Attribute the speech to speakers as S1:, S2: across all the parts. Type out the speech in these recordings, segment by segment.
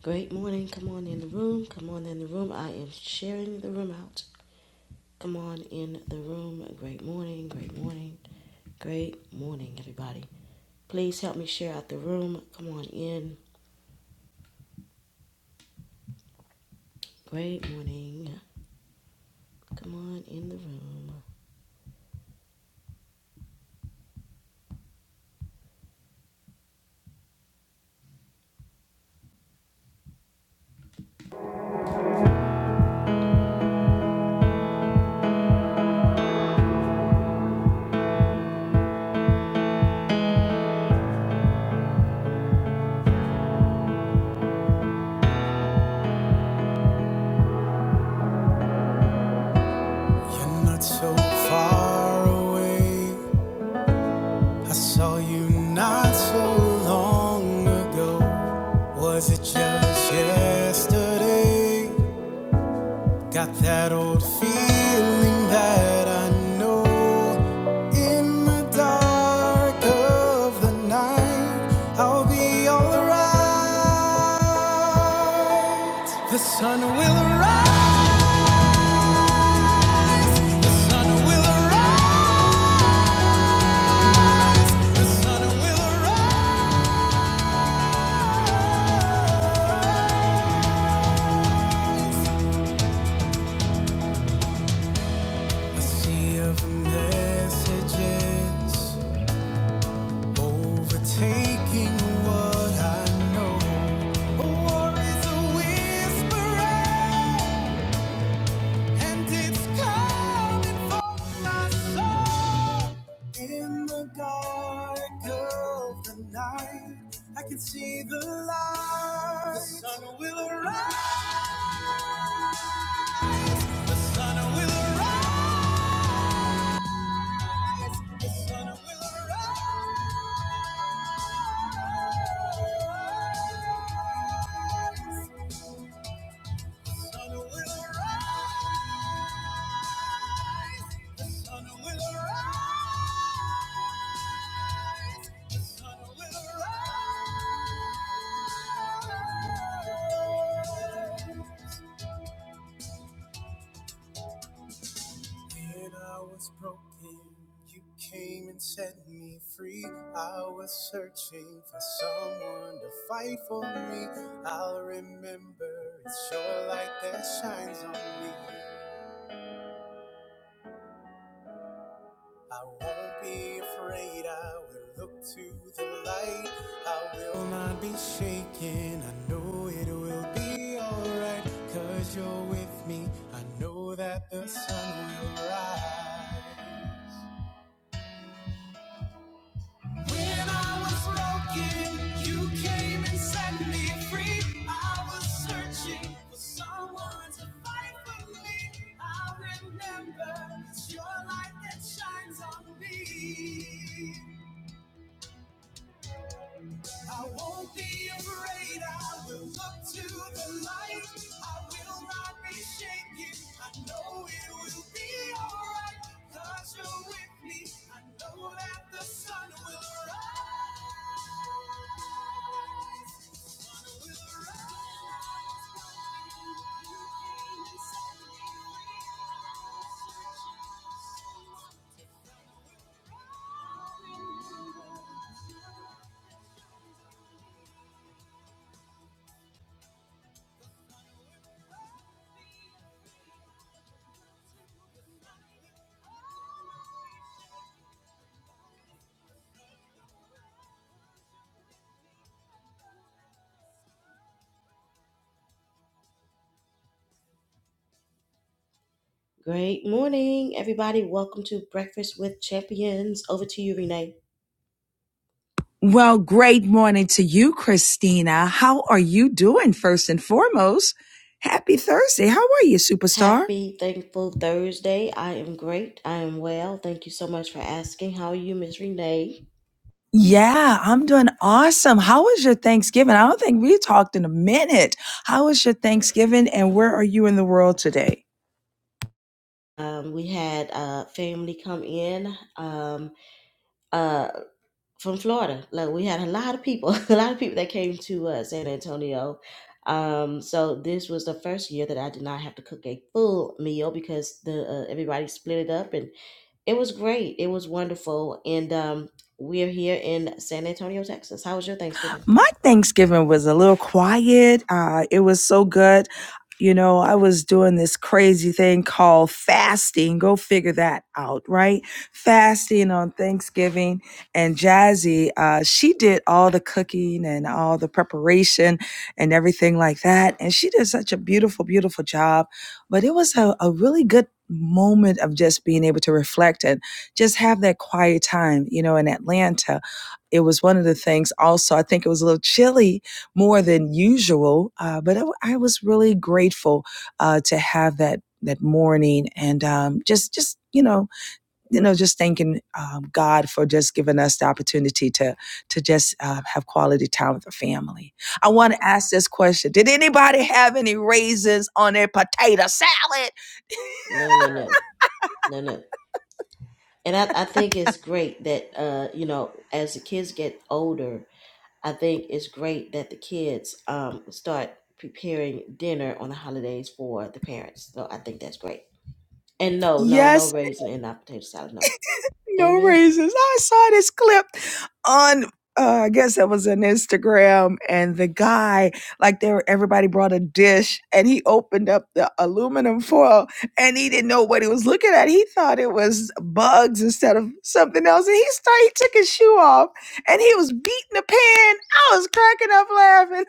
S1: Great morning. Come on in the room. Come on in the room. I am sharing the room out. Come on in the room. Great morning. Great morning. Great morning, everybody. Please help me share out the room. Come on in. Great morning. Come on in the room. You're not so far away. I saw you not so long ago. Was it just yesterday? Got that old feeling that I know in the dark of the night I'll be alright. The sun will rise, will rise. The sea of messages overtaking what I know. A war is a whisper. And it's coming for my soul. In the dark of the night, I can see the light. The sun will arise. The sun will arise. The sun will arise. The sun will arise. The sun will arise. The sun will arise. When I was broken, you came and set me free. I was searching for someone to fight for me. I'll remember it's your light that shines on me. I won't be afraid, I will look to the light. I will not be shaken, I know it will be alright. Cause you're with me, I know that the sun will rise. Great morning, everybody. Welcome to Breakfast with Champions. Over to you, Renee.
S2: Well, great morning to you, Christina. How are you doing first and foremost? Happy Thursday. How are you, superstar?
S1: Happy, thankful Thursday. I am great. I am well. Thank you so much for asking. How are you, Miss Renee?
S2: Yeah, I'm doing awesome. How was your Thanksgiving? I don't think we talked in a minute. How was your Thanksgiving and where are you in the world today?
S1: Um, we had uh, family come in. Um, uh, from Florida. Like we had a lot of people, a lot of people that came to uh, San Antonio. Um, so this was the first year that I did not have to cook a full meal because the uh, everybody split it up, and it was great. It was wonderful, and um, we're here in San Antonio, Texas. How was your Thanksgiving?
S2: My Thanksgiving was a little quiet. Uh, it was so good. You know, I was doing this crazy thing called fasting. Go figure that out, right? Fasting on Thanksgiving. And Jazzy, uh, she did all the cooking and all the preparation and everything like that. And she did such a beautiful, beautiful job. But it was a, a really good moment of just being able to reflect and just have that quiet time, you know, in Atlanta it was one of the things also i think it was a little chilly more than usual uh, but I I was really grateful uh, to have that that morning and um, just just you know you know just thanking um, god for just giving us the opportunity to to just uh, have quality time with the family i want to ask this question did anybody have any raisins on their potato salad
S1: No, no, no, no, no. And I, I think it's great that uh, you know, as the kids get older, I think it's great that the kids um, start preparing dinner on the holidays for the parents. So I think that's great. And no, no,
S2: yes
S1: no raisin in our potato salad. No.
S2: no
S1: Amen.
S2: raises. I saw this clip on uh, I guess that was an Instagram, and the guy, like, there, everybody brought a dish, and he opened up the aluminum foil, and he didn't know what he was looking at. He thought it was bugs instead of something else, and he started. He took his shoe off, and he was beating the pan. I was cracking up laughing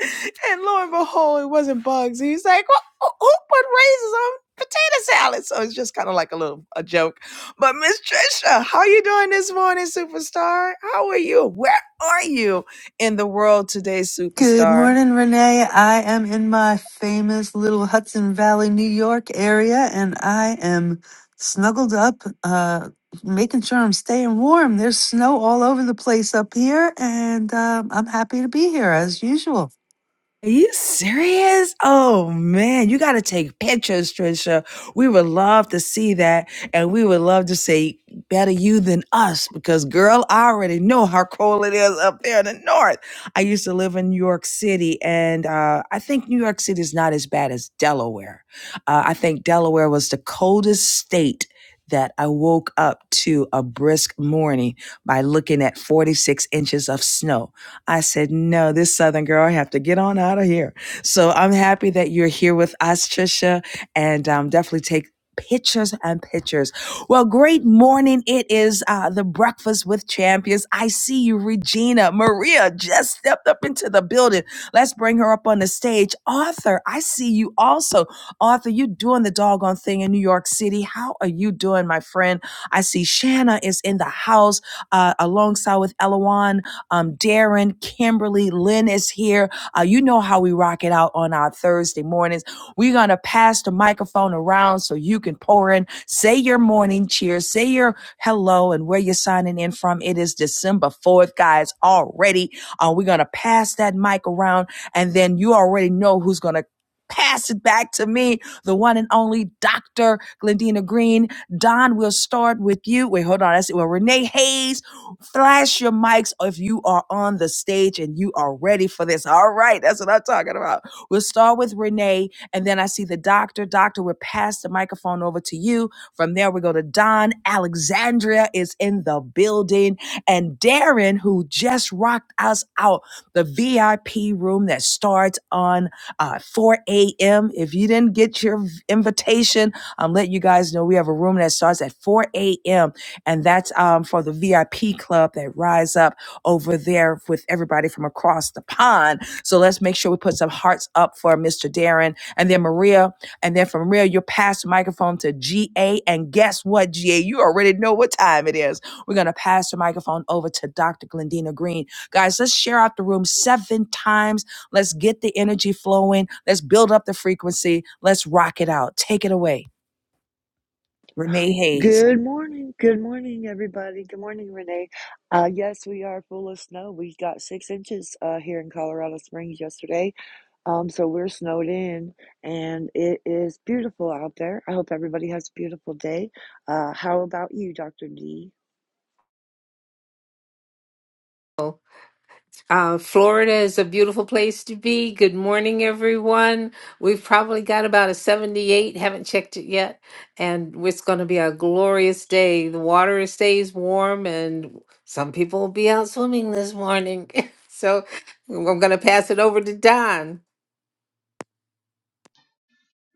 S2: and lo and behold, it wasn't bugs. He's like, well, who who put raisins on potato salad? So it's just kind of like a little a joke. But Miss Trisha, how you doing this morning, superstar? How are you? Where are you in the world today,
S3: Good
S2: superstar?
S3: morning, Renee. I am in my famous little Hudson Valley, New York area, and I am snuggled up, uh, making sure I'm staying warm. There's snow all over the place up here, and um, I'm happy to be here as usual.
S2: Are you serious? Oh man, you got to take pictures, Trisha. We would love to see that. And we would love to say, better you than us, because girl, I already know how cold it is up there in the north. I used to live in New York City, and uh, I think New York City is not as bad as Delaware. Uh, I think Delaware was the coldest state. That I woke up to a brisk morning by looking at 46 inches of snow. I said, no, this Southern girl, I have to get on out of here. So I'm happy that you're here with us, Trisha, and um, definitely take pictures and pictures. Well, great morning. It is uh, the Breakfast with Champions. I see you, Regina. Maria just stepped up into the building. Let's bring her up on the stage. Arthur, I see you also. Arthur, you doing the doggone thing in New York City. How are you doing, my friend? I see Shanna is in the house uh, alongside with Elawan. Um, Darren, Kimberly, Lynn is here. Uh, you know how we rock it out on our Thursday mornings. We're going to pass the microphone around so you can pour in, say your morning cheer, say your hello, and where you're signing in from. It is December 4th, guys, already. Uh, we're going to pass that mic around, and then you already know who's going to pass it back to me, the one and only Dr. Glendina Green. Don, we'll start with you. Wait, hold on. That's it. Well, Renee Hayes. Flash your mics if you are on the stage and you are ready for this. All right, that's what I'm talking about. We'll start with Renee, and then I see the doctor. Doctor, we'll pass the microphone over to you. From there, we go to Don. Alexandria is in the building, and Darren, who just rocked us out the VIP room that starts on uh, 4 a.m. If you didn't get your invitation, I'm letting you guys know we have a room that starts at 4 a.m and that's um, for the VIP club that rise up over there with everybody from across the pond. So let's make sure we put some hearts up for Mr. Darren and then Maria, and then from Maria, you'll pass the microphone to GA, and guess what, GA, you already know what time it is. We're gonna pass the microphone over to Dr. Glendina Green, guys. Let's share out the room seven times. Let's get the energy flowing. Let's build up the frequency. Let's rock it out. Take it away, Renee Hayes.
S4: Good morning. Good morning, everybody. Good morning, Renee. Uh, yes, we are full of snow. We got six inches uh, here in Colorado Springs yesterday. Um, so we're snowed in, and it is beautiful out there. I hope everybody has a beautiful day. Uh, how about you, Dr. D?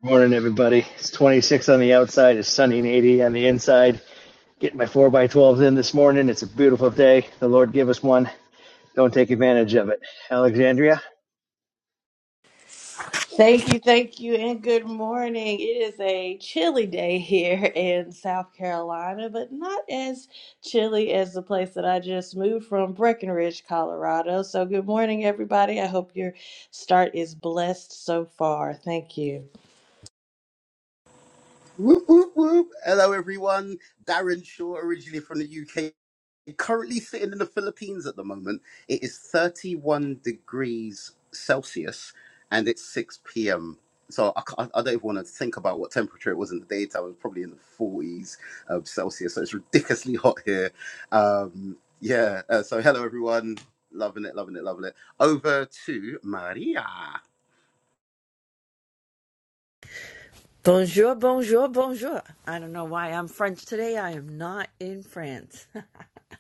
S5: Morning, everybody. It's 26 on the outside. It's sunny and 80 on the inside. Getting my 4 by 12s in this morning. It's a beautiful day. The Lord give us one. Don't take advantage of it. Alexandria,
S6: Thank you, thank you, and good morning. It is a chilly day here in South Carolina, but not as chilly as the place that I just moved from, Breckenridge, Colorado. So, good morning, everybody. I hope your start is blessed so far. Thank you.
S7: Whoop, whoop, whoop. Hello, everyone. Darren Shaw, originally from the UK, currently sitting in the Philippines at the moment. It is 31 degrees Celsius and it's 6 p.m. So I, ca- I don't even want to think about what temperature it was in the daytime. It was probably in the 40s of Celsius. So it's ridiculously hot here. Um, yeah. Uh, so hello, everyone. Loving it, loving it, loving it. Over to Maria.
S8: Bonjour, bonjour, bonjour. I don't know why I'm French today. I am not in France.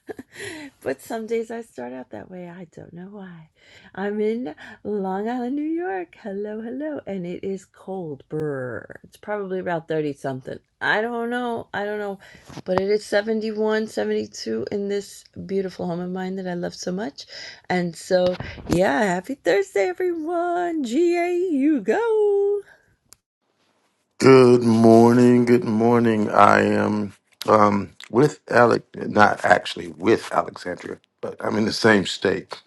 S8: but some days I start out that way. I don't know why. I'm in Long Island, New York. Hello, hello. And it is cold. Brr. It's probably about 30 something. I don't know. I don't know. But it is 71, 72 in this beautiful home of mine that I love so much. And so, yeah, happy Thursday, everyone. GA, you go.
S9: Good morning. Good morning. I am um, with Alec, not actually with Alexandria, but I'm in the same state.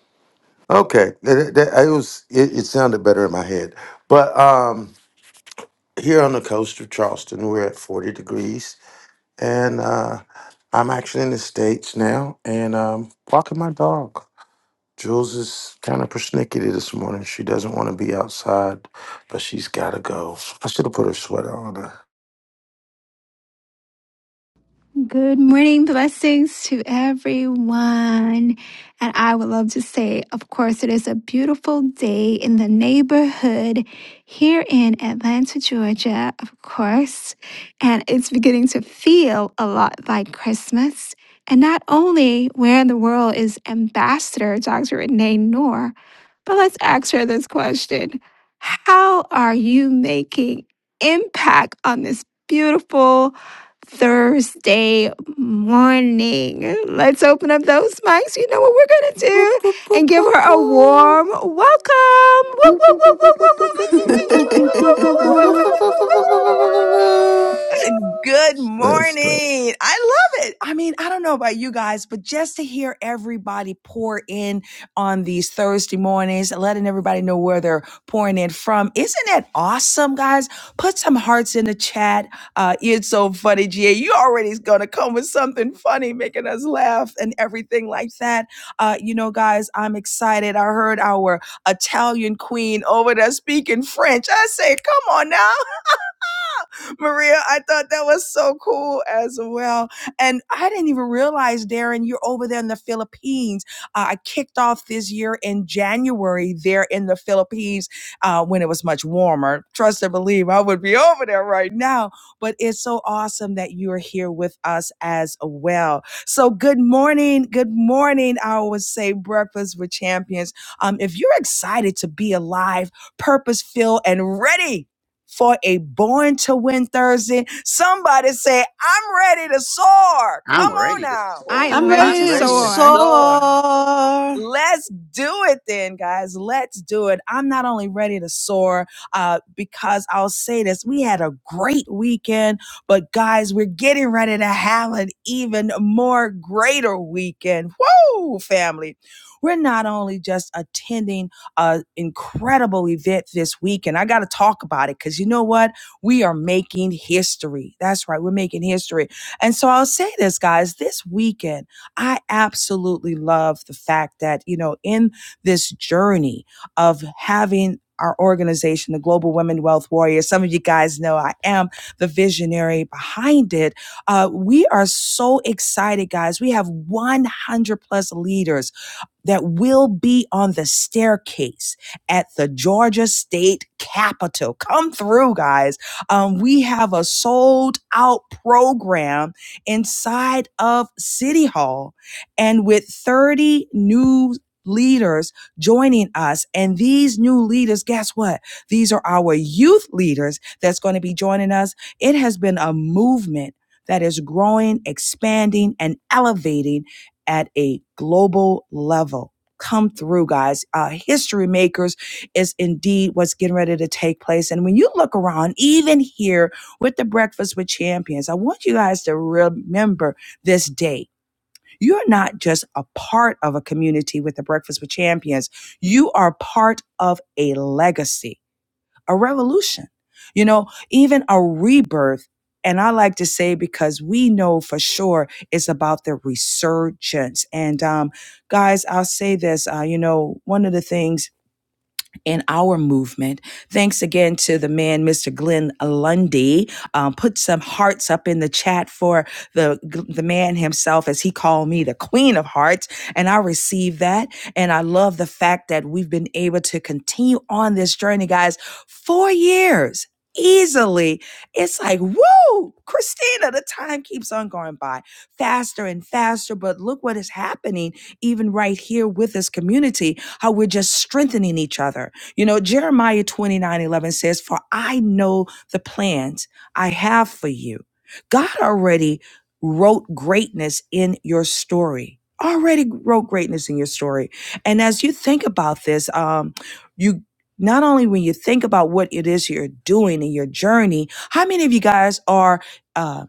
S9: Okay, that, that, it was. It, it sounded better in my head, but um, here on the coast of Charleston, we're at 40 degrees, and uh, I'm actually in the states now, and um, walking my dog. Jules is kind of persnickety this morning. She doesn't want to be outside, but she's got to go. I should have put her sweater on.
S10: Good morning, blessings to everyone. And I would love to say, of course, it is a beautiful day in the neighborhood here in Atlanta, Georgia, of course. And it's beginning to feel a lot like Christmas. And not only where in the world is Ambassador Dr. Renee Noor, but let's ask her this question How are you making impact on this beautiful? Thursday morning. Let's open up those mics. You know what we're going to
S3: Whoop,
S10: do
S3: whoop, whoop,
S10: and give
S3: whoop,
S10: her a
S3: whoop.
S10: warm welcome. Woo, woo,
S4: Whoop, whoop,
S10: woo, woo,
S4: whoop,
S10: woo,
S4: whoop, whoop,
S10: woo, woo,
S4: whoop,
S10: woo,
S4: whoop,
S1: Woo,
S4: whoop,
S1: woo,
S10: woo, woo,
S9: That's
S1: woo,
S10: woo,
S1: woo, woo, woo,
S4: whoop.
S10: woo, woo,
S1: woo, woo,
S10: woo,
S1: woo,
S3: Whoop,
S1: woo,
S3: whoop, whoop,
S10: woo,
S3: whoop,
S1: woo,
S10: woo.
S3: whoop,
S1: woo, woo,
S10: woo.
S3: whoop,
S1: woo,
S3: whoop,
S1: woo.
S3: whoop, whoop.
S1: woo.
S2: Good
S9: us
S2: morning. I love it. I mean, I don't know about you guys, but just to hear everybody pour in on these Thursday mornings, letting everybody know where they're pouring in from. Isn't that awesome, guys? Put some hearts in the chat. Uh, it's so funny, GA. You already going to come with something funny, making us laugh and everything like that. Uh, you know, guys, I'm excited. I heard our Italian queen over there speaking French. I say, come on now. Maria, I thought that was so cool as well. And I didn't even realize, Darren, you're over there in the Philippines. Uh, I kicked off this year in January there in the Philippines uh, when it was much warmer. Trust and believe, I would be over there right now. But it's so awesome that you're here with us as well. So, good morning. Good morning. I always say breakfast with champions. Um, if you're excited to be alive, purpose filled, and ready for a Born to Win Thursday. Somebody say, I'm ready to soar.
S7: I'm
S2: Come on
S7: ready to
S2: now.
S10: I am
S3: I'm
S10: ready
S7: soar.
S8: I'm
S10: to
S3: ready to
S8: ready to
S10: soar.
S8: soar.
S3: soar.
S2: Let's do it then, guys. Let's do it. I'm not only ready to soar uh, because I'll say this we had a great weekend, but guys, we're getting ready to have an even more greater weekend. Woo, family. We're not only just attending an incredible event this weekend, I got to talk about it because you know what? We are making history. That's right, we're making history. And so I'll say this, guys, this weekend, I absolutely love the fact that, you know, in this journey of having our organization, the Global Women Wealth Warriors, some of you guys know I am the visionary behind it. Uh, we are so excited, guys. We have 100 plus leaders that will be on the staircase at the Georgia State Capitol. Come through, guys. Um, we have a sold out program inside of City Hall and with 30 new leaders joining us. And these new leaders, guess what? These are our youth leaders that's going to be joining us. It has been a movement. That is growing, expanding, and elevating at a global level. Come through, guys. Uh, History makers is indeed what's getting ready to take place. And when you look around, even here with the Breakfast with Champions, I want you guys to remember this day. You're not just a part of a community with the Breakfast with Champions. You are part of a legacy a revolution, you know, even a rebirth. And I like to say because we know for sure it's about the resurgence. And um, guys, I'll say this, uh, you know, one of the things in our movement. Thanks again to the man, Mr. Glenn Lundy. Um, put some hearts up in the chat for the the man himself, as he called me, the Queen of Hearts, and I received that. And I love the fact that we've been able to continue on this journey, guys. Four years. Easily, it's like, woo, Christina, the time keeps on going by faster and faster. But look what is happening, even right here with this community, how we're just strengthening each other you know, Jeremiah 29 11 says, For I know the plans I have for you. God already wrote greatness in your story. Already wrote greatness in your story. And as you think about this, um, you not only when you think about what it is you're doing in your journey, how many of you guys are uh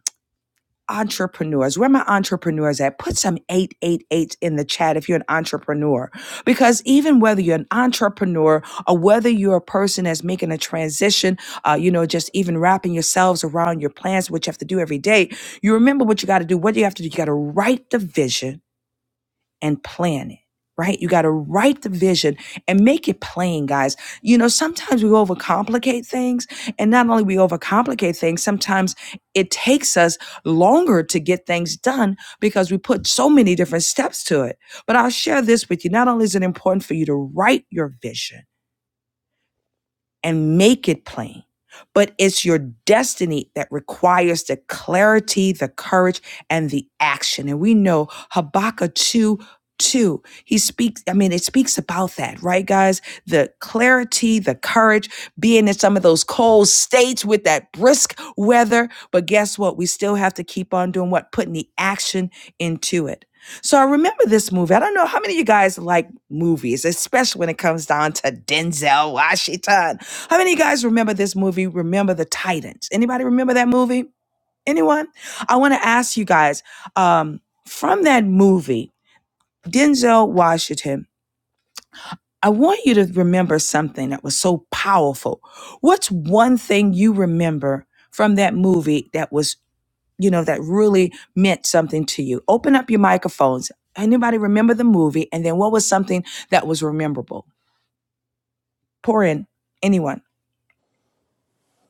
S2: entrepreneurs. Where are my entrepreneurs at? Put some 888 in the chat if you're an entrepreneur. Because even whether you're an entrepreneur or whether you're a person that's making a transition, uh, you know, just even wrapping yourselves around your plans, which you have to do every day, you remember what you got to do. What do you have to do? You got to write the vision and plan it, right? You got to write the vision and make it plain, guys. You know, sometimes we overcomplicate things, and not only we overcomplicate things, sometimes it takes us longer to get things done because we put so many different steps to it. But I'll share this with you. Not only is it important for you to write your vision, and make it plain. But it's your destiny that requires the clarity, the courage, and the action. And we know Habakkuk 2 2. He speaks, I mean, it speaks about that, right, guys? The clarity, the courage, being in some of those cold states with that brisk weather. But guess what? We still have to keep on doing what? Putting the action into it. So I remember this movie. I don't know how many of you guys like movies, especially when it comes down to Denzel Washington. How many of you guys remember this movie, Remember the Titans? Anybody remember that movie? Anyone? I want to ask you guys um, from that movie, Denzel Washington, I want you to remember something that was so powerful. What's one thing you remember from that movie that was, you know, that really meant something to you? Open up your microphones. Anybody remember the movie? And then what was something that was rememberable? Pour in anyone.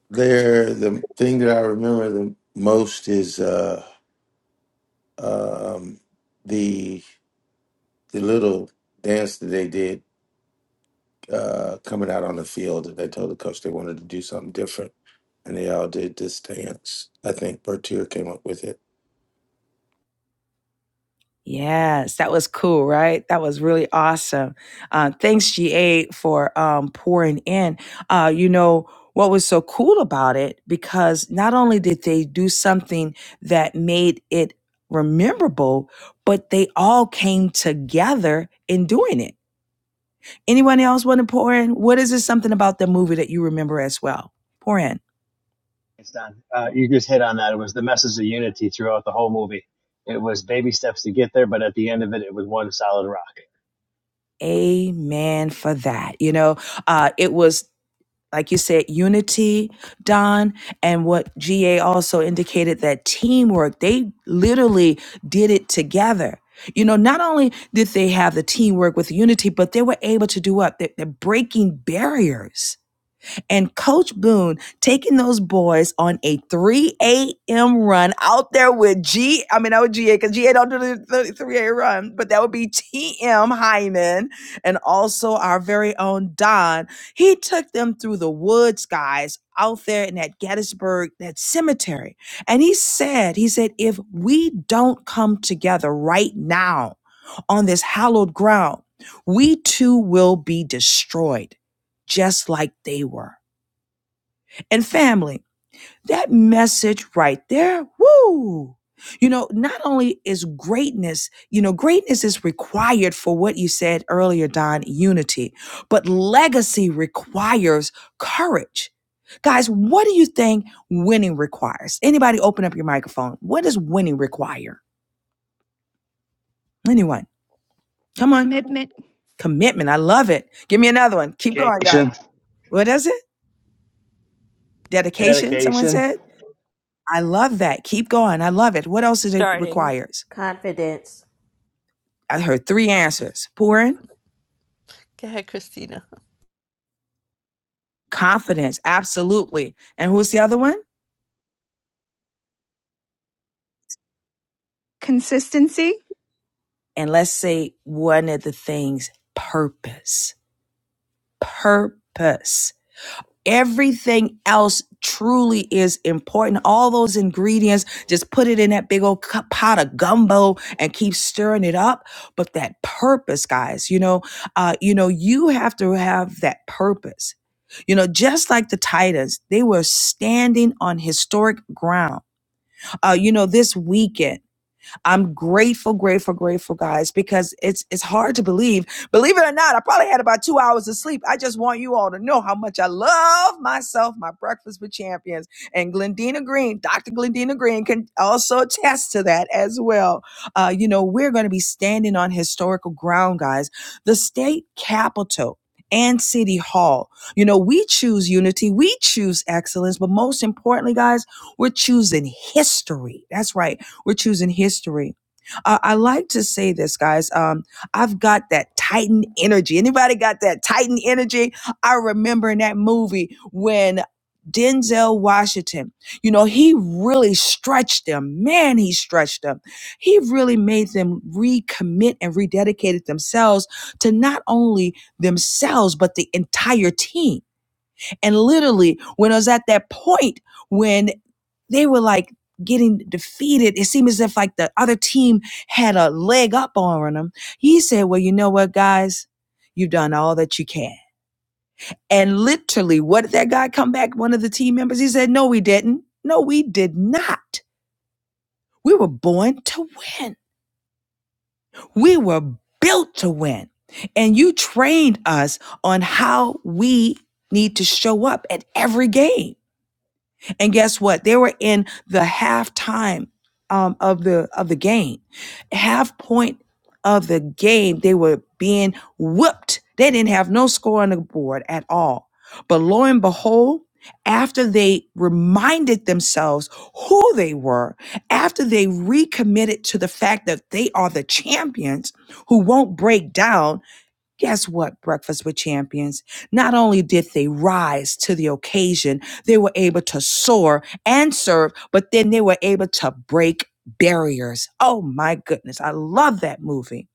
S9: there. The thing that I remember the most is uh, um, the the little dance that they did uh, coming out on the field. That they told the coach they wanted to do something different, and they all did this dance. I think Bertier came up with it.
S2: Yes, that was cool, right? That was really awesome. Uh, thanks, GA, for um, pouring in. Uh, you know, what was so cool about it, because not only did they do something that made it memorable, but they all came together in doing it. Anyone else want to pour in? What is this something about the movie that you remember as well? Pour in.
S5: it's done. Uh, you just hit on that. It was the message of unity throughout the whole movie. It was baby steps to get there, but at the end of it, it was one solid rock.
S2: Amen for that. You know, uh, it was like you said, unity, Don, and what GA also indicated that teamwork. They literally did it together. You know, not only did they have the teamwork with unity, but they were able to do what? They- They're breaking barriers and Coach Boone taking those boys on a 3 a.m. run out there with G. I mean, I would GA because GA don't do the 3 a.m. run, but that would be TM Hyman and also our very own Don. He took them through the woods, guys, out there in that Gettysburg, that cemetery. And he said, he said, if we don't come together right now on this hallowed ground, we too will be destroyed, just like they were and family. That message right there, woo! You know, not only is greatness, you know, greatness is required for what you said earlier, Don, unity, but legacy requires courage. Guys, what do you think winning requires? Anybody open up your microphone. What does winning require? Anyone? Come on.
S10: Commitment,
S2: Commitment. I love it. Give me another one. Keep going, God.
S5: Dedication.
S2: What is it? Dedication, someone
S5: Dedication.
S2: said. I love that. Keep going. I love it. What else does it
S8: Starting.
S2: requires?
S1: Confidence.
S2: I heard three answers pouring,
S8: Go ahead, Christina.
S2: confidence, absolutely. And who's the other one?
S10: consistency.
S2: And let's say one of the things purpose. Purpose. Everything else truly is important. All those ingredients, just put it in that big old pot of gumbo and keep stirring it up. But that purpose, guys, you know, uh, you know, you have to have that purpose. You know, just like the Titans, they were standing on historic ground uh, you know, this weekend. I'm grateful, grateful, grateful, guys, because it's it's hard to believe. Believe it or not, I probably had about two hours of sleep. I just want you all to know how much I love myself, my breakfast with champions, and Glendina Green, Dr. Glendina Green can also attest to that as well. Uh, you know, we're going to be standing on historical ground, guys. The state capitol. And City Hall. You know, we choose unity, we choose excellence, but most importantly, guys, we're choosing history. That's right. We're choosing history. Uh, I like to say this, guys. Um, I've got that Titan energy. Anybody got that Titan energy? I remember in that movie when Denzel Washington, you know, he really stretched them. Man, he stretched them. He really made them recommit and rededicated themselves to not only themselves, but the entire team and literally, when I was at that point when they were like getting defeated, it seemed as if like the other team had a leg up on them. He said, Well, you know what, guys? You've done all that you can. And literally, what did that guy come back? One of the team members, he said, No, we didn't. No, we did not. We were born to win. We were built to win. And you trained us on how we need to show up at every game. And guess what? They were in the halftime um, of the of the game, half point of the game. They were being whooped. They didn't have no score on the board at all. But lo and behold, after they reminded themselves who they were, after they recommitted to the fact that they are the champions who won't break down Guess what, Breakfast with Champions? Not only did they rise to the occasion, they were able to soar and serve, but then they were able to break barriers. Oh my goodness, I love that movie.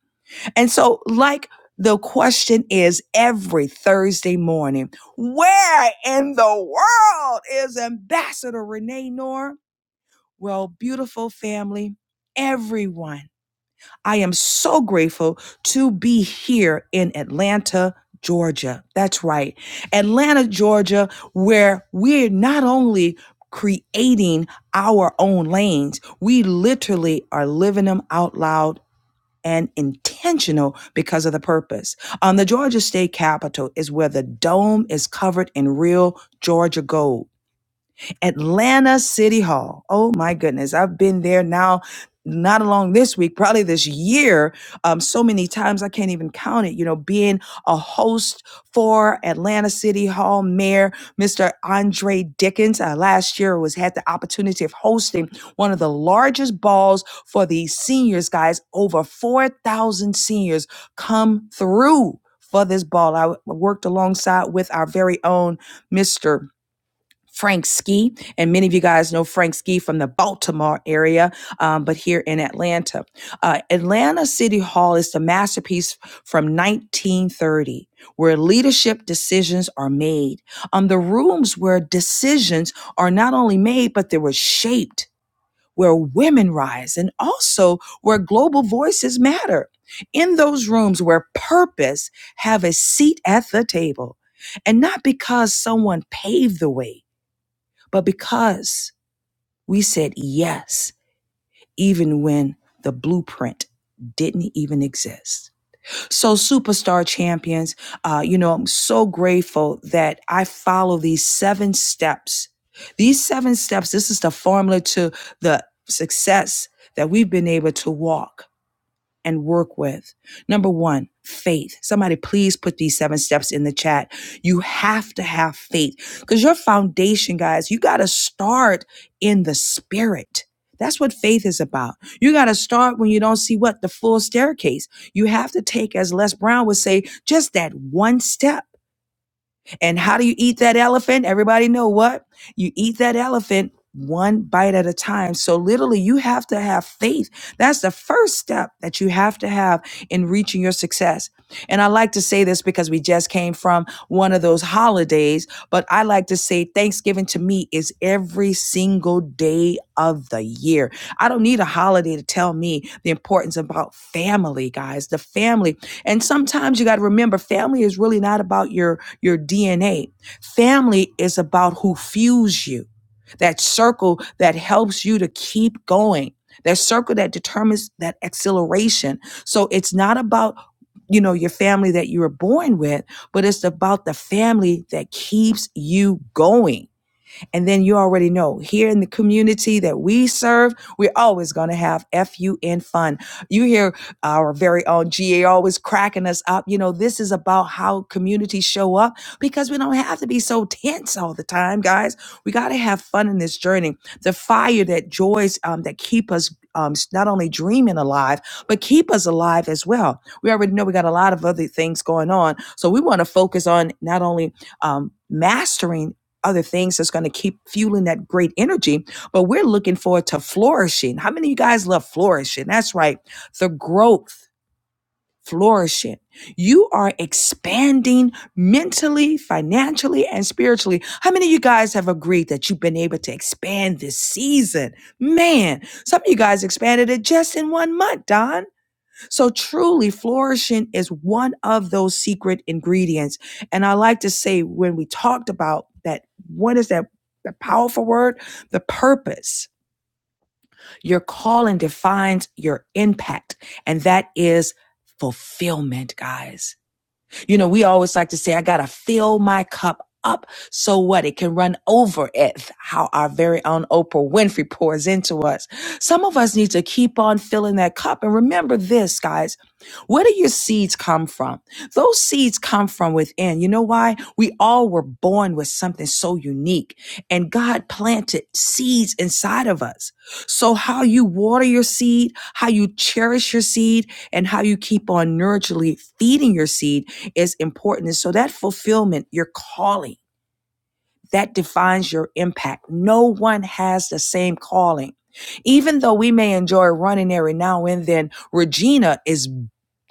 S2: And so, like the question is every Thursday morning, where in the world is Ambassador Renee Noor? Well, beautiful family, everyone. I am so grateful to be here in Atlanta, Georgia. That's right. Atlanta, Georgia, where we're not only creating our own lanes, we literally are living them out loud and intentional because of the purpose. On the Georgia State Capitol is where the dome is covered in real Georgia gold. Atlanta City Hall. Oh my goodness. I've been there now, not along this week, probably this year, um, so many times I can't even count it. You know, being a host for Atlanta City Hall Mayor Mr. Andre Dickens. I last year was had the opportunity of hosting one of the largest balls for the seniors, guys. Over 4,000 seniors come through for this ball. I worked alongside with our very own Mr. Frank Ski, and many of you guys know Frank Ski from the Baltimore area, um, but here in Atlanta. Uh, Atlanta City Hall is the masterpiece from 1930, where leadership decisions are made. Um, the rooms where decisions are not only made, but they were shaped. Where women rise and also where global voices matter. In those rooms where purpose have a seat at the table and not because someone paved the way but because we said yes, even when the blueprint didn't even exist. So, Superstar Champions, uh, you know, I'm so grateful that I follow these seven steps. These seven steps, this is the formula to the success that we've been able to walk and work with. Number one, faith. Somebody please put these seven steps in the chat. You have to have faith because your foundation, guys, you got to start in the spirit. That's what faith is about. You got to start when you don't see what the full staircase. You have to take, as Les Brown would say, just that one step and how do you eat that elephant? Everybody know what? You eat that elephant one bite at a time. So literally you have to have faith. That's the first step that you have to have in reaching your success. And I like to say this because we just came from one of those holidays, but I like to say Thanksgiving to me is every single day of the year. I don't need a holiday to tell me the importance about family, guys, the family. And sometimes you got to remember family is really not about your your DNA. Family is about who fuels you, that circle that helps you to keep going, that circle that determines that acceleration. So it's not about you know your family that you were born with but it's about the family that keeps you going and then you already know here in the community that we serve, we're always going to have FUN fun. You hear our very own GA always cracking us up. You know, this is about how communities show up because we don't have to be so tense all the time, guys. We got to have fun in this journey. The fire that joys um, that keep us um, not only dreaming alive, but keep us alive as well. We already know we got a lot of other things going on. So we want to focus on not only um, mastering other things that's going to keep fueling that great energy. But we're looking forward to flourishing. How many of you guys love flourishing? That's right. The growth, flourishing. You are expanding mentally, financially, and spiritually. How many of you guys have agreed that you've been able to expand this season? Man, some of you guys expanded it just in one month, Don. So truly flourishing is one of those secret ingredients. And I like to say when we talked about that, what is that? The powerful word, the purpose. Your calling defines your impact, and that is fulfillment, guys you know, we always like to say, I got to fill my cup up. So what? It can run over it. How our very own Oprah Winfrey pours into us. Some of us need to keep on filling that cup. And remember this, guys. Where do your seeds come from? Those seeds come from within. You know why? We all were born with something so unique and God planted seeds inside of us. So how you water your seed, how you cherish your seed, and how you keep on nurturally feeding your seed is important. And so that fulfillment, your calling, that defines your impact. No one has the same calling. Even though we may enjoy running every now and then, Regina is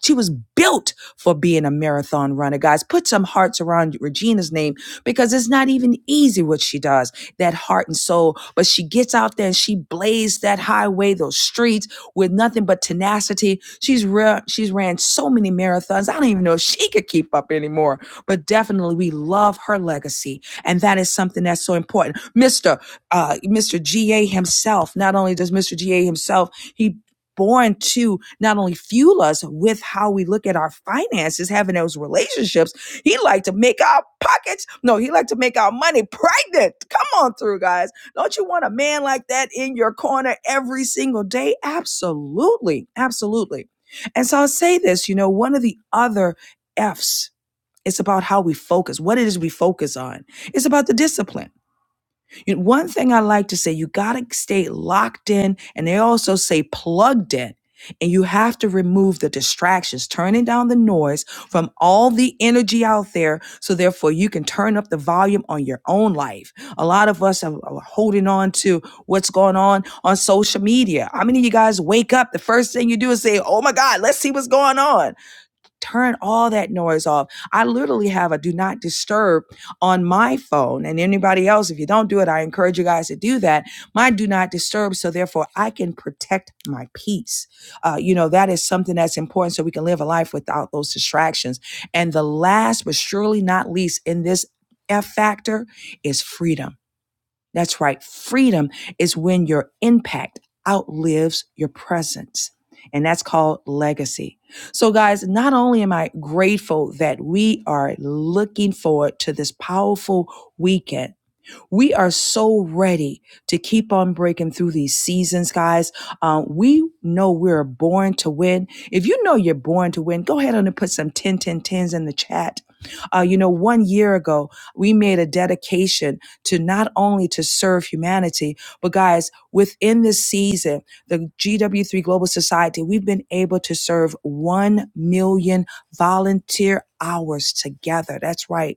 S2: she was built for being a marathon runner. Guys, put some hearts around Regina's name because it's not even easy what she does, that heart and soul. But she gets out there and she blazed that highway, those streets with nothing but tenacity. She's run, she's ran so many marathons. I don't even know if she could keep up anymore. But definitely we love her legacy and that is something that's so important. Mr. Uh, Mr. GA himself, not only does Mr. GA himself, he born to not only fuel us with how we look at our finances, having those relationships. He like to make our pockets. No, he like to make our money pregnant. Come on through, guys. Don't you want a man like that in your corner every single day? Absolutely. Absolutely. And so I'll say this, you know, one of the other F's it's about how we focus, what it is we focus on. It's about the discipline. You know, one thing I like to say, you got to stay locked in, and they also say plugged in. And you have to remove the distractions, turning down the noise from all the energy out there. So, therefore, you can turn up the volume on your own life. A lot of us are, are holding on to what's going on on social media. How many of you guys wake up? The first thing you do is say, Oh my God, let's see what's going on Turn all that noise off. I literally have a do not disturb on my phone. And anybody else, if you don't do it, I encourage you guys to do that. Mine do not disturb. So therefore, I can protect my peace. Uh, you know, that is something that's important so we can live a life without those distractions. And the last but surely not least in this F factor is freedom that's right. Freedom is when your impact outlives your presence. And that's called legacy. So, guys, not only am I grateful that we are looking forward to this powerful weekend we are so ready to keep on breaking through these seasons, guys. Uh, we know we're born to win. If you know you're born to win, go ahead and put some 10, 10, tens in the chat. Uh, you know, one year ago, we made a dedication to not only to serve humanity, but guys, within this season, the GW3 Global Society, we've been able to serve 1 million volunteer hours together. That's right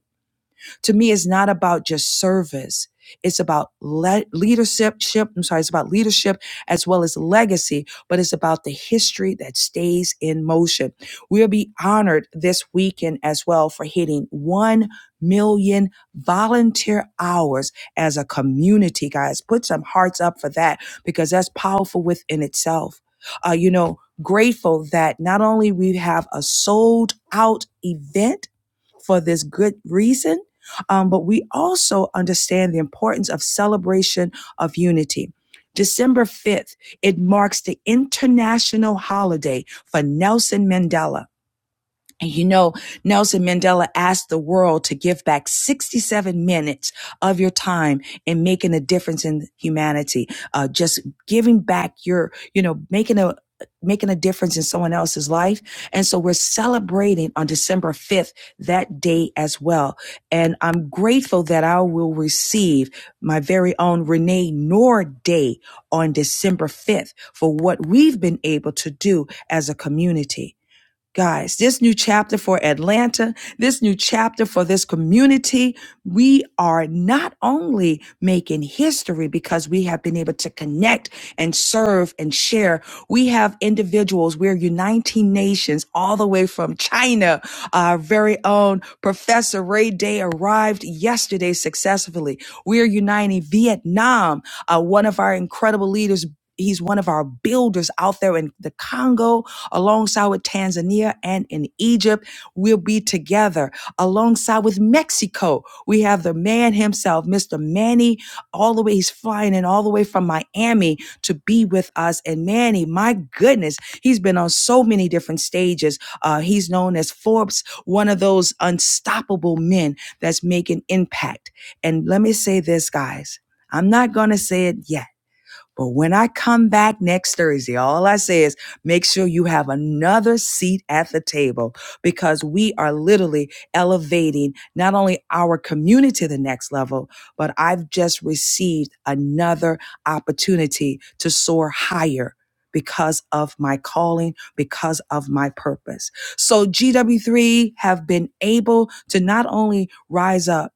S2: to me it's not about just service it's about le- leadership ship, i'm sorry it's about leadership as well as legacy but it's about the history that stays in motion we'll be honored this weekend as well for hitting 1 million volunteer hours as a community guys put some hearts up for that because that's powerful within itself uh, you know grateful that not only we have a sold out event for this good reason. Um, but we also understand the importance of celebration of unity. December 5th, it marks the international holiday for Nelson Mandela and you know, Nelson Mandela asked the world to give back 67 minutes of your time in making a difference in humanity. Uh, just giving back your, you know, making a, making a difference in someone else's life. And so we're celebrating on December 5th, that day as well. And I'm grateful that I will receive my very own Renee Noor Day on December 5th for what we've been able to do as a community. Guys, this new chapter for Atlanta, this new chapter for this community, we are not only making history because we have been able to connect and serve and share. We have individuals, we're uniting nations all the way from China. Our very own Professor Ray Day arrived yesterday successfully. We are uniting Vietnam. Uh, one of our incredible leaders He's one of our builders out there in the Congo, alongside with Tanzania and in Egypt. We'll be together alongside with Mexico. We have the man himself, Mr. Manny, all the way. He's flying in all the way from Miami to be with us. And Manny, my goodness, he's been on so many different stages. Uh, he's known as Forbes, one of those unstoppable men that's making impact. And let me say this, guys. I'm not going to say it yet but when I come back next Thursday, all I say is make sure you have another seat at the table because we are literally elevating not only our community to the next level, but I've just received another opportunity to soar higher because of my calling, because of my purpose. So GW3 have been able to not only rise up,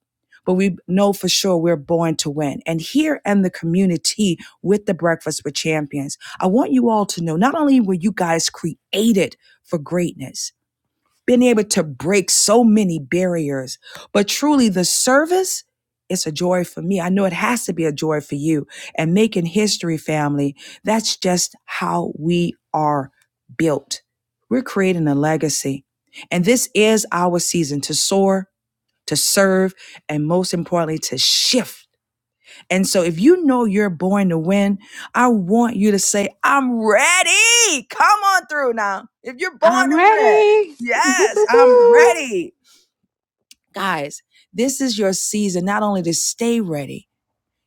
S2: but we know for sure we're born to win. And here in the community, with the Breakfast with Champions. I want you all to know not only were you guys created for greatness, been able to break so many barriers, but truly the service its a joy for me. I know it has to be a joy for you. And making history, family, that's just how we are built. We're creating a legacy. And this is our season to soar, to serve, and most importantly, to shift and so if you know you're born to win, I want you to say, I'm ready. Come on through now. If you're born
S10: I'm
S2: to win,
S10: ready.
S2: yes, I'm ready. Guys, this is your season not only to stay ready,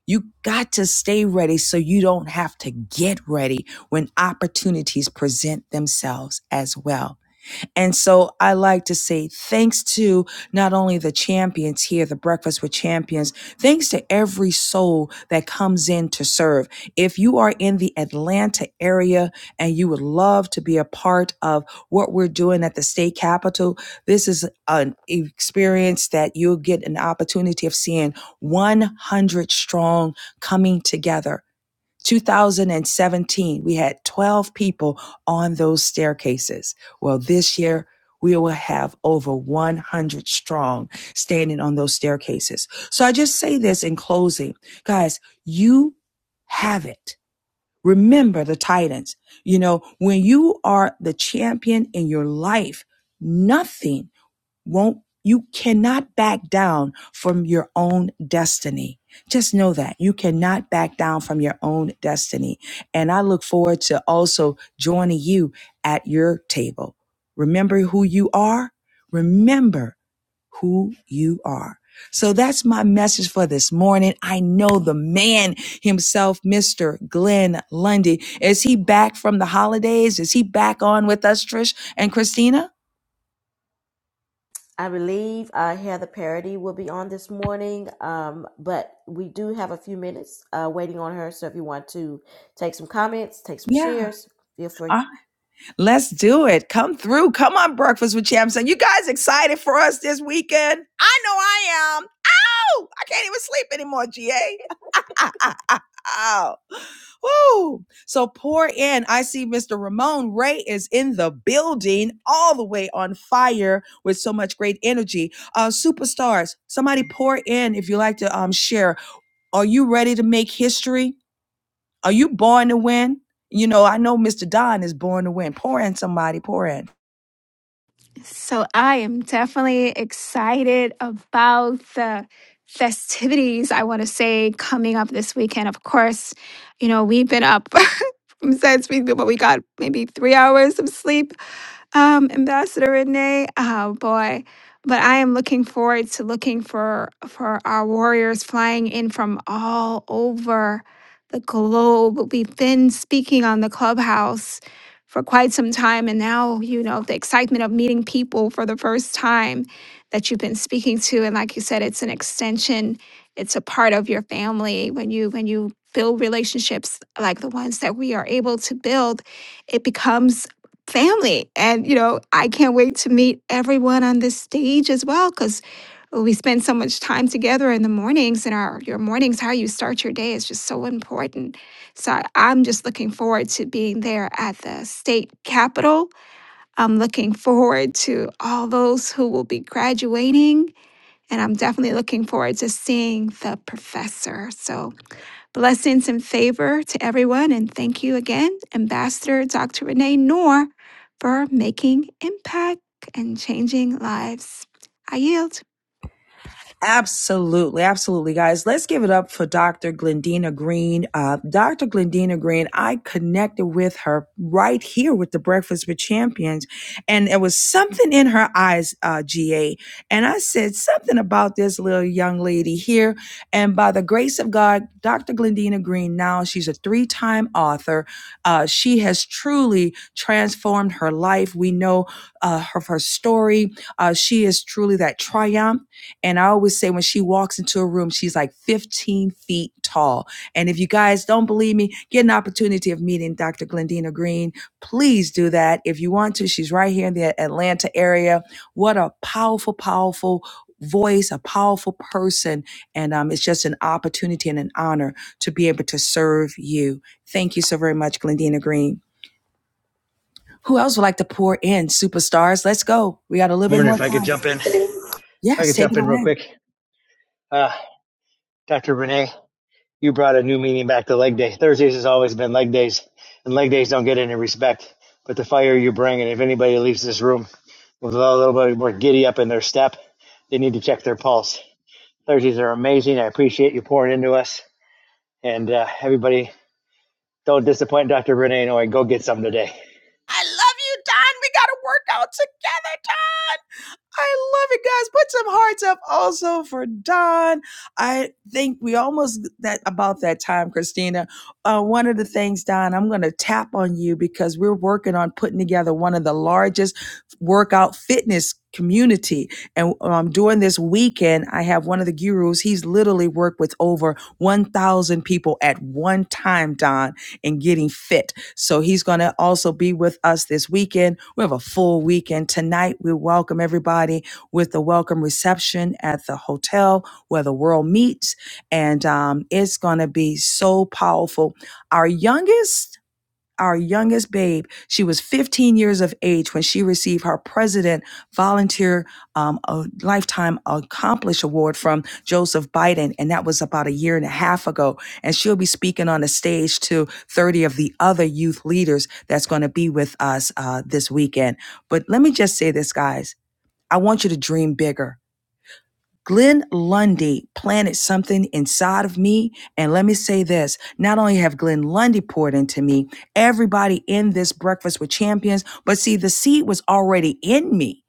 S2: you got to stay ready so you don't have to get ready when opportunities present themselves as well. And so I like to say thanks to not only the champions here, the Breakfast with Champions, thanks to every soul that comes in to serve. If you are in the Atlanta area and you would love to be a part of what we're doing at the state capitol, this is an experience that you'll get an opportunity of seeing 100 strong coming together 2017, we had 12 people on those staircases. Well, this year, we will have over 100 strong standing on those staircases. So I just say this in closing. Guys, you have it. Remember the Titans. You know, when you are the champion in your life, nothing won't you cannot back down from your own destiny just know that you cannot back down from your own destiny and i look forward to also joining you at your table remember who you are remember who you are so that's my message for this morning. I know the man himself, Mr. Glenn Lundy. Is he back from the holidays? Is he back on with us, Trish and Christina?
S1: I believe uh, Heather Parody will be on this morning, um, but we do have a few minutes uh, waiting on her. So if you want to take some comments, take some
S2: Yeah.
S1: shares, feel free.
S2: Uh, Let's do it. Come through. Come on, Breakfast with Champs. And you guys excited for us this weekend? I know I am. Oh, I can't even sleep anymore, GA. Ow. Woo. So pour in. I see Mr. Ramon Ray is in the building, all the way on fire with so much great energy. Uh, superstars, somebody pour in if you like to um, share. Are you ready to make history? Are you born to win? You know, I know Mr. Don is born to win. Pour in somebody, pour in.
S10: So I am definitely excited about the festivities, I want to say, coming up this weekend. Of course, you know, we've been up since we, but we got maybe three hours of sleep um, Ambassador Renee, oh boy. But I am looking forward to looking for for our warriors flying in from all over the globe. We've been speaking on the clubhouse for quite some time and now, you know, the excitement of meeting people for the first time that you've been speaking to. And like you said, it's an extension, it's a part of your family. When you when you build relationships like the ones that we are able to build, it becomes family. And, you know, I can't wait to meet everyone on this stage as well because we spend so much time together in the mornings and our your mornings, how you start your day is just so important. So I- I'm just looking forward to being there at the state capitol. I'm looking forward to all those who will be graduating. And I'm definitely looking forward to seeing the professor. So Blessings and favor to everyone. And thank you again, Ambassador Dr. Renee Noor, for making impact and changing lives. I yield.
S2: Absolutely, absolutely, guys. Let's give it up for Dr. Glendina Green. Uh, Dr. Glendina Green, I connected with her right here with the Breakfast with Champions, and there was something in her eyes, uh, GA. And I said something about this little young lady here. And by the grace of God, Dr. Glendina Green, now she's a three time author. Uh, she has truly transformed her life. We know uh, of her story. Uh, she is truly that triumph. And I always say when she walks into a room, she's like 15 feet tall. And if you guys don't believe me, get an opportunity of meeting Dr. Glendina Green. Please do that if you want to. She's right here in the Atlanta area. What a powerful, powerful voice, a powerful person. And um, it's just an opportunity and an honor to be able to serve you. Thank you so very much, Glendina Green. Who else would like to pour in? Superstars, let's go. We got a little bit
S5: Morning,
S2: more
S5: if I could
S2: time.
S5: jump in. If I
S2: Yes,
S5: could
S2: take
S5: jump
S2: it
S5: in real
S2: away.
S5: quick. Uh, Dr. Renee, you brought a new meaning back to leg day. Thursdays has always been leg days, and leg days don't get any respect. But the fire you bring, and if anybody leaves this room with a little bit more giddy up in their step, they need to check their pulse. Thursdays are amazing. I appreciate you pouring into us. And uh, everybody, don't disappoint Dr. Renee Noy. Go get some today.
S2: I love you, Don. We got to work out together, Don. I love it, guys. Put some hearts up also for Don. I think we almost that about that time, Christina. Uh, one of the things, Don, I'm going to tap on you because we're working on putting together one of the largest workout fitness community. And um, during this weekend, I have one of the gurus. He's literally worked with over 1,000 people at one time, Don, in getting fit. So he's going to also be with us this weekend. We have a full weekend tonight. We welcome everybody with the welcome reception at the hotel where the world meets. And um, it's going to be so powerful. Our youngest our youngest babe. She was 15 years of age when she received her President Volunteer um, a Lifetime Accomplished Award from Joseph Biden, and that was about a year and a half ago. And she'll be speaking on the stage to 30 of the other youth leaders that's going to be with us uh, this weekend. But let me just say this, guys. I want you to dream bigger. Glenn Lundy planted something inside of me. And let me say this not only have Glenn Lundy poured into me, everybody in this Breakfast with Champions, but see, the seed was already in me.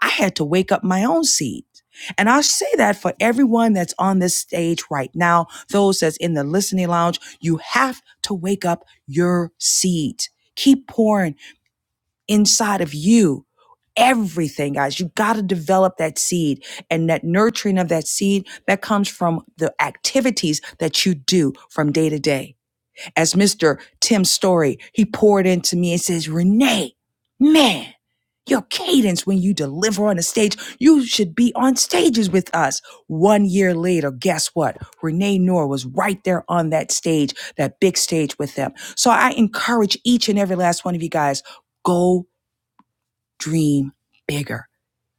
S2: I had to wake up my own seed. And I say that for everyone that's on this stage right now, those that's in the listening lounge, you have to wake up your seed. Keep pouring inside of you. Everything, guys, you got to develop that seed and that nurturing of that seed that comes from the activities that you do from day to day. As Mr. Tim Story, he poured into me and says, Renee, man, your cadence when you deliver on the stage, you should be on stages with us. One year later, guess what? Renee Noor was right there on that stage, that big stage with them. So I encourage each and every last one of you guys, go dream bigger.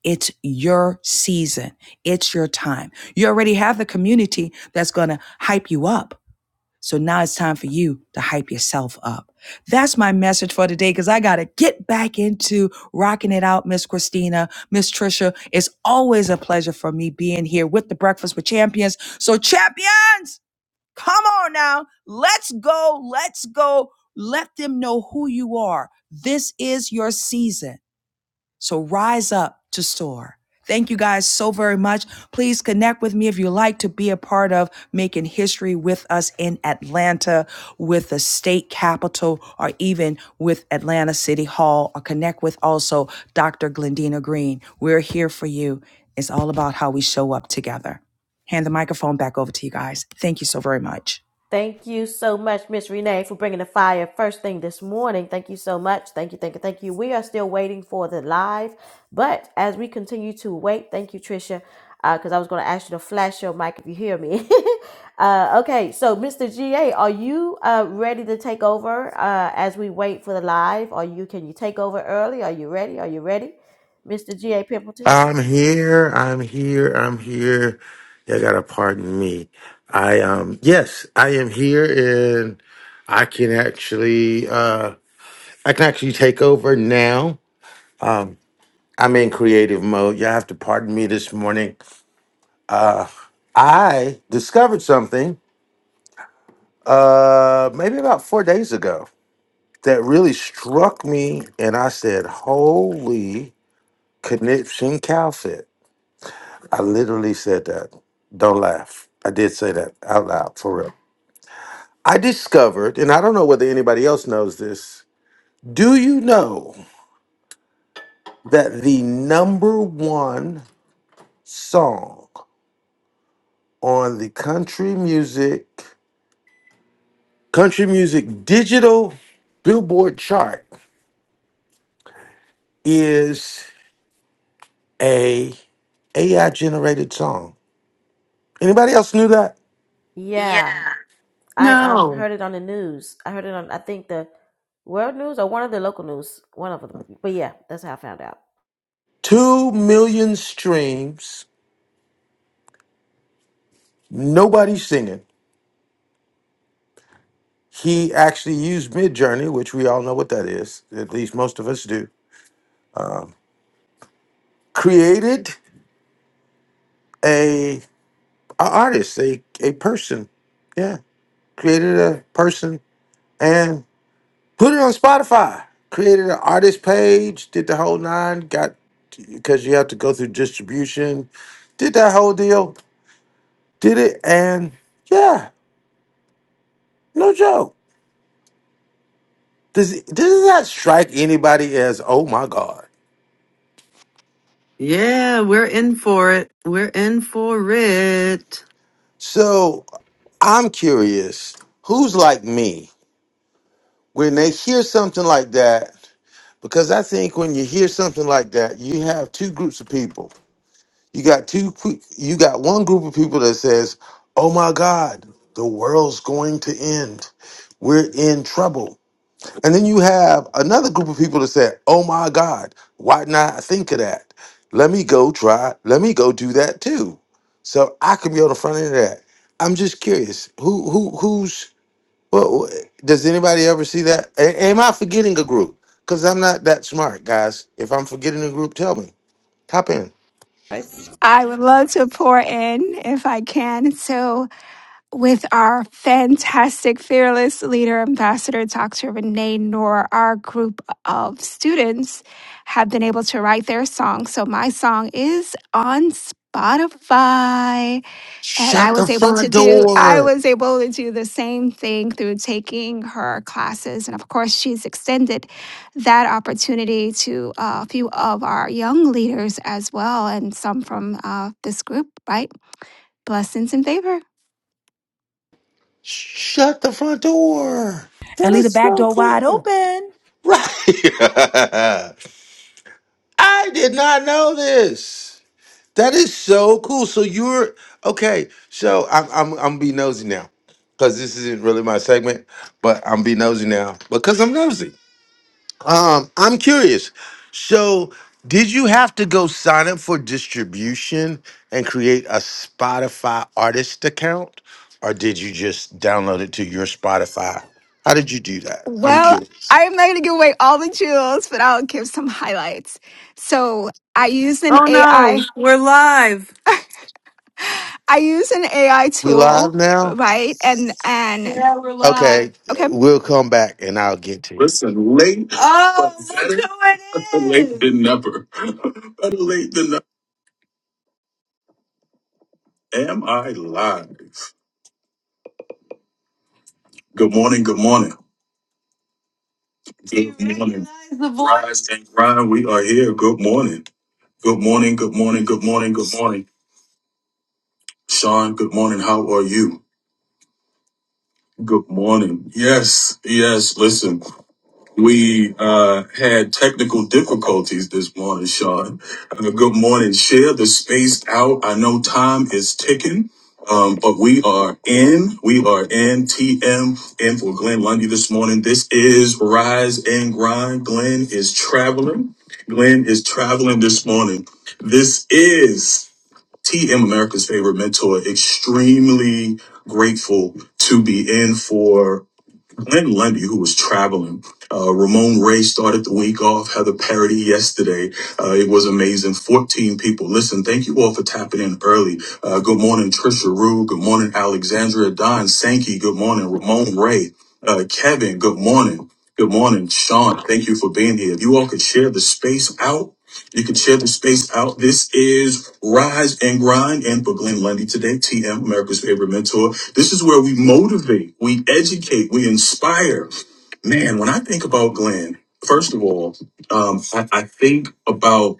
S2: It's your season. It's your time. You already have the community that's going to hype you up. So now it's time for you to hype yourself up. That's my message for today because I got to get back into rocking it out, Miss Christina, Miss Trisha. It's always a pleasure for me being here with the Breakfast with Champions. So, champions, come on now. Let's go. Let's go. Let them know who you are. This is your season. So rise up to soar. Thank you guys so very much. Please connect with me if you like to be a part of making history with us in Atlanta, with the state capitol, or even with Atlanta City Hall, or connect with also Dr. Glendina Green. We're here for you. It's all about how we show up together. Hand the microphone back over to you guys. Thank you so very much.
S1: Thank you so much, Miss Renee, for bringing the fire first thing this morning. Thank you so much. Thank you, thank you, thank you. We are still waiting for the live, but as we continue to wait, thank you, Trisha, because I was going to ask you to flash your mic if you hear me. uh, okay, so Mr. GA, are you uh, ready to take over uh, as we wait for the live? Are you can you take over early? Are you ready? Are you ready, Mr. GA Pimpleton?
S9: I'm here. I'm here. I'm here. You gotta pardon me. I um yes, I am here, and I can actually uh I can actually take over now. I'm in creative mode. You have to pardon me this morning. I discovered something uh maybe about four days ago that really struck me and i said holy conniption cowfit i literally said that don't laugh i did say that out loud for real i discovered and i don't know whether anybody else knows this do you know that the number one song on the country music country music digital billboard chart is a AI generated song. Anybody else knew that? Yeah.
S1: Yeah. I um
S3: No.
S1: heard it on the news. I heard it on I think the world news or one of the local news, one of them. But yeah, that's how I found out.
S9: Two million streams, nobody singing. He actually used Midjourney, which we all know what that is. At least most of us do. Created a, a artist, a a person. Yeah, created a person and put it on Spotify. Created an artist page, did the whole nine. Got because you have to go through distribution. Did that whole deal. Did it and yeah. No joke. Does does that strike anybody as oh my god?
S3: Yeah, we're in for it. We're in for it.
S9: So I'm curious, who's like me when they hear something like that? Because I think when you hear something like that, you have two groups of people. You got two. pe- You got one group of people that says, "Oh my God, the world's going to end. We're in trouble." And then you have another group of people that said, "Oh my God, why not think of that? Let me go try. Let me go do that too." So I can be on the front end of that. I'm just curious. Who who who's well, does anybody ever see that? A- am I forgetting a group? Because I'm not that smart, guys. If I'm forgetting a group, tell me. Hop in.
S8: Right?
S10: I would love to pour in if I can. So, with our fantastic, fearless leader, Ambassador Dr. Renee Noor, our group of students have been able to write their song. So, my song is on Spotify. And I
S9: Shut the
S10: was able to
S9: front
S10: do I
S9: door.
S10: was able to do the same thing through taking her classes. And of course, she's extended that opportunity to uh, a few of our young leaders as well, and some from uh, this group, right? Blessings and favor.
S9: Shut the front door.
S2: And
S9: That
S2: leave
S9: is
S2: the back
S9: so
S2: door wide
S9: cool.
S2: open.
S9: Right. I did not know this. That is so cool. So you're okay. So I'm I'm I'm be nosy now, because this isn't really my segment, but I'm be nosy now because I'm nosy. Um, I'm curious. So did you have to go sign up for distribution and create a Spotify artist account, or did you just download it to your Spotify? How did you do that? I'm
S10: Well,
S9: curious.
S10: I'm not going to give away all the jewels, but I'll give some highlights. So I used an
S3: Oh
S10: AI.
S3: no,
S10: I
S3: we're live.
S10: I use an AI
S9: We live
S10: tool,
S9: now.
S10: right? And and
S3: Yeah, we're live.
S9: Okay,
S10: okay.
S9: we'll come back and I'll get to you.
S3: Listen, late. Oh, but look better who it late who than never. better late than never. Am I live? Good morning. Good morning. Good Do you Good morning. recognize the voice? Rise and grind. We are here. Good morning. Good morning. Good morning. Good morning. Good morning. Sean, good morning. How are you? Good morning. Yes. Yes. Listen. We uh, had technical difficulties this morning, Sean. Uh, good morning, share the space out. I know time is ticking, um, but we are in. We are in TM in for Glenn Lundy this morning. This is Rise and Grind. Glenn is traveling. Glenn is traveling this morning. This is TM America's favorite mentor. Extremely grateful to be in for Glenn Lundy, who was traveling. Uh, Ramon Ray started the week off, Heather Parody yesterday. Uh, it was amazing. 14 people. Listen, thank you all for tapping in early. Uh, good morning, Trisha Rue. Good morning, Alexandria Don Sankey. Good morning, Ramon Ray. Uh, Kevin, good morning. Good morning, Sean. Thank you for being here. If you all could share the space out, you could share the space out. This is Rise and Grind. And for Glenn Lundy today, TM, America's favorite mentor. This is where we motivate, we educate, we inspire. Man, when I think about Glenn, first of all, um, I, I think about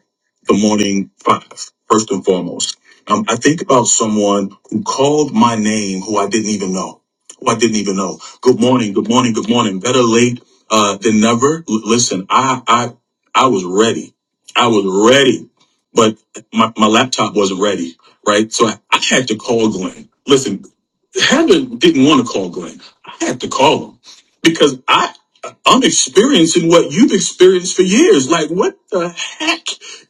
S3: the morning five, first and foremost. Um, I think about someone who called my name who I didn't even know, who I didn't even know. Good morning, good morning, good morning. Better late uh, than never. L- listen, I, I, I was ready. I was ready, but my, my laptop wasn't ready, right? So I, I had to call Glenn. Listen, Heather didn't want to call Glenn. I had to call him because I I'm experiencing what you've experienced for years. Like, what the heck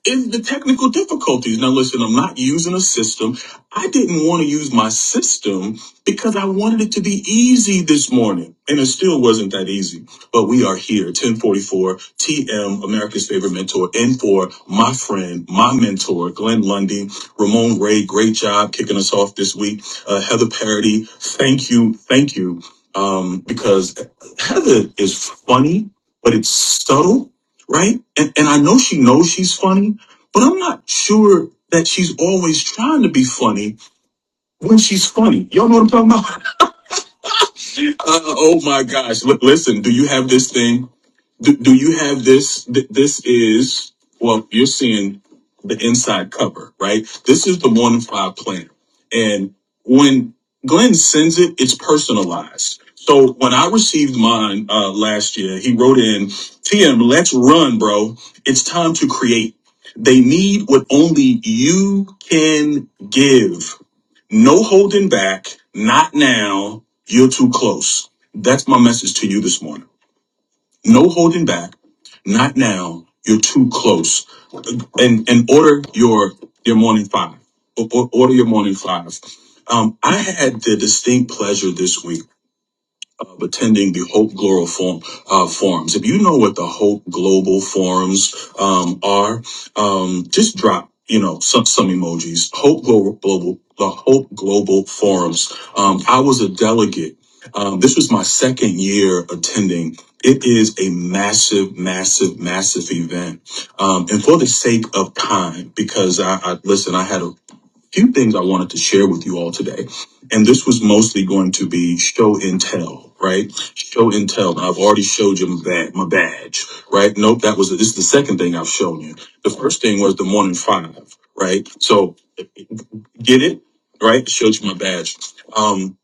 S3: is the technical difficulties? Now, listen, I'm not using a system. I didn't want to use my system because I wanted it to be easy this morning. And it still wasn't that easy. But we are here, 1044 TM, America's favorite mentor, and for my friend, my mentor, Glenn Lundy, Ramon Ray, great job kicking us off this week. Uh, Heather Parody, thank you, thank you um, because that is is funny, but it's subtle, right? And, and I know she knows she's funny, but I'm not sure that she's always trying to be funny when she's funny. Y'all know what I'm talking about? Uh, oh my gosh. Look, listen, do you have this thing? do, do you have this th- this is well you're seeing the inside cover right this is the one in five plan and when glenn sends it it's personalized so when i received mine uh, last year he wrote in tm let's run bro it's time to create they need what only you can give no holding back not now you're too close that's my message to you this morning no holding back. Not now. You're too close. And and order your your morning five. O- o- Order your morning five. Um, I had the distinct pleasure this week of attending the Hope Global Forum, uh, forums. If you know what the Hope Global Forums um, are, um, just drop you know some some emojis. Hope Global, Global the Hope Global Forums. Um, I was a delegate. Um, this was my second year attending. It is a massive, massive, massive event. Um, and for the sake of time, because I, I listen, I had a few things I wanted to share with you all today. And this was mostly going to be show and tell, right? Show and tell. Now, I've already showed you my badge, my badge, right? Nope, that was this is the second thing I've shown you. The first thing was the morning five, right? So get it, right? Showed you my badge. Um,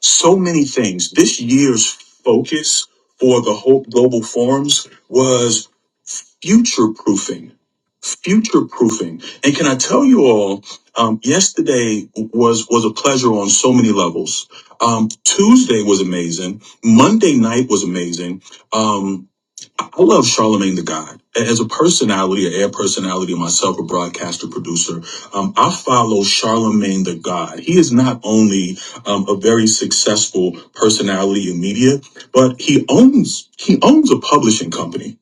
S3: so many things. This year's focus for the Hope Global Forums was future proofing future proofing and can i tell you all um, yesterday was was a pleasure on so many levels um, tuesday was amazing monday night was amazing um, i love charlemagne the god as a personality a air personality myself a broadcaster producer um, i follow charlemagne the god he is not only um, a very successful personality in media but he owns he owns a publishing company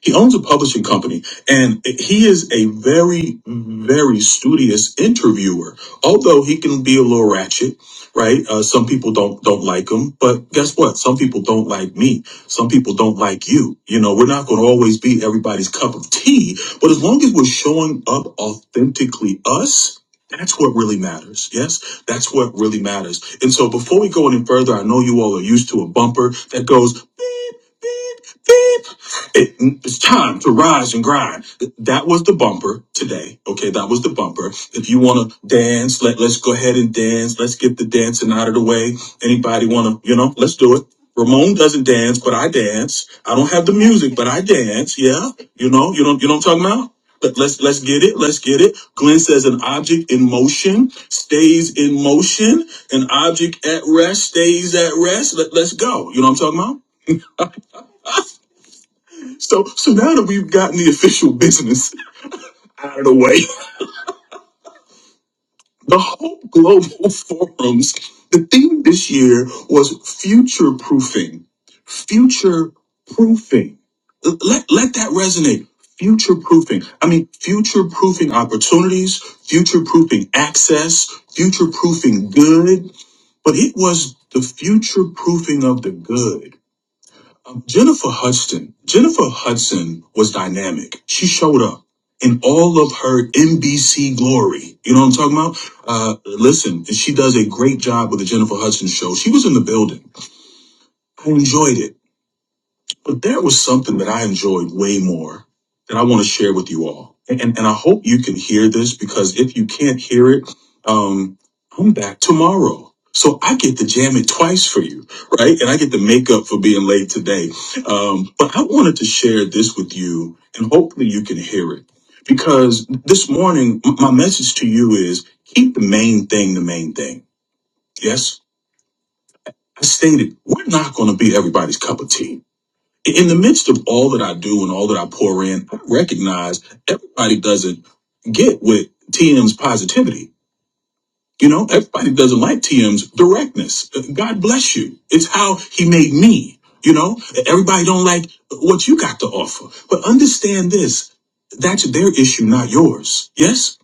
S3: he owns a publishing company and he is a very, very studious interviewer. Although he can be a little ratchet, right? Uh, some people don't don't like him, but guess what? Some people don't like me. Some people don't like you. You know, we're not going to always be everybody's cup of tea, but as long as we're showing up authentically us. That's what really matters. Yes, that's what really matters. And so before we go any further, I know you all are used to a bumper that goes beep, beep, beep. It, it's time to rise and grind. That was the bumper today. Okay, that was the bumper. If you want to dance, let let's go ahead and dance. Let's get the dancing out of the way. Anybody want to, you know, let's do it. Ramon doesn't dance, but I dance. I don't have the music, but I dance. Yeah, you know, you don't, you know what I'm talking about. Let, let's let's get it. Let's get it. Glenn says an object in motion stays in motion. An object at rest stays at rest. Let, let's go. You know what I'm talking about. So, so now that we've gotten the official business out of the way, the Hope Global Forums, the theme this year was future proofing. Future proofing. Let, let that resonate. Future proofing. I mean, future proofing opportunities, future proofing access, future proofing good, but it was the future proofing of the good. Um, Jennifer Hudson. Jennifer Hudson was dynamic. She showed up in all of her NBC glory. You know what I'm talking about? Uh, listen, she does a great job with the Jennifer Hudson show. She was in the building. I enjoyed it. But there was something that I enjoyed way more that I want to share with you all. And, and I hope you can hear this because if you can't hear it, um, I'm back tomorrow. So I get to jam it twice for you, right? And I get to make up for being late today. Um, but I wanted to share this with you and hopefully you can hear it because this morning, m- my message to you is keep the main thing the main thing. Yes. I stated, we're not going to be everybody's cup of tea in the midst of all that I do and all that I pour in, I recognize everybody doesn't get with TM's positivity. You know, everybody doesn't like TM's directness. God bless you. It's how he made me. You know, everybody don't like what you got to offer. But understand this. That's their issue, not yours. Yes?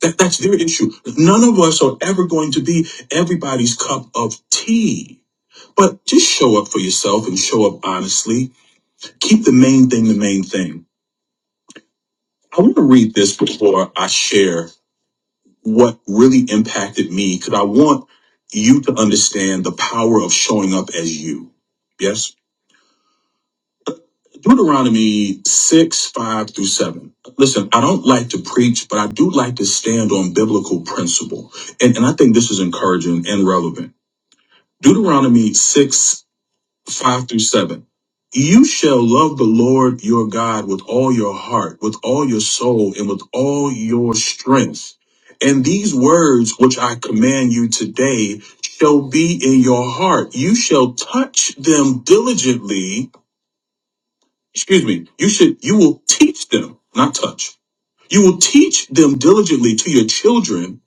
S3: That, that's their issue. None of us are ever going to be everybody's cup of tea. But just show up for yourself and show up honestly keep the main thing the main thing. I want to read this before I share what really impacted me because I want you to understand the power of showing up as you. Yes? Deuteronomy 6, 5 through 7. Listen, I don't like to preach, but I do like to stand on biblical principle. And, and I think this is encouraging and relevant. Deuteronomy 6, 5 through 7. You shall love the Lord your God with all your heart, with all your soul, and with all your strength. And these words which I command you today shall be in your heart. You shall touch them diligently. Excuse me. You should, you will teach them, not touch. You will teach them diligently to your children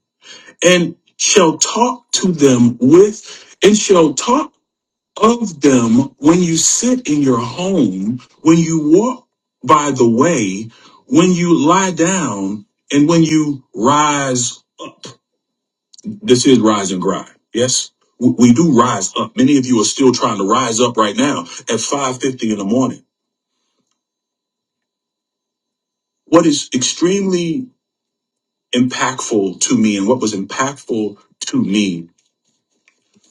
S3: and shall talk to them with, and shall talk of them when you sit in your home, when you walk by the way, when you lie down, and when you rise up. This is rise and grind. Yes, W- we do rise up. Many of you are still trying to rise up right now at 5:50 in the morning. What is extremely impactful to me, and what was impactful to me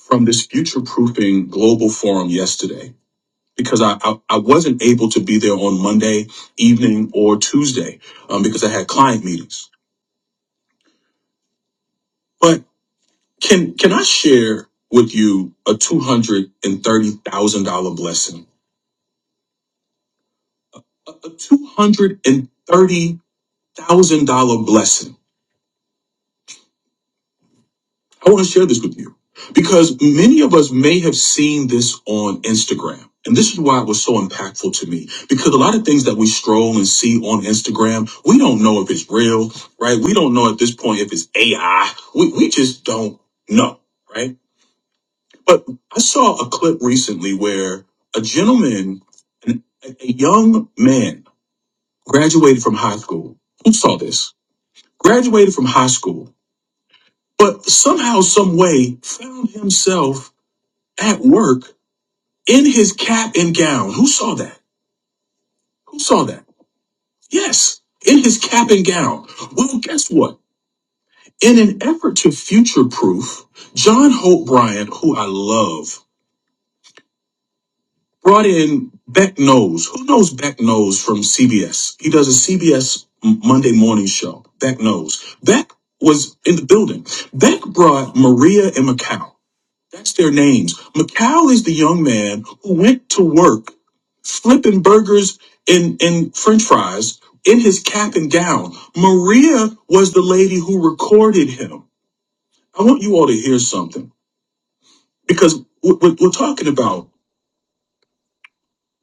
S3: from this future proofing global forum yesterday because I, I, I wasn't able to be there on Monday evening or Tuesday um, because I had client meetings. But can can I share with you a two hundred and thirty thousand dollar blessing? A a two hundred and thirty thousand dollar blessing I want to share this with you because many of us may have seen this on Instagram. And this is why it was so impactful to me because a lot of things that we stroll and see on Instagram, we don't know if it's real, right? We don't know at this point if it's AI. We, we just don't know, right? But I saw a clip recently where a gentleman, an, a young man, graduated from high school. Who saw this? Graduated from high school, but somehow, some way, found himself at work in his cap and gown. Who saw that? Who saw that? Yes, in his cap and gown. Well, guess what? In an effort to future proof, John Hope Bryant, who I love, brought in Beck Knows. Who knows Beck Knows from CBS? He does a CBS Monday morning show. Beck Knows. Beck was in the building. Beck brought Maria and Macau. That's their names. Macau is the young man who went to work flipping burgers and, and french fries in his cap and gown. Maria was the lady who recorded him. I want you all to hear something because we're, we're we're talking about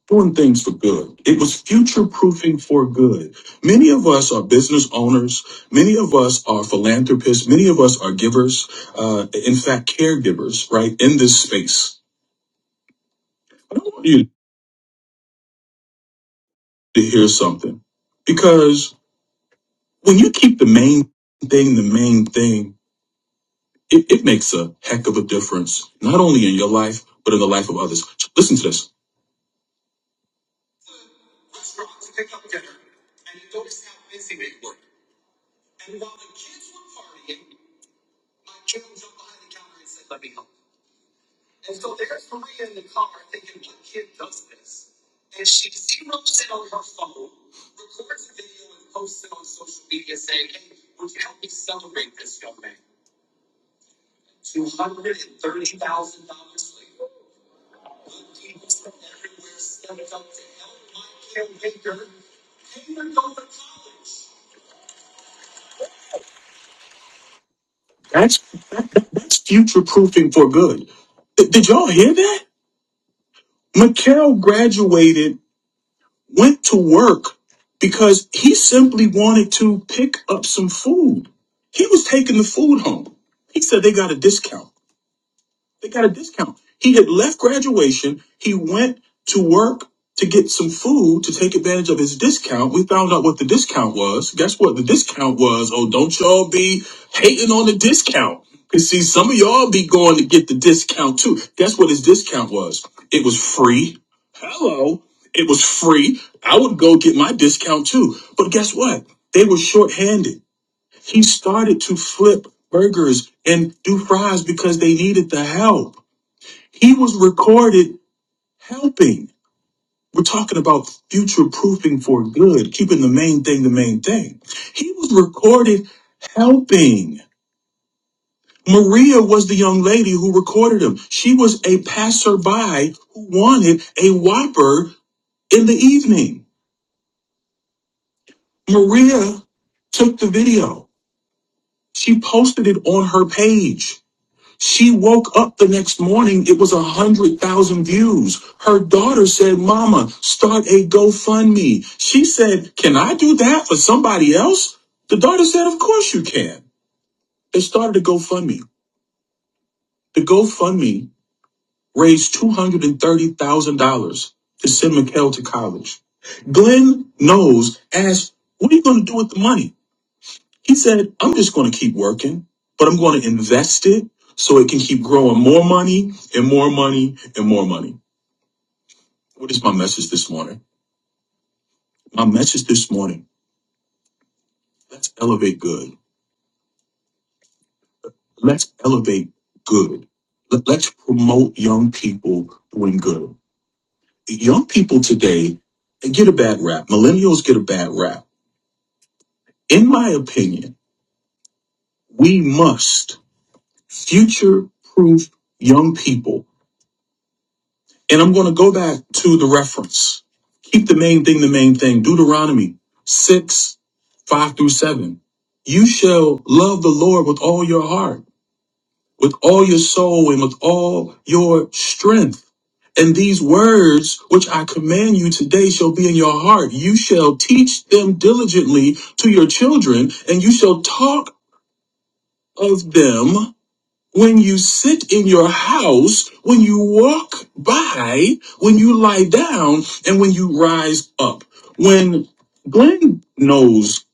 S3: doing things for good. It was future proofing for good. Many of us are business owners. Many of us are philanthropists. Many of us are givers. Uh, in fact, caregivers, right? In this space to hear something. Because when you keep the main thing the main thing, it, it makes a heck of a difference, not only in your life, but in the life of others. So Listen to this. That's, that's future proofing for good. Th- did y'all hear that? Mikhail graduated, went to work because he simply wanted to pick up some food. He was taking the food home. He said they got a discount. They got a discount. He had left graduation. He went to work to get some food to take advantage of his discount. We found out what the discount was. Guess what? The discount was, oh, don't y'all be hating on the discount. Because see, some of y'all be going to get the discount too. Guess what his discount was? It was free. Hello. It was free. I would go get my discount too. But guess what? They were shorthanded. He started to flip burgers and do fries because they needed the help. He was recorded helping. We're talking about future proofing for good, keeping the main thing the main thing. He was recorded helping. Maria was the young lady who recorded him. She was a passerby who wanted a Whopper in the evening. Maria took the video. She posted it on her page. She woke up the next morning, it was a hundred thousand views. Her daughter said, Mama, start a GoFundMe. She said, Can I do that for somebody else? The daughter said, Of course you can. They started a GoFundMe. The GoFundMe raised $230,000 to send Mikhail to college. Glenn knows asked, What are you going to do with the money? He said, I'm just going to keep working, but I'm going to invest it so it can keep growing more money and more money and more money. What is my message this morning? My message this morning let's elevate good. Let's elevate good. Let- Let's promote young people doing good. Young people today they get a bad rap. Millennials get a bad rap. In my opinion, we must future proof young people And I'm going to go back to the reference. Keep the main thing the main thing. Deuteronomy 6, 5 through 7. You shall love the Lord with all your heart, with all your soul, and with all your strength. And these words which I command you today shall be in your heart. You shall teach them diligently to your children, and you shall talk of them when you sit in your house, when you walk by, when you lie down, and when you rise up. When Glenn knows,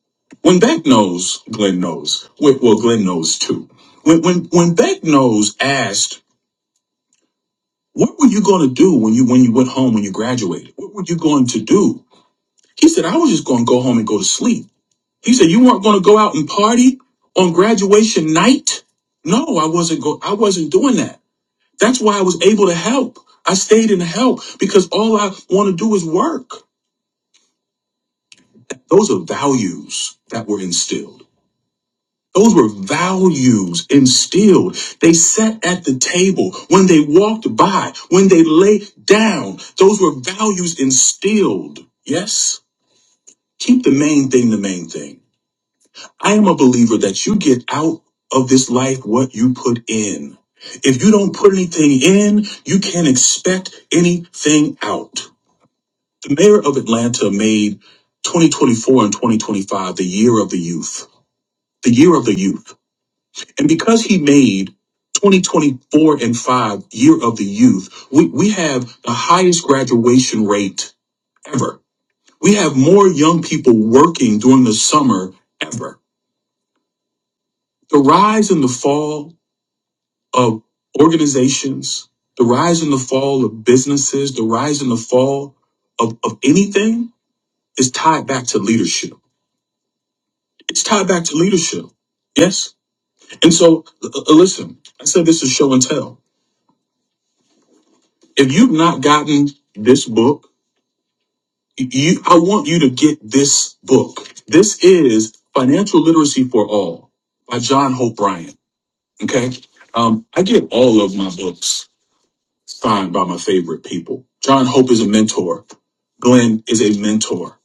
S3: when Beck knows, Glenn knows. Well, well, Glenn knows too. When when when Beck knows asked, "What were you going to do when you when you went home when you graduated? What were you going to do?" He said, "I was just going to go home and go to sleep." He said, "You weren't going to go out and party on graduation night?" No, I wasn't go. I wasn't doing that. That's why I was able to help. I stayed in help because all I want to do is work. Those are values that were instilled. Those were values instilled. They sat at the table when they walked by, when they lay down. Those were values instilled. Yes? Keep the main thing the main thing. I am a believer that you get out of this life what you put in. If you don't put anything in, you can't expect anything out. The mayor of Atlanta made 2024 and 2025 the year of the youth, the year of the youth. And because he made 2024 and 5 year of the youth, we, we have the highest graduation rate ever. We have more young people working during the summer ever. The rise and the fall of organizations, the rise and the fall of businesses, the rise and the fall of, of anything is tied back to leadership It's tied back to leadership. Yes. And so, l- l- listen, I said this is show and tell. If you've not gotten this book, you, I want you to get this book. This is Financial Literacy for All by John Hope Bryant. Okay. Um, I get all of my books signed by my favorite people. John Hope is a mentor. Glenn is a mentor.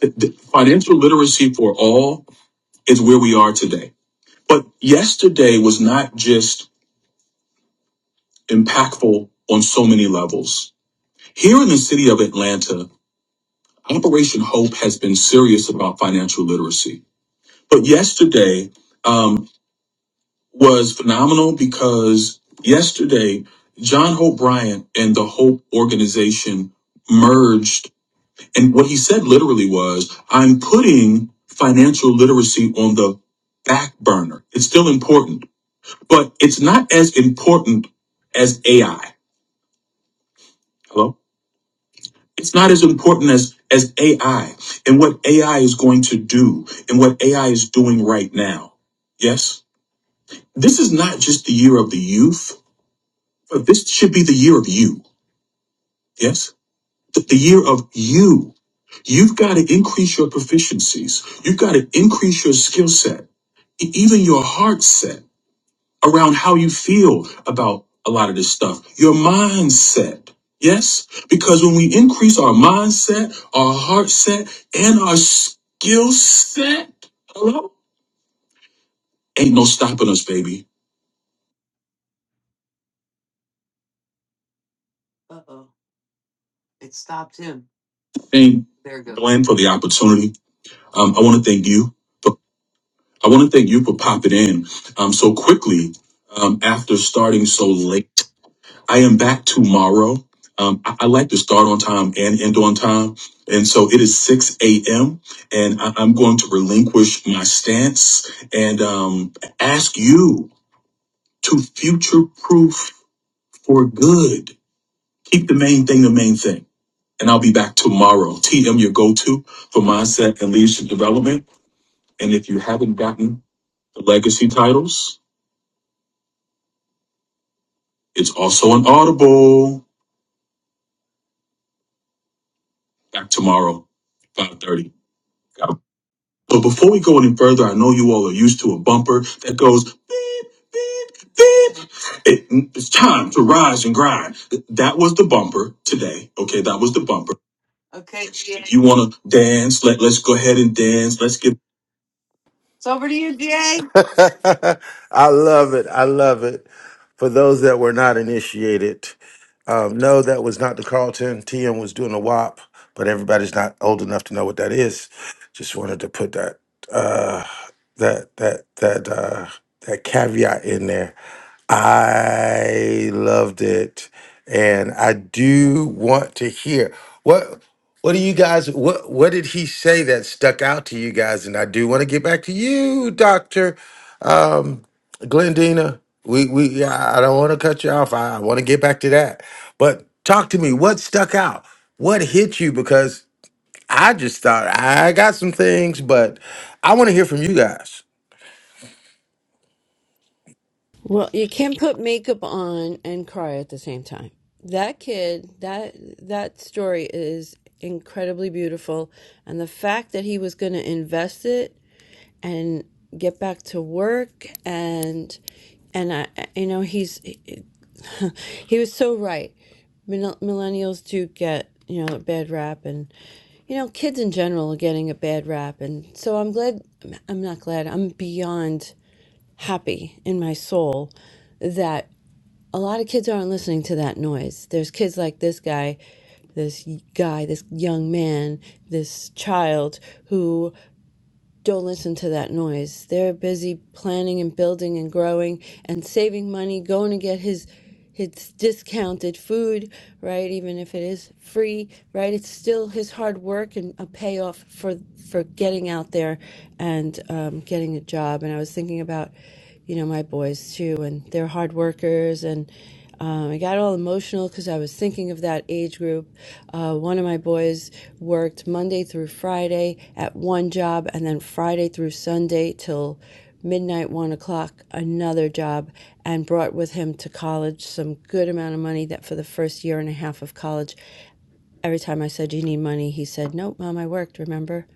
S3: The- the Financial literacy for all is where we are today. But yesterday was not just impactful on so many levels. Here in the city of Atlanta, Operation Hope has been serious about financial literacy. But yesterday um, was phenomenal because yesterday, John Hope Bryant and the Hope organization merged. And what he said literally was, I'm putting financial literacy on the back burner. It's still important, but it's not as important as AI. Hello? it's not as important as as AI and what AI is going to do and what AI is doing right now. Yes, this is not just the year of the youth, but this should be the year of you. Yes, the, the year of you. You've got to increase your proficiencies. You've got to increase your skill set, e- even your heart set. around how you feel about a lot of this stuff, your mindset. Yes? Because when we increase our mindset, our heart set, and our skill set, hello? Ain't no stopping us, baby. Uh oh. It stopped him. Thank there it goes. Glenn for the opportunity. Um, I want to thank you. For, I want to thank you for popping in um, so quickly um, after starting so late. I am back tomorrow. Um, I, I like to start on time and end on time. And so it is 6 a.m. and I, am going to relinquish my stance and um, ask you to future proof for good. Keep the main thing the main thing. And I'll be back tomorrow. TM, your go to for mindset and leadership development. And if you haven't gotten the legacy titles, it's also on Audible. Back tomorrow, 5:30. Got But before we go any further, I know you all are used to a bumper that goes beep, beep, beep. It- it's time to rise and grind. That was the bumper today. Okay, that was the bumper. Okay, GA. If you want to dance, let, let's go ahead and dance. Let's get. It's over to you, GA.
S9: I love it. I love it. For those that were not initiated, um, no, that was not the Carlton. TM was doing a WAP, but everybody's not old enough to know what that is. Just wanted to put that uh, that that that uh, that caveat in there. I loved it, and I do want to hear what what do you guys what what did he say that stuck out to you guys? And I do want to get back to you, Doctor. Um, Glendina, we we I I don't want to cut you off. I, I want to get back to that. But talk to me. What stuck out? What hit you? Because I just thought I got some things, but I want to hear from you guys.
S8: Well, you can't put makeup on and cry at the same time. That kid, that that story is incredibly beautiful and the fact that he was going to invest it and get back to work and and I you know he's he was so right. Millennials do get, you know, a bad rap and you know, kids in general are getting a bad rap and so I'm glad I'm not glad. I'm beyond happy in my soul that a lot of kids aren't listening to that noise. There's kids like this guy, this guy, this young man, this child who don't listen to that noise. They're busy planning and building and growing and saving money, going to get his his discounted food, right? Even if it is free, right? It's still his hard work and a payoff for for getting out there and um, getting a job. And I was thinking about you know, my boys too, and they're hard workers. And um, I got all emotional because I was thinking of that age group. Uh, one of my boys worked Monday through Friday at one job, and then Friday through Sunday till midnight, one o'clock, another job, and brought with him to college some good amount of money that for the first year and a half of college, every time I said, "Do You need money, he said, Nope, mom, I worked, remember?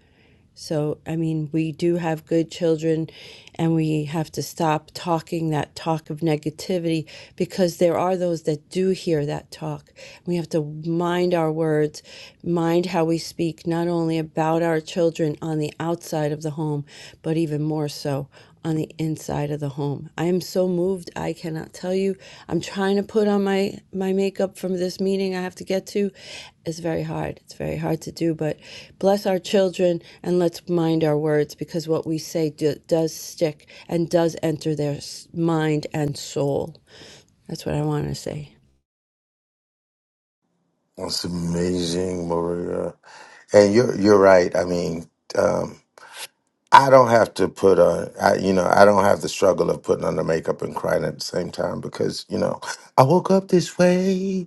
S8: So, I mean, we do have good children, and we have to stop talking that talk of negativity because there are those that do hear that talk. We have to mind our words, mind how we speak, not only about our children on the outside of the home, but even more so on the inside of the home. I am so moved. I cannot tell you. I'm trying to put on my my makeup from this meeting I have to get to. It's very hard. It's very hard to do, but bless our children and let's mind our words because what we say do, does stick and does enter their mind and soul. That's what I want to say.
S9: That's amazing, Maria. And you're you're right. I mean, I don't have to put on, I, you know, I don't have the struggle of putting on the makeup and crying at the same time because, you know, I woke up this way.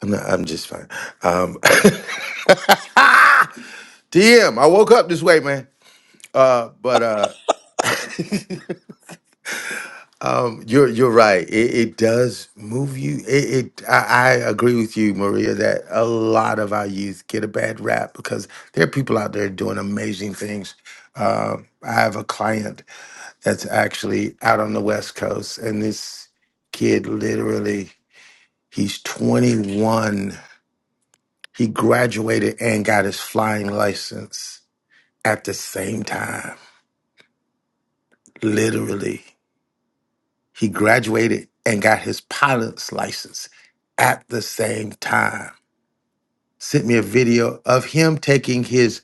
S9: I'm not, I'm just fine. Um, DM, I woke up this way, man. Uh, but uh, um, you're you're right. It, it does move you. It, it I, I agree with you, Maria, that a lot of our youth get a bad rap because there are people out there doing amazing things. Um, I have a client that's actually out on the West Coast. And this kid literally, he's 21. He graduated and got his flying license at the same time. Literally, he graduated and got his pilot's license at the same time. Sent me a video of him taking his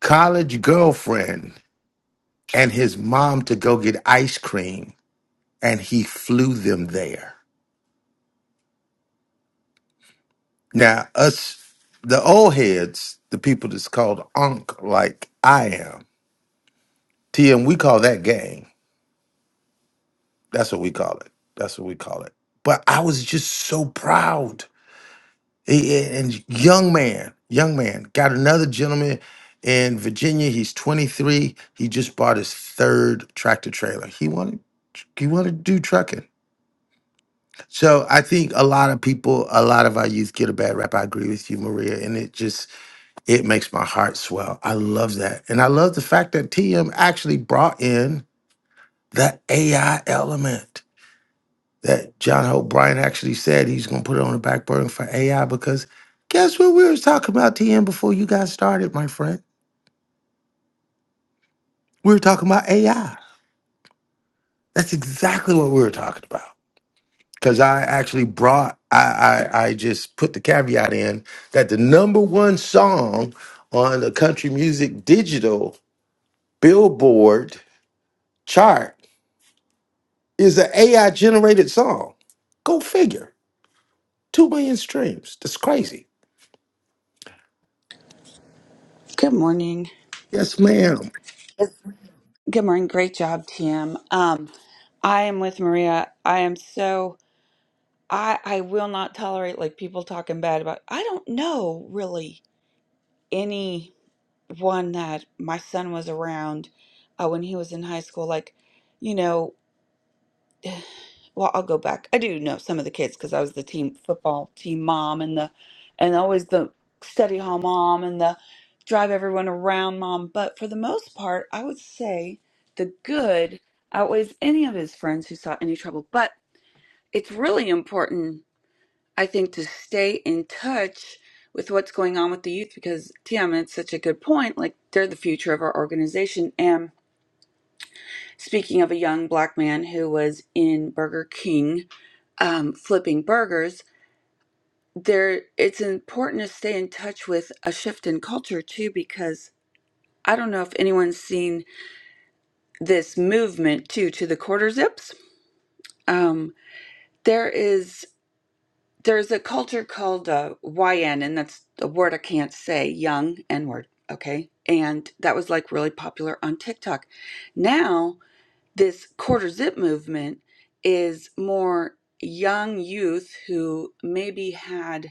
S9: college girlfriend and his mom to go get ice cream, and he flew them there Now, us, the old heads, the people that's called Ankh, like I am, TM, we call that gang. That's what we call it. That's what we call it. But I was just so proud. A- a- And young man, young man, got another gentleman in Virginia. He's 23. He just bought his third tractor trailer. He wanted, he wanted to do trucking. So I think a lot of people, a lot of our youth get a bad rap. I agree with you, Maria. And it just, It makes my heart swell. I love that. And I love the fact that TM actually brought in that AI element that John Hope Bryan actually said he's going to put it on the back burner for AI because guess what? We were talking about TM before you guys started, my friend. We were talking about AI. That's exactly what we were talking about. Because I actually brought, I, I, I just put the caveat in that the number one song on the country music digital billboard chart is an AI generated song. Go figure. Two million streams. That's crazy.
S11: Good morning.
S9: Yes, ma'am.
S11: Good morning. Great job, TM. Um, I am with Maria. I am so I I will not tolerate like people talking bad about. I don't know really any one that my son was around uh, when he was in high school. Like, you know. Well, I'll go back. I do know some of the kids because I was the team football team mom and the and always the study hall mom and the drive everyone around mom. But for the most part, I would say the good outweighs any of his friends who saw any trouble. But it's really important, I think, to stay in touch with what's going on with the youth because Tiana made such a good point. Like they're the future of our organization. And speaking of a young black man who was in Burger King um, flipping burgers, there it's important to stay in touch with a shift in culture too, because I don't know if anyone's seen this movement too to the quarter zips. Um, there is there's a culture called uh, YN, and that's a word I can't say, young N word. Okay, and that was like really popular on TikTok. Now this quarter zip movement is more young youth who maybe had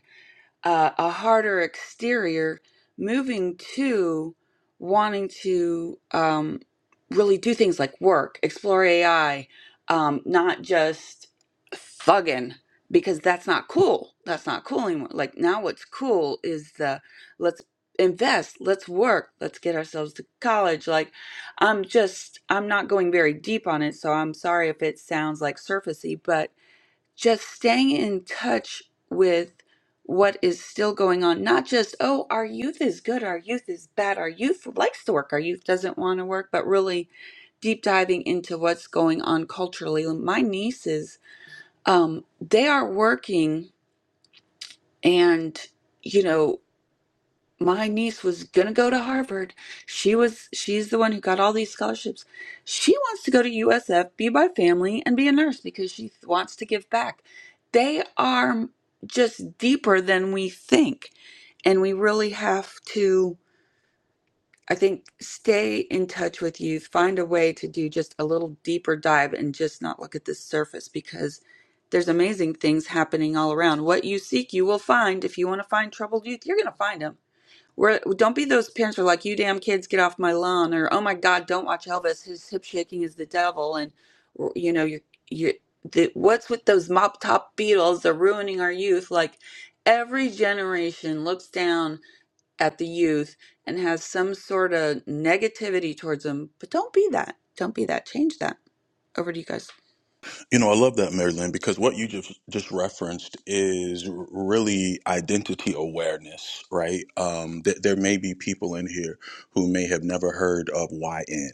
S11: uh, a harder exterior, moving to wanting to um, really do things like work, explore AI, um, not just thugging because that's not cool. That's not cool anymore. Like now, what's cool is the let's invest, let's work, let's get ourselves to college. Like I'm just I'm not going very deep on it, so I'm sorry if it sounds like surfacey, but just staying in touch with what is still going on not just oh our youth is good our youth is bad our youth likes to work our youth doesn't want to work but really deep diving into what's going on culturally my nieces um they are working and you know my niece was going to go to Harvard. She was she's the one who got all these scholarships. She wants to go to USF, be by family and be a nurse because she wants to give back. They are just deeper than we think and we really have to I think stay in touch with youth, find a way to do just a little deeper dive and just not look at the surface because there's amazing things happening all around. What you seek, you will find. If you want to find troubled youth, you're going to find them. Where don't be those parents who are like, "You damn kids, get off my lawn," or "Oh my God, don't watch Elvis. His hip shaking is the devil." And you know, you're you're the, what's with those mop top Beatles? They're ruining our youth. Like every generation looks down at the youth and has some sort of negativity towards them. But don't be that. Don't be that. Change that. Over to you guys.
S12: You know, I love that, Mary Lynn, because what you just just referenced is r- really identity awareness, right? Um, th- there may be people in here who may have never heard of YN.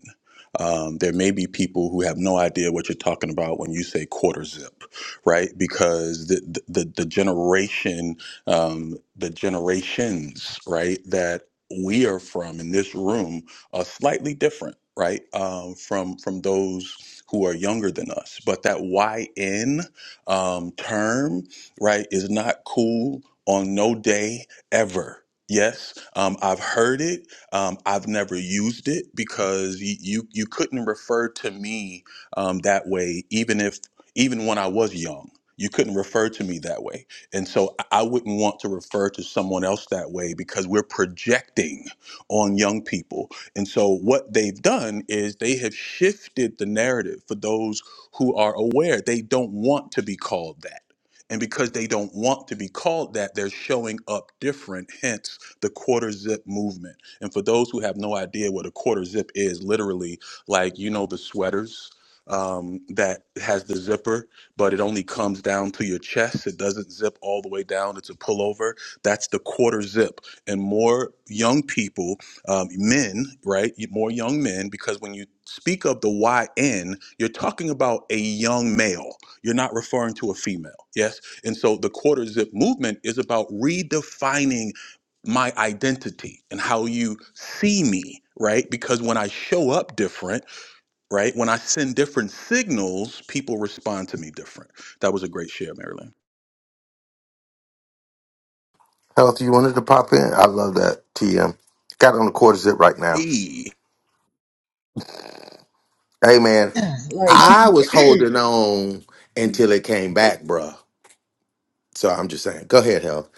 S12: Um, there may be people who have no idea what you're talking about when you say quarter zip, right? Because the the, the the generation, um, the generations, right, that we are from in this room are slightly different, right, um, from from those who are younger than us. But that YN um, term, right, is not cool on no day ever. Yes, um, I've heard it. Um, I've never used it because you, you you couldn't refer to me um, that way, even if even when I was young, you couldn't refer to me that way, and so I I wouldn't want to refer to someone else that way because we're projecting on young people and so, what they've done is they have shifted the narrative for those who are aware they don't want to be called that. And because they don't want to be called that, they're showing up different, hence the quarter zip movement. And for those who have no idea what a quarter zip is, literally, like, you know, the sweaters um, that has the zipper, but it only comes down to your chest. It doesn't zip all the way down, it's a pullover. That's the quarter zip. And more young people um, men, right? More young men, because when you speak of the YN, you're talking about a young male. You're not referring to a female, yes? And so the quarter zip movement is about redefining my identity and how you see me, right? Because when I show up different, right? When I send different signals, people respond to me different. That was a great share, Marilyn.
S9: Health, you wanted to pop in? I love that. TM. Got it on the quarter zip right now.
S12: Hey,
S9: Hey, man, I was holding on until it came back, bruh. So I'm just saying, go ahead, Health.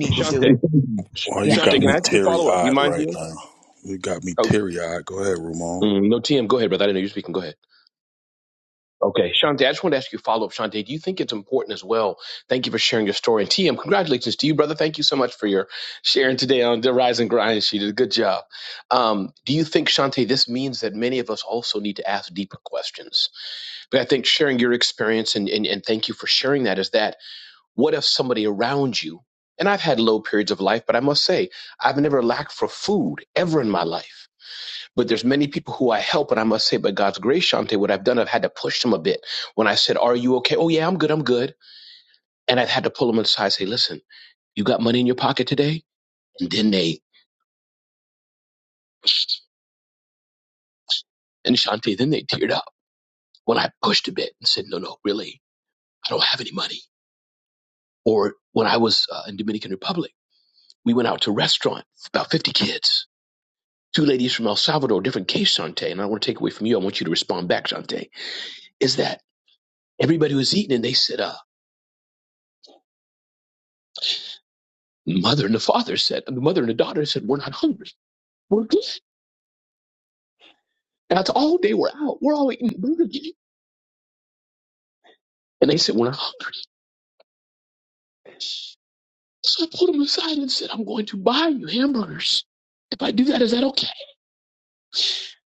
S13: Hey, Shante. Sh-
S12: well, you
S13: Shante,
S12: got
S13: can
S12: me
S13: I ask you a
S12: teary
S13: follow up? Do you
S12: eyed
S13: mind,
S12: right
S13: dealing?
S12: now. You got me
S13: Oh,
S12: teary eyed. Go ahead, Ramon.
S13: Mm, no, TM, go ahead, brother. I didn't know you were speaking. Go ahead. okay. Shante, I just want to ask you a follow up. Shante, do you think it's important as well? Thank you for sharing your story. And TM, congratulations to you, brother. Thank you so much for your sharing today on the Rise and Grind. She did a good job. Um, do you think, Shante, this means that many of us also need to ask deeper questions? But I think sharing your experience and, and, and thank you for sharing that is that. What if somebody around you, and I've had low periods of life, but I must say, I've never lacked for food ever in my life. But there's many people who I help, and I must say, by God's grace, Shante, what I've done, I've had to push them a bit. When I said, Are you okay? Oh, yeah, I'm good, I'm good. And I've had to pull them aside, and say, Listen, you got money in your pocket today? And then they, and Shante, then they teared up when I pushed a bit and said, No, no, really, I don't have any money. Or when I was uh, in Dominican Republic, we went out to a restaurant, about 50 kids two ladies from El Salvador, different case, Shante, and I want to take away from you. I want you to respond back, Shante, is that everybody was eating and they said, uh, mother and the father said, and the mother and the daughter said, we're not hungry. We're good. And that's all day we're out. We're all eating Burger King. And they said, we're not hungry. So I pulled them aside and said, I'm going to buy you hamburgers. If I do that, is that okay?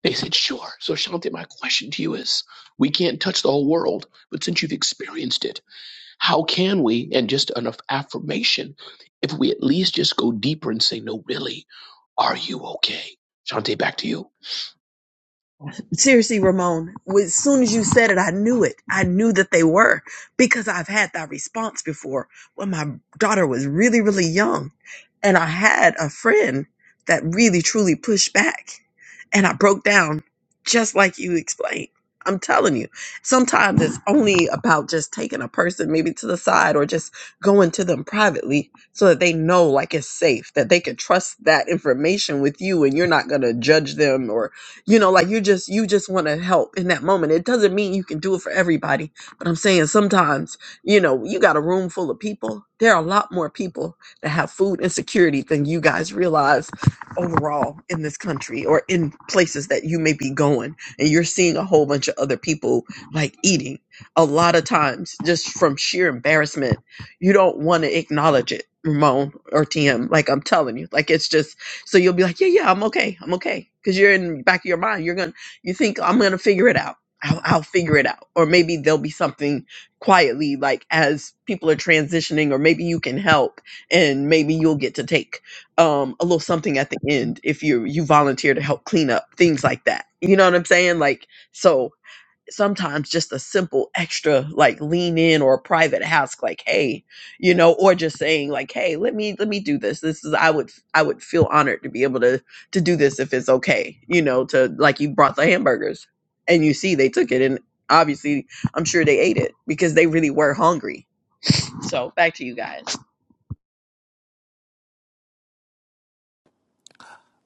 S13: They said, sure. So Shante, my question to you is, we can't touch the whole world, but since you've experienced it, How can we, and just enough affirmation, if we at least just go deeper and say, no, really, are you okay? Shante, back to you.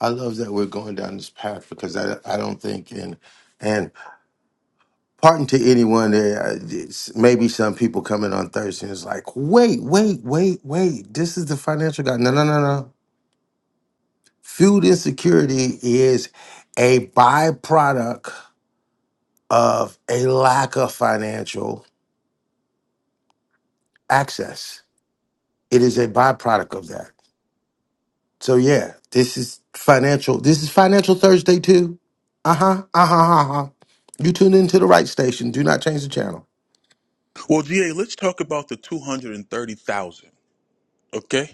S9: I love that we're going down this path because I, I don't think, and, and pardon to anyone, that, uh, it's- maybe some people coming on Thursday and is like, wait, wait, wait, wait. This is the financial guy. No, no, no, no. Food insecurity is a byproduct of a lack of financial access. It is a byproduct of that. So yeah, this is financial. This is financial Thursday too. Uh huh. Uh huh. Uh huh. You tuned into the right station. Do not change the channel.
S12: Well, GA, let's talk about the 230,000, okay?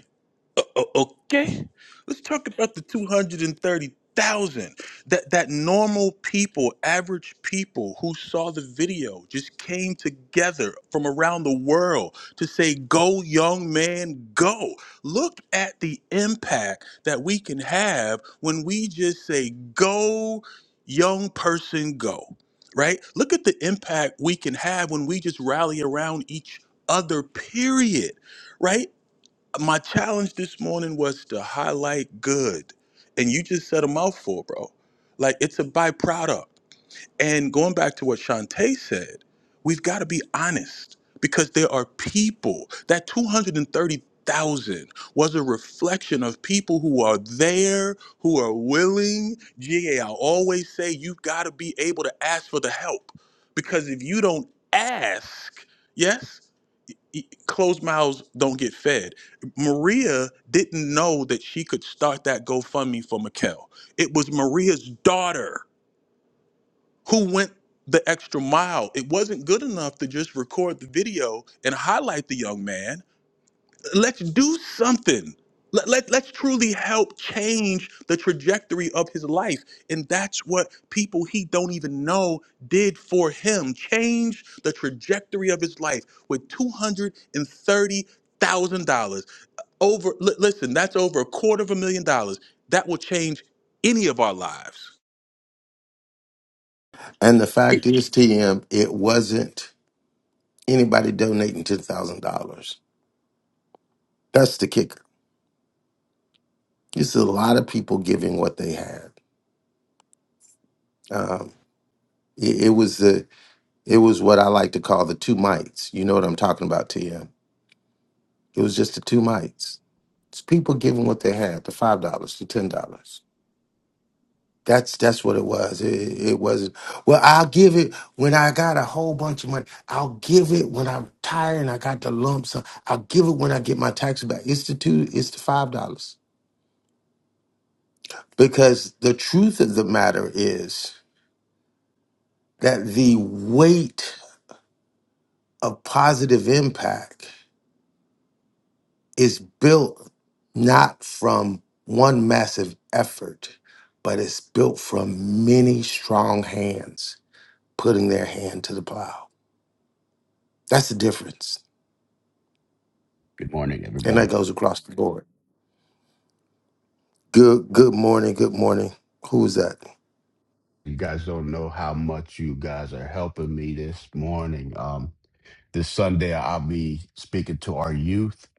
S12: O- o- okay let's talk about the 230000 that that normal people average people who saw the video just came together from around the world to say go young man go look at the impact that we can have when we just say go young person go right look at the impact we can have when we just rally around each other period right my challenge this morning was to highlight good. And you just said a mouthful, bro. Like it's a byproduct. And going back to what Shantae said, we've got to be honest because there are people that 230,000 was a reflection of people who are there, who are willing. GA, I always say you've got to be able to ask for the help because if you don't ask, yes, e, closed mouths don't get fed. Maria didn't know that she could start that GoFundMe for Mikkel. It was Maria's daughter who went the extra mile. It wasn't good enough to just record the video and highlight the young man let's do something. Let, let, let's truly help change the trajectory of his life. And that's what people he don't even know did for him. Change the trajectory of his life with $230,000. Over, li- listen, that's over a quarter of a million dollars. That will change any of our lives.
S9: And the fact is, TM, it wasn't anybody donating ten thousand dollars. That's the kicker. It's a lot of people giving what they had. Um, it, it was. a It was what I like to call the two mites. You know what I'm talking about, TM. It was just the two mites. It's people giving what they had, the five dollars, the ten dollars. That's that's what it was. It, it wasn't. Well, I'll give it when I got a whole bunch of money. I'll give it when I'm tired and I got the lump sum. I'll give it when I get my tax back. It's the two. It's the five dollars. Because the truth of the matter is that the weight of positive impact is built not from one massive effort, but it's built from many strong hands putting their hand to the plow. That's the difference.
S14: Good morning,
S9: And
S14: everybody.
S9: that goes across the board. Good good morning, good morning. Who is that?
S14: You guys don't know how much you guys are helping me this morning. Um, this Sunday, I'll be speaking to our youth.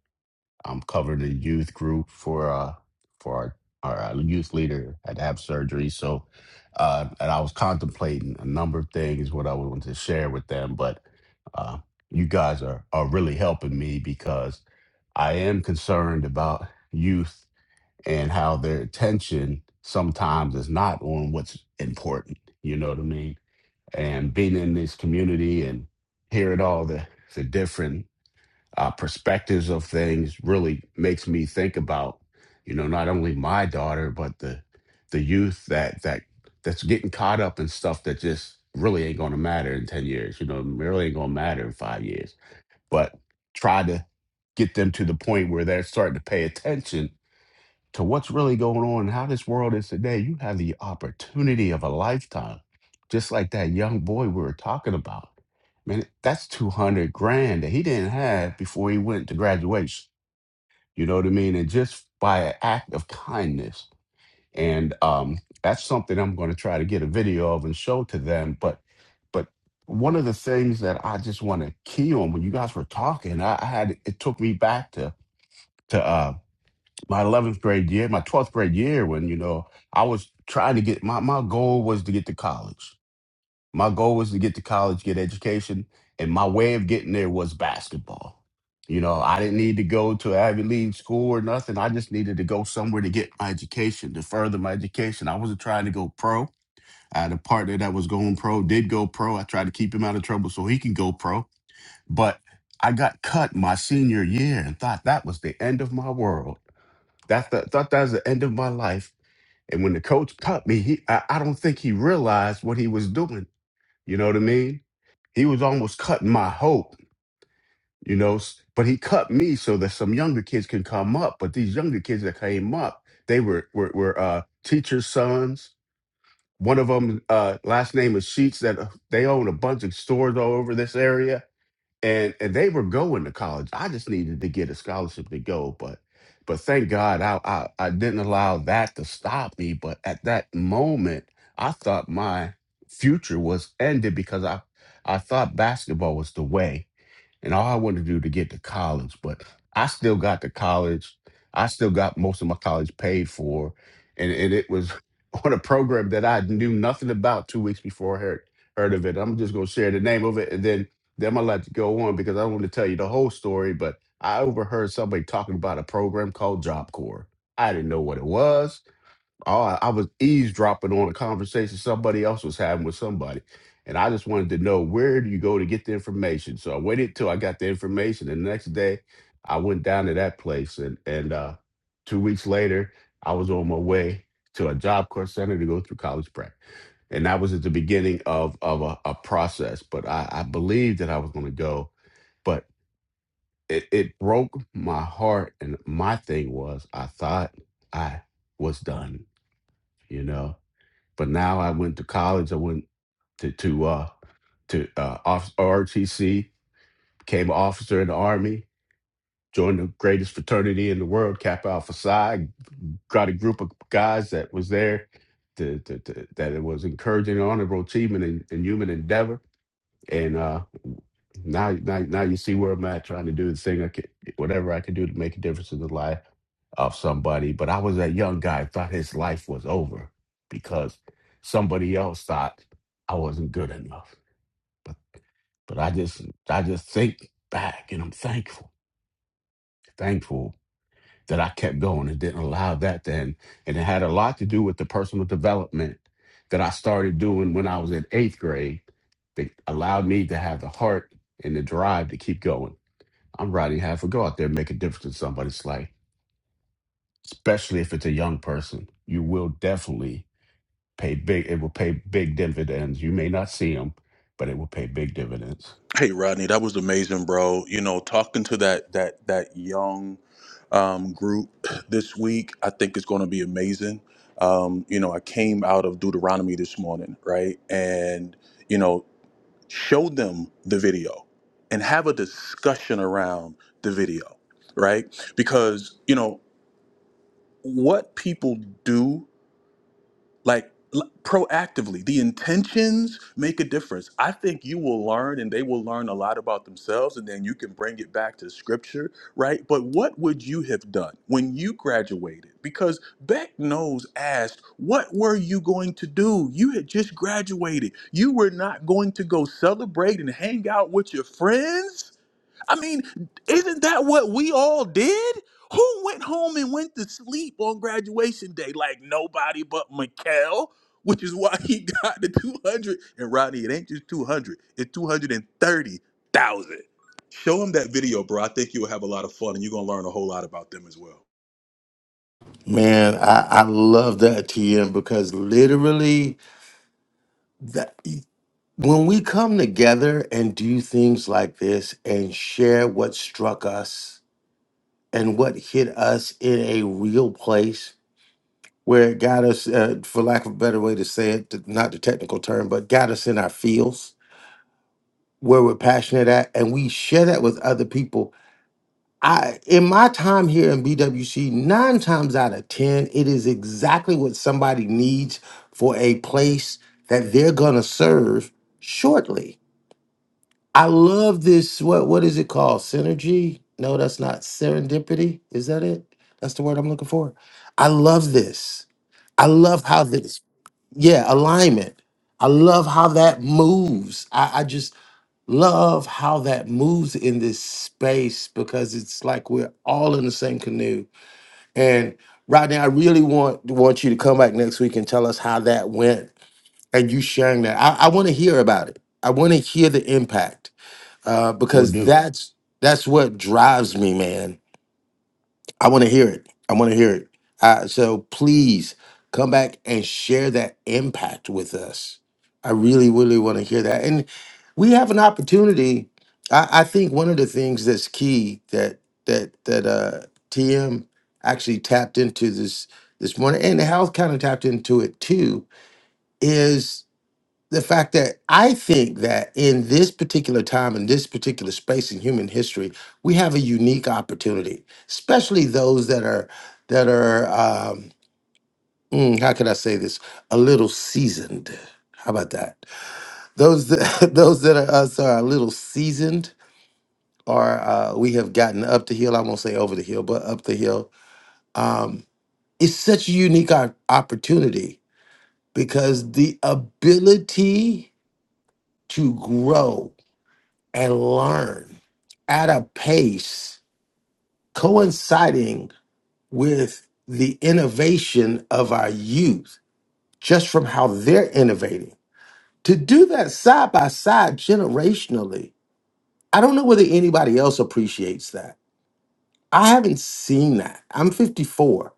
S14: I'm covering the youth group for uh, for our, our uh, youth leader had to have surgery. So, uh, and I was contemplating a number of things what I wanted to share with them, but uh, you guys are are really helping me because I am concerned about youth and how their attention sometimes is not on what's important. You know what I mean? And being in this community and hearing all the, the different uh, perspectives of things really makes me think about, you know, not only my daughter, but the the youth that that that's getting caught up in stuff that just really ain't gonna matter in 10 years, you know, really ain't gonna matter in five years. But try to get them to the point where they're starting to pay attention to what's really going on and how this world is today, you have the opportunity of a lifetime. Just like that young boy we were talking about. Man, that's 200 grand that he didn't have before he went to graduation. You know what I mean? And just by an act of kindness. And um, that's something I'm going to try to get a video of and show to them. But but one of the things that I just want to key on when you guys were talking, I, I had it took me back to to uh, my 11th grade year, my 12th grade year, when, you know, I was trying to get my, my goal was to get to college. My goal was to get to college, get education. And my way of getting there was basketball. You know, I didn't need to go to Ivy League school or nothing. I just needed to go somewhere to get my education, to further my education. I wasn't trying to go pro. I had a partner that was going pro, did go pro. I tried to keep him out of trouble so he can go pro. But I got cut my senior year and thought that was the end of my world that's the thought that was the end of my life. And when the coach cut me, he I, I don't think he realized what he was doing. You know what I mean? He was almost cutting my hope, you know, s- but he cut me so that some younger kids can come up. But these younger kids that came up, they were were, were uh teachers' sons. One of them uh last name is Sheets that uh, they own a bunch of stores all over this area and and they were going to college. I just needed to get a scholarship to go, but but thank God I I, I didn't allow that to stop me. But at that moment, I thought my future was ended because I I thought basketball was the way and all I wanted to do to get to college, but I still got to college. I still got most of my college paid for, and, and it was on a program that I knew nothing about two weeks before I heard heard of it. I'm just gonna share the name of it, and then then I'm gonna let you go on because I don't want to tell you the whole story. But I overheard somebody talking about a program called Job Corps. I didn't know what it was. Oh, I I was eavesdropping on a conversation somebody else was having with somebody. And I just wanted to know where do you go to get the information? So I waited till I got the information. And the next day I went down to that place and and uh two weeks later I was on my way to a job corps center to go through college prep. And that was at the beginning of of a, a process. But I, I believed that I was gonna go. But it, it broke my heart and my thing was I thought I was done, you know. But now I went to college. I went to to uh, to uh, off- ROTC, became an officer in the army, joined the greatest fraternity in the world, Kappa Alpha Psi. Got a group of guys that was there to, to, to, that it was encouraging honorable achievement and in human endeavor and uh, now, now, now you see where I'm at, trying to do the thing I could, whatever I could do to make a difference in the life of somebody. But I was that young guy thought his life was over because somebody else thought I wasn't good enough. But but I just I just think back and I'm thankful, thankful that I kept going and didn't allow that then. And it had a lot to do with the personal development that I started doing when I was in eighth grade that allowed me to have the heart and the drive to keep going. I'm riding half a go out there and make a difference in somebody's life, especially if it's a young person. You will definitely pay big, it will pay big dividends. You may not see them, but it will pay big dividends.
S12: Hey Rodney, that was amazing, bro. You know, talking to that that that young um, group this week, I think it's going to be amazing. Um, you know, I came out of Deuteronomy this morning, right, and you know, show them the video and have a discussion around the video, right? Because you know what people do like l- proactively the intentions make a difference i think you will learn and they will learn a lot about themselves and then you can bring it back to scripture right but what would you have done when you graduated because beck knows asked what were you going to do you had just graduated you were not going to go celebrate and hang out with your friends I mean, isn't that what we all did? Who went home and went to sleep on graduation day? Like nobody but Mikkel, which is why he got the 200. And Rodney, it ain't just 200, it's 230,000. Show him that video, bro. I think you'll have a lot of fun and you're going to learn a whole lot about them as well.
S9: Man, I, I love that TM because literally that when we come together and do things like this and share what struck us and what hit us in a real place where it got us, uh, for lack of a better way to say it, th- not the technical term, but got us in our fields where we're passionate at, and we share that with other people. I, in my time here in BWC, nine times out of ten, it is exactly what somebody needs for a place that they're gonna serve shortly. I love this. What what is it called? Synergy? No, that's not serendipity. Is that it? That's the word I'm looking for. I love this. I love how this. yeah, alignment. I love how that moves. I, I just love how that moves in this space because it's like we're all in the same canoe. And Rodney, I really want want you to come back next week and tell us how that went and you sharing that. I, I want to hear about it. I want to hear the impact uh,
S14: Will
S9: because
S14: do.
S9: that's that's what drives me, man I want to hear it. I want to hear it. Uh, so please come back and share that impact with us. I really, really want to hear that. And we have an opportunity. I, I think one of the things that's key that that that uh, TM actually tapped into this this morning, and the health kind of tapped into it too, is the fact that I think that in this particular time, in this particular space in human history, we have a unique opportunity, especially those that are that are um, mm, how could I say this? A little seasoned. How about that? Those that, those that are us are a little seasoned, or uh, we have gotten up the hill. I won't say over the hill, but up the hill. Um, it's such a unique op- opportunity because the ability to grow and learn at a pace coinciding with the innovation of our youth, just from how they're innovating. To do that side by side generationally, I don't know whether anybody else appreciates that. I haven't seen that. I'm 54.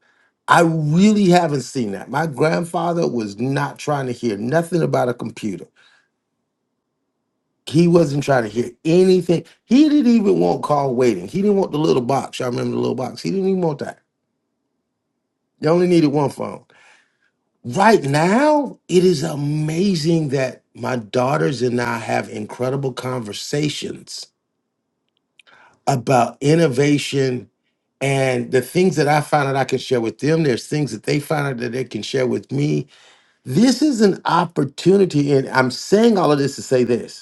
S9: I really haven't seen that. My grandfather was not trying to hear nothing about a computer. He wasn't trying to hear anything. He didn't even want call waiting. He didn't want the little box. Y'all remember the little box? He didn't even want that. They only needed one phone. Right now, it is amazing that my daughters and I have incredible conversations about innovation and the things that I find out I can share with them. There's things that they find out that they can share with me. This is an opportunity. And I'm saying all of this to say this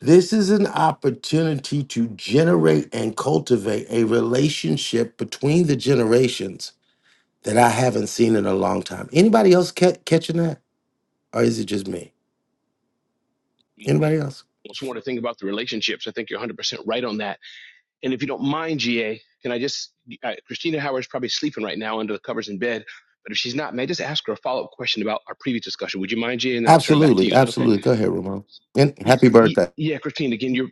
S9: This is an opportunity to generate and cultivate a relationship between the generations that I haven't seen in a long time. Anybody else ca- catching that? Or is it just me? Anybody else?
S13: also want to think about the relationships. I think you're 100% right on that. And if you don't mind, GA, can I just, uh, Christina Howard's probably sleeping right now under the covers in bed. But if she's not, may I just ask her a follow up question about our previous discussion? Would you mind, GA? And then I'll turn it back to
S9: Absolutely.
S13: you. Is that okay?
S9: Absolutely. Go ahead, Ramon. And happy birthday.
S13: yeah, Christine, again, you're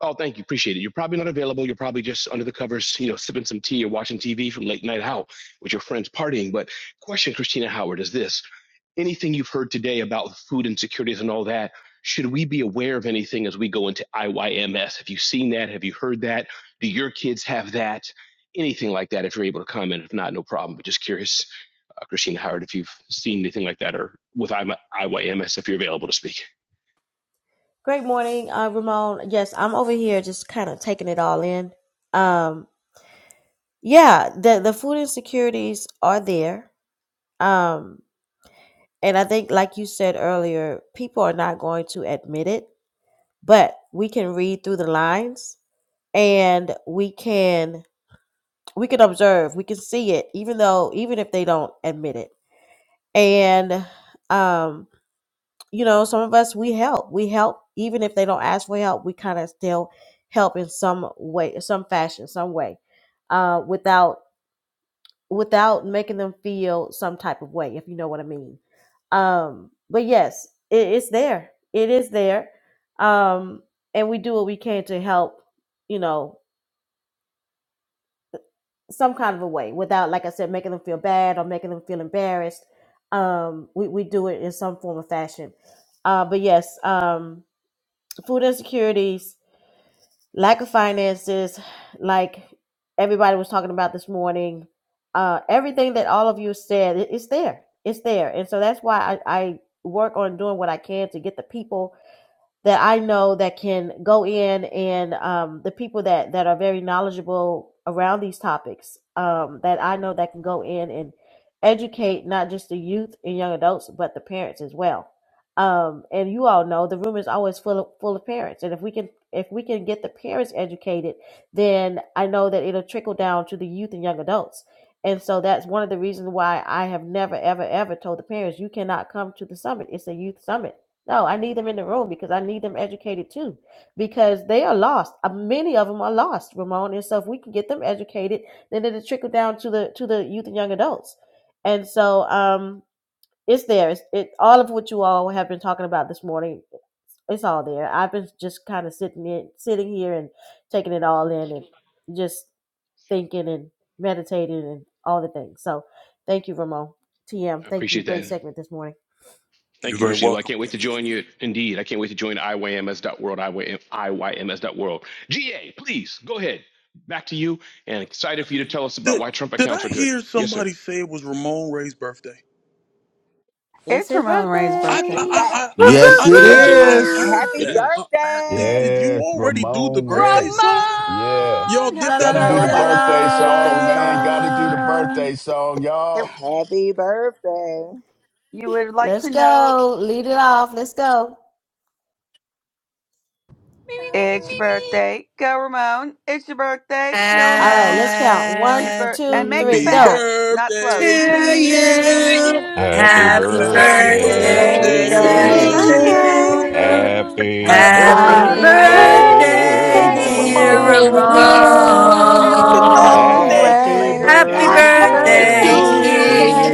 S13: Oh, thank you. Appreciate it. You're probably not available. You're probably just under the covers, you know, sipping some tea or watching TV from late night out with your friends partying. But question, Christina Howard, is this anything you've heard today about food insecurities and all that? Should we be aware of anything as we go into IYMS? Have you seen that? Have you heard that? Do your kids have that? Anything like that, if you're able to comment. If not, no problem. But just curious, uh, Christina Howard, if you've seen anything like that or with IYMS, if you're available to speak.
S1: Great morning, uh, Ramon. Yes, I'm over here just kind of taking it all in. Um, yeah, the the food insecurities are there. Um, and I think, like you said earlier, people are not going to admit it, but we can read through the lines and we can we can observe, we can see it, even though even if they don't admit it and um you know some of us we help we help even if they don't ask for help we kind of still help in some way some fashion some way uh without without making them feel some type of way if you know what i mean um but yes it, it's there it is there um and we do what we can to help you know some kind of a way without, like I said, making them feel bad or making them feel embarrassed. Um, we, we do it in some form or fashion. Uh, but yes, um, food insecurities, lack of finances, like everybody was talking about this morning, uh, everything that all of you said, it, it's there. It's there. And so that's why I, I work on doing what I can to get the people that I know that can go in and um, the people that that are very knowledgeable around these topics um, that I know that can go in and educate not just the youth and young adults but the parents as well. Um, and you all know the room is always full of full of parents, and if we can if we can get the parents educated, then I know that it'll trickle down to the youth and young adults. And so that's one of the reasons why I have never, ever, ever told the parents, you cannot come to the summit. It's a youth summit no, I need them in the room because I need them educated too, because they are lost. Uh, Many of them are lost, Ramon. And so, if we can get them educated, then it'll trickle down to the to the youth and young adults. And so, um, it's there. It's, it all of what you all have been talking about this morning. It's all there. I've been just kind of sitting in, sitting here and taking it all in, and just thinking and meditating and all the things. So thank you, Ramon. TM,
S13: I
S1: thank you.
S13: appreciate
S1: Great
S13: that.
S1: segment this morning.
S12: You're
S13: Thank you,
S12: very
S13: Christina. Well, I
S12: welcome.
S13: can't wait to join you. Indeed, I can't wait to join IYMS IYMS.world, IYM World. GA, please go ahead. Back to you, and excited for you to tell us about
S12: Did,
S13: why Trump
S12: did
S13: accounts
S12: I
S13: are good.
S12: hear
S13: Yes, sir.
S12: somebody say it was Ramon Ray's birthday?
S1: It's
S11: It's
S1: his
S11: Ramon Ray's
S12: I
S11: birthday.
S12: I,
S1: birthday.
S12: I,
S15: Right.
S12: I,
S3: Good,
S12: I
S13: And
S3: good,
S9: Yes,
S12: I
S13: Dr.
S9: it
S12: thought
S13: Tanji,
S3: good.
S12: I
S16: Doo-doo.
S9: is.
S12: heard
S15: Happy
S13: it
S12: that. Uh,
S13: is.
S12: I- did,
S15: birthday.
S12: did you
S14: Yeah,
S12: already do the
S14: Ramon
S12: birthday
S14: Ray.
S12: song?
S14: Yeah.
S12: Y'all
S8: Ramon,
S12: did
S3: La
S8: happy
S3: la
S14: Got
S12: that
S14: to
S3: la
S14: do
S3: la
S14: the
S3: la
S12: already?
S15: Nobody did the
S14: birthday
S15: birthday
S14: song,
S8: birthday!
S14: man. Got
S15: song.
S14: to do the
S3: la.
S14: birthday song, y'all.
S11: It-
S15: Happy birthday.
S11: you would like
S1: Let's
S11: to know
S1: go. Lead it off. Let's go.
S8: Me, me, me, me,
S11: it's your
S8: me, me.
S11: birthday. Go Ramon. It's your birthday. Go
S1: All right,
S11: Ramon.
S1: let's count.
S11: Happy
S1: One,
S11: birth and
S1: two,
S11: make it
S1: three,
S3: Happy
S12: Happy
S1: go.
S11: fast, not slow.
S12: birthday
S11: To
S12: to
S3: to
S8: birthday
S11: you.
S8: to
S12: you.
S3: you.
S17: Happy
S8: you.
S11: Happy
S3: Happy
S1: Happy
S12: Happy
S8: Happy
S17: birthday
S11: birthday
S17: to
S3: birthday
S18: Oh,
S11: to
S12: birthday
S1: birthday
S10: Happy
S1: to
S18: God,
S3: to
S8: birthday
S12: to
S8: to
S17: you.
S18: to
S11: you.
S10: birthday.
S12: you.
S18: you.
S3: you.
S8: you.
S1: you.
S17: Happy
S12: Happy
S11: Happy
S3: Happy
S1: Happy
S8: Happy
S18: Happy
S12: birthday,
S8: birthday,
S17: birthday,
S11: birthday,
S18: birthday,
S3: birthday,
S1: birthday,
S12: dear
S11: dear
S3: dear
S1: dear
S8: dear
S17: Ramon.
S19: Symbol.
S12: Ramon.
S1: Ramon.
S11: Ramon.
S12: Happy
S11: And Dr.
S3: Ramon.
S18: Raymond
S8: Ramon.
S12: birthday
S11: Tangi
S17: Happy
S11: later
S18: Ray.
S3: Happy
S11: today.
S1: Happy
S19: Happy
S8: Happy
S18: Happy
S12: to
S3: birthday
S17: birthday
S11: Hey,
S1: birthday
S3: to
S12: you.
S19: birthday
S18: birthday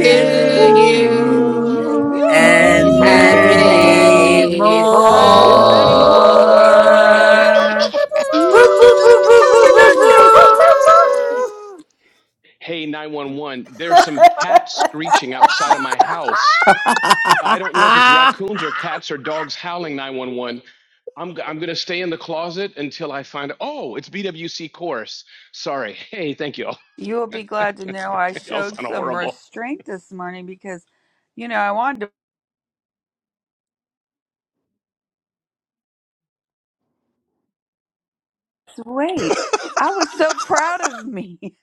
S18: to
S10: and many
S8: to
S17: you.
S1: you.
S19: you
S8: you.
S2: And
S10: more.
S18: you.
S1: And
S14: Happy
S3: And
S1: many
S19: and
S14: birthday, brother.
S2: anymore.
S3: many
S1: more. Woo,
S19: many
S1: woo, woo, woo, woo.
S8: And many
S2: Woo, woo,
S14: Ramon.
S2: woo,
S19: more.
S1: woo.
S2: woo, woo,
S1: Pew,
S2: woo,
S1: pew,
S2: woo,
S8: more
S1: pew,
S2: woo, woo,
S1: pew,
S3: more.
S2: woo,
S1: pew,
S2: woo,
S3: Woo,
S2: woo,
S3: woo, woo,
S1: pew.
S3: woo, woo,
S19: Happy
S3: woo,
S1: Pew,
S20: Ooh.
S1: pew,
S19: birthday!
S3: woo.
S19: Whoop,
S1: pew, pew,
S19: whoop, whoop.
S2: woo.
S13: Hey, 911, there's some cats screeching
S1: pew.
S13: outside of my house. I don't know if it's
S9: Why
S13: raccoons or cats or dogs howling 911. I'm, I'm going to stay in the closet until I find, oh, it's BWC course. Sorry. Hey, thank you.
S11: You will be glad to know I
S13: Y'all
S11: showed
S13: sound
S11: some
S13: horrible.
S11: restraint this morning because, you know, I wanted to wait. I was so proud of me.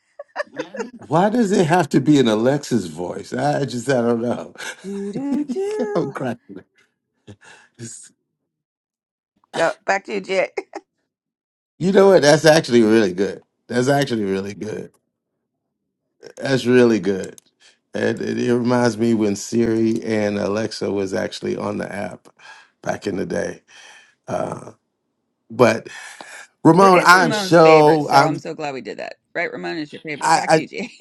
S9: does it have to be an Alexa's voice? I just, I don't know.
S11: Do do
S9: I'm
S11: do.
S9: cracking. up.
S11: Go back to you, Jay.
S9: You know what? That's actually really good. That's actually really good. That's really good. It, it, it reminds me when Siri and Alexa was actually on the app back in the day. Uh, but
S11: Ra-
S9: Ramon,
S11: It's
S9: I'm
S11: Ramon's favorite,
S9: so
S11: so I'm
S9: I'm
S11: so glad we did that. Right, Ramon is your favorite.
S9: I,
S11: Back to
S9: I
S11: you, GA.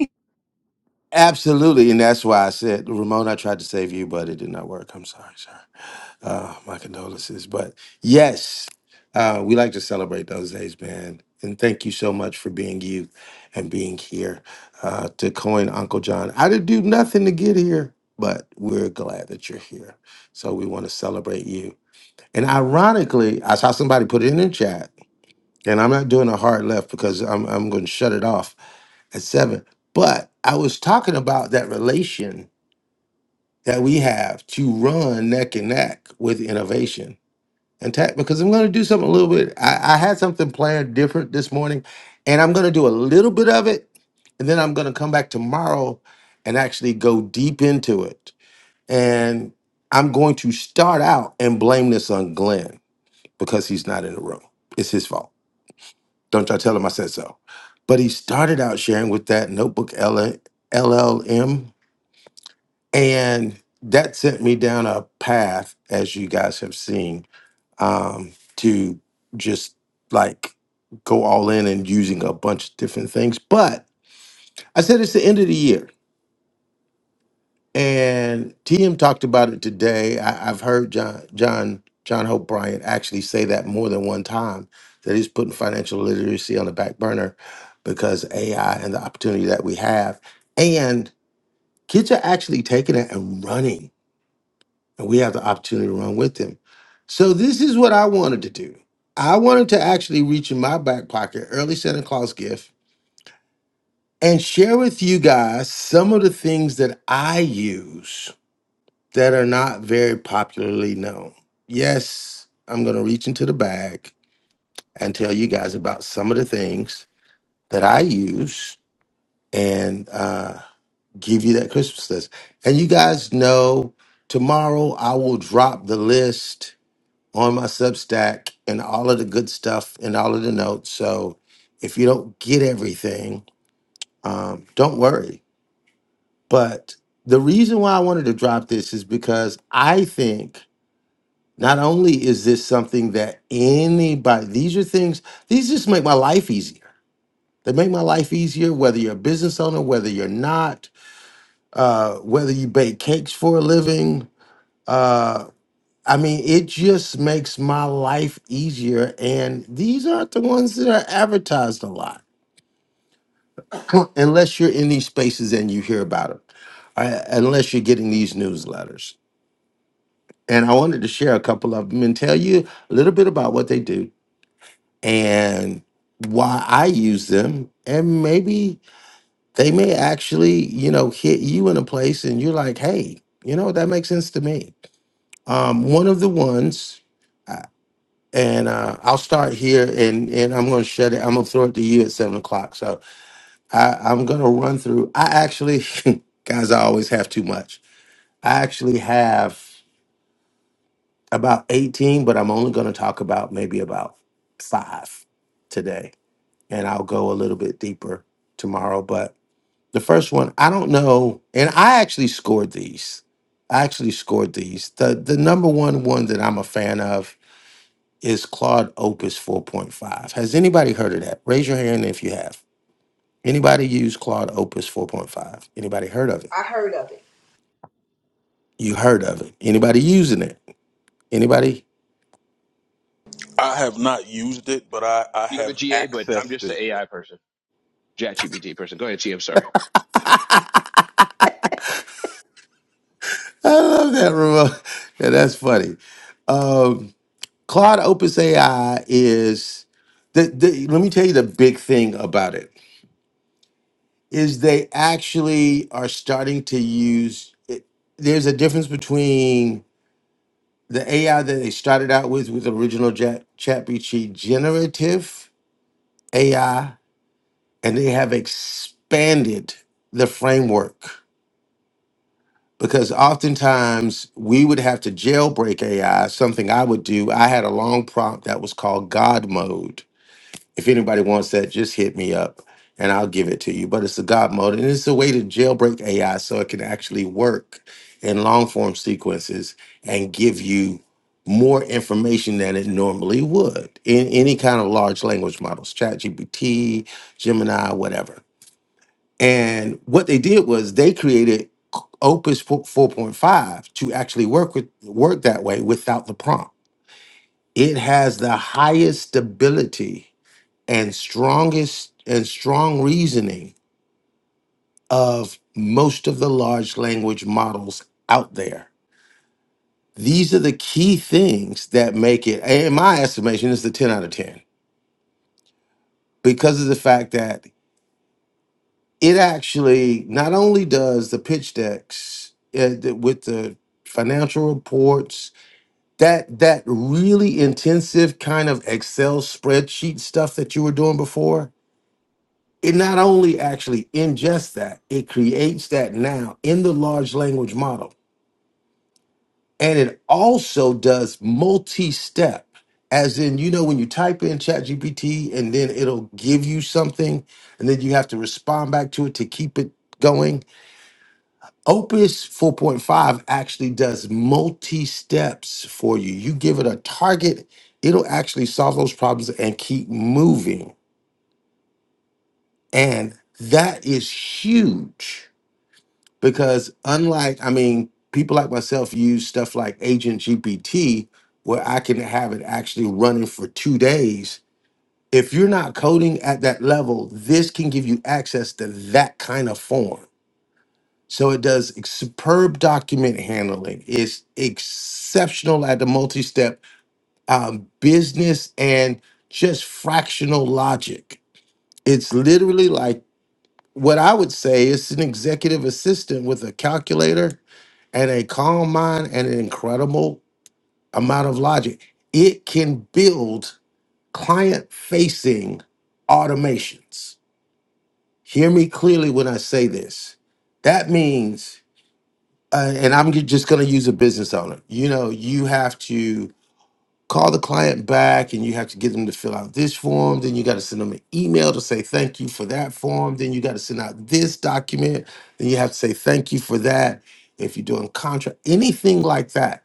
S9: absolutely, and that's why I said Ramon, I tried to save you, but it did not work. I'm sorry, sir. Uh, my condolences. But yes, uh, we like to celebrate those days, man. And thank you so much for being you and being here. Uh, to coin Uncle John, I didn't do nothing to get here, but we're glad that you're here. So we want to celebrate you. And ironically, I saw somebody put it in the chat, and I'm not doing a hard left because I'm, I'm going to shut it off at seven. But I was talking about that relation that we have to run neck and neck with innovation and tack because I'm going to do something a little bit. I, I had something planned different this morning, and I'm going to do a little bit of it, and then I'm going to come back tomorrow and actually go deep into it. And I'm going to start out and blame this on Glenn because he's not in the room. It's his fault. Don't y'all tell him I said so. But he started out sharing with that notebook L- LLM, and that sent me down a path, as you guys have seen um, to just like go all in and using a bunch of different things. But I said it's the end of the year, and TM talked about it today. I, I've heard John John John Hope Bryant actually say that more than one time that he's putting financial literacy on the back burner because AI and the opportunity that we have, and kids are actually taking it and running and we have the opportunity to run with him. So this is what I wanted to do. I wanted to actually reach in my back pocket, early Santa Claus gift, and share with you guys some of the things that I use that are not very popularly known. Yes, I'm going to reach into the bag and tell you guys about some of the things that I use and uh, give you that Christmas list. And you guys know tomorrow I will drop the list on my Substack and all of the good stuff and all of the notes. So if you don't get everything, um, don't worry. But the reason why I wanted to drop this is because I think not only is this something that anybody, these are things, these just make my life easier. They make my life easier, whether you're a business owner, whether you're not, uh, whether you bake cakes for a living, uh, I mean, it just makes my life easier. And these aren't the ones that are advertised a lot, unless you're in these spaces and you hear about them, unless you're getting these newsletters. And I wanted to share a couple of them and tell you a little bit about what they do and why I use them. And maybe they may actually, you know, hit you in a place and you're like, hey, you know, that makes sense to me. Um, one of the ones. and uh, I'll start here, and and I'm going to shut it. I'm going to throw it to you at seven o'clock. So I, I'm going to run through. I actually, guys, I always have too much. I actually have about 18, but I'm only going to talk about maybe about five today, and I'll go a little bit deeper tomorrow. But the first one, I don't know, and I actually scored these. I actually scored these. The the number one one that I'm a fan of is Claude Opus 4.5. Has anybody heard of that? Raise your hand if you have. Anybody use Claude Opus 4.5? Anybody heard of it?
S15: I
S9: You heard of it. Anybody using it? Anybody?
S12: I have not used it, but I, I
S13: You're the
S12: have
S13: GA, but I'm
S12: accessed
S13: just an
S12: it.
S13: AI person, ChatGPT person. Go ahead, G. I'm sorry.
S9: I love that remote. Yeah, that's funny. Um, Claude Opus AI is the, the let me tell you the big thing about it is they actually are starting to use it. There's a difference between the AI that they started out with with original chat ChatGPT generative AI, and they have expanded the framework because oftentimes we would have to jailbreak AI. Something I would do. I had a long prompt that was called God mode, If anybody wants that, just hit me up and I'll give it to you. But it's a God mode and it's a way to jailbreak AI so it can actually work in long form sequences and give you more information than it normally would in any kind of large language models, ChatGPT, Gemini, whatever. And what they did was they created Opus four- 4.5 to actually work with work that way without the prompt. It has the highest stability and strongest and strong reasoning of most of the large language models out there. These are the key things that make it, in my estimation, it's the 10 out of 10 because of the fact that it actually not only does the pitch decks uh, the- with the financial reports that that really intensive kind of excel spreadsheet stuff that you were doing before it not only actually ingests that, it creates that now in the large language model. And it also does multi step, as in, you know, when you type in ChatGPT and then it'll give you something and then you have to respond back to it to keep it going. Opus 4.5 actually does multi steps for you. You give it a target, it'll actually solve those problems and keep moving. And that is huge because unlike i mean people like myself use stuff like agent gpt where i can have it actually running for two days if you're not coding at that level this can give you access to that kind of form so it does ex- superb document handling it's exceptional at the multi-step um, business and just fractional logic it's literally like what i would say it's an executive assistant with a calculator and a calm mind and an incredible amount of logic, it can build client facing automations. Hear me clearly when I say this. That means, uh, and I'm ju- just going to use a business owner, you know, you have to call the client back and you have to get them to fill out this form. Then you got to send them an email to say thank you for that form. Then you got to send out this document. Then you have to say thank you for that. If you're doing contract, anything like that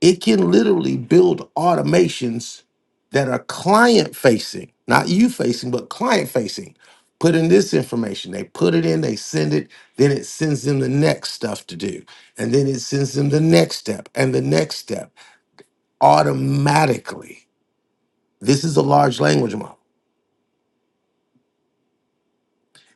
S9: It can literally build automations that are client facing, not you facing, but client facing. Put in this information, they put it in, they send it, then it sends them the next stuff to do. And then it sends them the next step and the next step automatically. This is a large language model.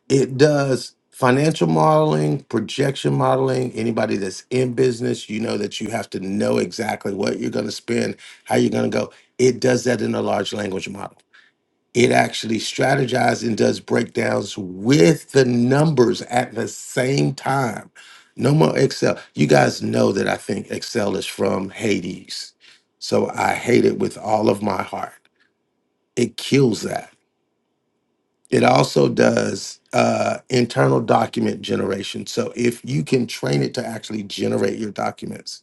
S9: It does financial modeling, projection modeling. Anybody that's in business, you know that you have to know exactly what you're going to spend, how you're going to go. It does that in a large language model it actually strategizes and does breakdowns with the numbers at the same time. No more Excel. You guys know that I think Excel is from Hades. So I hate it with all of my heart. It kills that. It also does uh, internal document generation. So if you can train it to actually generate your documents.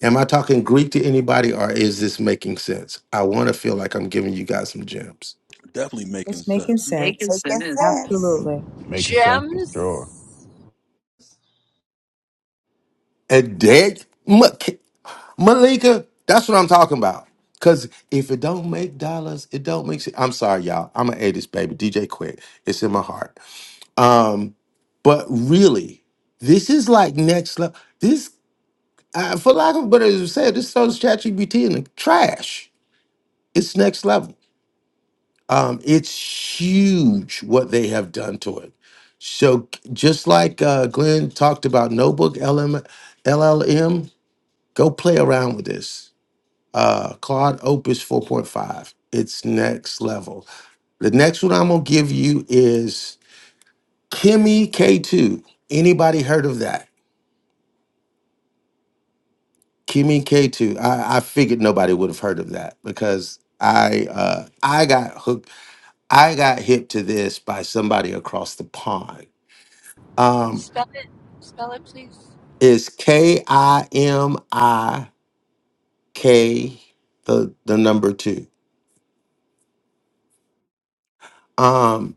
S9: Am I talking Greek to anybody or is this making sense? I want to feel like I'm giving you guys some gems.
S12: Definitely
S2: It's
S12: making
S2: making
S12: sense.
S2: sense.
S3: Making
S15: making
S3: sense.
S15: sense.
S2: Absolutely.
S14: Making sense for
S8: gems.
S14: sure.
S9: A dead? muck. Malika, that's what I'm talking about. Cause if it don't make dollars, it don't make shit. I'm sorry, y'all. I'm an 80s baby. DJ Quick. It's in my heart. Um, but really, this is like next level. This, uh, for lack of a better said, this throws ChatGPT in the trash. It's next level. Um, it's huge what they have done to it. So just like uh, Glenn talked about Notebook LM, LLM, go play around with this uh, Claude Opus 4.5. It's next level. The next one I'm gonna give you is Kimi K2. Anybody heard of that? Kimi K2. I, I figured nobody would have heard of that because I uh, I got hooked. I got hip to this by somebody across the pond. Um,
S8: Spell it. Spell it, please.
S9: it's K I M I K the the number two. Um,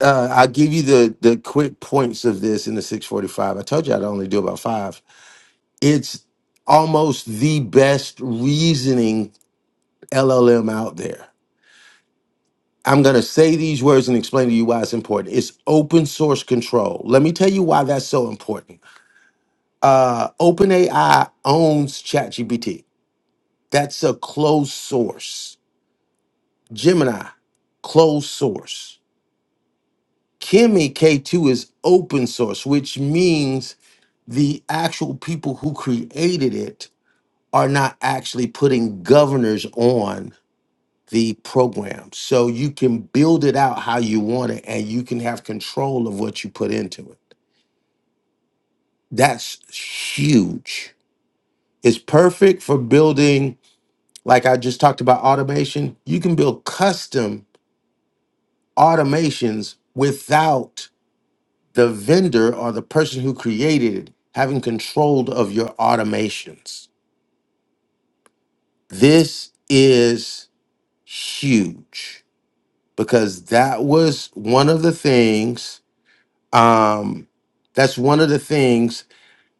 S9: uh, I'll give you the the quick points of this in the 645. I told you I'd only do about five. It's almost the best reasoning LLM out there. I'm going to say these words and explain to you why it's important. It's open source control. Let me tell you why that's so important. Uh, OpenAI owns ChatGPT. That's a closed source. Gemini, closed source. Kimi K2 is open source, which means the actual people who created it are not actually putting governors on the program. So you can build it out how you want it and you can have control of what you put into it. That's huge. It's perfect for building, like I just talked about automation. You can build custom automations without the vendor or the person who created it having control of your automations. This is huge because that was one of the things um that's one of the things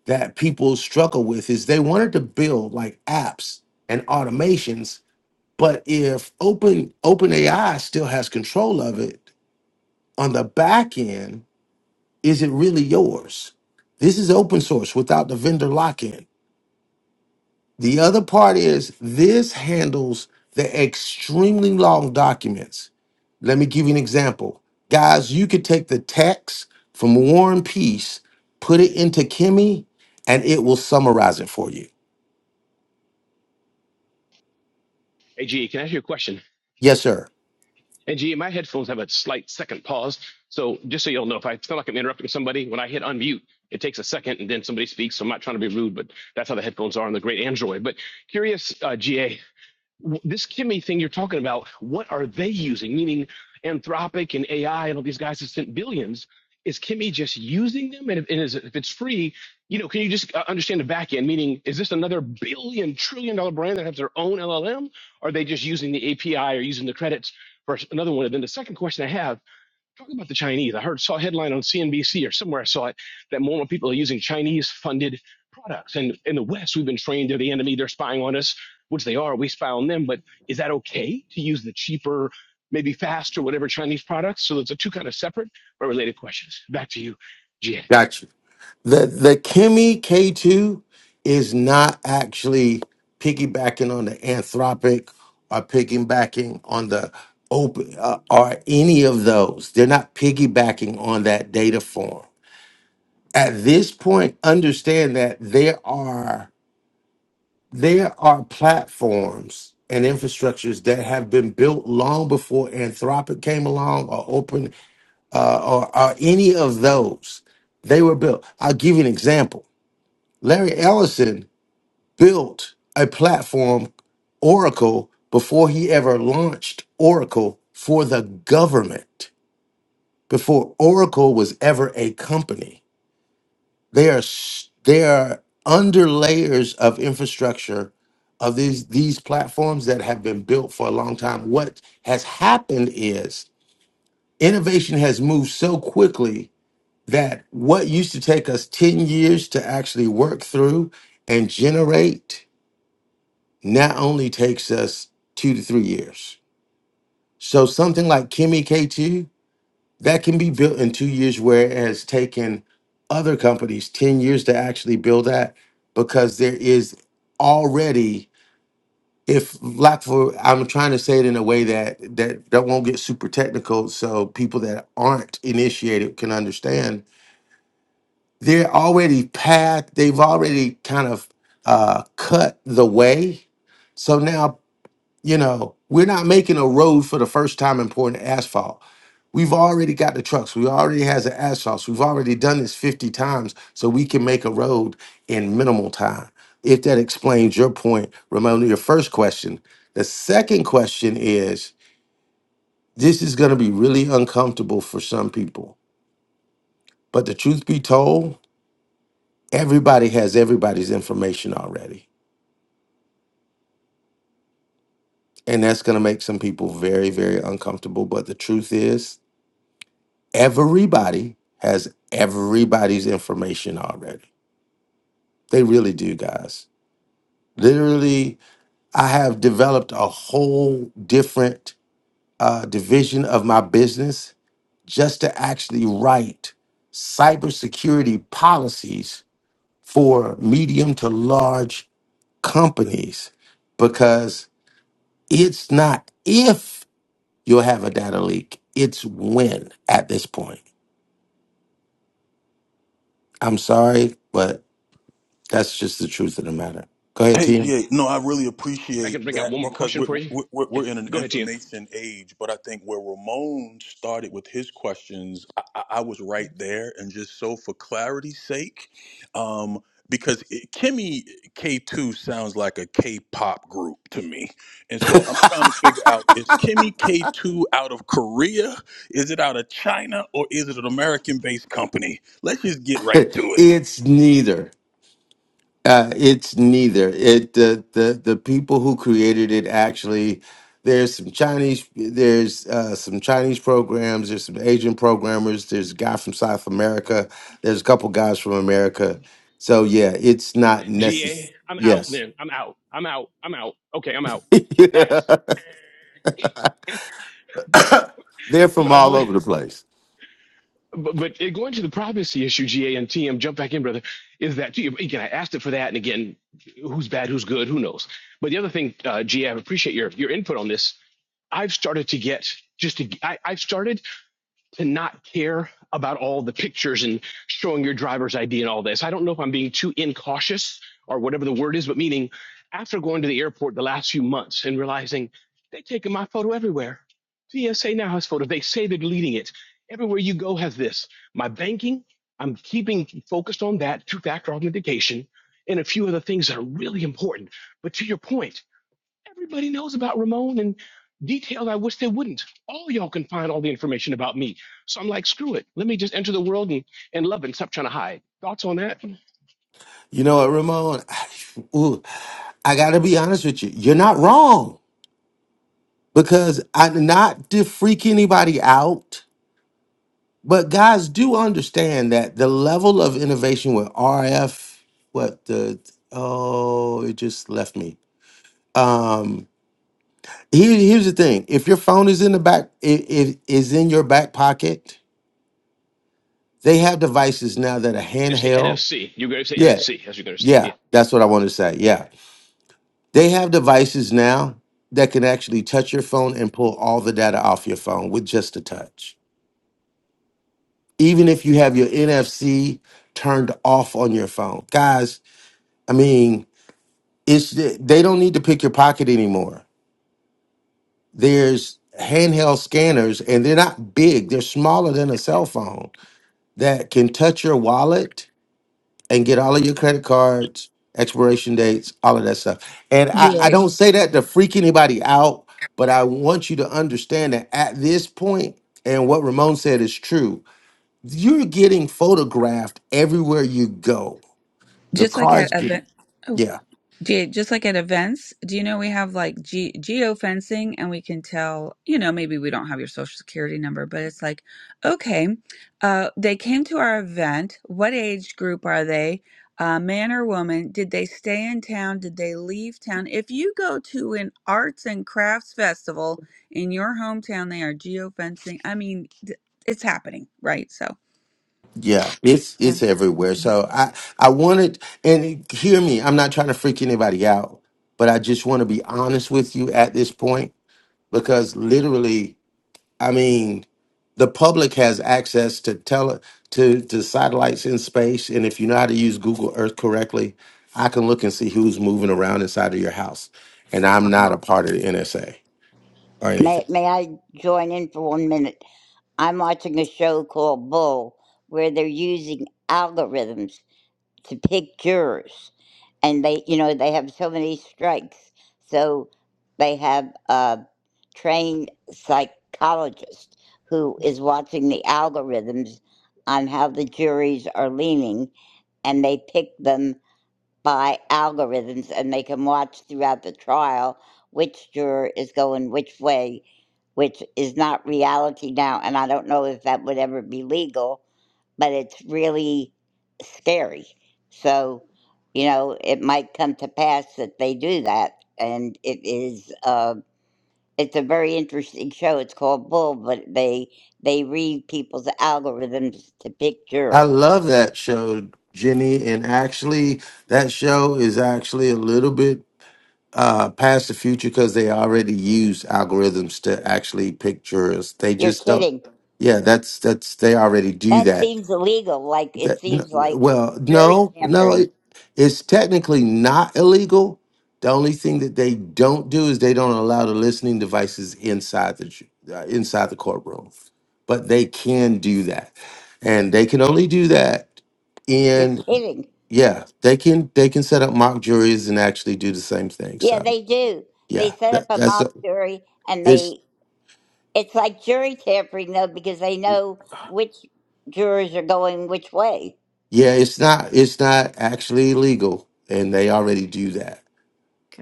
S9: that people struggle with is they wanted to build like apps and automations but if open openai still has control of it on the back end is it really yours this is open source without the vendor lock-in The other part is this handles the extremely long documents. Let me give you an example. Guys, you could take the text from War and Peace, put it into Kimmy, and it will summarize it for you.
S13: Hey, G, can I ask you a question?
S9: Yes, sir.
S13: And gee, my headphones have a slight second pause. So just so you'll know, if I feel like I'm interrupting somebody, when I hit unmute, it takes a second and then somebody speaks. So I'm not trying to be rude, but that's how the headphones are on the great Android. But curious, uh, GA this Kimmy thing you're talking about, what are they using? Meaning Anthropic and AI and all these guys have spent billions. Is Kimmy just using them? And if, and is, if it's free, you know, can you just uh, understand the back end? Meaning, is this another billion trillion dollar brand that has their own LLM? Or are they just using the API or using the credits for another one? And then the second question I have talk about the Chinese. I heard saw a headline on CNBC or somewhere I saw it that more and more people are using Chinese funded products. And in the West, we've been trained they're the enemy, they're spying on us, which they are, we spy on them. But is that okay to use the cheaper, maybe faster, whatever Chinese products? So those are two kind of separate but related questions. Back to you, Jia.
S9: Got you. The the Kimmy K2 is not actually piggybacking on the Anthropic or piggybacking on the open uh, or any of those. They're not piggybacking on that data form at this point understand that there are there are platforms and infrastructures that have been built long before Anthropic came along or open uh, or, or any of those. They were built. I'll give you an example. Larry Ellison built a platform, Oracle, before he ever launched Oracle for the government, before Oracle was ever a company. They are s- they are under layers of infrastructure of these these platforms that have been built for a long time. What has happened is innovation has moved so quickly that what used to take us 10 years to actually work through and generate now only takes us 2 to 3 years. So something like Kimmy K2 that can be built in two years, where it has taken other companies 10 years to actually build that because there is already if lack for i'm trying to say it in a way that that that won't get super technical so people that aren't initiated can understand they're already path they've already kind of uh cut the way so now you know we're not making a road for the first time in pouring asphalt We've already got the trucks. We already has the asphalt. We've already done this 50 times so we can make a road in minimal time. If that explains your point, Ramon, your first question. The second question is this is going to be really uncomfortable for some people. But the truth be told, everybody has everybody's information already. And that's going to make some people very, very uncomfortable. But the truth is, everybody has everybody's information already. They really do, guys. Literally, I have developed a whole different uh, division of my business just to actually write cybersecurity policies for medium to large companies because it's not if you'll have a data leak, it's when at this point. I'm sorry, but that's just the truth of the matter. Go ahead,
S12: Hey,
S9: Tia.
S12: GA, no, I really
S13: If I can
S12: appreciate
S13: bring out
S12: that
S13: one more
S12: because
S13: question
S12: we're,
S13: for you.
S12: we're, we're
S13: Okay,
S12: in an
S13: go ahead, TM.
S12: information age. But I think where Ramon started with his questions, I, I I was right there. And just so for clarity's sake, um, because it, Kimmy K2 sounds like a K pop group to me. And so I'm trying to figure out is Kimmy K2 out of Korea? Is it out of China? Or is it an American based company? Let's just get right to it.
S9: it's neither. Uh, it's neither. It the, the the people who created it actually. There's some Chinese. There's uh, some Chinese programs. There's some Asian programmers. There's a guy from South America. There's a couple guys from America. So yeah, it's not
S13: G
S9: necessary.
S13: am out
S9: Yes,
S13: then. I'm out. I'm out. I'm out. Okay, I'm out. X. But
S9: they're from
S13: but I'm
S9: all
S13: but
S9: over the place.
S13: but going to the privacy issue, GA and TM, jump back in, brother, is that again I asked it for that and again, who's bad, who's good, who knows. But the other thing, uh, GA, appreciate your your input on this. I've started to get just to I, I've started to not care about all the pictures and showing your driver's ID and all this. I don't know if I'm being too incautious or whatever the word is, but meaning after going to the airport the last few months and realizing they're taking my photo everywhere. TSA now has photos. They say they're deleting it. Everywhere you go has this. My banking, I'm keeping focused on that two factor authentication and a few other things that are really important. But to your point, Everybody knows about Ramon and details I wish they wouldn't. All y'all can find all the information about me. So I'm like, screw it. Let me just enter the world and, and love it and stop trying to hide. Thoughts on that? You
S9: You know what, Ramon? Ooh, I gotta be honest with you. You're not wrong because I did not to freak anybody out. But guys, do understand that the level of innovation with RF, what the oh, it just left me. Um, here, here's the thing: if your phone is in the back, it, it is in your back pocket. They have devices now that are
S13: Just say
S9: handheld.
S13: NFC. You're going to say
S9: Yeah,
S13: NFC. as you're going to say. Yeah.
S9: yeah, that's what I wanted to say. Yeah, they have devices now that can actually touch your phone and pull all the data off your phone with just a touch, even if you have your NFC turned off on your phone, guys. I mean it's they don't need to pick your pocket anymore. There's handheld scanners and they're not big. They're smaller than a cell phone that can touch your wallet and get all of your credit cards, expiration dates, all of that stuff. And I, I
S11: GA.
S9: don't say that to freak anybody out, but I want you to understand that at this point, and what Ramon said is true, you're getting photographed everywhere you go. Your
S11: Just like at
S9: car's getting
S11: event.
S9: yeah.
S11: Yeah, just like at events, do you know we have like ge geo fencing, and we can tell, you know, maybe we don't have your social security number, but it's like, okay, uh, they came to our event. What age group are they? Uh, man or woman? Did they stay in town? Did they leave town? If you go to an arts and crafts festival in your hometown, they are geo fencing. I mean, th- it's happening, right? So
S9: Yeah, it's it's everywhere. So I I wanted and hear me. I'm not trying to freak anybody out, but I just want to be honest with you at this point because literally, I mean, the public has access to tele to to satellites in space, and if you know how to use Google Earth correctly, I can look and see who's moving around inside of your house. And I'm not a part of the NSA or
S21: May,
S9: anything.
S21: may I join in for one minute? I'm watching a show called Bull where they're using algorithms to pick jurors. And they, you know, they have so many strikes. So they have a trained psychologist who is watching the algorithms on how the juries are leaning and they pick them by algorithms and they can watch throughout the trial which juror is going which way, which is not reality now. And I don't know if that would ever be legal, but it's really scary. So, you know, it might come to pass that they do that. And it is, uh, it's a very interesting show. It's called Bull, but they they read people's algorithms to pick
S9: I
S21: jurors.
S9: love that show, Jenny, and actually that show is actually a little bit uh, past the future because they already use algorithms to actually picture us. They
S21: You're
S9: just don't.
S21: kidding.
S9: Yeah, that's that's they already do
S21: That
S9: that.
S21: seems illegal. Like it
S9: That n-
S21: seems like
S9: well,
S21: jury
S9: no, no,
S21: tampering.
S9: it, it's technically not illegal. The only thing that they don't do is they don't allow the listening devices inside the ju- uh, inside the courtroom, but they can do that, and they can only do that
S21: You're
S9: in
S21: kidding.
S9: yeah they can they can set up mock juries and actually do the same thing.
S21: Yeah,
S9: So.
S21: they do. They
S9: Yeah,
S21: set up
S9: that,
S21: a
S9: that's a,
S21: mock jury, and
S9: it's
S21: they it's like jury tampering though because they know which jurors are going which way.
S9: yeah, it's not it's not actually illegal, and they already do that.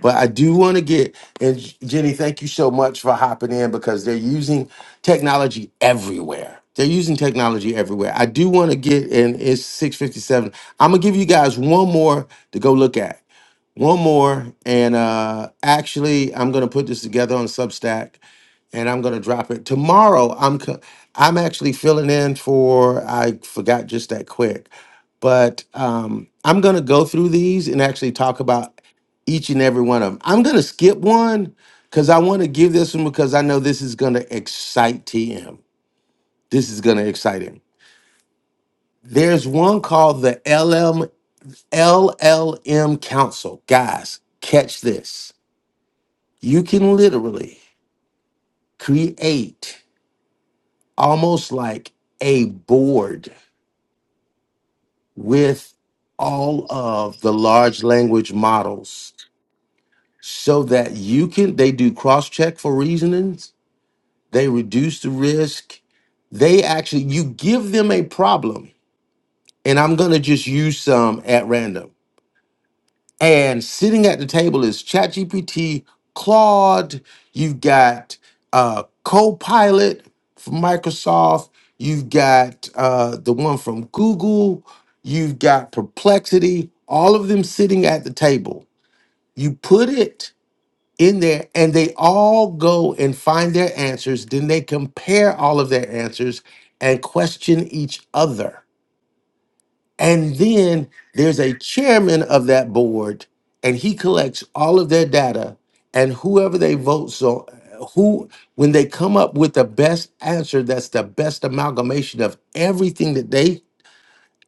S9: But I do want to get and Jenny, thank you so much for hopping in because they're using technology everywhere. They're using technology everywhere. I do want to get and it's six fifty seven. I'm gonna give you guys one more to go look at. One more, and uh, actually, I'm gonna put this together on Substack and I'm going to drop it tomorrow. I'm co- I'm actually filling in for I forgot just that quick, but um, I'm going to go through these and actually talk about each and every one of them. I'm going to skip one because I want to give this one because I know this is going to excite TM. This is going to excite him. There's one called the LM LLM Council. Guys, catch this. You can literally create. almost like a board with all of the large language models so that you can they do cross check for reasonings they reduce the risk they actually you give them a problem and i'm going to just use some at random And sitting at the table is ChatGPT, Claude, you've got uh, Copilot from Microsoft, you've got uh, the one from Google, you've got Perplexity, all of them sitting at the table. You put it in there and they all go and find their answers. Then they compare all of their answers and question each other. And then there's a chairman of that board, and he collects all of their data. And whoever they vote, so who, when they come up with the best answer, that's the best amalgamation of everything that they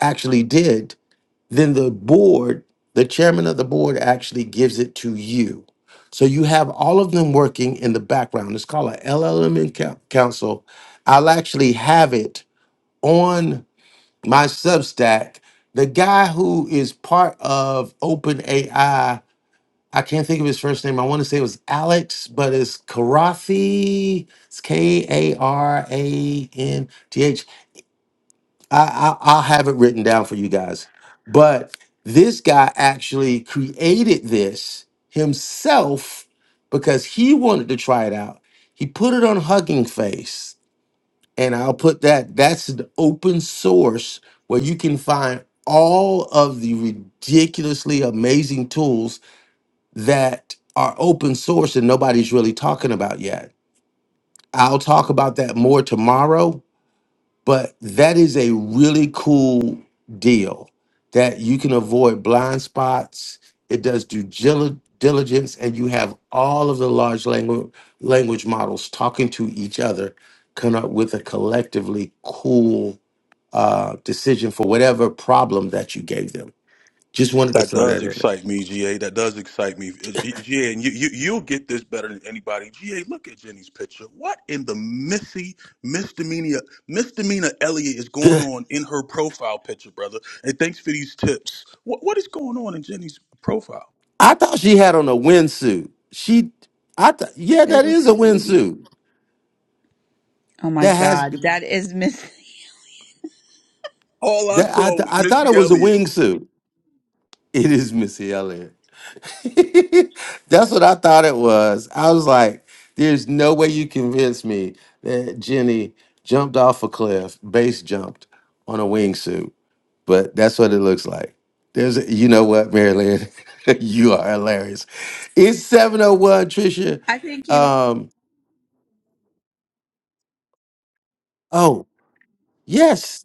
S9: actually did, then the board, the chairman of the board actually gives it to you. So you have all of them working in the background. It's called a LLM in coun- council. I'll actually have it on my Substack, the guy who is part of OpenAI, I can't think of his first name. I want to say it was Alex, but it's Karathi. It's K A R A N T H. I, I, I'll have it written down for you guys. But this guy actually created this himself because he wanted to try it out. He put it on Hugging Face and I'll put that. That's an open source where you can find all of the ridiculously amazing tools that are open source and nobody's really talking about yet. I'll talk about that more tomorrow, but that is a really cool deal that you can avoid blind spots. It does due gil- diligence, and you have all of the large language language models talking to each other, come up with a collectively cool uh, decision for whatever problem that you gave them. Just wanted to
S12: That
S9: throw that
S12: does
S9: in there.
S12: excite me, GA. That does excite me, Uh, GA. And you, you, you'll get this better than anybody, GA. Look at Jenny's picture. What in the missy misdemeanor misdemeanor Elliot is going on in her profile picture, brother? And thanks for these tips. What what is going on in Jenny's profile?
S9: I thought she had on a windsuit. She, I thought, yeah, that is
S11: this,
S9: a
S11: be-
S9: windsuit.
S11: oh my
S9: That has
S11: God, that is missing.
S12: All I
S9: that. I
S12: saw
S9: th-
S12: was
S9: I thought
S12: Missy
S9: it was a
S12: Elliott.
S9: wingsuit. It is Missy Elliott. That's what I thought it was. I was like, there's no way you convince me that Jenny jumped off a cliff, base jumped on a wingsuit. but that's what it looks like. There's, you know what, Marilyn, you are hilarious. It's seven oh one, Trisha.
S11: I think you.
S9: Um, oh yes,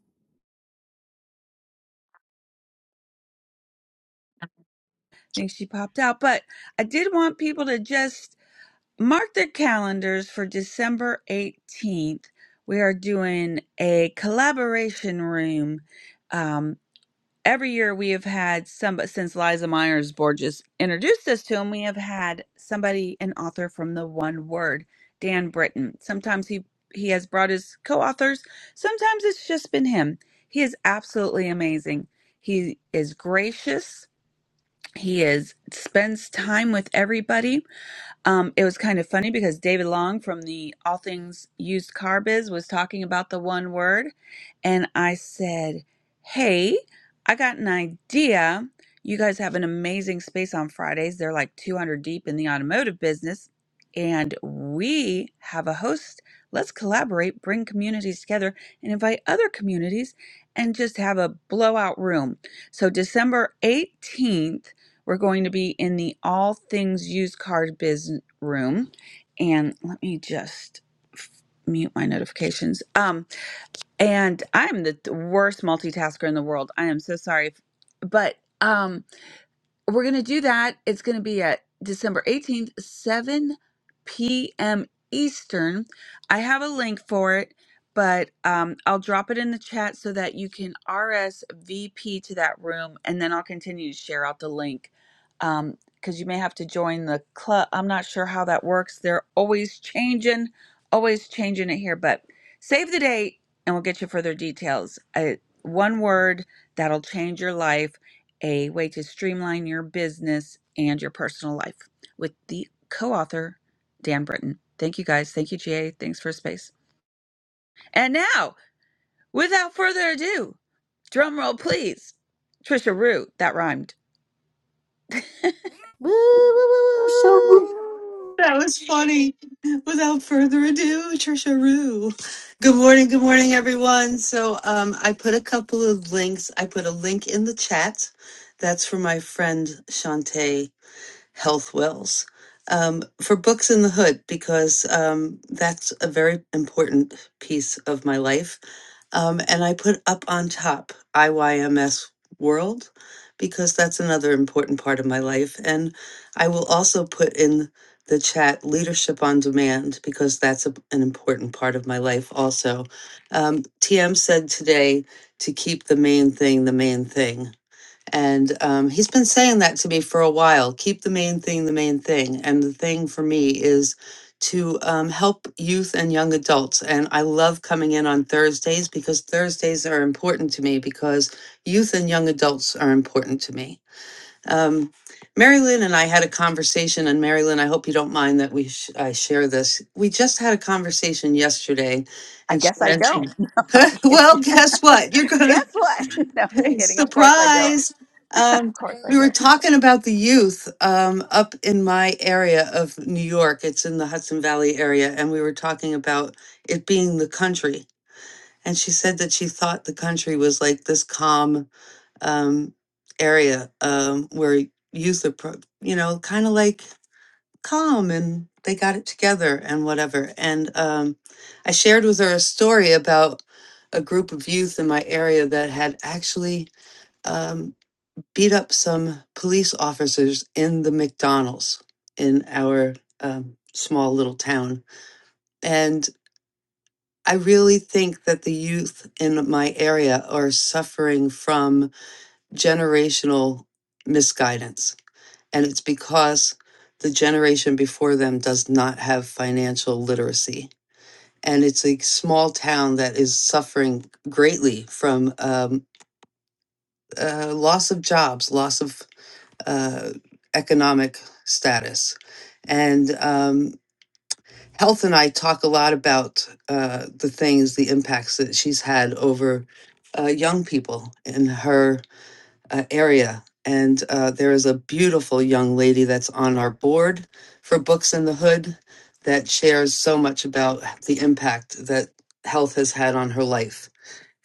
S11: think she popped out, but I did want people to just mark their calendars for December 18th. We are doing a collaboration room. Um, every year we have had some, since Liza Myers Borges introduced us to him, we have had somebody, an author from the one word, Dan Britton. Sometimes he he has brought his co-authors. Sometimes it's just been him. He is absolutely amazing. He is gracious he is spends time with everybody. Um, it was kind of funny because David Long from the All Things Used Car Biz was talking about the one word, and I said, "Hey, I got an idea. You guys have an amazing space on Fridays. They're like 200 deep in the automotive business, and we have a host. Let's collaborate, bring communities together, and invite other communities, and just have a blowout room." So December 18th. We're going to be in the all things used cars biz room. And let me just mute my notifications. Um, and I'm the th- worst multitasker in the world. I am so sorry. But um, we're going to do that. It's going to be at December 18th, 7 p.m. Eastern. I have a link for it, but um, I'll drop it in the chat so that you can RSVP to that room, and then I'll continue to share out the link because you may have to join the club. I'm not sure how that works. They're always changing, always changing it here, but save the date and we'll get you further details. Uh, one word that'll change your life a way to streamline your business and your personal life with the co author, Dan Britton. Thank you guys. Thank you, GA. Thanks for space. And now, without further ado, drum roll, please. Trisha Rue, that rhymed.
S1: Woo, woo, woo, woo,
S9: that's so
S1: woo.
S9: rude.
S3: That was funny. Without further ado, Trisha Rue. Good morning, good morning, everyone. So, um, I put a couple of links. I put a link in the chat. That's for my friend Shantae Health Wells um, for Books in the Hood because um, that's a very important piece of my life. Um, and I put up on top IYMS World because that's another important part of my life. And I will also put in the chat Leadership on Demand because that's a, an important part of my life also. Um, TM said today to keep the main thing the main thing. And um, he's been saying that to me for a while. Keep the main thing the main thing. And the thing for me is to um, help youth and young adults. And I love coming in on Thursdays because Thursdays are important to me because youth and young adults are important to me. Um, Mary Lynn and I had a conversation, and Mary Lynn, I hope you don't mind that we sh- I share this. We just had a conversation yesterday,
S11: I
S3: and she
S11: guess I don't.
S3: mentioned, well, guess what? You're gonna
S11: guess what? No I'm kidding. Of course I don't.
S3: Surprise. Um,
S11: Of course I
S3: we were
S11: don't.
S3: talking about the youth um, up in my area of New York. It's in the Hudson Valley area. And we were talking about it being the country. And she said that she thought the country was like this calm um, area um, where youth are, pro- you know, kind of like calm and they got it together and whatever. And um, I shared with her a story about a group of youth in my area that had actually. Um, beat up some police officers in the McDonald's in our um, small little town. And I really think that the youth in my area are suffering from generational misguidance. And it's because the generation before them does not have financial literacy. And it's a small town that is suffering greatly from um, uh, loss of jobs, loss of uh, economic status. And um, Health and I talk a lot about uh, the things, the impacts that she's had over uh, young people in her uh, area. And uh, there is a beautiful young lady that's on our board for Books in the Hood that shares so much about the impact that health has had on her life.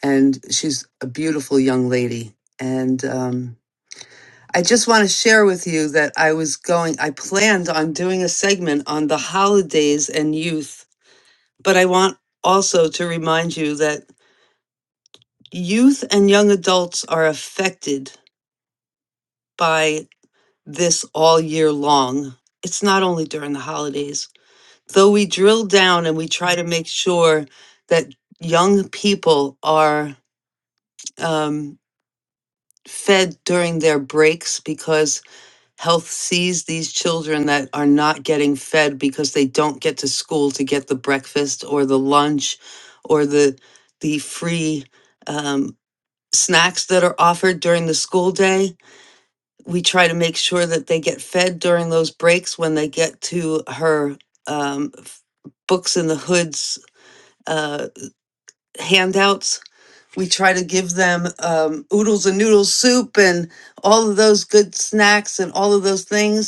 S3: And she's a beautiful young lady. And um, I just want to share with you that I was going, I planned on doing a segment on the holidays and youth, but I want also to remind you that youth and young adults are affected by this all year long. It's not only during the holidays, though we drill down and we try to make sure that young people are um, fed during their breaks because Health sees these children that are not getting fed because they don't get to school to get the breakfast or the lunch or the the free um, snacks that are offered during the school day. We try to make sure that they get fed during those breaks when they get to her um, f- books in the hoods uh, handouts. We try to give them um, oodles and noodle soup and all of those good snacks and all of those things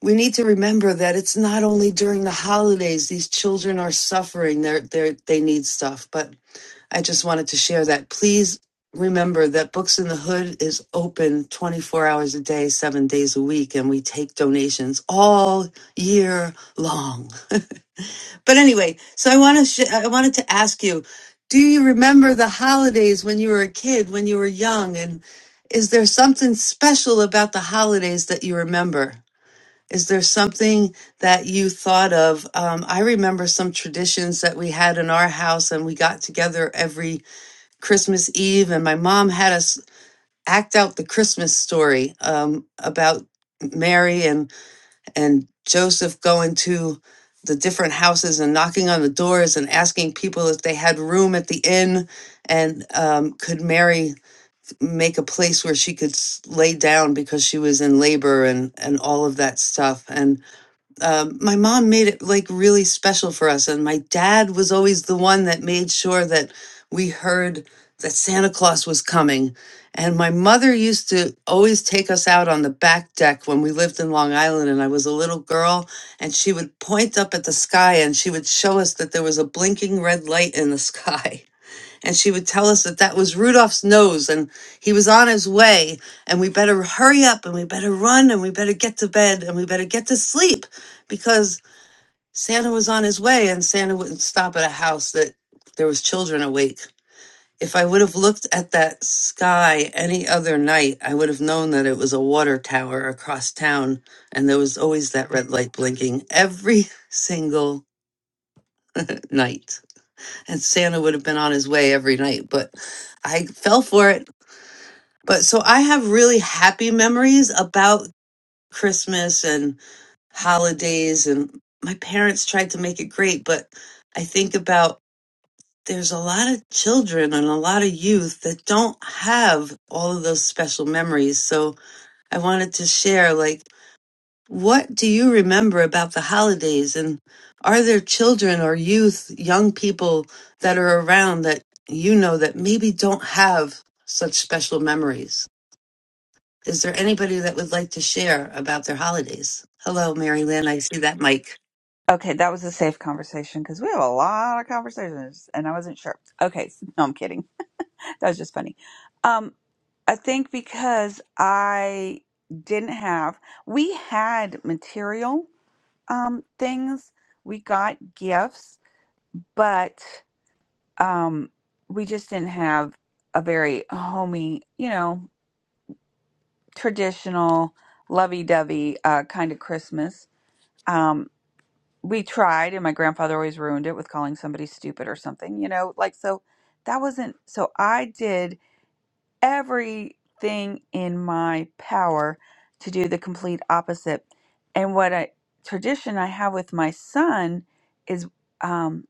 S3: we need to remember that it's not only during the holidays these children are suffering they're, they're they need stuff but i just wanted to share that please remember that books in the hood is open 24 hours a day seven days a week and we take donations all year long but anyway so i want to sh- i wanted to ask you do you remember the holidays when you were a kid when you were young and is there something special about the holidays that you remember is there something that you thought of? Um, I remember some traditions that we had in our house, and we got together every Christmas Eve, and my mom had us act out the Christmas story um, about Mary and and Joseph going to the different houses and knocking on the doors and asking people if they had room at the inn, and um, could Mary make a place where she could s- lay down because she was in labor and and all of that stuff um, my mom made it like really special for us. And my dad was always the one that made sure that we heard that Santa Claus was coming. And my mother used to always take us out on the back deck when we lived in Long Island and I was a little girl. And she would point up at the sky and she would show us that there was a blinking red light in the sky. and she would tell us that that was Rudolph's nose and he was on his way and we better hurry up and we better run and we better get to bed and we better get to sleep because Santa was on his way and Santa wouldn't stop at a house that there was children awake. If I would have looked at that sky any other night, I would have known that it was a water tower across town and there was always that red light blinking every single night. And Santa would have been on his way every night, but I fell for it But so I have really happy memories about Christmas and holidays, and my parents tried to make it great. But I think about there's a lot of children and a lot of youth that don't have all of those special memories. So I wanted to share, like, what do you remember about the holidays? And are there children or youth, young people that are around that you know that maybe don't have such special memories? Is there anybody that would like to share about their holidays? Hello, Mary Lynn. I see that mic.
S11: Okay, that was a safe conversation because we have a lot of conversations and I wasn't sure. Okay, so, no, I'm kidding. That was just funny. Um, I think because I didn't have, we had material um, things, we got gifts, but um, we just didn't have a very homey, you know, traditional, lovey dovey uh, kind of Christmas. Um, we tried, and my grandfather always ruined it with calling somebody stupid or something, you know, like so that wasn't so I did. everything in my power to do the complete opposite. And what a tradition I have with my son is um,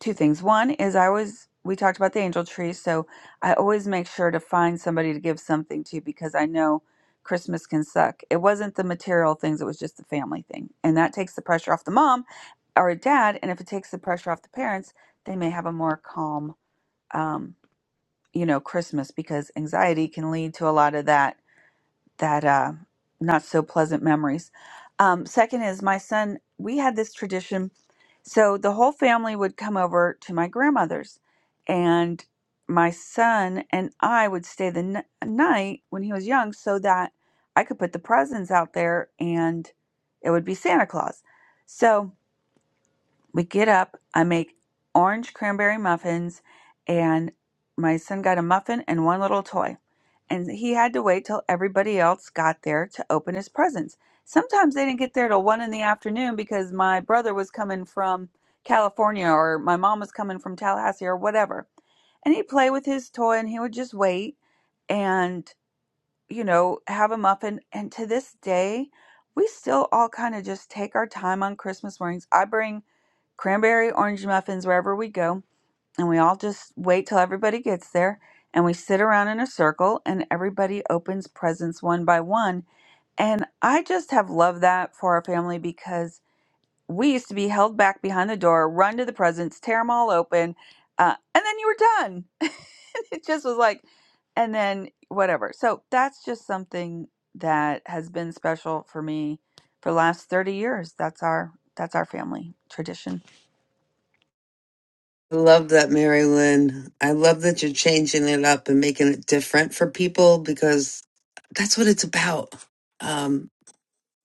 S11: two things. One is I always, we talked about the angel tree, so I always make sure to find somebody to give something to because I know Christmas can suck. It wasn't the material things, it was just the family thing. And that takes the pressure off the mom or dad. And if it takes the pressure off the parents, they may have a more calm um, you know christmas because anxiety can lead to a lot of that that uh not so pleasant memories um second is my son we had this tradition so the whole family would come over to my grandmother's and my son and i would stay the n- night when he was young so that i could put the presents out there and it would be santa claus so we get up. I make orange cranberry muffins, and my son got a muffin and one little toy. And he had to wait till everybody else got there to open his presents. Sometimes they didn't get there till one in the afternoon because my brother was coming from California or my mom was coming from Tallahassee or whatever. And he'd play with his toy and he would just wait and, you know, have a muffin. And to this day, we still all kind of just take our time on Christmas mornings. I bring cranberry orange muffins wherever we go and we all just wait till everybody gets there and we sit around in a circle and everybody opens presents one by one and i just have loved that for our family because we used to be held back behind the door run to the presents tear them all open uh, and then you were done it just was like and then whatever so that's just something that has been special for me for the last 30 years that's our that's our family tradition
S3: love that, Mary Lynn. I love that you're changing it up and making it different for people because that's what it's about. Um,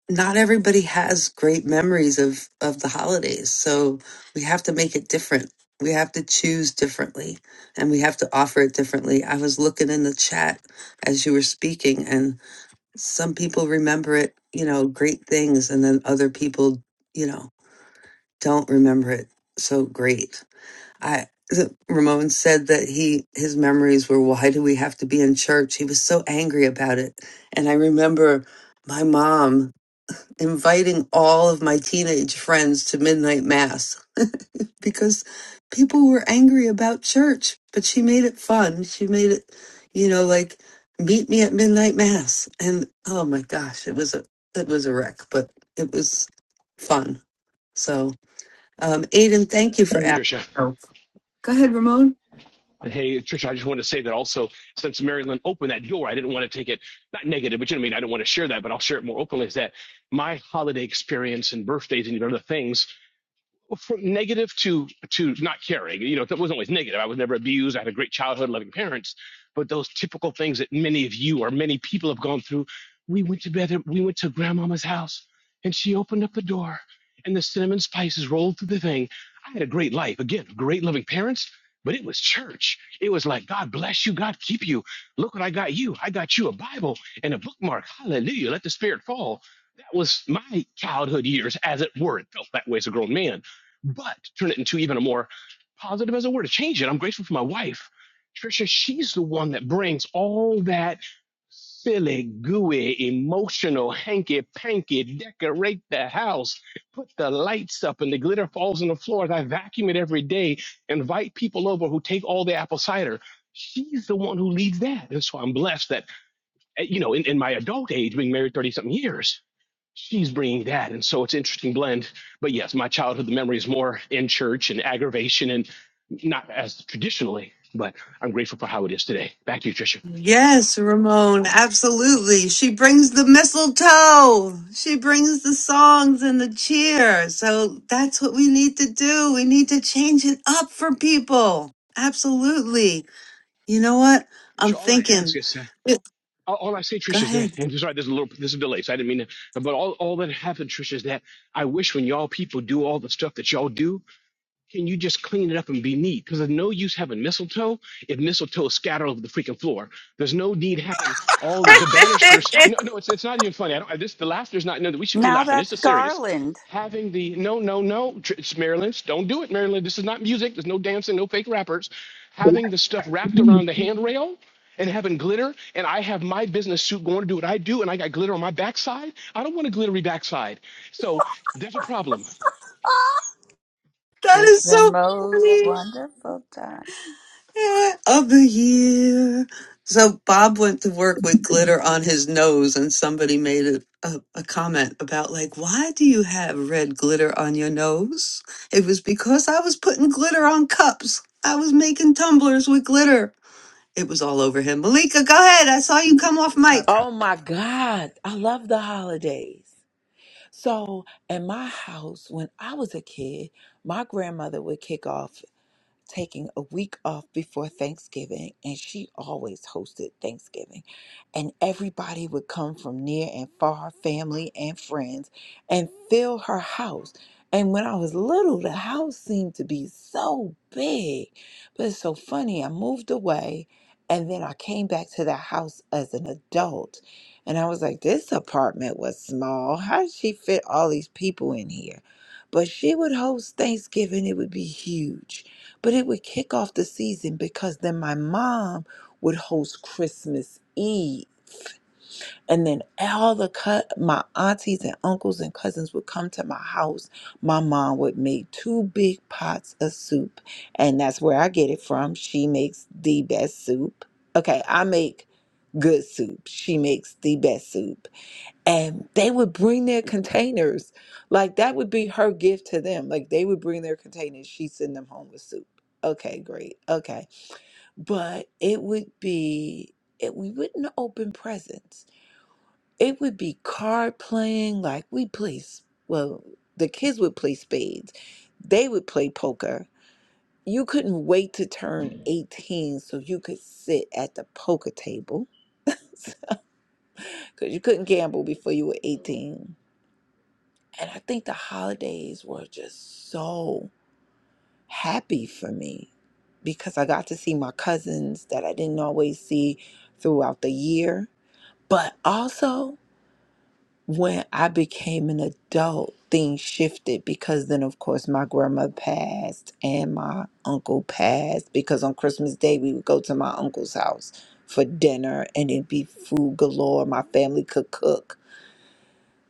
S3: not everybody has great memories of, of the holidays. So we have to make it different. We have to choose differently and we have to offer it differently. I was looking in the chat as you were speaking, and. some people remember it, you know, great things, and then other people, you know, don't remember it so great. I the- Ramon said that he his memories were why do we have to be in church? He was so angry about it, and I remember my mom inviting all of my teenage friends to midnight mass because people were angry about church, but she made it fun. She made it, you know, like meet me at midnight mass. And oh my gosh, it was a it was a wreck, but it was fun. So, um, Aiden, thank you for asking.
S13: Trisha.
S3: Oh, go ahead, Ramon.
S13: Hey, Trisha, I just wanted to say that also, since Maryland opened that door, I didn't want to take it, not negative, but you know what I mean? I do not want to share that, but I'll share it more openly is that my holiday experience and birthdays and even other things from negative to to not caring. You know, it wasn't always negative. I was never abused. I had a great childhood, loving parents. But those typical things that many of you or many people have gone through. We went to bed. We went to grandmama's house, and she opened up the door, and the cinnamon spices rolled through the thing. I had a great life. Again, great loving parents. But it was church. It was like, God bless you, God keep you. Look what I got you. I got you a Bible and a bookmark. Hallelujah. Let the Spirit fall. That was my childhood years, as it were. It felt that way as a grown man but turn it into even a more positive as a word to change it. I'm grateful for my wife, Trisha. She's the one that brings all that silly, gooey, emotional, hanky panky, decorate the house, put the lights up, and the glitter falls on the floor. as I vacuum it every day, invite people over who take all the apple cider. She's the one who leads that. And so I'm blessed that, eh, you know, in, in my adult age, being married 30 something years, she's bringing that and so it's an interesting blend but yes my childhood the memory is more in church and aggravation and not as traditionally but i'm grateful for how it is today back to you trisha
S3: Yes, Ramon, absolutely. She brings the mistletoe. She brings the songs and the cheer. So that's what we need to do. We need to change it up for people. Absolutely. You know what? I'm
S13: trisha all i ask
S3: thinking.
S13: is that
S3: Go
S13: all, all I say, Trish, is that,
S3: ahead.
S13: and sorry, there's a little, there's a delay, so I didn't mean to, but all, all that happened, Trish, is that I wish when y'all people do all the stuff that y'all do, can you just clean it up and be neat? Because there's no use having mistletoe if mistletoe is scattered over the freaking floor. There's no need having all the the banisters. No,
S3: that
S13: no, it's it's not even funny. I don't. This the laughter's not. No, we shouldn't be
S11: Now
S13: laughing. This
S11: that's
S13: is serious.
S11: Garland.
S13: Having the no, no, no, it's Maryland. Don't do it, Maryland. This is not music. There's no dancing, no fake rappers. Having the stuff wrapped around the handrail and having glitter, and I have my business suit going to do what I do, and I got glitter on my backside. I don't want a glittery backside. So there's a problem.
S11: It's
S3: is
S11: the
S3: so
S11: most
S3: funny.
S11: wonderful time.
S3: of the year. So Bob went to work with glitter on his nose, and somebody made a, a, a comment about, like, why do you have red glitter on your nose? It was because I was putting glitter on cups. I was making tumblers with glitter. It was all over him. Malika, go ahead. I saw you come off mic.
S15: Oh my God, I love the holidays. So, in my house, when I was a kid, my grandmother would kick off. taking a week off before Thanksgiving, and she always hosted Thanksgiving. And everybody would come from near and far, family and friends, and fill her house. And when I was little, the house seemed to be so big. But it's so funny, I moved away. And then I came back to the house as an adult. And I was like, this apartment was small. How did she fit all these people in here? But she would host Thanksgiving, it would be huge but it would kick off the season because then my mom would host Christmas Eve. And then all the cut my aunties and uncles and cousins would come to my house. My mom would make two big pots of soup. And that's where I get it from. She makes the best soup. Okay, I make good soup. She makes the best soup and they would bring their containers. Like that would be her gift to them. Like they would bring their containers. She'd send them home with soup. Okay, great. Okay. But it would be it we wouldn't open presents. It would be card playing, like we play s- well, the kids would play spades. They would play poker. You couldn't wait to turn 18 so you could sit at the poker table because you couldn't gamble before you were 18 And I think the holidays were just so happy for me because I got to see my cousins that I didn't always see throughout the year. But also, when I became an adult, things shifted because then, of course, my grandma passed and my uncle passed. Because on Christmas Day, we would go to my uncle's house for dinner and it'd be food galore. My family could cook.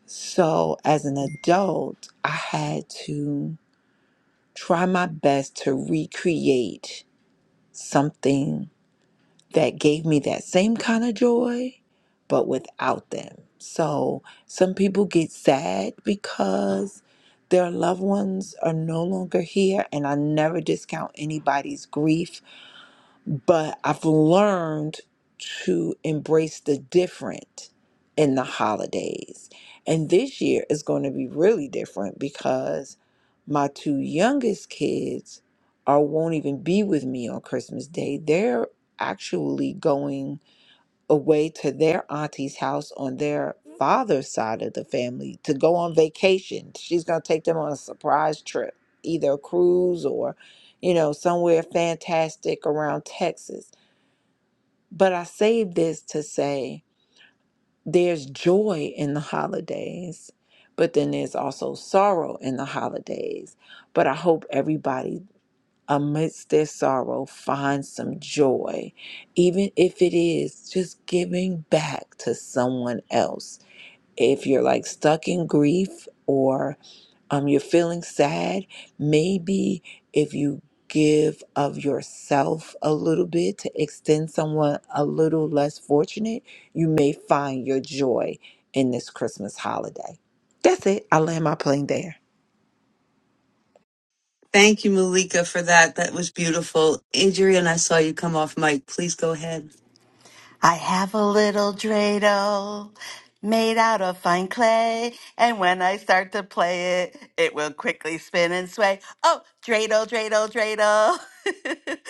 S15: So, as an adult, I had to try my best to recreate something that gave me that same kind of joy, but without them. So some people get sad because their loved ones are no longer here, and I never discount anybody's grief but I've learned to embrace the different in the holidays. And this year is going to be really different because my two youngest kids are won't even be with me on Christmas Day. They're actually going away to their auntie's house on their father's side of the family to go on vacation. She's going to take them on a surprise trip, either a cruise or, you know, somewhere fantastic around Texas. But I say this to say there's joy in the holidays, but then there's also sorrow in the holidays. But I hope everybody amidst their sorrow, find some joy, even if it is just giving back to someone else. If you're like stuck in grief or um, you're feeling sad, maybe if you give of yourself a little bit to extend someone a little less fortunate, you may find your joy in this Christmas holiday. That's it. I land my plane there.
S3: Thank you, Malika, for that. That was beautiful. Adrian, I saw you come off mic. Please go ahead.
S22: I have a little dreidel made out of fine clay, and when I start to play it, it will quickly spin and sway. Oh, dreidel, dreidel, dreidel.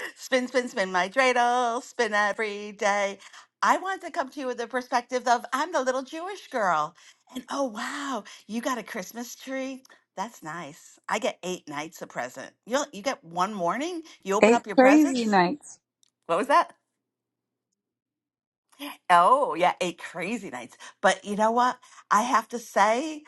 S22: spin, spin, spin my dreidel, spin every day. I want to come to you with the perspective of I'm the little Jewish girl. And oh, wow, you got a Christmas tree? That's nice. I get eight nights a present. You you get one morning? You open
S11: Eight
S22: up your
S11: crazy
S22: presents?
S11: nights.
S22: What was that? Oh, yeah, eight crazy nights. But you know what? I have to say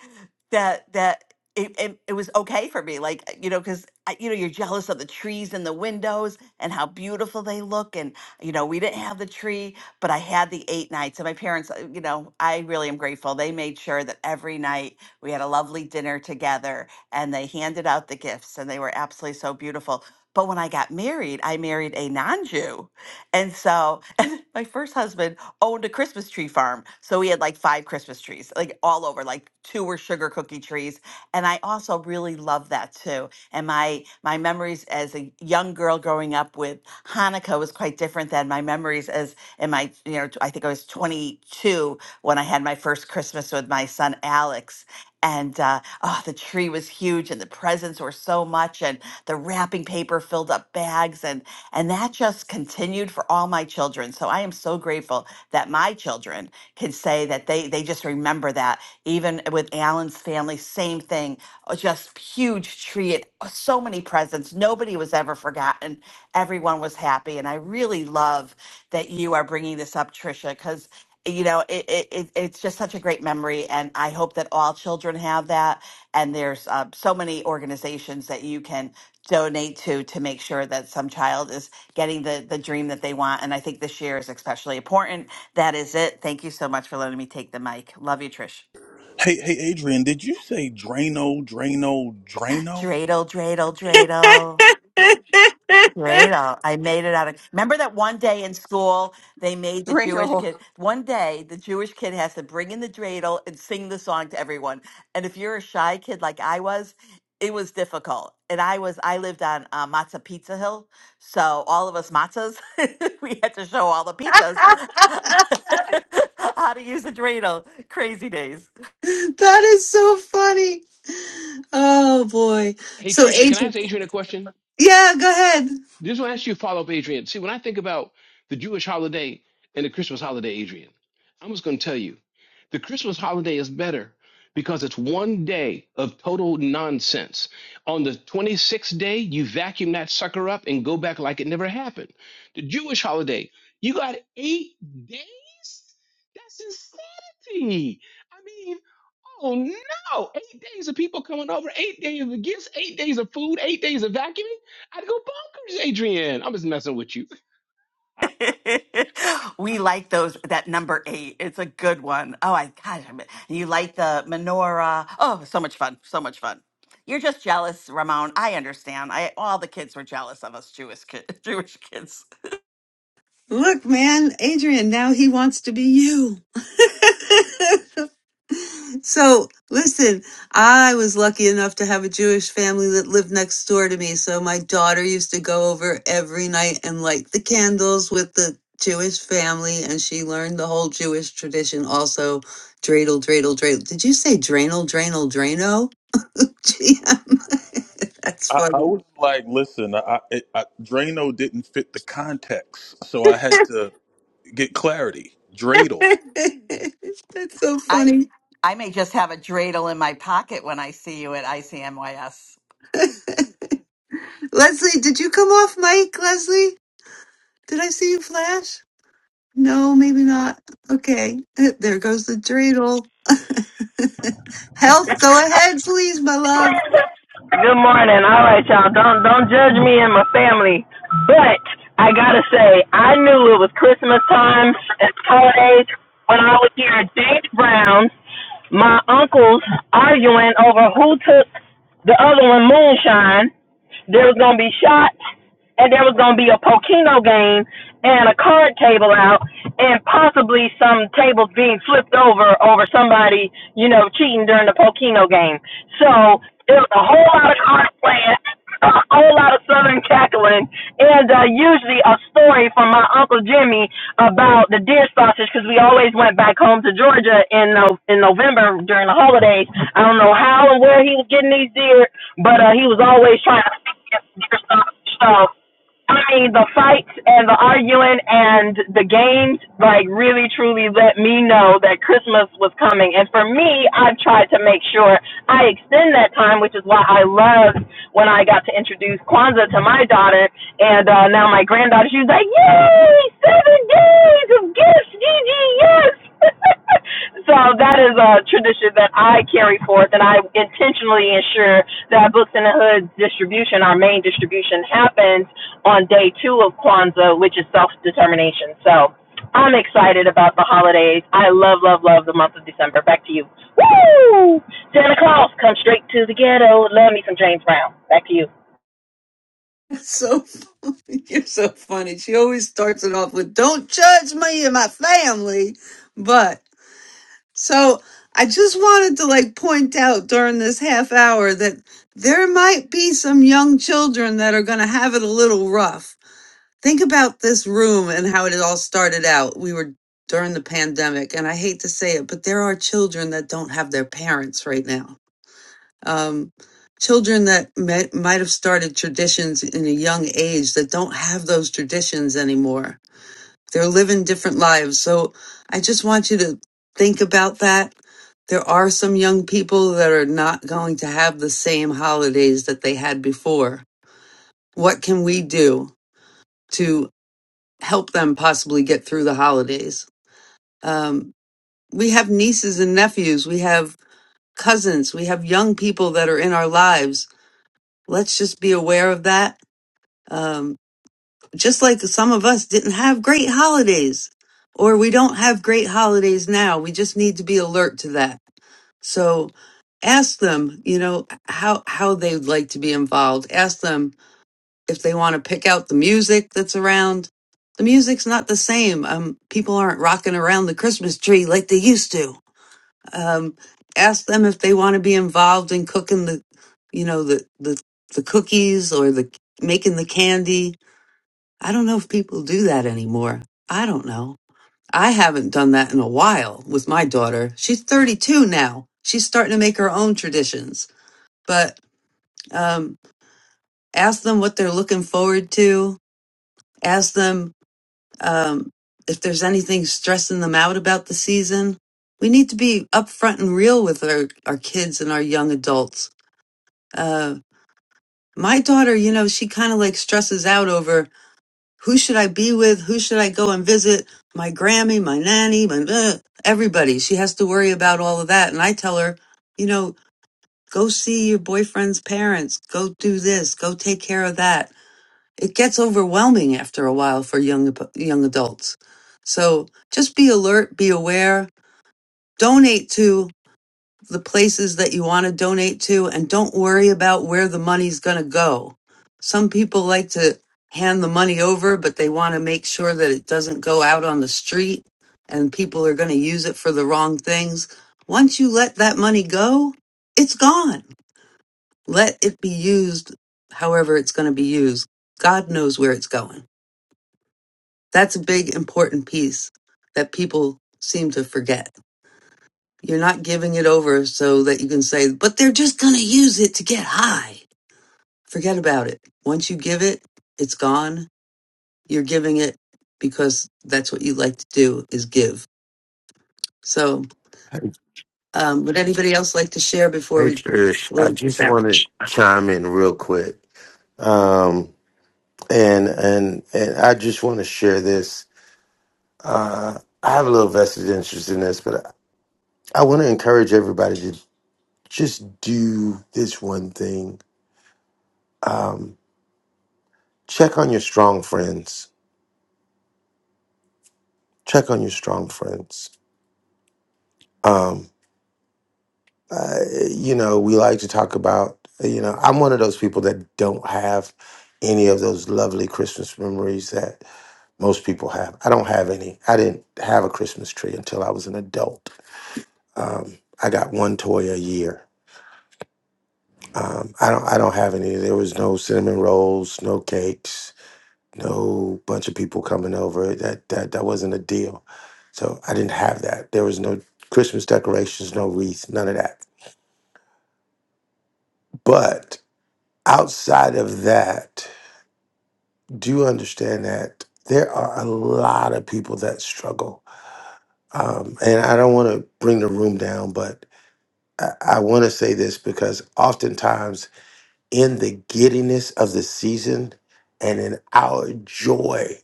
S22: that that it, it, it was okay for me. Like, you know, because you know, you're jealous of the trees and the windows and how beautiful they look. And, you know, we didn't have the tree, but I had the eight nights. And my parents, uh, you know, I really am grateful. They made sure that every night we had a lovely dinner together and they handed out the gifts and they were absolutely so beautiful. But when I got married, I married a non-Jew. And so, and my first husband owned a Christmas tree farm. So he had like five Christmas trees, like all over, like two were sugar cookie trees. And I also really love that too. And my my memories as a young girl growing up with Hanukkah was quite different than my memories as in my, you know, I think I was 22 when I had my first Christmas with my son Alex. And uh, oh, the tree was huge, and the presents were so much, and the wrapping paper filled up bags, and. And that just continued for all my children. So I am so grateful that my children can say that they they just remember that. Even with Alan's family, same thing. uh, Just huge tree, and uh, so many presents. Nobody was ever forgotten. Everyone was happy, and I really love that you are bringing this up, Tricia, because you know it, it, it it's just such a great memory and i hope that all children have that and there's uh, so many organizations that you can donate to to make sure that some child is getting the the dream that they want and i think this year is especially important that is it thank you so much for letting me take the mic love you trish
S12: Hey, hey, Adrian, did you say Drano, Drano, Drano?
S22: dreidel dreidel dreidel Great. uh, I made it out of. Remember that one day in school, they made the Jewish
S11: Real.
S22: kid. One day, the Jewish kid has to bring in the dreidel and sing the song to everyone. And if you're a shy kid like I was, it was difficult. And I was, I lived on uh, Matzah Pizza Hill. So all of us matzahs, we had to show all the pizzas how to use the dreidel. Crazy days.
S3: That is so funny. Oh boy.
S13: Hey,
S3: So
S13: Tricia, can I
S3: Adrian,
S13: ask Adrian a question?
S3: yeah, go ahead.
S13: This will ask you a follow up, Adrian. See, when I think about the Jewish holiday and the Christmas holiday, Adrian, I'm just going to tell you the Christmas holiday is better because it's one day of total nonsense. On the 26th day, you vacuum that sucker up and go back like it never happened. The Jewish holiday, you got eight days? That's insanity. I mean, Oh no! Eight days of people coming over, eight days of gifts, eight days of food, eight days of vacuuming. I'd go bonkers, Adrian. I'm just messing with you.
S22: we like those that number eight. It's a good one. Oh, I gosh, I'm- you like the menorah? Oh, so much fun! So much fun. You're just jealous, Ramon. I understand. I all the kids were jealous of us Jewish kids. Jewish kids.
S3: Look, man, Adrian, now he wants to be you. so listen, I was lucky enough to have a Jewish family that lived next door to me. So my daughter used to go over every night and light the candles with the Jewish family, and she learned the whole Jewish tradition also. Dreidel, dreidel, dreidel. Did you say drainal, drainal, draino? GM. That's
S12: I, I
S3: funny.
S12: was like, listen, I, I, I Drano didn't fit the context, so I had to. get clarity. Dreidel.
S3: That's so
S22: I
S3: funny.
S22: I may just have a dreidel in my pocket when I see you at ICMYS.
S3: Leslie, did you come off mic, Leslie? Did I see you flash? No, maybe not. Okay. There goes the dreidel. Health, go ahead, please, my love.
S23: Good morning. All right, y'all. Don't don't judge me and my family, but I gotta say I knew it was Christmas time and holidays when I would hear James Brown, my uncles arguing over who took the other one moonshine, there was gonna be shots, and there was gonna be a Pokino game and a card table out, and possibly some tables being flipped over over somebody, you know, cheating during the Pokino game. So there was a whole lot of card playing, a whole lot of Southern cackling, and uh, usually a story from my uncle Jimmy about the deer sausage because we always went back home to Georgia in no, in November during the holidays. I don't know how and where he was getting these deer, but uh, he was always trying Yep, Microsoft Store. I mean, the fights and the arguing and the games, like, really truly let me know that Christmas was coming. And for me, I've tried to make sure I extend that time, which is why I loved when I got to introduce Kwanzaa to my daughter. And uh, now my granddaughter, she's like, Yay, seven days of gifts, Gigi, yes. so that is a tradition that I carry forth, and I intentionally ensure that Books in the Hood distribution, our main distribution, happens on day two of Kwanzaa, which is self determination. So I'm excited about the holidays. I love, love, love the month of December. Back to you. Woo! Santa Claus, come straight to the ghetto. Love me some James Brown. Back to you.
S3: So you're so funny. She always starts it off with "Don't judge me and my family," but So I just wanted to like point out during this half hour that there might be some young children that are going to have it a little rough. Think about this room and how it all started out. We were during the pandemic, and I hate to say it, but there are children that don't have their parents right now. Um, children that may, might have started traditions in a young age that don't have those traditions anymore they're living different lives. So I just want you to think about that. There are some young people that are not going to have the same holidays that they had before. What can we do to help them possibly get through the holidays? Um, we have nieces and nephews, we have cousins, we have young people that are in our lives. Let's just be aware of that. Um, just like some of us didn't have great holidays or we don't have great holidays now we just need to be alert to that so ask them you know how how they'd like to be involved ask them if they want to pick out the music that's around the music's not the same um people aren't rocking around the christmas tree like they used to um ask them if they want to be involved in cooking the you know the the the cookies or the making the candy I don't know if people do that anymore. I don't know. I haven't done that in a while with my daughter. She's 32 now. She's starting to make her own traditions. But um, ask them what they're looking forward to. Ask them um, if there's anything stressing them out about the season. We need to be upfront and real with our, our kids and our young adults. Uh, my daughter, you know, she kind of like stresses out over Who should I be with? Who should I go and visit? My Grammy, my nanny, my uh, everybody. She has to worry about all of that. And I tell her, you know, go see your boyfriend's parents. Go do this. Go take care of that. It gets overwhelming after a while for young young adults. So just be alert, be aware. Donate to the places that you want to donate to and don't worry about where the money's going to go. Some people like to hand the money over, but they want to make sure that it doesn't go out on the street and people are going to use it for the wrong things. Once you let that money go, it's gone. Let it be used however it's going to be used. God knows where it's going. That's a big important piece that people seem to forget. You're not giving it over so that you can say, but they're just going to use it to get high. Forget about it. Once you give it, it's gone. You're giving it because that's what you like to do is give. So,
S9: Hey,
S3: um, would anybody else like to share before
S9: hey,
S3: we
S9: Trish, I
S3: close this
S9: just
S3: out?
S9: want to chime in real quick. Um, and, and, and I just want to share this. Uh, I have a little vested interest in this, but I, I want to encourage everybody to just do this one thing. Um, check on your strong friends. check on your strong friends. Um, uh, you know, we like to talk about, you know, I'm one of those people that don't have any of those lovely Christmas memories that most people have. I don't have any. I didn't have a Christmas tree until I was an adult. Um, I got one toy a year. Um, I don't. I don't have any. There was no cinnamon rolls, no cakes, no bunch of people coming over. That that that wasn't a deal. So I didn't have that. There was no Christmas decorations, no wreath, none of that. But outside of that, do you understand that there are a lot of people that struggle? Um, and I don't want to bring the room down, but I, I want to say this because oftentimes in the giddiness of the season and in our joy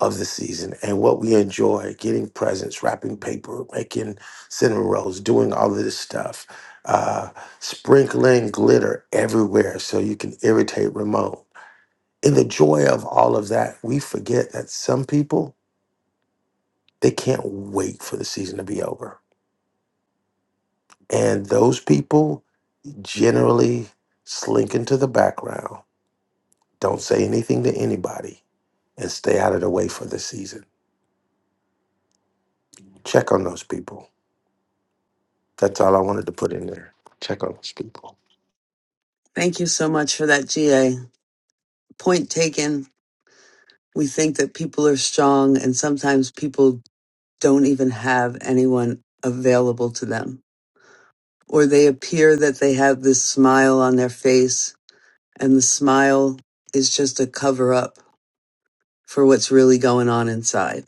S9: of the season and what we enjoy getting presents, wrapping paper, making cinnamon rolls, doing all of this stuff, uh, sprinkling glitter everywhere so you can irritate Ramon in the joy of all of that, we forget that some people they can't wait for the season to be over. And those people generally slink into the background, don't say anything to anybody, and stay out of the way for the season. Check on those people. That's all I wanted to put in there. Check on those people.
S3: Thank you so much for that, GA. Point taken. We think that people are strong, and sometimes people don't even have anyone available to them. Or they appear that they have this smile on their face, and the smile is just a cover up for what's really going on inside.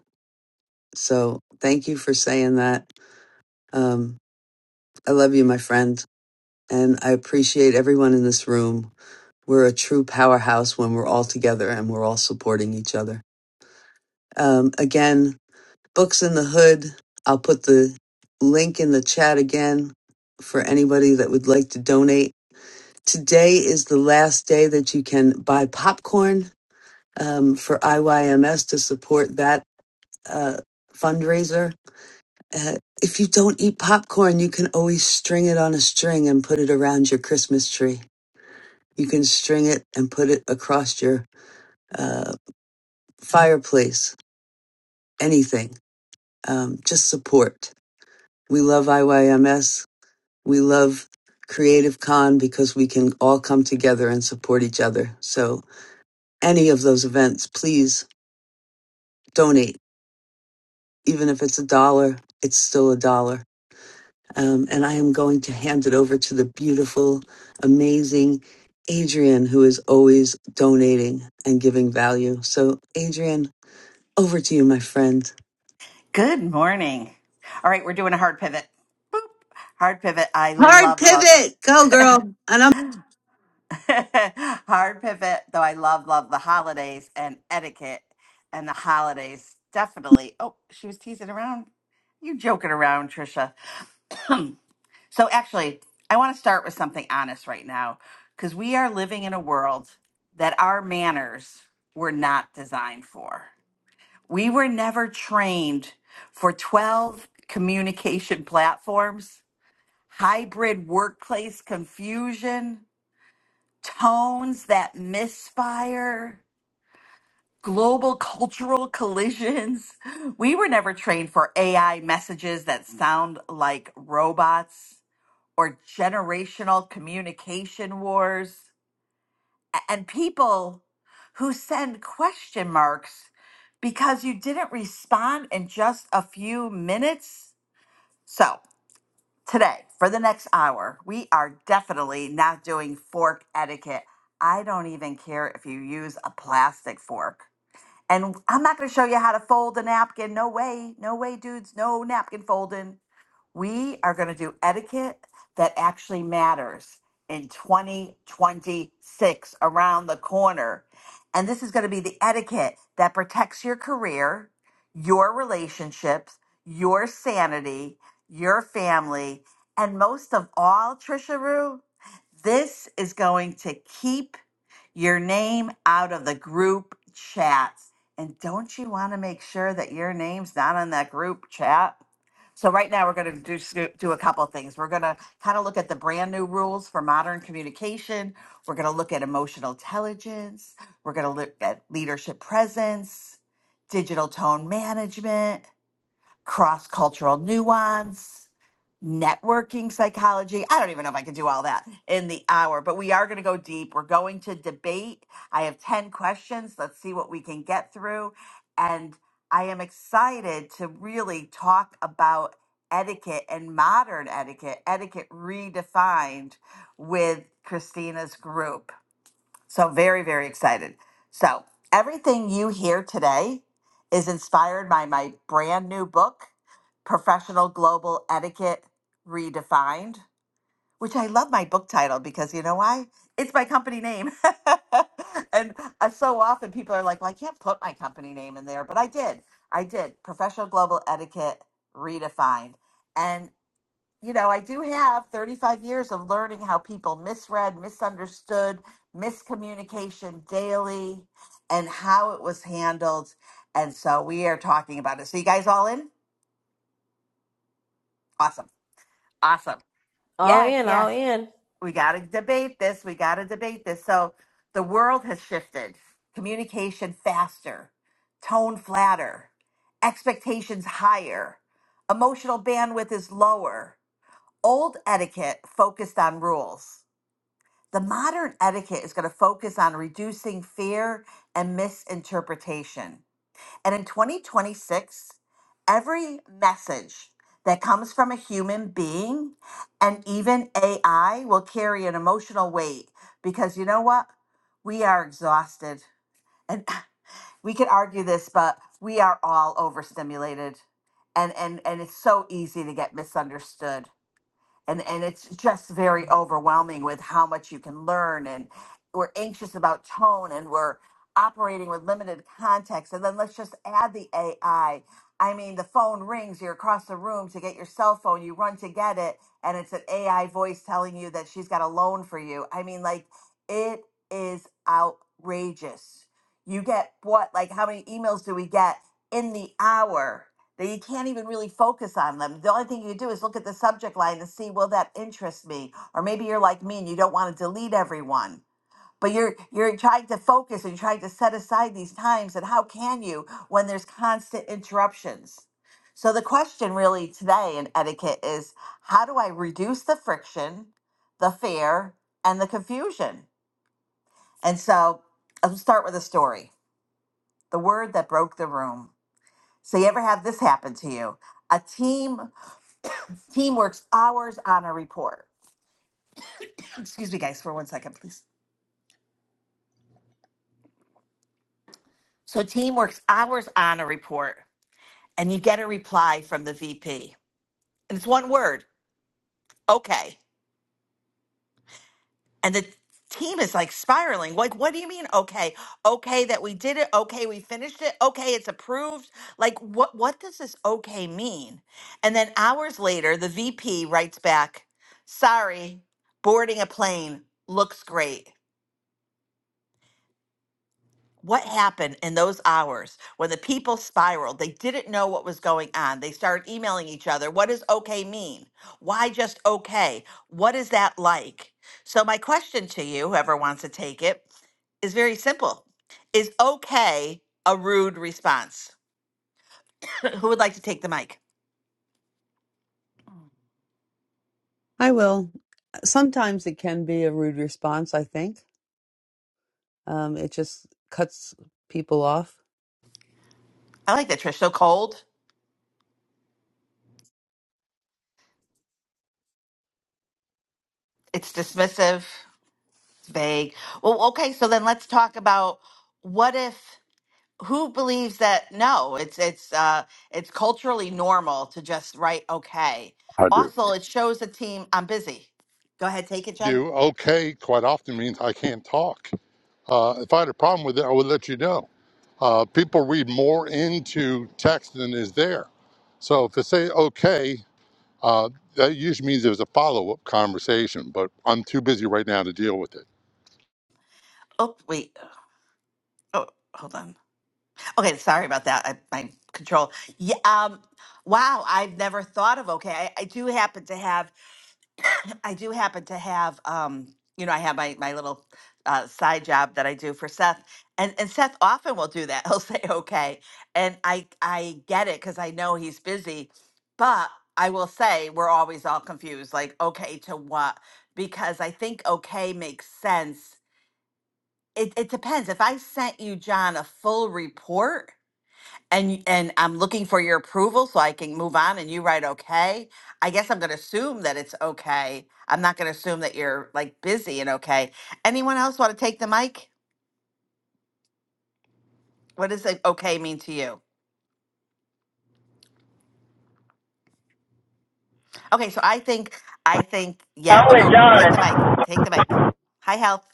S3: So, thank you for saying that. Um, I love you, my friend, and I appreciate everyone in this room. We're a true powerhouse when we're all together and we're all supporting each other. Um, again, Books in the Hood. I'll put the link in the chat again for anybody that would like to donate. Today is the last day that you can buy popcorn um, for IYMS to support that uh, fundraiser. Uh, if you don't eat popcorn, you can always string it on a string and put it around your Christmas tree. You can string it and put it across your uh, fireplace, anything. Um, just support. We love IYMS We love Creative Con because we can all come together and support each other. So, any of those events, please donate. Even if it's a dollar, it's still a dollar. Um, and I am going to hand it over to the beautiful, amazing Adrian, who is always donating and giving value. So, Adrian, over to you, my friend.
S22: Good morning. All right, we're doing a hard pivot. Boop. Hard pivot. I
S3: Hard
S22: love love.
S3: pivot. Go, girl. And I'm.
S22: Hard pivot, though I love, love the holidays and etiquette and the holidays definitely. Oh, she was teasing around. You joking around, Trisha. So actually, I want to start with something honest right now because we are living in a world that our manners were not designed for. We were never trained for 12 communication platforms, hybrid workplace confusion, tones that misfire, global cultural collisions. We were never trained for AI messages that sound like robots or generational communication wars A- and people who send question marks because you didn't respond in just a few minutes. So, Today, for the next hour, we are definitely not doing fork etiquette. I don't even care if you use a plastic fork. And I'm not going to show you how to fold a napkin. No way. No way, dudes. No napkin folding. We are going to do etiquette that actually matters in 2026 around the corner. And this is going to be the etiquette that protects your career, your relationships, your sanity, your family, and most of all, Trisha Rue, this is going to keep your name out of the group chats. And don't you want to make sure that your name's not on that group chat? So right now, we're going to do, do a couple of things. We're going to kind of look at the brand new rules for modern communication. We're going to look at emotional intelligence. We're going to look at leadership presence, digital tone management cross cultural nuance, networking psychology. I don't even know if I can do all that in the hour, but we are going to go deep. We're going to debate. I have 10 questions. Let's see what we can get through. And I am excited to really talk about etiquette and modern etiquette, etiquette redefined with Christina's group. So, very, very excited. So, everything you hear today is inspired by my brand new book, Professional Global Etiquette Redefined, which I love my book title because you know why? It's my company name. and uh, so often people are like, well, I can't put my company name in there, but I did. I did. Professional Global Etiquette Redefined. and you know, I do have 35 years of learning how people misread, misunderstood, miscommunication daily, and how it was handled. And so we are talking about it. So, you guys all in? Awesome. Awesome.
S1: All
S22: Yes,
S1: in, all
S22: yes.
S1: in.
S22: We got to debate this. We got to debate this. So, the world has shifted communication faster, tone flatter, expectations higher, emotional bandwidth is lower, old etiquette focused on rules The modern etiquette is going to focus on reducing fear and misinterpretation. And in 2026, every message that comes from a human being and even AI will carry an emotional weight because you know what? We are exhausted. And we could argue this, but we are all overstimulated. And and and it's so easy to get misunderstood and and it's just very overwhelming with how much you can learn and we're anxious about tone and we're operating with limited context and then let's just add the ai i I mean the phone rings you're across the room to get your cell phone you run to get it and it's an ai voice telling you that she's got a loan for you i mean like it is outrageous you get what like how many emails do we get in the hour that you can't even really focus on them. The only thing you do is look at the subject line and see, will that interest me? Or maybe you're like me and you don't want to delete everyone. But you're you're trying to focus and you're trying to set aside these times. And how can you when there's constant interruptions? So the question really today in etiquette is how do I reduce the friction, the fear, and the confusion? And so I'll start with a story. The word that broke the room. So you ever have this happen to you? a team Team works hours on a report. Excuse me, guys, for one second, please. So, team works hours on a report, and you get a reply from the VP, and it's one word, okay. And the team is like spiraling. Like, what do you mean, okay? Okay, that we did it. Okay, we finished it. Okay, it's approved. Like, what? What does this okay mean? And then hours later, the VP writes back, "Sorry, boarding a plane looks great." what happened in those hours when the people spiraled? They didn't know what was going on. They started emailing each other. What does okay mean? Why just okay? What is that like? So, my question to you, whoever wants to take it, is very simple Is okay a rude response? Who would like to take the mic?
S3: I will. Sometimes it can be a rude response, I think. Um, it just cuts people off.
S22: I like that, Trish. So cold, it's dismissive, it's vague. Well, okay, so then let's talk about what if. who believes that no it's it's uh it's culturally normal to just write okay
S24: I do.
S22: also it shows the team i'm busy go ahead take it jen
S24: do okay quite often means I can't talk. Uh, if I had a problem with it, I would let you know. Uh, people read more into text than is there. So if they say okay, uh, that usually means there's a follow up conversation, but I'm too busy right now to deal with it.
S22: oh wait oh hold on okay sorry about that I, my control yeah um wow i've never thought of okay I, I do happen to have I do happen to have, um, you know, I have my my little uh, side job that I do for Seth, and and Seth often will do that. He'll say okay, and I I get it because I know he's busy, but I will say we're always all confused, like okay to what? Because I think okay makes sense. It it depends. If I sent you John a full report and and I'm looking for your approval so I can move on and you write okay. I guess I'm going to assume that it's okay. I'm not going to assume that you're like busy and okay. Anyone else want to take the mic? What does like, okay mean to you? Okay, so I think I think yeah.
S23: I'm
S22: Oh,
S23: with
S22: go take the
S23: John.
S22: mic. Take the mic. Hi, health.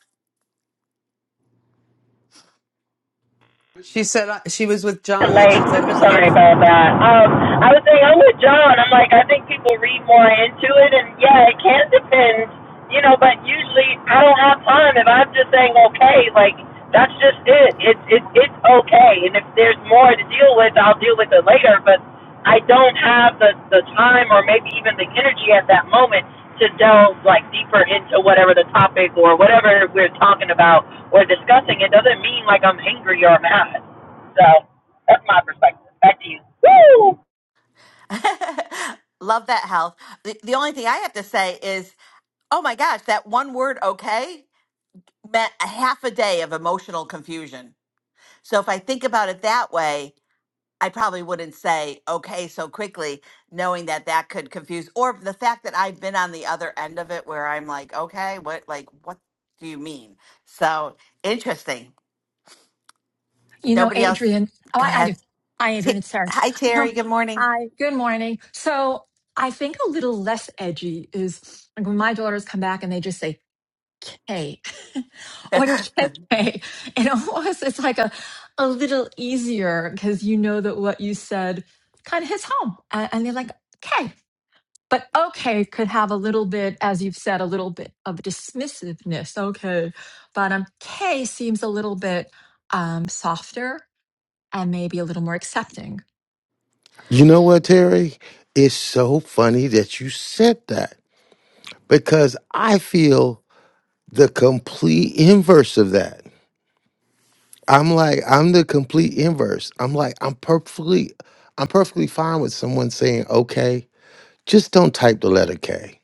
S3: She said uh, she was with John, that
S23: late.
S3: she thought it
S23: Super
S3: was
S23: sorry
S3: enough.
S23: about that. Um, I was saying I'm with John. I'm like I think people read more into it, and yeah, it can depend, you know. But usually I don't have time. If I'm just saying okay, like that's just it. It's it, it's okay. And if there's more to deal with, I'll deal with it later. But I don't have the the time or maybe even the energy at that moment to delve like deeper into whatever the topic or whatever we're talking about or discussing. It doesn't mean like I'm angry or mad. So. That's my perspective. Back to you. Woo!
S22: Love that health. The, the only thing I have to say is, oh my gosh, that one word okay meant a half a day of emotional confusion. So if I think about it that way, I probably wouldn't say okay so quickly, knowing that that could confuse, or the fact that I've been on the other end of it where I'm like, okay, what, like, what do you mean? So interesting. If
S25: You know,
S22: nobody else,
S25: Adrian, oh,
S22: go
S25: I, I
S22: ahead.
S25: do. Hi, Adrian,
S22: T-
S25: it's Sarah.
S22: Hi, Terry.
S25: Um,
S22: Good morning.
S25: Hi, good morning. So I think a little less edgy is like when my daughters come back and they just say K or
S22: I
S25: KK. And almost it's like a, a little easier because you know that what you said kind of hits home. And, and they're like, K. But okay could have a little bit, as you've said, a little bit of dismissiveness. Okay. But um, K seems a little bit um, softer and maybe a little more accepting.
S9: You know what, Terry? It's so funny that you said that because I feel the complete inverse of that I'm like, I'm the complete inverse. I'm like, I'm perfectly, I'm perfectly fine with someone saying, okay, just don't type the letter K.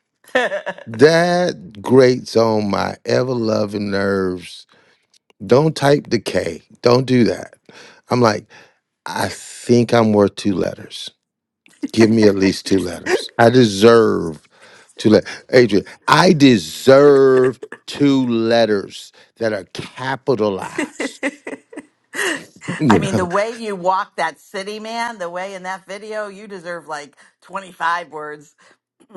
S9: That grates on my ever loving nerves. Don't type the K. Don't do that. I'm like, I think I'm worth two letters. Give me at least two letters. I deserve two letters. Adrian, I deserve two letters that are capitalized. You
S22: mean,
S9: know?
S22: the way you walk that city, man, the way in that video, you deserve like 25 words.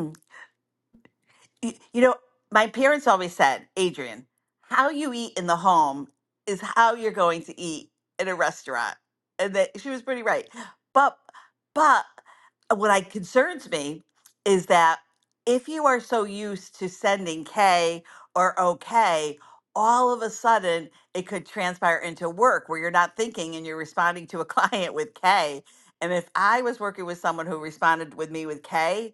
S22: You, you know, my parents always said, Adrian, how you eat in the home is how you're going to eat in a restaurant. And that she was pretty right. But but what I concerns me is that if you are so used to sending K or OK, all of a sudden it could transpire into work where you're not thinking and you're responding to a client with K. And if I was working with someone who responded with me with K,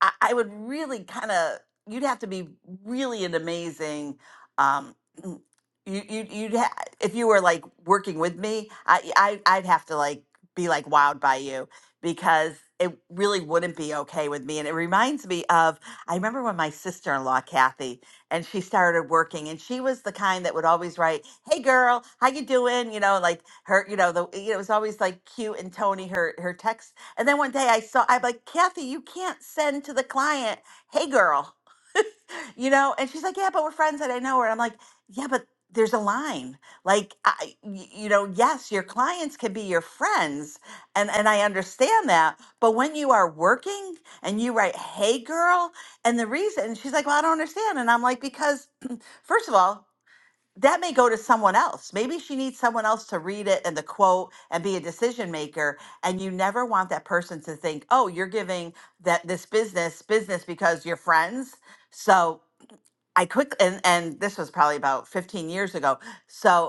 S22: I, I would really kind of you'd have to be really an amazing um mm, you you you'd ha- if you were like working with me I, I I'd have to like be like wowed by you because it really wouldn't be okay with me and it reminds me of I remember when my sister-in-law Kathy and she started working and she was the kind that would always write hey girl how you doing you know like her you know the you know it was always like cute and Tony her her text. And then one day I saw, I'm like, Kathy, you can't send to the client, hey girl, you know? And she's like, yeah, but we're friends and I know her. And I'm like, yeah, but there's a line. Like, I, y- you know, yes, your clients can be your friends. And, and I understand that. But when you are working and you write, hey girl, and the reason, she's like, well, I don't understand. And I'm like, because first of all, that may go to someone else. Maybe she needs someone else to read it and the quote and be a decision maker. And you never want that person to think, oh, you're giving that this business business because you're friends. So I quick and, and this was probably about 15 years ago. So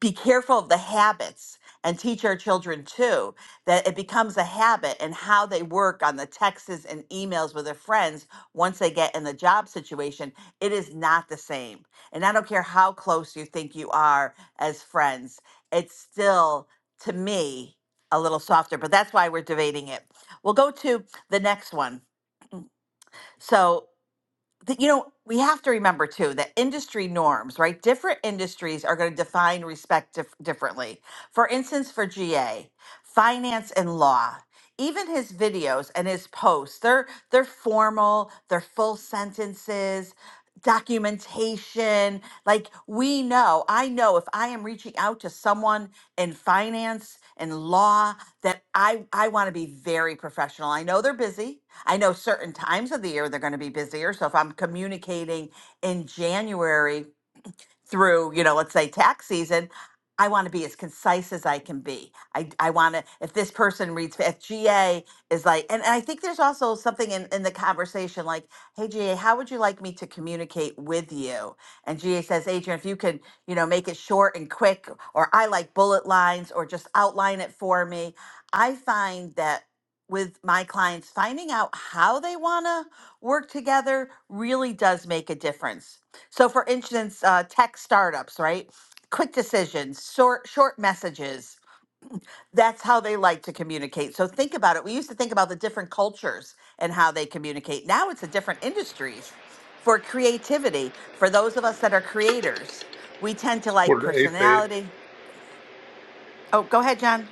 S22: be careful of the habits and teach our children too that it becomes a habit and how they work on the texts and emails with their friends once they get in the job situation it is not the same and i don't care how close you think you are as friends it's still to me a little softer but that's why we're debating it we'll go to the next one so that you know we have to remember too that industry norms right different industries are going to define respect dif- differently for instance for ga finance and law even his videos and his posts they're they're formal they're full sentences documentation like we know i know if i am reaching out to someone in finance and law that i i want to be very professional i know they're busy I know certain times of the year they're going to be busier. So if I'm communicating in January through, you know, let's say tax season, I want to be as concise as I can be. I, I want to, if this person reads, if GA is like, and, and I think there's also something in, in the conversation like, hey, GA, how would you like me to communicate with you? And GA says, Adrian, if you can you know, make it short and quick, or I like bullet lines, or just outline it for me. I find that with my clients, finding out how they want to work together really does make a difference. So, for instance, uh, tech startups, right? Quick decisions, short short messages. That's how they like to communicate. So think about it. We used to think about the different cultures and how they communicate. Now it's the different industries. For creativity, for those of us that are creators, we tend to like
S24: Quarter to eight, babe.
S22: personality. Oh, go ahead, John.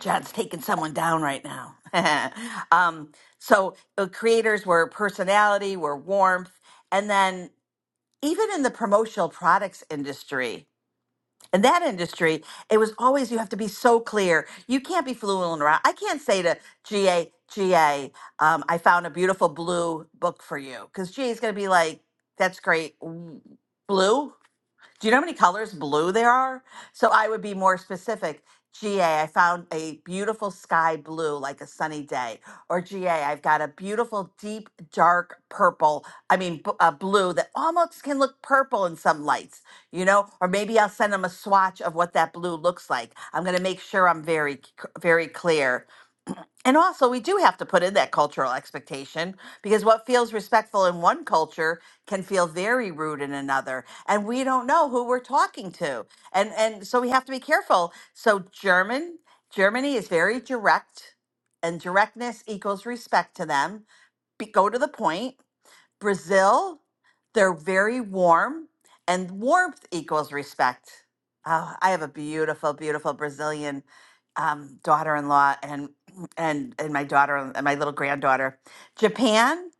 S22: John's taking someone down right now. um, so uh, creators were personality, were warmth, and then even in the promotional products industry, in that industry, it was always you have to be so clear. You can't be fluent around. I can't say to GA, um, I found a beautiful blue book for you. Because GA is going to be like, that's great. w- Blue? Do you know how many colors blue there are? So I would be more specific. GA, I found a beautiful sky blue, like a sunny day. Or GA, I've got a beautiful deep dark purple. I mean, b- a blue that almost can look purple in some lights, you know? Or maybe I'll send them a swatch of what that blue looks like. I'm going to make sure I'm very, c- very clear. And also, we do have to put in that cultural expectation because what feels respectful in one culture can feel very rude in another, and we don't know who we're talking to, and and so we have to be careful. So German Germany is very direct, and directness equals respect to them. Be, go to the point, Brazil, they're very warm, and warmth equals respect. Oh, I have a beautiful, beautiful Brazilian um, daughter-in-law and and and my daughter and my little granddaughter. Japan,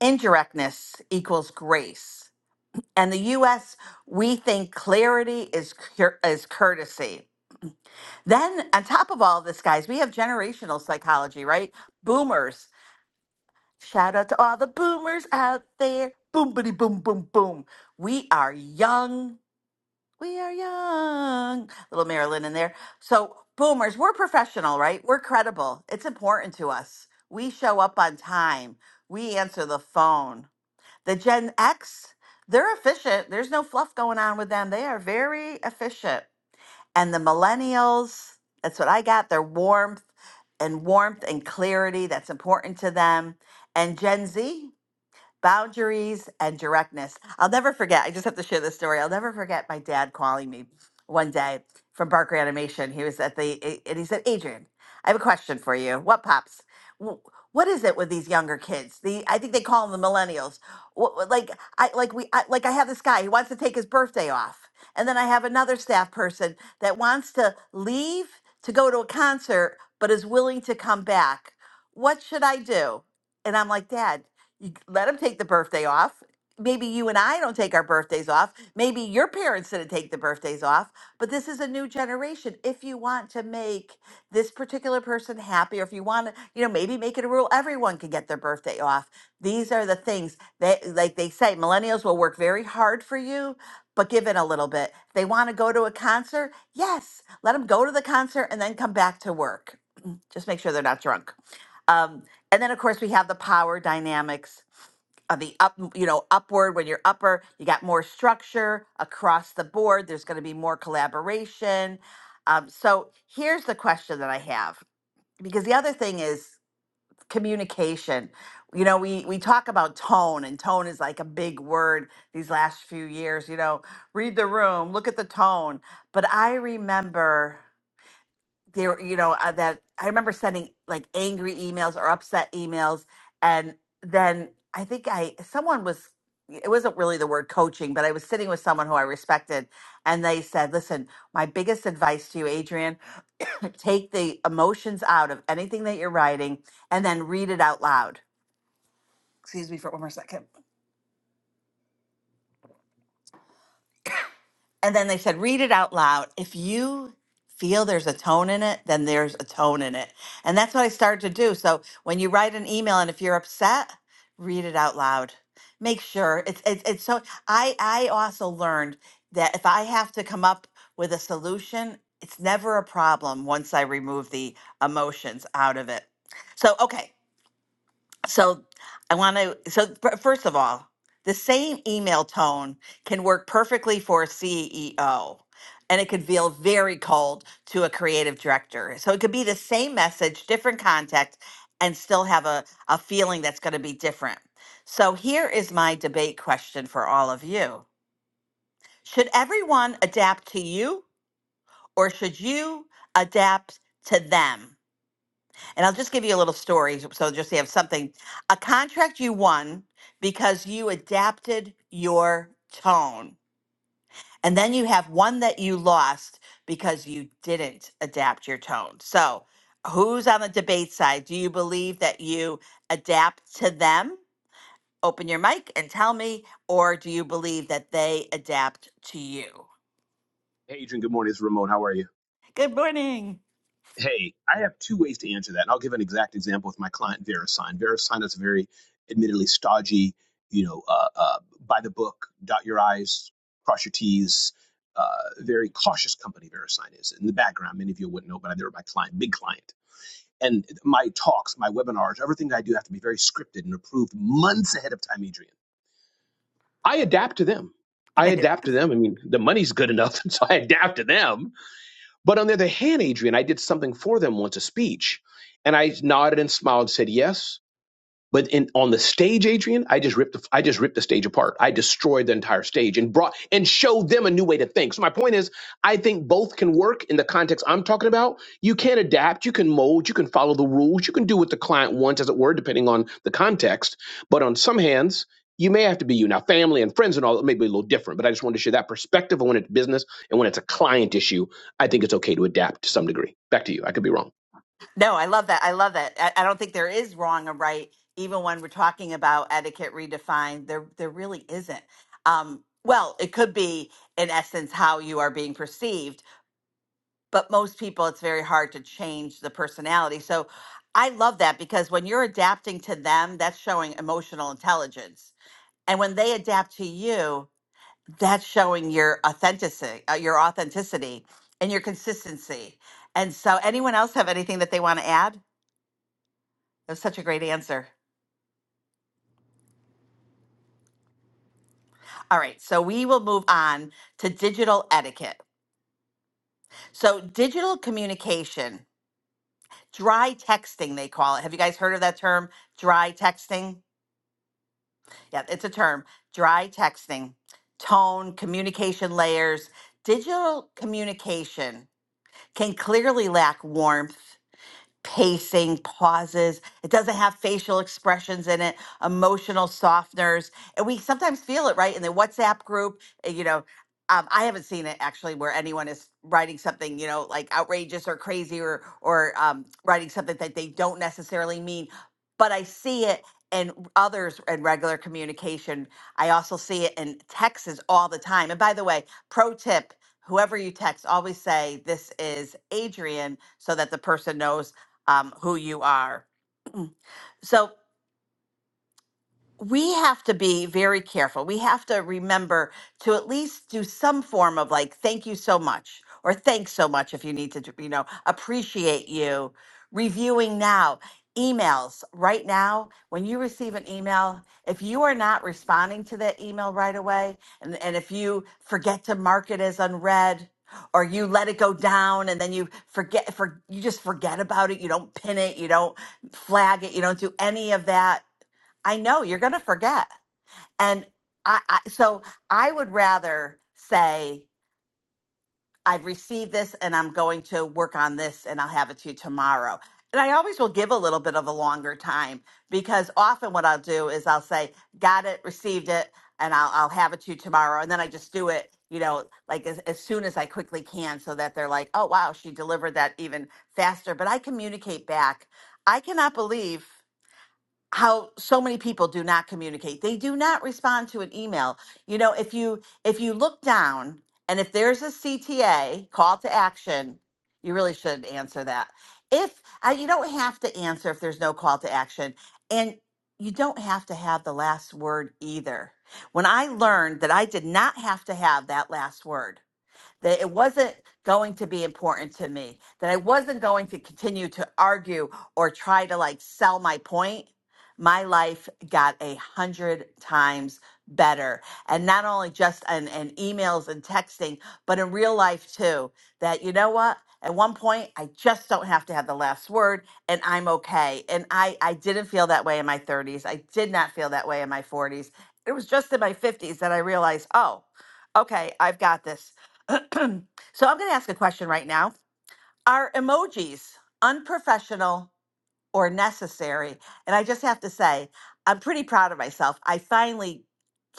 S22: indirectness equals grace, and the U.S. we think clarity is cur- is courtesy. Then on top of all this, guys, we have generational psychology, right? Boomers Shout out to all the boomers out there. Boom, bitty, boom, boom, boom. We are young. We are young. Little Marilyn in there. So, boomers, we're professional, right? We're credible. It's important to us. We show up on time, we answer the phone. The Gen X, they're efficient. There's no fluff going on with them. They are very efficient. And the millennials, that's what I got. Their warmth and warmth and clarity, that's important to them. And Gen Z? boundaries and directness. I'll never forget. I just have to share this story. I'll never forget my dad calling me one day from Barker Animation. He was at the, and he said, Adrian, I have a question for you. What pops? Wh- What is it with these younger kids? The I think they call them the millennials. Wh- wh- Like I like we I, like I have this guy. He wants to take his birthday off, and then I have another staff person that wants to leave to go to a concert, but is willing to come back. What should I do? And I'm like, Dad, you let them take the birthday off. Maybe you and I don't take our birthdays off. Maybe your parents didn't take the birthdays off, but this is a new generation. If you want to make this particular person happy, or if you want to, you know, maybe make it a rule everyone can get their birthday off. These are the things that, like they say, millennials will work very hard for you, but give in a little bit. They want to go to a concert. Yes, let them go to the concert and then come back to work. Just make sure they're not drunk. Um, and then of course we have the power dynamics of the up, you know, upward when you're upper, you got more structure across the board. There's going to be more collaboration. Um, so here's the question that I have, because the other thing is communication. You know, we we talk about tone, and tone is like a big word these last few years. You know, read the room, look at the tone. But I remember there you know uh, that i remember sending like angry emails or upset emails and then i think i someone was it wasn't really the word coaching but i was sitting with someone who i respected and they said listen my biggest advice to you adrian take the emotions out of anything that you're writing and then read it out loud excuse me for one more second And then they said, read it out loud. If you feel there's a tone in it, then there's a tone in it. And that's what I started to do. So when you write an email and if you're upset, read it out loud. Make sure it's it's, it's so I I also learned that if I have to come up with a solution, it's never a problem once I remove the emotions out of it. So okay, so I want to, so fir- first of all, the same email tone can work perfectly for a CEO and it can feel very cold to a creative director. So it could be the same message, different context, and still have a, a feeling that's going to be different. So here is my debate question for all of you Should everyone adapt to you or should you adapt to them? And I'll just give you a little story so so just to have something. A contract you won because you adapted your tone. And then you have one that you lost because you didn't adapt your tone. So, who's on the debate side? Do you believe that you adapt to them? Open your mic and tell me. Or do you believe that they adapt to you?
S13: Hey, Adrian, good morning. It's Ramon. How are you?
S22: Good morning.
S13: Hey, I have two ways to answer that. And I'll give an exact example with my client, VeriSign. VeriSign is a very, admittedly, stodgy, you know, uh, uh, by the book, dot your I's, cross your T's, uh, very cautious company, VeriSign is. In the background, many of you wouldn't know, but they were my client, big client. And my talks, my webinars, everything that I do have to be very scripted and approved months ahead of time, Adrian. I adapt to them. I adapt to them. I mean, the money's good enough, so I adapt to them. But on the other hand, Adrian, I did something for them once, a speech, and I nodded and smiled and said yes. But in on the stage, Adrian, I just ripped the, I just ripped the stage apart. I destroyed the entire stage and brought and showed them a new way to think. So my point is, I think both can work in the context I'm talking about. You can adapt, you can mold, you can follow the rules, you can do what the client wants, as it were, depending on the context. But on some hands, you may have to be you. Now, family and friends and all that may be a little different, but I just wanted to share that perspective on when it's business and when it's a client issue. I think it's okay to adapt to some degree. Back to you. I could be wrong.
S22: No, I love that. I love that. I, I don't think there is wrong or right, even when we're talking about etiquette redefined. There, there really isn't. Um, well, it could be in essence how you are being perceived, but most people, it's very hard to change the personality. So, I love that because when you're adapting to them, that's showing emotional intelligence, and when they adapt to you, that's showing your authenticity, uh, your authenticity, and your consistency. And so, anyone else have anything that they want to add? That's such a great answer. All right, so we will move on to digital etiquette. So, digital communication, dry texting, they call it. Have you guys heard of that term? Dry texting? Yeah, it's a term. Dry texting, tone, communication layers. Digital communication can clearly lack warmth pacing, pauses. It doesn't have facial expressions in it, emotional softeners. And we sometimes feel it, right? In the WhatsApp group, uh, you know, um, I haven't seen it actually where anyone is writing something, you know, like outrageous or crazy or or um, writing something that they don't necessarily mean. But I see it in others in regular communication. I also see it in texts all the time. And by the way, pro tip: whoever you text, always say this is Adrian, so that the person knows um, who you are. So we have to be very careful. We have to remember to at least do some form of like, thank you so much, or thanks so much if you need to, do- you know, appreciate you. Reviewing now, emails right now, when you receive an email, if you are not responding to that email right away, and, and if you forget to mark it as unread, or you let it go down and then you forget for you just forget about it you don't pin it you don't flag it you don't do any of that I know you're going to forget. And I, I, so I would rather say, I've received this and I'm going to work on this and I'll have it to you tomorrow. And I always will give a little bit of a longer time because often what I'll do is I'll say, got it, received it, and I'll, I'll have it to you tomorrow. And then I just do it, you know, like as, as soon as I quickly can so that they're like, oh, wow, she delivered that even faster. But I communicate back. I cannot believe how so many people do not communicate they do not respond to an email you know if you if you look down and if there's a cta call to action you really should answer that if uh, you don't have to answer if there's no call to action and you don't have to have the last word either when i learned that i did not have to have that last word that it wasn't going to be important to me, that I wasn't going to continue to argue or try to like sell my point. My life got a hundred times better. And not only just in, in emails and texting, but in real life too. That you know what? At one point, I just don't have to have the last word and I'm okay. And I, I didn't feel that way in my 30s. I did not feel that way in my 40s. It was just in my 50s that I realized, oh, okay, I've got this so I'm going to ask a question right now. Are emojis unprofessional or necessary. And I just have to say, I'm pretty proud of myself. I finally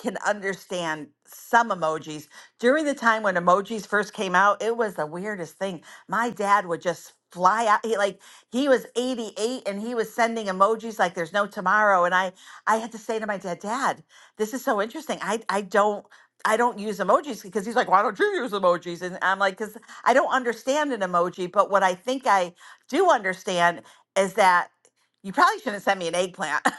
S22: can understand some emojis. During the time when emojis first came out, it was the weirdest thing. My dad would just fly out he like he was 88 and he was sending emojis like there's no tomorrow and I I had to say to my dad, "Dad, this is so interesting. I I don't I don't use emojis because he's like, "Why don't you use emojis?" And I'm like, "Cuz I don't understand an emoji, but what I think I do understand is that you probably shouldn't send me an eggplant.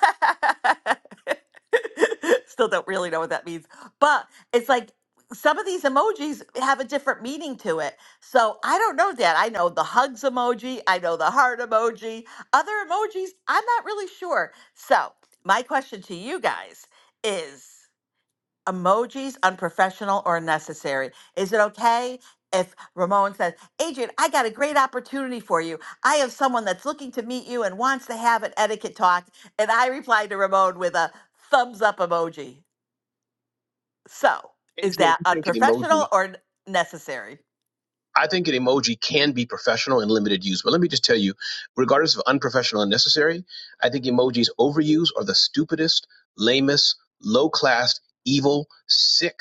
S22: Still don't really know what that means. But it's like some of these emojis have a different meaning to it. So I don't know that. I know the hugs emoji, I know the heart emoji, other emojis, I'm not really sure. So my question to you guys is emojis unprofessional or unnecessary. Is it okay if Ramon says, Adrian, I got a great opportunity for you. I have someone that's looking to meet you and wants to have an etiquette talk. And I replied to Ramon with a thumbs up emoji. So is
S13: Adrian,
S22: that
S13: I think an
S22: unprofessional
S13: emoji.
S22: or n- necessary?
S13: I think an emoji can be professional and limited use. But let me just tell you, regardless of unprofessional and necessary, I think emojis overused are the stupidest, lamest, low class, evil, sick.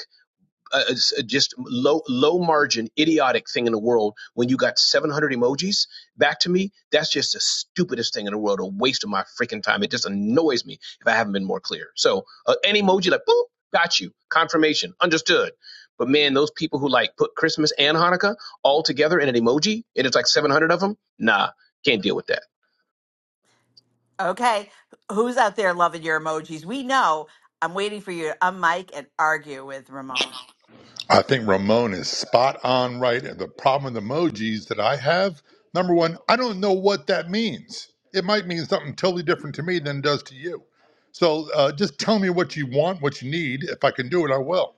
S13: uh, uh, just low low margin idiotic thing in the world when you got 700 emojis back to me that's just the stupidest thing in the world a waste of my freaking time it just annoys me if i haven't been more clear so uh, any emoji like boop got you confirmation understood but man those people who like put christmas and hanukkah all together in an emoji and it's like 700 of them nah can't deal with that
S22: Okay. Who's out there loving your emojis? We know. I'm waiting for you to unmic and argue with Ramon.
S24: I think Ramon is spot on right. And the problem with emojis that I have, number one, I don't know what that means. It might mean something totally different to me than it does to you. So uh, just tell me what you want, what you need. If I can do it, I will.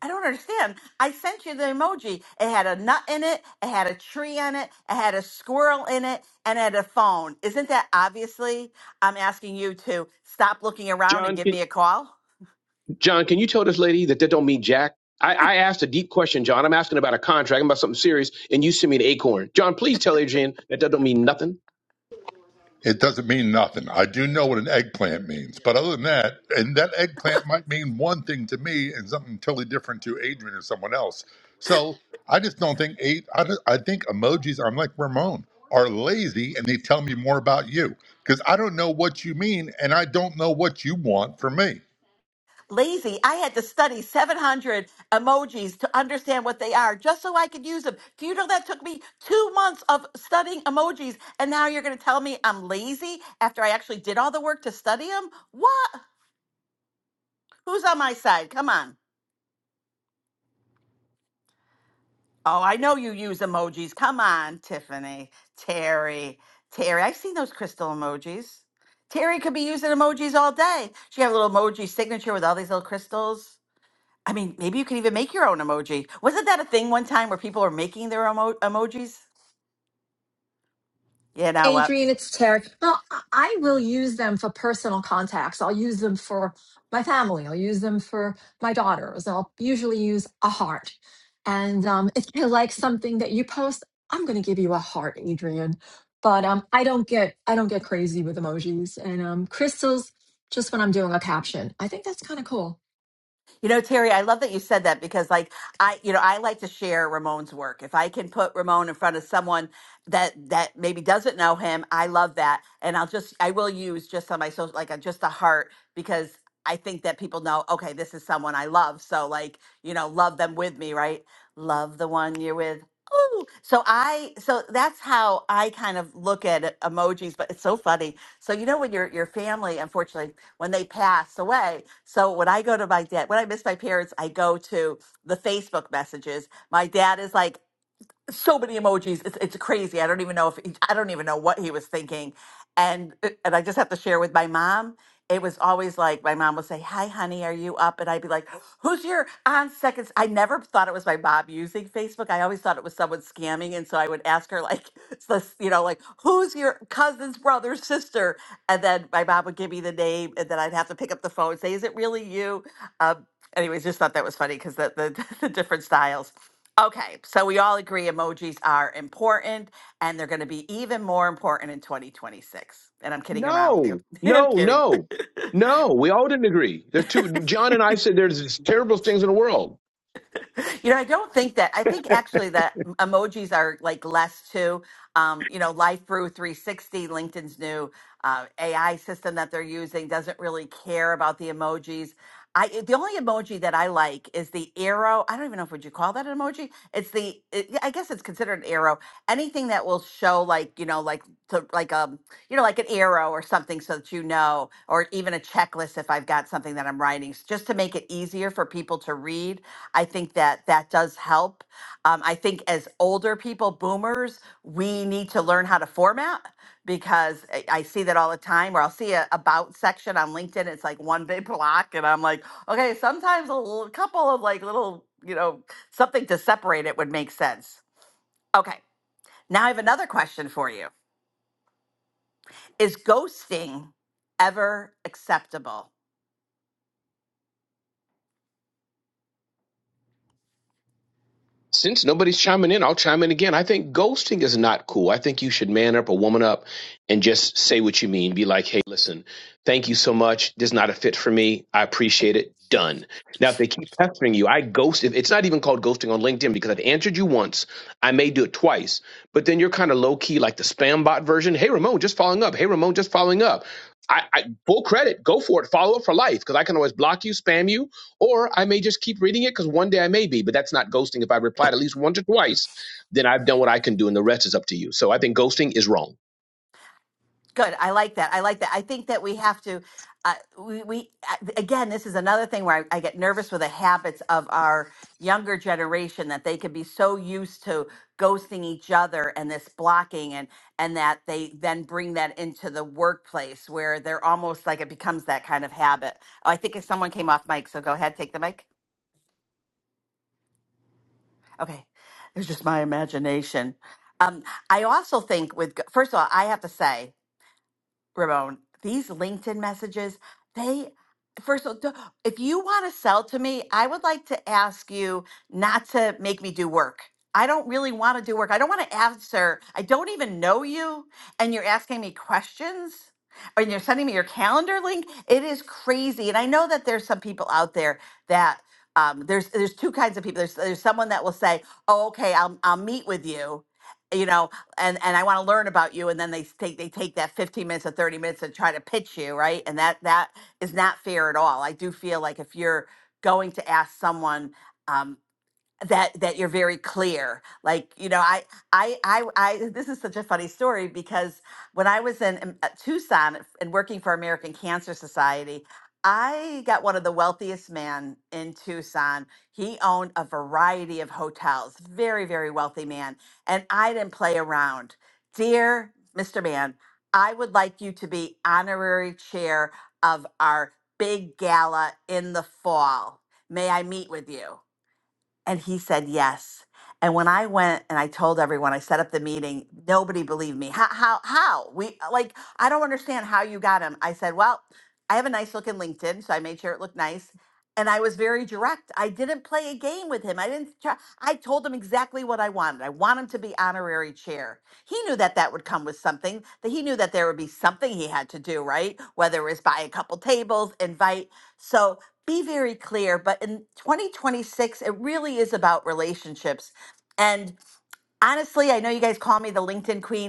S22: I don't understand. I sent you the emoji. It had a nut in it, it had a tree in it, it had a squirrel in it, and it had a phone. Isn't that obviously? I'm asking you to stop looking around and
S13: John,
S22: give
S13: can,
S22: me a call.
S13: John, can you tell this lady that that don't mean jack? I, I asked a deep question, John. I'm asking about a contract, I'm about something serious, and you send me an acorn. John, please tell Adrian that that don't mean nothing.
S24: It doesn't mean nothing. I do know what an eggplant means, but other than that, and that eggplant might mean one thing to me and something totally different to Adrian or someone else. So I just don't think eight. I, don't- I think emojis. I'm like Ramon are lazy and they tell me more about you because I don't know what you mean and I don't know what you want from me.
S22: Lazy. I had to study 700 emojis to understand what they are just so I could use them. Do you know that took me two months of studying emojis? And now you're going to tell me I'm lazy after I actually did all the work to study them? What? Who's on my side? Come on. Oh, I know you use emojis. Come on, Tiffany, Terry, Terry. I've seen those crystal emojis. Terry could be using emojis all day. She have a little emoji signature with all these little crystals. I mean, maybe you could even make your own emoji. Wasn't that a thing one time where people were making their emo- emojis? You know what?
S25: Adrian, it's Terry. Well, I I will use them for personal contacts. I'll use them for my family. I'll use them for my daughters. I'll usually use a heart. And um, if you like something that you post, I'm going to give you a heart, Adrian. But um, I don't get I don't get crazy with emojis and um, crystals. Just when I'm doing a caption, I think that's kind of cool.
S22: You know, Terry, I love that you said that because like I, you know, I like to share Ramon's work. If I can put Ramon in front of someone that that maybe doesn't know him, I love that. And I'll just I will use just on my social like a, just a heart because I think that people know, okay, this is someone I love. So like, you know, love them with me, right? Love the one you're with. Ooh. So I so that's how I kind of look at it, emojis, but it's so funny so you know when your your family, unfortunately, when they pass away. So when I go to my dad, when I miss my parents, I go to the Facebook messages. My dad is like, so many emojis. It's it's crazy. I don't even know if he, I don't even know what he was thinking. And uh, and I just have to share with my mom. It was always like my mom would say, "Hi, honey, are you up?" And I'd be like, "Who's your on seconds?" I never thought it was my mom using Facebook. I always thought it was someone scamming, and so I would ask her like, it's this, you know, like, "Who's your cousin's brother, sister?" And then my mom would give me the name, and then I'd have to pick up the phone and say, "Is it really you?" Um, anyways, just thought that was funny because the, the the different styles. Okay, so we all agree emojis are important and they're going to be even more important in 2026. And I'm kidding around with you.
S13: No,
S22: I'm
S13: no,
S22: kidding.
S13: no, no. We all didn't agree. There's two. John and I said there's these terrible things in the world.
S22: You know, I don't think that. I think actually that emojis are like less too. Um, you know, Life Brew 360, LinkedIn's new uh, AI system that they're using doesn't really care about the emojis. I the only emoji that I like is the arrow. I don't even know if would you call that an emoji. It's the it, yeah, I guess it's considered an arrow. Anything that will show like you know like to like um you know like an arrow or something so that you know or even a checklist if I've got something that I'm writing s- just to make it easier for people to read I think that that does help. Um, I think as older people, boomers, we need to learn how to format because I, I see that all the time. Or I'll see a about section on LinkedIn. It's like one big block, and I'm like, okay. Sometimes a little, couple of like little, you know, something to separate it would make sense. Okay. Now I have another question for you. Is ghosting ever acceptable?
S13: Since nobody's chiming in, I'll chime in again. I think ghosting is not cool. I think you should man up or woman up and just say what you mean. Be like, hey, listen, thank you so much. This is not a fit for me. I appreciate it. Done. Now, if they keep pestering you, I ghost. If it's not even called ghosting on LinkedIn because I've answered you once, I may do it twice. But then you're kind of low key, like the spam bot version. Hey, Ramon, just following up. Hey, Ramon, just following up. I, I full credit. Go for it. Follow up for life because I can always block you, spam you, or I may just keep reading it because one day I may be, but that's not ghosting. If I replied at least once or twice, then I've done what I can do, and the rest is up to you. So I think ghosting is wrong.
S22: Good. I like that. I like that. I think that we have to. Uh, we, we uh, again, this is another thing where I, I get nervous with the habits of our younger generation that they could be so used to ghosting each other and this blocking and and that they then bring that into the workplace where they're almost like it becomes that kind of habit. Oh, I think if someone came off mic, so go ahead, take the mic. Okay, it was just my imagination. Um, I also think with first of all, I have to say Ramon, these LinkedIn messages, they first of all, don't- if you want to sell to me, I would like to ask you not to make me do work. I don't really want to do work. I don't want to answer. I don't even know you, and you're asking me questions. And you're sending me your calendar link. It is crazy, and I know that there's some people out there that um, there's there's two kinds of people. There's there's someone that will say, "Oh, okay, I'll I'll meet with you," you know, and and I want to learn about you, and then they take they take that fifteen minutes or thirty minutes to try to pitch you, right? And that that is not fair at all. I do feel like if you're going to ask someone. um, that that you're very clear like you know I, I i i this is such a funny story because when i was in, in at tucson and working for american cancer society i got one of the wealthiest men in tucson he owned a variety of hotels very very wealthy man and i didn't play around dear mr man i would like you to be honorary chair of our big gala in the fall may i meet with you and he said yes. And when I went and I told everyone, I set up the meeting, nobody believed me. How, how, how? We, uh, like, I don't understand how you got him. I said, well, I have a nice looking LinkedIn, so I made sure it looked nice. And I was very direct. I didn't play a game with him. I didn't try. I told him exactly what I wanted. I want him to be honorary chair. He knew that that would come with something, that he knew that there would be something he had to do, right? Whether it was buy a couple tables, invite. So be very clear, but in 2026, it really is about relationships. And honestly, I know you guys call me the LinkedIn queen.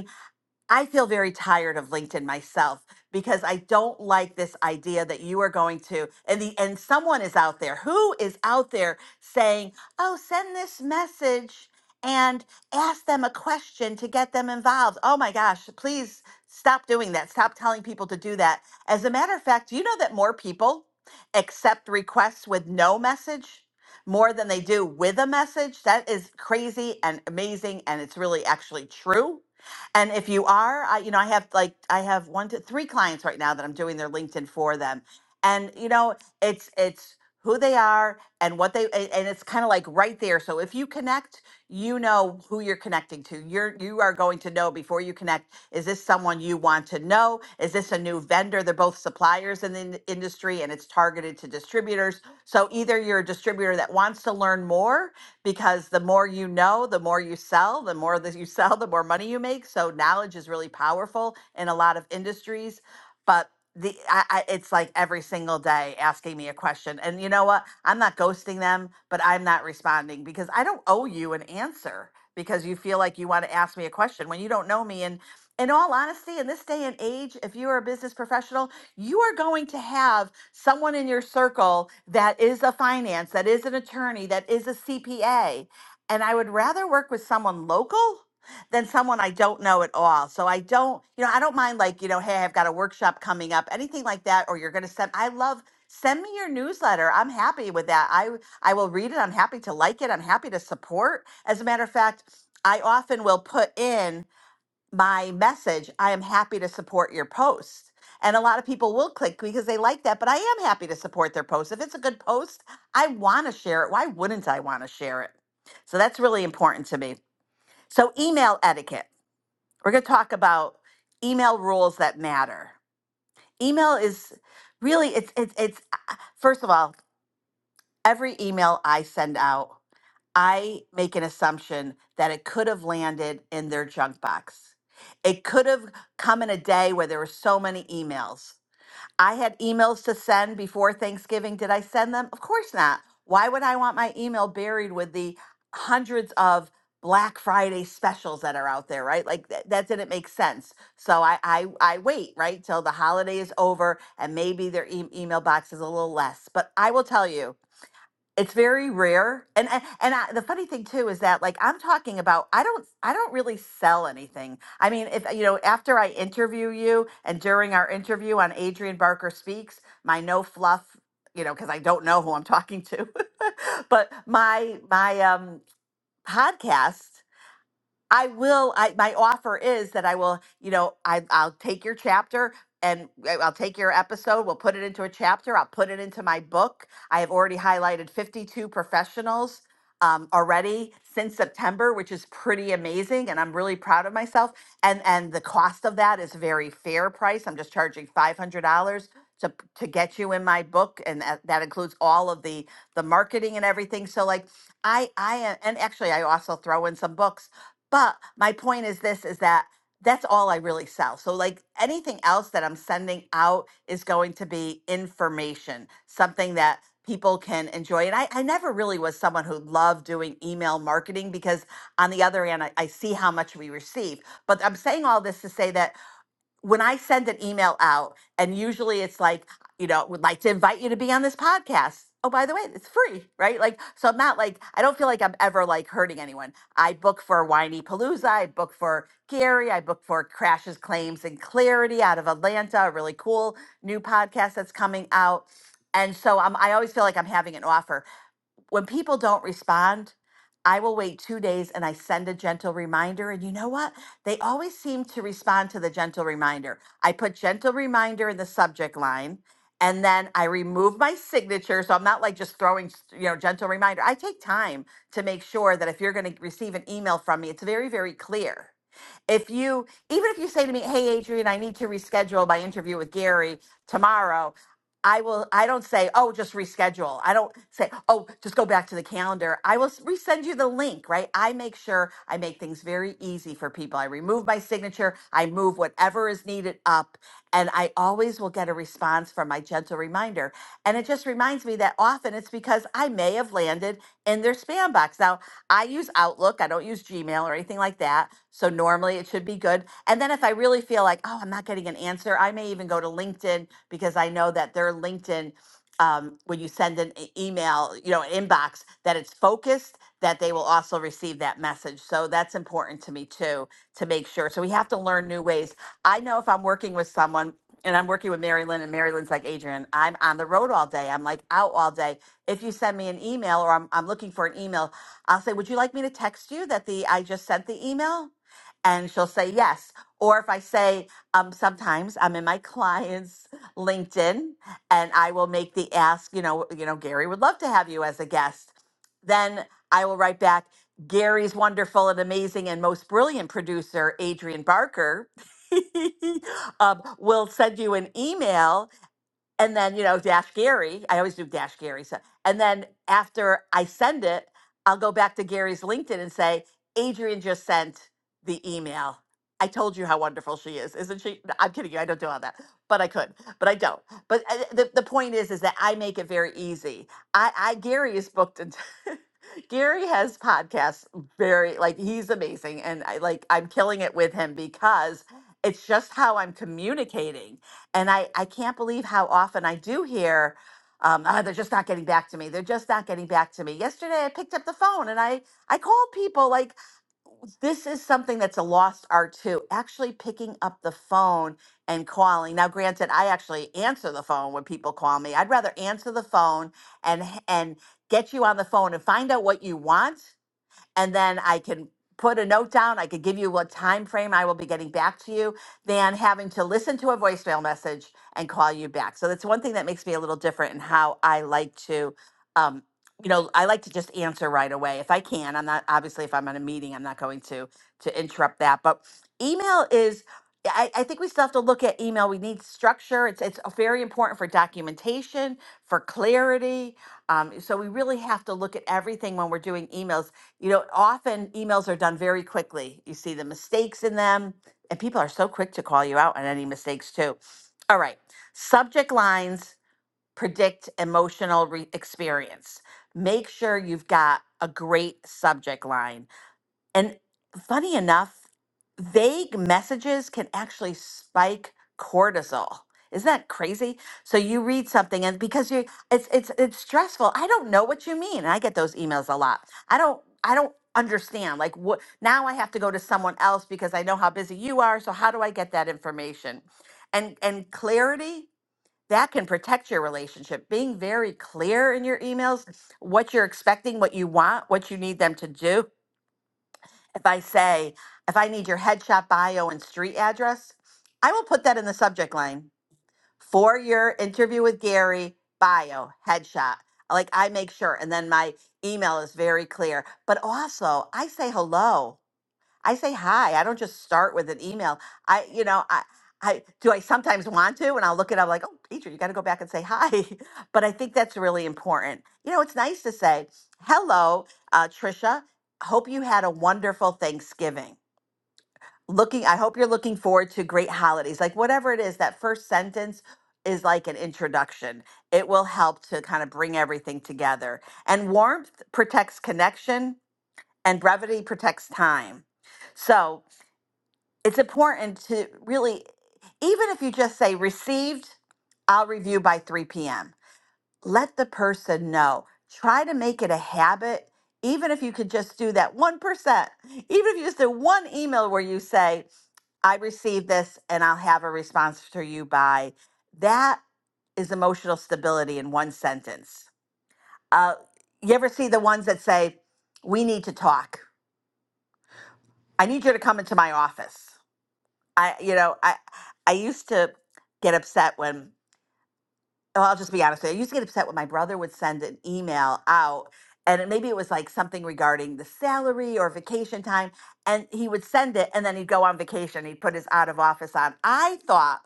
S22: I feel very tired of LinkedIn myself because I don't like this idea that you are going to and the and someone is out there who is out there saying, "Oh, send this message and ask them a question to get them involved." Oh my gosh, please stop doing that. Stop telling people to do that. As a matter of fact, do you know that more people accept requests with no message? More than they do with a message. That is crazy and amazing, and it's really actually true and if you are, I, you know, I have like I have one to three clients right now that I'm doing their LinkedIn for them. And you know, it's it's who they are and what they a- and it's kind of like right there. So if you connect, you know who you're connecting to. You're you are going to know before you connect, is this someone you want to know? Is this a new vendor? They're both suppliers in the in- industry and it's targeted to distributors. So either you're a distributor that wants to learn more because the more you know, the more you sell, the more that you sell, the more money you make. So knowledge is really powerful in a lot of industries. But the I, I, it's like every single day asking me a question, and you know what? I'm not ghosting them, but I'm not responding because I don't owe you an answer because you feel like you want to ask me a question when you don't know me. And in all honesty, in this day and age, if you are a business professional, you are going to have someone in your circle that is a finance, that is an attorney, that is a CPA. And I would rather work with someone local than someone I don't know at all. So I don't, you know, I don't mind like, you know, hey, I've got a workshop coming up, anything like that, or you're going to send, I love, send me your newsletter. I'm happy with that. I, I will read it. I'm happy to like it. I'm happy to support. As a matter of fact, I often will put in my message, I am happy to support your post. And a lot of people will click because they like that, but I am happy to support their post. If it's a good post, I want to share it. Why wouldn't I want to share it? So that's really important to me. So, email etiquette. We're going to talk about email rules that matter. Email is really it's it's it's uh, first of all, every email I send out I make an assumption that it could have landed in their junk box. It could have come in a day where there were so many emails. I had emails to send before Thanksgiving. Did I send them? Of course not. Why would I want my email buried with the hundreds of Black Friday specials that are out there, right? Like th- that didn't make sense. So I I, I wait, right, till the holiday is over and maybe their e- email box is a little less. But I will tell you, it's very rare and and, and I, the funny thing too is that like i'm talking about i don't i don't really sell anything i mean if you know after i interview you and during our interview on adrian barker speaks my no fluff you know because i don't know who i'm talking to but my my um podcast I will. I my offer is that I will. You know, I I'll take your chapter and I- I'll take your episode. We'll put it into a chapter. I'll put it into my book. I have already highlighted 52 professionals um, already since September, which is pretty amazing, and I'm really proud of myself. And and the cost of that is very fair price. I'm just charging $500 to p- to get you in my book, and that, that includes all of the the marketing and everything. So like I I am, and actually I also throw in some books. But my point is this is that that's all I really sell. So like anything else that I'm sending out is going to be information, something that people can enjoy. And I, I never really was someone who loved doing email marketing because on the other hand, I, I see how much we receive. But I'm saying all this to say that when I send an email out, and usually it's like, you know, would like to invite you to be on this podcast. Oh, by the way, it's free, right? Like, so I'm not like, I don't feel like I'm ever like hurting anyone. I book for Whiny Palooza. I book for Gary. I book for Crashes, Claims, and Clarity out of Atlanta, a really cool new podcast that's coming out. And so I'm, I always feel like I'm having an offer when people don't respond, I will wait two days and I send a gentle reminder. And you know what? They always seem to respond to the gentle reminder. I put gentle reminder in the subject line and then I remove my signature. So I'm not like just throwing, s- you know, gentle reminder. I take time to make sure that if you're going to receive an email from me, it's very, very clear. If you, even if you say to me, hey, Adrian, I need to reschedule my interview with Gary tomorrow, I will I don't say, "Oh, just reschedule." I don't say, "Oh, just go back to the calendar." I will s- resend you the link, right? I make sure I make things very easy for people. I remove my signature, I move whatever is needed up, and I always will get a response from my gentle reminder. And it just reminds me that often it's because I may have landed in their spam box. Now, I use Outlook. I don't use Gmail or anything like that. So normally it should be good. And then if I really feel like, oh, I'm not getting an answer, I may even go to LinkedIn because I know that their LinkedIn, um, when you send an e- email, you know, inbox, that it's focused, that they will also receive that message. So that's important to me too, to make sure. So we have to learn new ways. I know if I'm working with someone, and I'm working with Mary Lynn, and Mary Lynn's like, Adrian, I'm on the road all day. I'm like out all day. If you send me an email or I'm, I'm looking for an email, I'll say, Would you like me to text you that the I just sent the email? And she'll say yes. Or if I say, um, sometimes I'm in my client's LinkedIn and I will make the ask, you know, you know, Gary would love to have you as a guest. Then I will write back, Gary's wonderful and amazing and most brilliant producer, Adrian Barker, um, will send you an email and then you know dash gary i always do dash gary so and then after i send it i'll go back to gary's linkedin and say adrian just sent the email i told you how wonderful she is isn't she No, i'm kidding you i don't do all that but i could but i don't but uh, the, the point is is that i make it very easy i i gary is booked and gary has podcasts very like he's amazing and i like i'm killing it with him because it's just how i'm communicating and I, I can't believe how often I do hear, um, "Ah, they're just not getting back to me. They're just not getting back to me. Yesterday, I picked up the phone and I, I called people. Like, this is something that's a lost art, too. Actually picking up the phone and calling. Now, granted, I actually answer the phone when people call me. I'd rather answer the phone and, h- and get you on the phone and find out what you want and then I can put a note down. I could give you what time frame I will be getting back to you than having to listen to a voicemail message and call you back. So that's one thing that makes me a little different in how I like to um you know, I like to just answer right away if I can. I'm not obviously if I'm on a meeting, I'm not going to to interrupt that. But email is I, I think we still have to look at email. We need structure. It's it's very important for documentation, for clarity. Um, so we really have to look at everything when we're doing emails you know, often emails are done very quickly. You see the mistakes in them, and people are so quick to call you out on any mistakes, too. All right. Subject lines predict emotional re- experience. Make sure you've got a great subject line and funny enough, vague messages can actually spike cortisol. Isn't that crazy? So you read something and because you it's it's it's stressful. I don't know what you mean. And I get those emails a lot. I don't I don't understand. Like what now I have to go to someone else because I know how busy you are. So how do I get that information? And and clarity that can protect your relationship. Being very clear in your emails, what you're expecting, what you want, what you need them to do if I say, if I need your headshot bio and street address, I will put that in the subject line for your interview with Gary, bio, headshot. Like I make sure. And then my email is very clear. But also, I say hello. I say hi. I don't just start with an email. I, you know, I, I do. I sometimes want to, and I'll look it up like, oh, teacher, you got to go back and say hi. But I think that's really important. You know, it's nice to say, hello, uh, Trisha. Hope you had a wonderful Thanksgiving. Looking, I hope you're looking forward to great holidays. Like whatever it is, that first sentence is like an introduction. It will help to kind of bring everything together. And warmth protects connection, and brevity protects time. So it's important to really, even if you just say received, I'll review by 3 p.m. Let the person know. Try to make it a habit, even if you could just do that 1%. Even if you just do one email where you say, I received this and I'll have a response to you by. That is emotional stability in one sentence. Uh, you ever see the ones that say, We need to talk? I need you to come into my office. I, you know, I, I used to get upset when, well, I'll just be honest with you. I used to get upset when my brother would send an email out and it- maybe it was like something regarding the salary or vacation time. And he would send it and then he'd go on vacation. He'd put his out of office on. I thought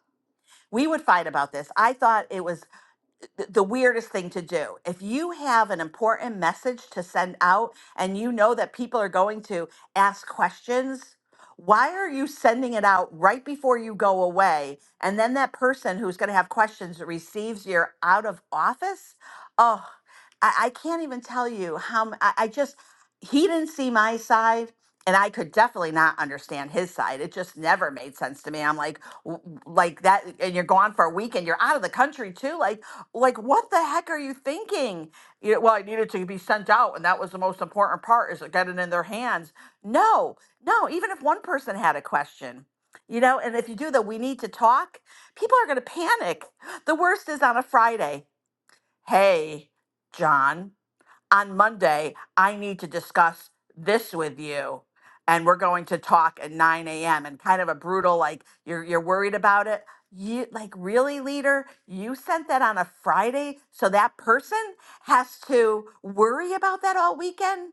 S22: we would fight about this. I thought it was th- the weirdest thing to do. If you have an important message to send out and you know that people are going to ask questions, why are you sending it out right before you go away? And then that person who's going to have questions receives your out of office? Oh, I, I can't even tell you how m- I, I just he didn't see my side and I could definitely not understand his side. It just never made sense to me. I'm like w- w- like that and you're gone for a week and you're out of the country too. Like like what the heck are you thinking? You know, well, I needed to be sent out and that was the most important part is to get it in their hands. No. No, even if one person had a question. You know, and if you do the we need to talk, people are going to panic. The worst is on a Friday. Hey, John on Monday, I need to discuss this with you. And we're going to talk at 9 a.m. and kind of a brutal, like, you're, you're worried about it. You like really leader, you sent that on a Friday. So that person has to worry about that all weekend.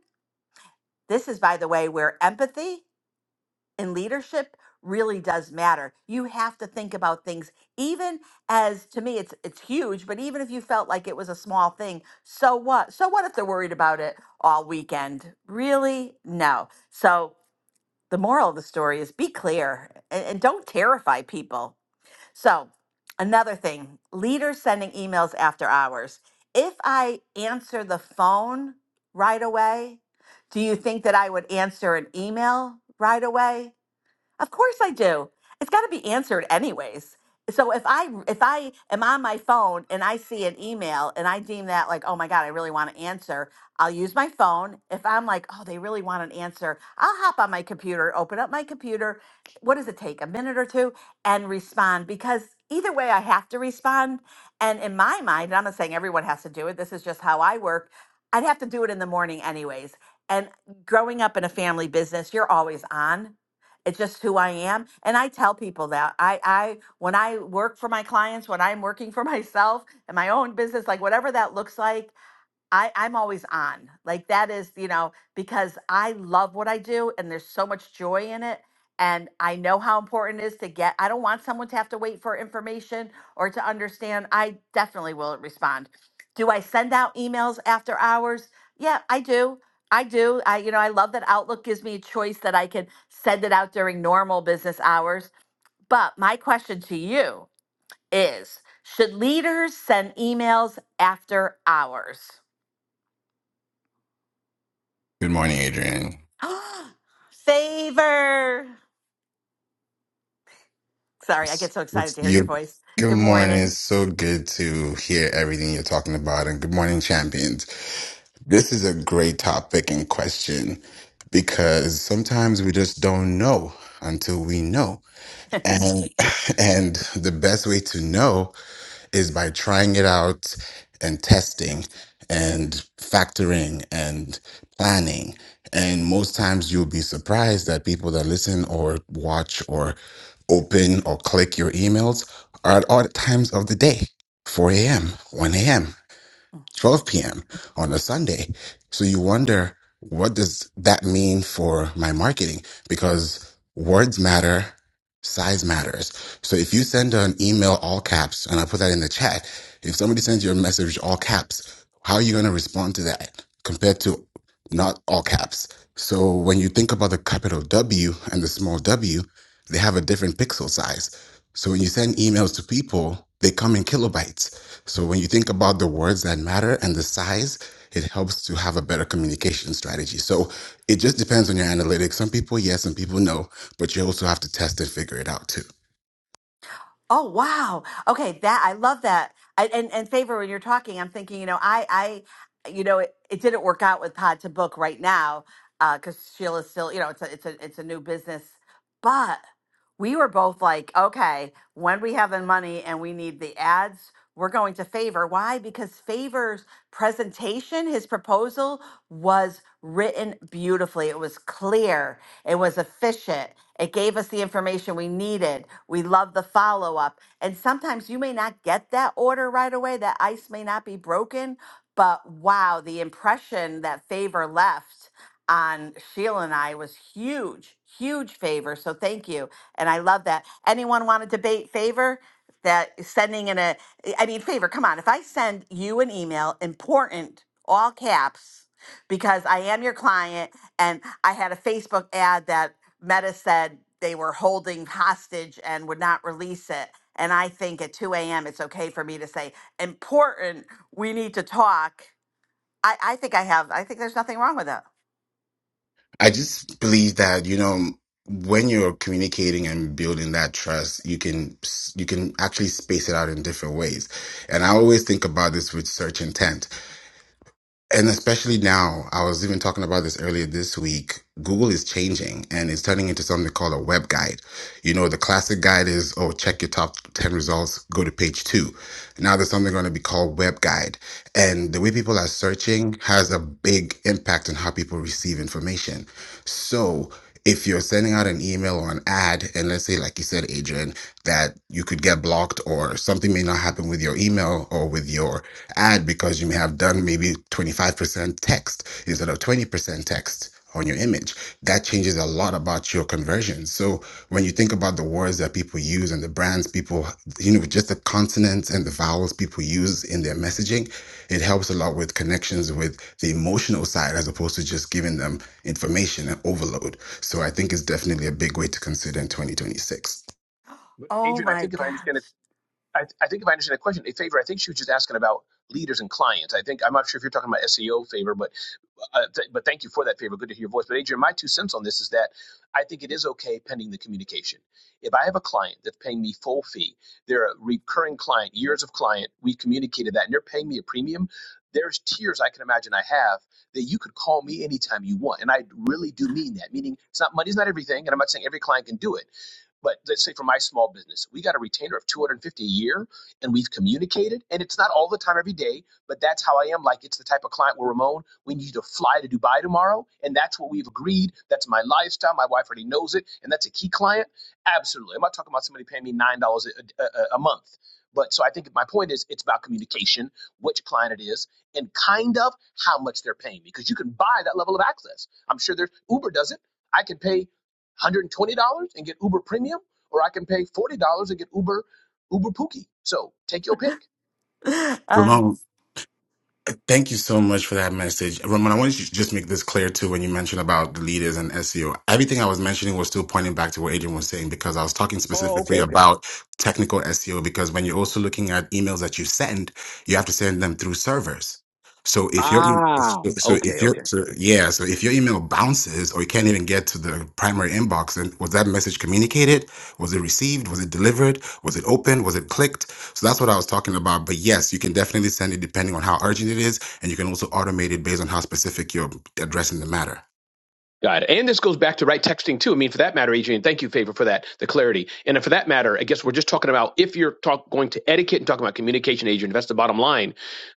S22: This is, by the way, where empathy in leadership really does matter. You have to think about things even as to me it's it's huge, but even if you felt like it was a small thing, so what? So what if they're worried about it all weekend? Really? No. So the moral of the story is be clear and, and don't terrify people. So another thing, leaders sending emails after hours. If I answer the phone right away, do you think that I would answer an email right away? Of course I do. It's got to be answered anyways. So if I if I am on my phone and I see an email and I deem that like, oh my God, I really want to answer, I'll use my phone. If I'm like, oh, they really want an answer, I'll hop on my computer, open up my computer. What does it take? A minute or two and respond because either way I have to respond. And in my mind, and I'm not saying everyone has to do it. This is just how I work. I'd have to do it in the morning anyways. And growing up in a family business, you're always on. It's just who I am. And I tell people that. I, I when I work for my clients, when I'm working for myself and my own business, like whatever that looks like, I, I'm always on. Like that is, you know, because I love what I do and there's so much joy in it. And I know how important it is to get, I don't want someone to have to wait for information or to understand. I definitely will respond. Do I send out emails after hours? Yeah, I do. I do. I, you know, I love that Outlook gives me a choice that I can send it out during normal business hours. But my question to you is should leaders send emails after hours?
S26: Good morning, Adrian.
S22: Favor. Sorry, I
S26: It's,
S22: get so excited
S26: it's
S22: to hear your
S26: you.
S22: voice.
S26: Good
S22: Good
S26: morning. It's
S22: morning.
S26: so good to hear everything you're talking about. And good morning, champions. This is a great topic and question because sometimes we just don't know until we know. And and the best way to know is by trying it out and testing and factoring and planning. And most times you'll be surprised that people that listen or watch or open or click your emails are at odd times of the day 4 a.m., 1 a.m. 12 p.m. on a Sunday. So you wonder, what does that mean for my marketing? Because words matter, size matters. So if you send an email all caps, and I put that in the chat, if somebody sends you a message all caps, how are you going to respond to that compared to not all caps? So when you think about the capital W and the small w, they have a different pixel size. So when you send emails to people, they come in kilobytes so when you think about the words that matter and the size, it helps to have a better communication strategy. So it just depends on your analytics. Some people yes, some people no, but you also have to test and figure it out too.
S22: Oh wow. Okay, that I love that. I, and and favor when you're talking, I'm thinking, you know, I I you know, it, it didn't work out with Pod to Book right now uh cuz Sheila's still, you know, it's a it's a it's a new business. But we were both like, okay, when we have the money and we need the ads, we're going to Favor. Why? Because Favor's presentation, his proposal was written beautifully. It was clear it was efficient. It gave us the information we needed. We love the follow up. And sometimes you may not get that order right away. That ice may not be broken, but wow, the impression that favor left on Sheila and I was huge, huge favor. So thank you. And I love that. Anyone want to debate favor? That sending in a, I mean, favor, come on. If I send you an email, important, all caps, because I am your client and I had a Facebook ad that Meta said they were holding hostage and would not release it. And I think at 2 a.m. it's okay for me to say, important, we need to talk. I, I think I have, I think there's nothing wrong with it.
S26: I just believe that, you know, when you're communicating and building that trust, you can you can actually space it out in different ways. And I always think about this with search intent And especially now, I was even talking about this earlier this week. Google is changing and it's turning into something called a web guide. You know, the classic guide is, oh, check your top 10 results, go to page two. Now there's something going to be called web guide. And the way people are searching has a big impact on how people receive information. So, if you're sending out an email or an ad, and let's say, like you said, Adrian, that you could get blocked or something may not happen with your email or with your ad because you may have done maybe 25% text instead of 20% text on your image. That changes a lot about your conversion. So when you think about the words that people use and the brands people, you know, just the consonants and the vowels people use in their messaging, it helps a lot with connections with the emotional side as opposed to just giving them information and overload. So I think it's definitely a big way to consider in 2026.
S13: But
S22: Oh
S13: Adrian, I
S22: my
S13: think if I
S22: gosh.
S13: understand it, I, I think if I understand the question, a favor. I think she was just asking about leaders and clients. I think I'm not sure if you're talking about SEO favor, but uh, th- but thank you for that favor. Good to hear your voice. But Adrian, my two cents on this is that I think it is okay pending the communication. If I have a client that's paying me full fee, they're a recurring client, years of client, we've communicated that, and they're paying me a premium. There's tiers I can imagine I have that you could call me anytime you want. And I really do mean that, meaning it's not money's not everything. And I'm not saying every client can do it but let's say for my small business, we got a retainer of 250 a year and we've communicated and it's not all the time every day, but that's how I am. Like it's the type of client where Ramon, we need you to fly to Dubai tomorrow. And that's what we've agreed. That's my lifestyle. My wife already knows it. And that's a key client. Absolutely. I'm not talking about somebody paying me $9 a, a, a month. But so I think my point is it's about communication, which client it is, and kind of how much they're paying me because you can buy that level of access. I'm sure there's Uber does it. I can pay $120 and get Uber Premium, or I can pay $40 and get Uber Uber Pookie. So take your pick.
S22: Uh,
S26: Ramon, Thank you so much for that message. Roman, I want to just make this clear too when you mentioned about the leaders and SEO. Everything I was mentioning was still pointing back to what Adrian was saying because I was talking
S13: Oh,
S26: specifically
S13: okay, okay.
S26: about technical SEO because when you're also looking at emails that you send, you have to send them through servers. So if your e-
S13: Ah,
S26: so
S13: okay,
S26: if your
S13: okay,
S26: so yeah, so if your email bounces or you can't even get to the primary inbox, then was that message communicated? Was it received? Was it delivered? Was it opened? Was it clicked? So that's what I was talking about. But yes, you can definitely send it depending on how urgent it is, and you can also automate it based on how specific you're addressing the matter.
S13: Got it. And this goes back to right texting too. I mean, for that matter, Adrian, thank you, Favor, for that, the clarity. And for that matter, I guess we're just talking about if you're talk, going to etiquette and talking about communication, Adrian, if that's the bottom line,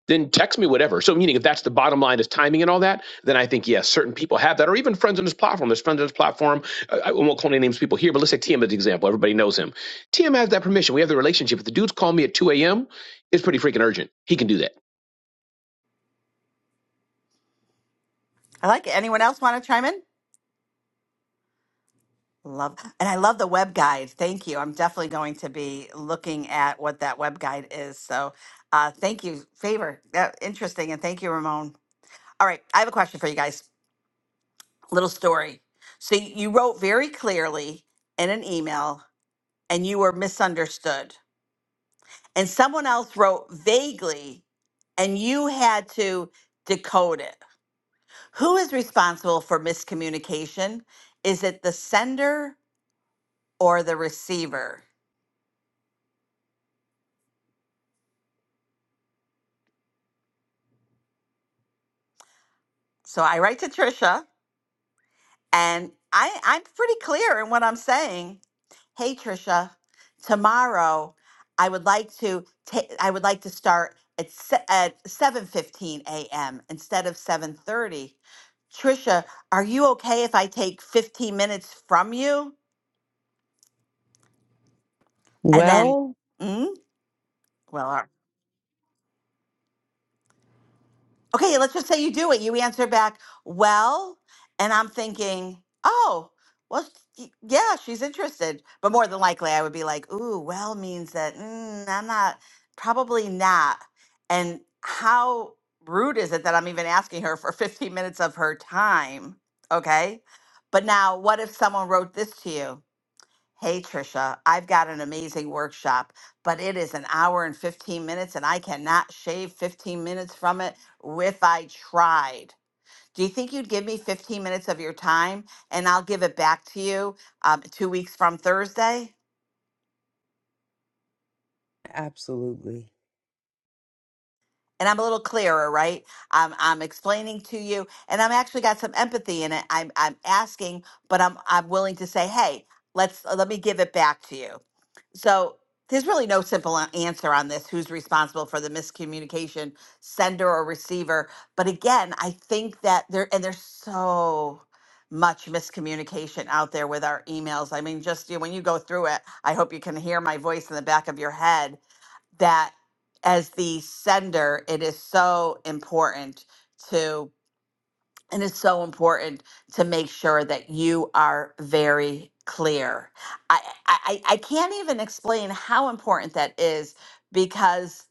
S13: then text me whatever. So, meaning if that's the bottom line is timing and all that, then I think, yes, certain people have that, or even friends on this platform. There's friends on this platform. I, I won't call any names of people here, but let's say TM as an example. Everybody knows him. TM has that permission. We have the relationship. If the dude's calling me at 2 a.m., it's pretty freaking urgent. He can do that.
S22: I like it. Anyone else want to chime in? Love, and I love the web guide. Thank you. I'm definitely going to be looking at what that web guide is. So uh, thank you, Favor. Uh, interesting. And thank you, Ramon. All right. I have a question for you guys. little story. So you wrote very clearly in an email and you were misunderstood. And someone else wrote vaguely and you had to decode it. Who is responsible for miscommunication? Is it the sender or the receiver? So I write to Trisha And I, I'm pretty clear in what I'm saying. Hey, Trisha, tomorrow I would like to take. I would like to start at se- at 7:15 a.m. instead of 7:30. Trisha, are you okay if I take 15 minutes from you? And then,
S3: Well,
S22: mm, well, all right. okay, let's just say you do it. You answer back, well, and I'm thinking, oh, well, y- yeah, she's interested. But more than likely, I would be like, ooh, well means that mm, I'm not, probably not. And how rude is it that I'm even asking her for 15 minutes of her time? Okay. But now, what if someone wrote this to you? Hey, Trisha, I've got an amazing workshop, but it is an hour and 15 minutes, and I cannot shave 15 minutes from it if I tried. Do you think you'd give me 15 minutes of your time and I'll give it back to you um, two weeks from Thursday?
S3: absolutely.
S22: And I'm a little clearer, right? I'm, I'm explaining to you, and I'm actually got some empathy in it. I'm, I'm asking, but I'm, I'm willing to say, hey, let's let me give it back to you. So there's really no simple a- answer on this who's responsible for the miscommunication, sender or receiver. But again, I think that there, and there's so much miscommunication out there with our emails. I mean, just you know, when you go through it, I hope you can hear my voice in the back of your head that as the sender, it is so important to. And it's so important to make sure that you are very clear. I, I, I can't even explain how important that is because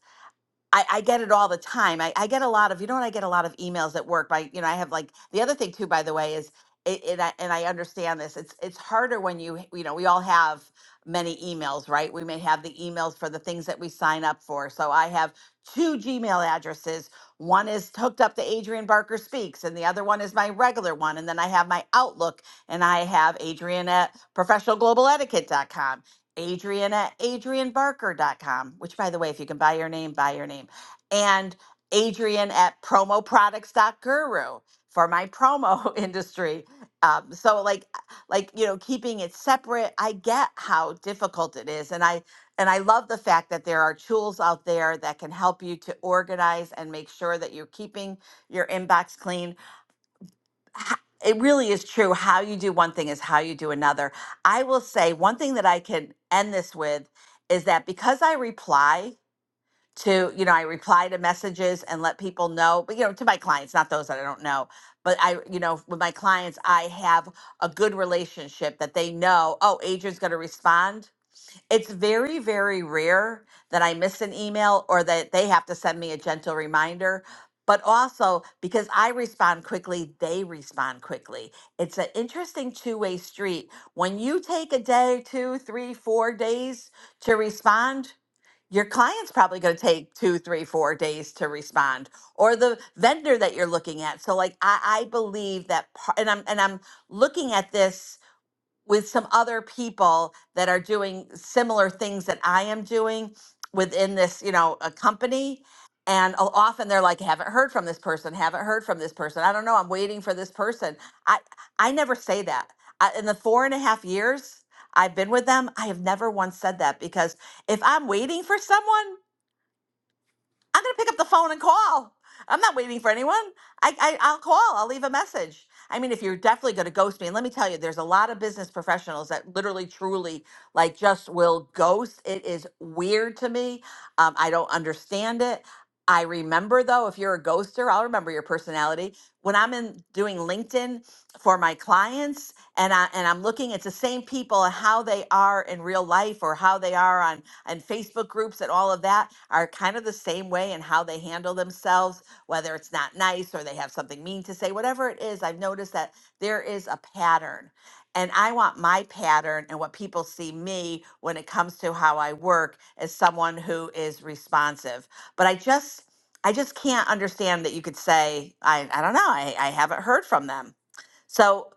S22: I, I get it all the time. I, I get a lot of, you know what? I get a lot of emails at work by, you know, I have like the other thing too, by the way, is it, and I, and I understand this. It's, it's harder when you, you know, we all have many emails, right? We may have the emails for the things that we sign up for. So I have two Gmail addresses. One is hooked up to Adrian Barker Speaks and the other one is my regular one. And then I have my Outlook and I have Adrian at professionalglobaletiquette.com Adrian at adrianbarker.com, which by the way, if you can buy your name, buy your name. And Adrian at promoproducts.guru for my promo industry. Um, so like like you know, keeping it separate, I get how difficult it is. And I and I love the fact that there are tools out there that can help you to organize and make sure that you're keeping your inbox clean h- it really is true. How you do one thing is how you do another. I will say one thing that I can end this with is that because I reply to, you know, I reply to messages and let people know, but, you know, to my clients, not those that I don't know, but I, you know, with my clients, I have a good relationship that they know, oh, Adrian's going to respond it's very very rare that i miss an email or that they have to send me a gentle reminder but also because i respond quickly they respond quickly it's an interesting two-way street when you take a day two three four days to respond your client's probably going to take two three four days to respond or the vendor that you're looking at so like i, I believe that par- and i'm and i'm looking at this with some other people that are doing similar things that I am doing within this, you know, a company. And o- often they're like, haven't heard from this person, haven't heard from this person. I don't know. I'm waiting for this person. I I never say that. I, in the four and a half years I've been with them, I have never once said that because if I'm waiting for someone, I'm gonna pick up the phone and call. I'm not waiting for anyone. I, I I'll call. I'll leave a message. I mean, if you're definitely gonna ghost me, and let me tell you, there's a lot of business professionals that literally, truly, like, just will ghost. It is weird to me. Um, I don't understand it. I remember though, if you're a ghoster, I'll remember your personality. When I'm in doing LinkedIn for my clients, and I and I'm looking, it's the same people and how they are in real life or how they are on and Facebook groups and all of that are kind of the same way in how they handle themselves, whether it's not nice or they have something mean to say, whatever it is. I've noticed that there is a pattern. And I want my pattern and what people see me when it comes to how I work as someone who is responsive. But I just, I just can't understand that you could say, I, I don't know, I, I haven't heard from them. So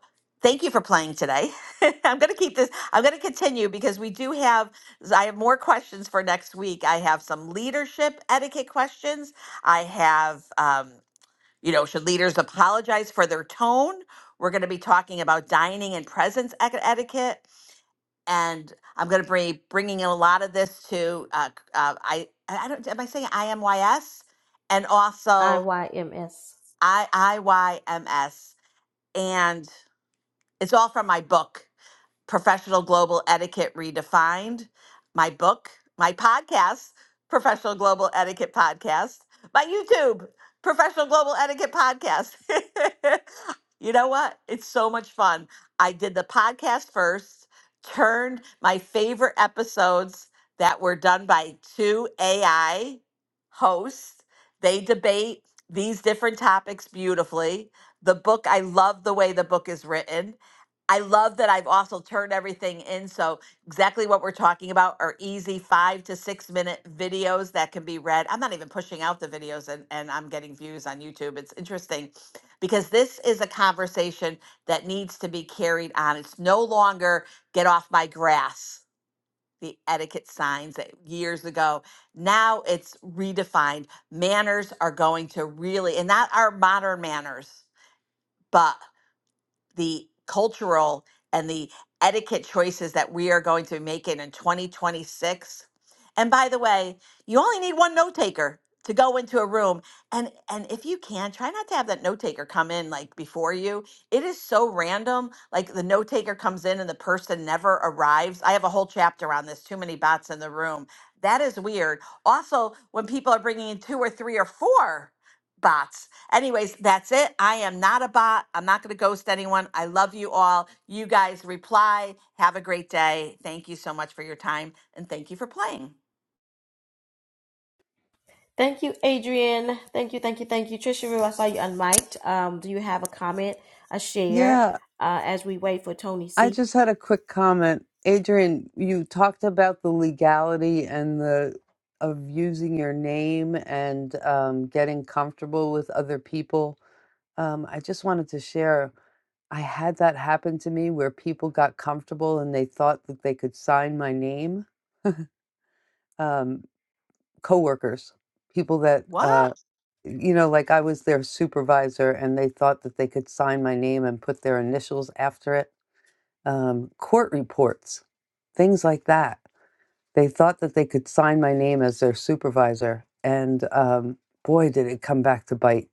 S22: thank you for playing today. I'm going to keep this, I'm going to continue because we do have, I have more questions for next week. I have some leadership etiquette questions. I have, um, you know, should leaders apologize for their tone? We're going to be talking about dining and presence ec- etiquette. And I'm going to be bringing in a lot of this to, uh, uh, I, I I don't, am I saying IMYS? And also
S1: IYMS.
S22: I, IYMS. And it's all from my book Professional Global Etiquette Redefined, my book, my podcast, Professional Global Etiquette Podcast, my YouTube, Professional Global Etiquette Podcast. you know what? It's so much fun. I did the podcast first, turned my favorite episodes that were done by two AI hosts. They debate these different topics beautifully. The book, I love the way the book is written. I love that I've also turned everything in. So, exactly what we're talking about are easy five to six minute videos that can be read. I'm not even pushing out the videos and, and I'm getting views on YouTube. It's interesting because this is a conversation that needs to be carried on. It's no longer get off my grass, the etiquette signs that years ago. Now it's redefined. Manners are going to really, and not our modern manners, but the cultural and the etiquette choices that we are going to be making in 2026. And by the way, you only need one note taker to go into a room and and if you can try not to have that note taker come in like before you it is so random like the note taker comes in and the person never arrives i have a whole chapter on this too many bots in the room that is weird also when people are bringing in two or three or four bots Anyways, that's it. I am not a bot. I'm not going to ghost anyone. I love you all. You guys reply. Have a great day. Thank you so much for your time and thank you for playing.
S1: Thank you, Adrian. Thank you, thank you, thank you. Trisha Rue, I saw you unmiked. Um, do you have a comment, a share,
S3: Yeah,
S1: uh, as we wait for Tony
S3: I
S1: C?
S3: just had a quick comment. Adrian, you talked about the legality and the of using your name and um, getting comfortable with other people. Um, I just wanted to share I had that happen to me where people got comfortable and they thought that they could sign my name. Um, coworkers, people that,
S22: What?
S3: uh, you know, like I was their supervisor and they thought that they could sign my name and put their initials after it. Um, court reports, things like that. They thought that they could sign my name as their supervisor. And um, boy, did it come back to bite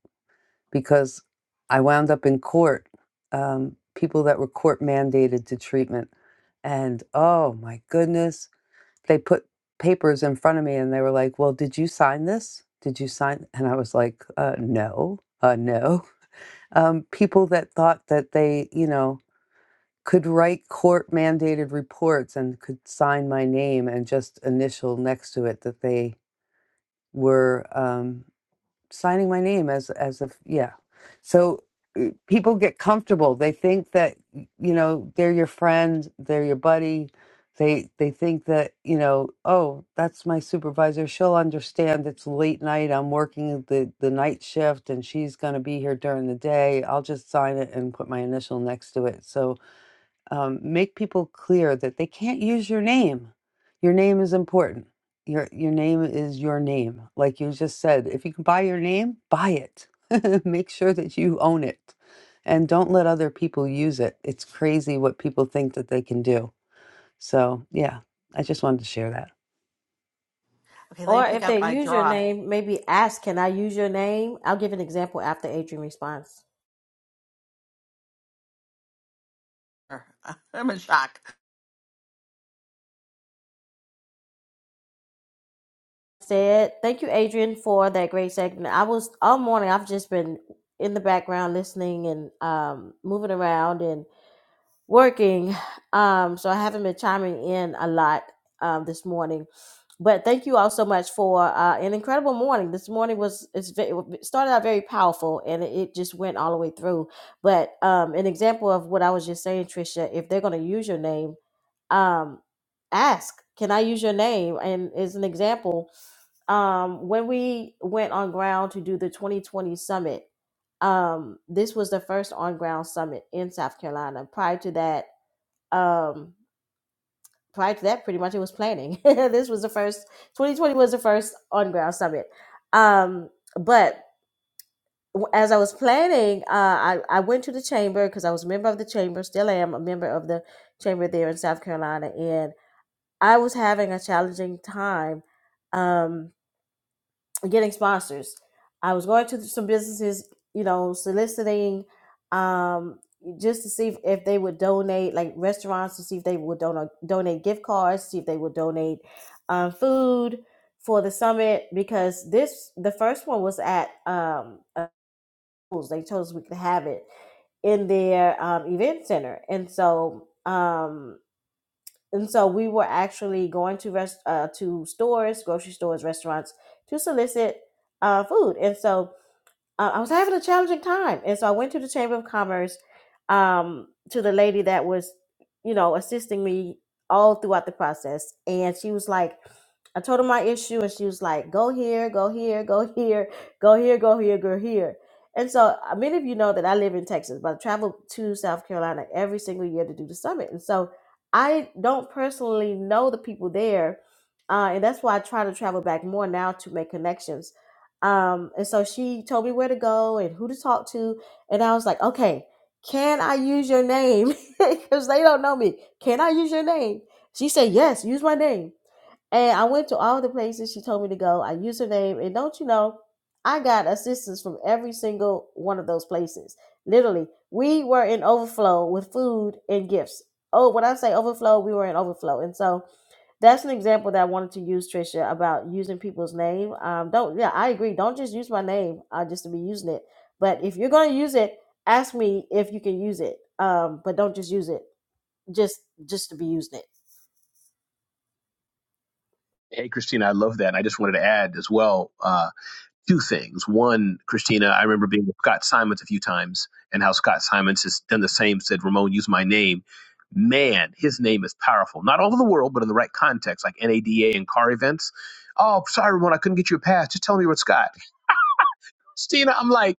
S3: because I wound up in court, um, people that were court mandated to treatment. And oh my goodness, they put papers in front of me and they were like, "Well, did you sign this? Did you sign?" And I was like, uh, "No, uh, no." Um, people that thought that they, you know, could write court mandated reports and could sign my name and just initial next to it that they were. Um, signing my name as as if yeah so uh, people get comfortable they think that you know they're your friend they're your buddy they they think that you know oh that's my supervisor she'll understand it's late night i'm working the the night shift and she's going to be here during the day i'll just sign it and put my initial next to it so um, make people clear that they can't use your name. Your name is important. Your your name is your name. Like you just said, if you can buy your name, buy it. make sure that you own it, and don't let other people use it. It's crazy what people think that they can do. So yeah, I just wanted to share that.
S22: Okay, let me
S1: Or
S22: pick
S1: if
S22: up
S1: they
S22: my
S1: use your
S22: draw.
S1: name, maybe ask, can I use your name? I'll give an example after Adrian responds.
S22: I'm in shock.
S1: said. Thank you, Adrian, for that great segment. I was all morning. I've just been in the background listening and um, moving around and working, um, so I haven't been chiming in a lot um, this morning. But thank you all so much for uh, an incredible morning. This morning was it's, ve- it started out very powerful and it it just went all the way through. But um, an example of what I was just saying, Trisha, if they're going to use your name, um, ask, "Can I use your name?" And as an example, um, when we went on ground to do the 2020 summit, um, this was the first on ground summit in South Carolina. Prior to that, um, prior to that, pretty much it was planning. this was the first 2020 was the first on ground summit. Um, but w- as I was planning, uh, I, I went to the chamber because I was a member of the chamber, still am a member of the chamber there in South Carolina, and I was having a challenging time. Um, getting sponsors. I was going to some businesses, you know, soliciting um, just to see if, if they would donate, like restaurants, to see if they would donate donate gift cards, see if they would donate um, food for the summit because this the first one was at um, a- they told us we could have it in their um, event center, and so. Um, and so we were actually going to rest uh, to stores, grocery stores, restaurants to solicit uh, food. And so uh, I was having a challenging time. And so I went to the Chamber of Commerce um, to the lady that was, you know, assisting me all throughout the process. And she was like, I told her my issue, and she was like, go here, go here, go here, go here, go here, go here. And so uh, many of you know that I live in Texas, but I travel to South Carolina every single year to do the summit. And so I don't personally know the people there. Uh, and that's why I try to travel back more now to make connections um, and so she told me where to go and who to talk to. And I was like, okay, can I use your name? Because they don't know me. Can I use your name? She said, yes, use my name. And I went to all the places she told me to go. I used her name. And don't you know, I got assistance from every single one of those places. Literally, we were in overflow with food and gifts. Oh, when I say overflow, we were in overflow. And so that's an example that I wanted to use, Trisha, about using people's name. Um, don't yeah, I agree. Don't just use my name uh, just to be using it. But if you're going to use it, ask me if you can use it. Um, but don't just use it just just to be using it.
S13: Hey, Christina, I love that. And I just wanted to add as well. uh, two things. One, Christina, I remember being with Scott Simons a few times and how Scott Simons has done the same, said, Ramon, use my name. Man, his name is powerful. Not all over the world, but in the right context, like NADA and car events. Oh, sorry, Ramon, I couldn't get you a pass. Just tell me what's Scott. Christina, I'm like,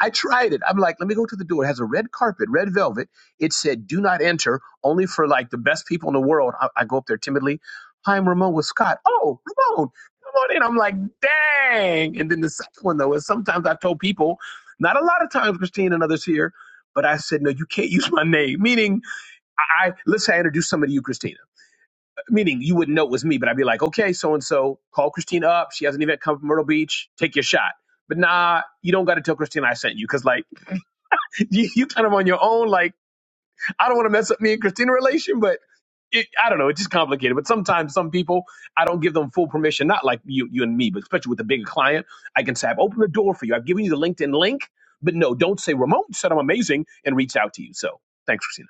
S13: I tried it. I'm like, let me go to the door. It has a red carpet, red velvet. It said, do not enter, only for like the best people in the world. I, I go up there timidly. Hi, I'm Ramon with Scott. Oh, Ramon, come on in. I'm like, dang. And then the second one, though, is sometimes I told people, not a lot of times, Christine and others here, but I said, no, you can't use my name. Meaning, I, I let's say I introduce somebody to you, Christina. Meaning, you wouldn't know it was me, but I'd be like, okay, so and so, call Christina up. She has an event come from Myrtle Beach. Take your shot but nah, you don't got to tell Christina I sent you because like you, you kind of on your own. Like, I don't want to mess up me and Christina relation, but it, I don't know. It's just complicated. But sometimes some people, I don't give them full permission. Not like you, you and me, but especially with a bigger client, I can say, I've opened the door for you. I've given you the LinkedIn link, but no, don't say Ramon said I'm amazing and reached out to you. So thanks, Christina.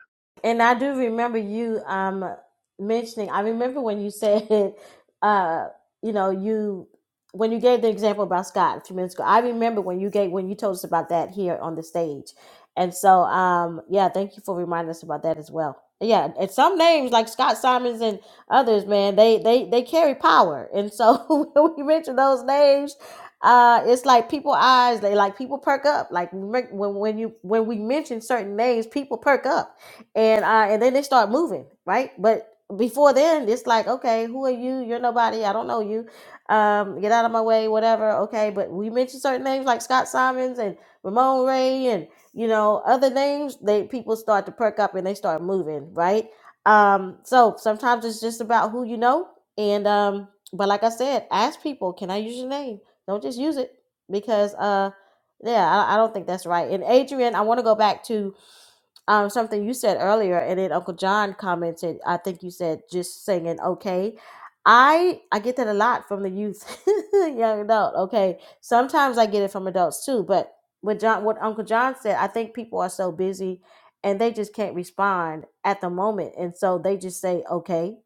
S1: And I do remember you um mentioning. I remember when you said, uh, you know, you when you gave the example about Scott a few minutes ago. I remember when you gave when you told us about that here on the stage. And so, um, yeah, thank you for reminding us about that as well. Yeah, and some names like Scott Simons and others, man, they they they carry power. And so when we mention those names, uh, it's like people eyes they like people perk up. Like when when you when we mention certain names, people perk up and uh, and then they start moving, right? But before then, it's like, okay, who are you? You're nobody. I don't know you. Um, get out of my way, whatever. Okay, but we mentioned certain names like Scott Simons and Ramon Ray, and you know other names. They people start to perk up and they start moving, right? Um, so sometimes it's just about who you know, and um, but like I said, ask people, can I use your name? Don't just use it because uh, yeah, I, I don't think that's right. And Adrian, I want to go back to um, something you said earlier, and then Uncle John commented. I think you said just singing okay. I I get that a lot from the youth, young adult. Okay, sometimes I get it from adults too, but what John, what Uncle John said, I think people are so busy and they just can't respond at the moment, and so they just say okay,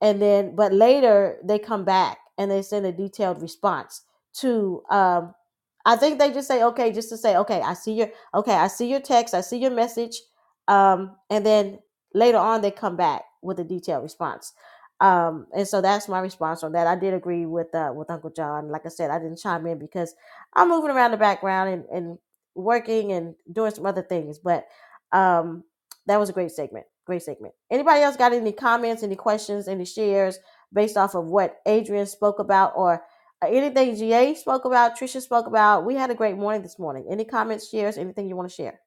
S1: and then but later they come back and they send a detailed response to um, I think they just say okay, just to say okay. I see your okay. I see your text. I see your message um, and then later on they come back with a detailed response um, and so that's my response on that i did agree with uh, with uncle john like i said i didn't chime in because i'm moving around the background and, and working and doing some other things but um, that was a great segment great segment anybody else got any comments any questions any shares based off of what adrian spoke about or uh, anything ga spoke about trisha spoke about we had a great morning this morning any comments shares anything you want to share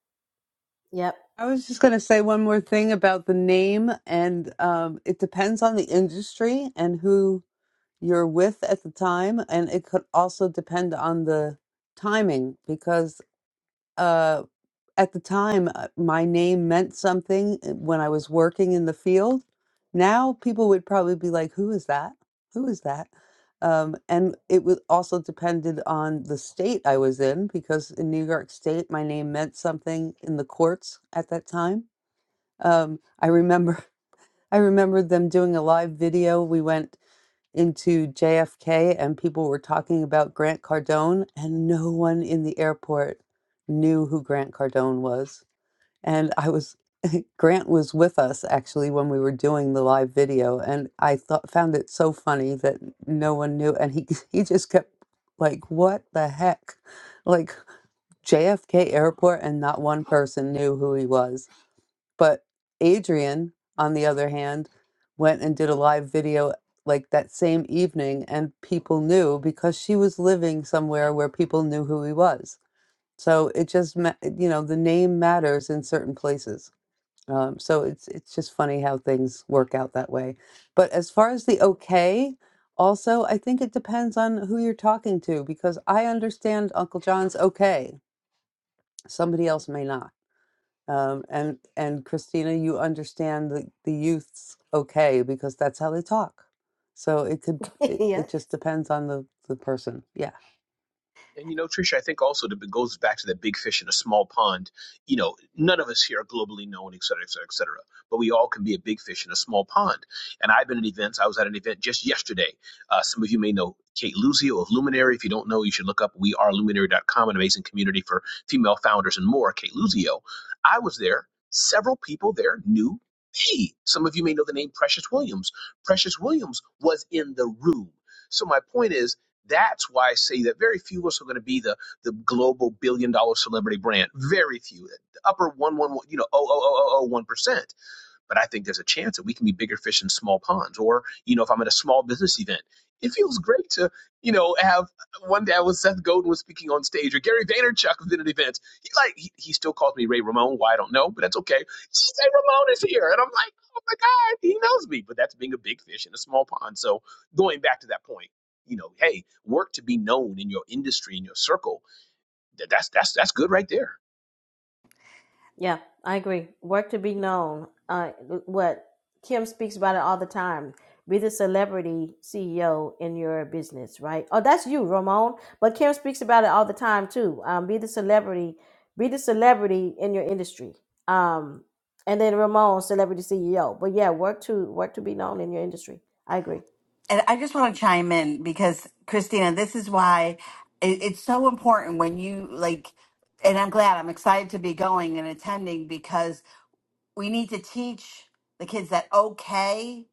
S1: yep
S3: I was just going to say one more thing about the name, and um, it depends on the industry and who you're with at the time and it could also depend on the timing because uh at the time uh, my name meant something uh, when I was working in the field now people would probably be like who is that who is that um and it was also depended on the state I was in because in New York state my name meant something in the courts at that time um I remember I remember them doing a live video we went into JFK and people were talking about Grant Cardone, and no one in the airport knew who Grant Cardone was. And I was, Grant was with us actually when we were doing the live video, and I thought found it so funny that no one knew, and he he just kept like, "What the heck?" Like JFK airport, and not one person knew who he was but Adrian, on the other hand, went and did a live video like that same evening, and people knew because she was living somewhere where people knew who he was. So it just, ma- you know, the name matters in certain places. Um, so it's it's just funny how things work out that way. But as far as the okay, also I think it depends on who you're talking to because I understand Uncle John's okay, somebody else may not. Um, and and Christina, you understand the the youths okay because that's how they talk. So it could it,
S1: Yeah.
S3: it just depends on the the person. Yeah.
S13: And you know, Trisha, I think also that it goes back to that big fish in a small pond. You know, none of us here are globally known, et cetera, et cetera, et cetera. But we all can be a big fish in a small pond. And I've been at events. I was at an event just yesterday. Uh, some of you may know Kate Luzio of Luminary. If you don't know, you should look up weareluminary.com, an amazing community for female founders and more. Kate Luzio. I was there. Several people there knew me. Some of you may know the name Precious Williams. Precious Williams was in the room. So my point is that's why I say that very few of us are going to be the the global billion dollar celebrity brand. Very few, The upper one one one, you know, oh oh oh oh oh, one percent but I think there's a chance that we can be bigger fish in small ponds. Or, you know, if I'm at a small business event, it feels great to, you know, have one day I was Seth Godin was speaking on stage or Gary Vaynerchuk was in an event. He like he, he still calls me Ray Ramon. Why I don't know, but that's okay. Ray Ramon is here, and I'm like, oh my god, he knows me. But that's being a big fish in a small pond. So going back to that point, you know, hey, work to be known in your industry in your circle Th- That's that's that's good right there.
S1: Yeah, I agree. Work to be known. Uh, what Kim speaks about it all the time. Be the celebrity CEO in your business, right? Oh, that's you, Ramon. But Kim speaks about it all the time too. Um, be the celebrity. Be the celebrity in your industry. Um, and then Ramon, celebrity CEO. But yeah, work to work to be known in your industry. I agree.
S22: And I just want to chime in because Christina, this is why it, it's so important when you like, and I'm glad I'm excited to be going and attending because. we need to teach the kids that okay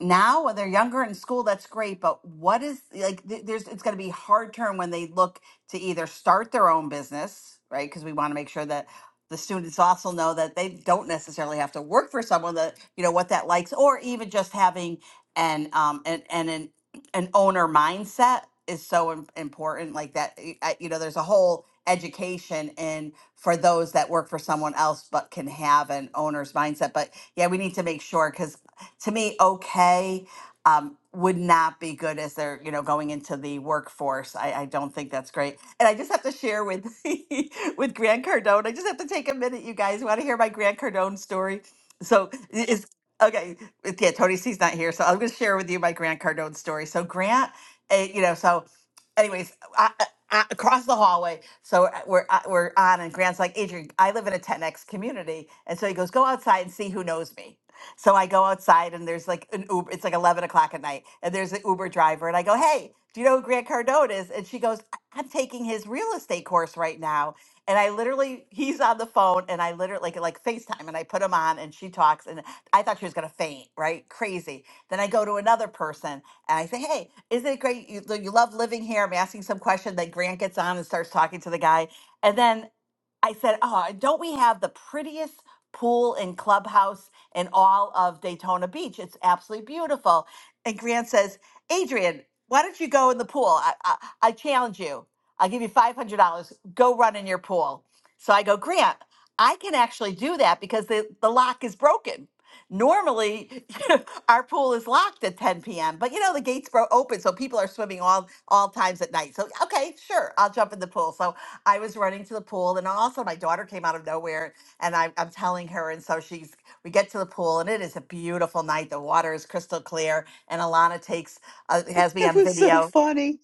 S22: now when they're younger in school that's great but what is like th- there's it's going to be hard turn when they look to either start their own business right because we want to make sure that the students also know that they don't necessarily have to work for someone that you know what that likes or even just having an um an an an, an owner mindset is so im- important like that y- I- you know there's a whole education and for those that work for someone else but can have an owner's mindset. But yeah, we need to make sure because to me, okay um, would not be good as they're you know going into the workforce. I, I don't think that's great. And I just have to share with with Grant Cardone. I just have to take a minute, you guys. Want to hear my Grant Cardone story? So i- is okay. Yeah, Tony C's not here, so I'm going to share with you my Grant Cardone story. So Grant, eh, you know, so anyways, I, I, across the hallway. So uh, we're uh, we're on, and Grant's like, Adrian, I live in a 10x community, and so he goes, go outside and see who knows me. So I go outside, and there's like an Uber. It's like 11 o'clock at night, and there's an Uber driver, and I go, hey, do you know who Grant Cardone is? And she goes, "I- I'm taking his real estate course right now. And I literally, he's on the phone, and I literally like like FaceTime, and I put him on, and she talks, and I thought she was gonna faint, right? Crazy. Then I go to another person, and I say, hey, isn't it great? You, you love living here. I'm asking some question. Then Grant gets on and starts talking to the guy. And then I said, "Oh, don't we have the prettiest pool and clubhouse in all of Daytona Beach? It's absolutely beautiful." And Grant says, "Adrian, why don't you go in the pool? I, I, I challenge you. I'll give you five hundred dollars. Go run in your pool." So I go, Grant, I can actually do that because the the lock is broken. Normally, our pool is locked at 10 p.m., but you know the gates were open, so people are swimming all all times at night. So okay, sure, I'll jump in the pool. So I was running to the pool, and also my daughter came out of nowhere, and I, I'm telling her, and so she's. We get to the pool, and it is a beautiful night. The water is crystal clear, and Alana takes uh, has me
S3: It
S22: on
S3: was
S22: video.
S3: so funny.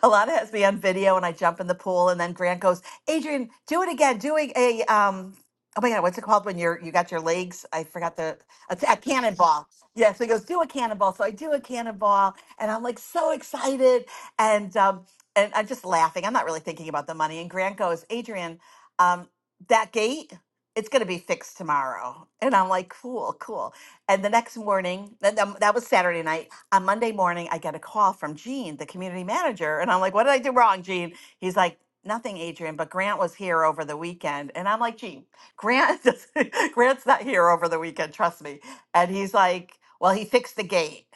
S22: a lot of it has to be on video and I jump in the pool and then Grant goes, Adrian, do it again. Doing a um oh my god, what's it called when you're you got your legs? I forgot the a, a cannonball. Yeah, so he goes, do a cannonball. So I do a cannonball and I'm like so excited and um and I'm just laughing. I'm not really thinking about the money. And Grant goes, Adrian, um, that gate, it's gonna be fixed tomorrow. And I'm like, cool, cool. And the next morning, that, that that was Saturday night on Monday morning, I get a call from Gene, the community manager, and I'm like, what did I do wrong, Gene? He's like, nothing, Adrian, but Grant was here over the weekend. And I'm like, Gene, Grant, Grant's not here over the weekend, trust me. And he's like, well, he fixed the gate.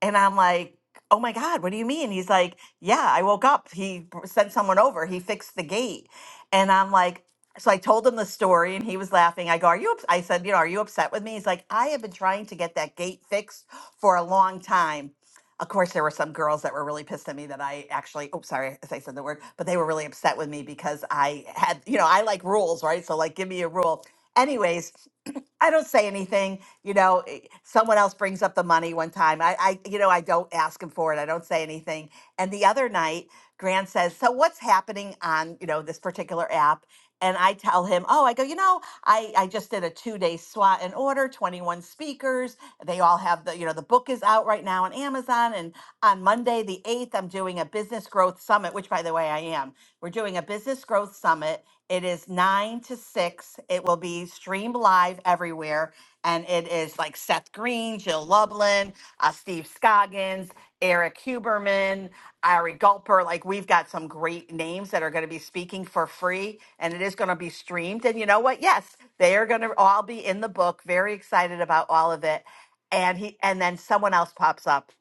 S22: And I'm like, oh my God, what do you mean? He's like, yeah, I woke up. He br- sent someone over. He fixed the gate. And I'm like, so I told him the story and he was laughing. I go, are you, ups-" I said, you know, are you upset with me? He's like, I have been trying to get that gate fixed for a long time. Of course, there were some girls that were really pissed at me that I actually, oh, sorry if I said the word, but they were really upset with me because I had, you know, I like rules, right? So, like, give me a rule. Anyways, I don't say anything, you know someone else brings up the money one time. I, I, you know, I don't ask him for it. I don't say anything. And the other night, Grant says, "So what's happening on, you know, this particular app?" And I tell him, "Oh, I go, you know, I, I just did a two-day SWAT and order, 21 speakers. They all have the, you know, the book is out right now on Amazon. And on Monday, the 8th, I'm doing a business growth summit, which by the way, I am. We're doing a business growth summit. It is nine to six. It will be streamed live everywhere and it is like Seth Green, Jill Lublin, uh, Steve Scoggins, Eric Huberman, Ari Gulper. Like we've got some great names that are going to be speaking for free and it is going to be streamed. And you know what? Yes, they are going to all be in the book. Very excited about all of it. And he and then someone else pops up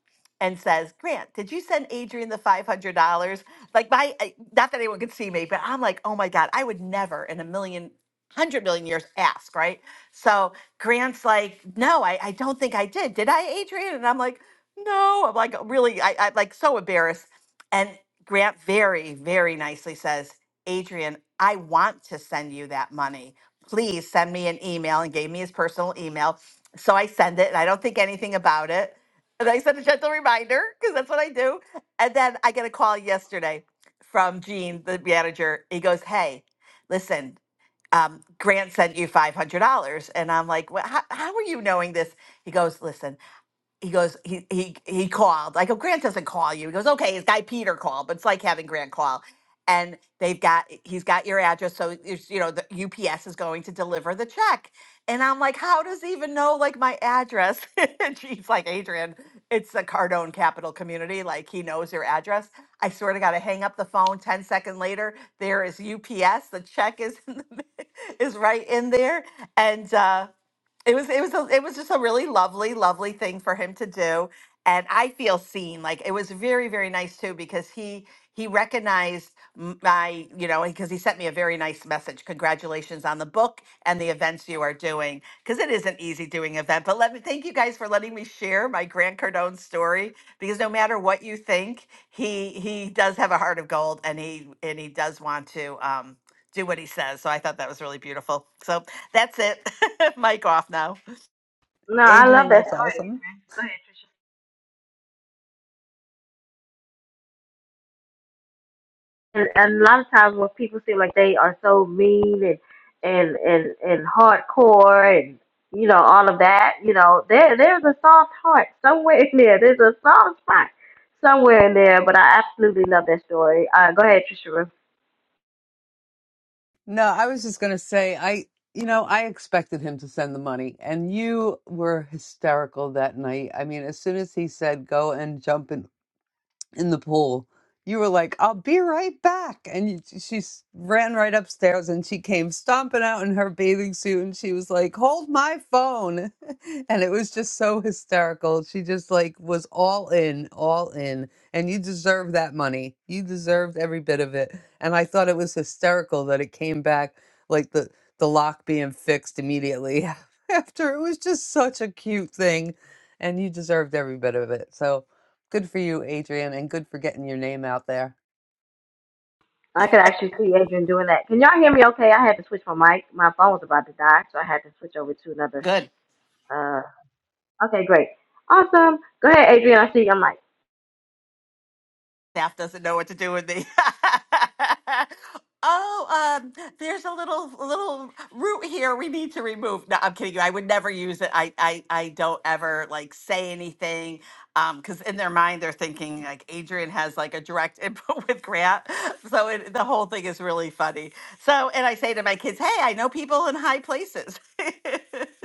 S22: and says, Grant, did you send Adrian the $500? Like my, I- not that anyone could see me, but I'm like, oh my God, I would never in a million, hundred million years ask, right? So Grant's like, no, I, I don't think I did. Did I, Adrian? And I'm like, no. I'm like, really, I, I'm like so embarrassed. And Grant very, very nicely says, Adrian, I want to send you that money. Please send me an email and gave me his personal email. So I send it and I don't think anything about it. And I sent a gentle reminder because that's what I do. And then I get a call yesterday from Gene, the manager. He goes, Hey, listen, um, Grant sent you $500. And I'm like, well, how, how are you knowing this? He goes, listen, he goes, he he he called. I go, Grant doesn't call you. He goes, okay, his guy Peter called, but it's like having Grant call. And they've got he's got your address, so it's, you know the UPS is going to deliver the check. And I'm like, how does he even know like my address? and she's like, Adrian, it's a Cardone Capital Community. Like he knows your address. I swear to God, I hang up the phone. Ten seconds later, there is UPS. The check is in the, is right in there, and. uh it was it was a, it was just a really lovely lovely thing for him to do and i feel seen like it was very very nice too because he he recognized m- my you know because he sent me a very nice message congratulations on the book and the events you are doing because it is isn't easy doing event but let me thank you guys for letting me share my grant cardone story because no matter what you think he he does have a heart of gold and he and he does want to um do what he says so i thought that was really beautiful so that's it. Mic off now.
S1: No, I love
S3: Adrian,
S1: that
S3: that's
S1: story.
S3: awesome.
S1: Go ahead, and, and a lot of times when people seem like they are so mean and and and and hardcore and you know all of that you know there there's a soft heart somewhere in there there's a soft spot somewhere in there but i absolutely love that story uh go ahead trisha
S3: No, I was just going to say I you know, I expected him to send the money and you were hysterical that night. I mean, as soon as he said go and jump in in the pool. You were like, I'll be right back. And you, she s- ran right upstairs and she came stomping out in her bathing suit and she was like, Hold my phone. and it was just so hysterical. She just like was all in, all in. And you deserved that money. You deserved every bit of it. And I thought it was hysterical that it came back like the, the lock being fixed immediately after. It was just such a cute thing. And you deserved every bit of it. So. Good for you, Adrian, and good for getting your name out there.
S1: i could actually see adrian doing that can y'all hear me okay i had to switch my mic my phone was about to die so i had to switch over to another
S22: Good.
S1: uh okay great awesome go ahead adrian i see your mic
S22: Staff doesn't know what to do with me. oh, um, there's a little little root here we need to remove. No, I'm kidding you. I would never use it. I I, I don't ever like say anything. Um, because in their mind they're thinking like Adrian has like a direct input with Grant. So it, the whole thing is really funny. So and I say to my kids, hey, I know people in high places.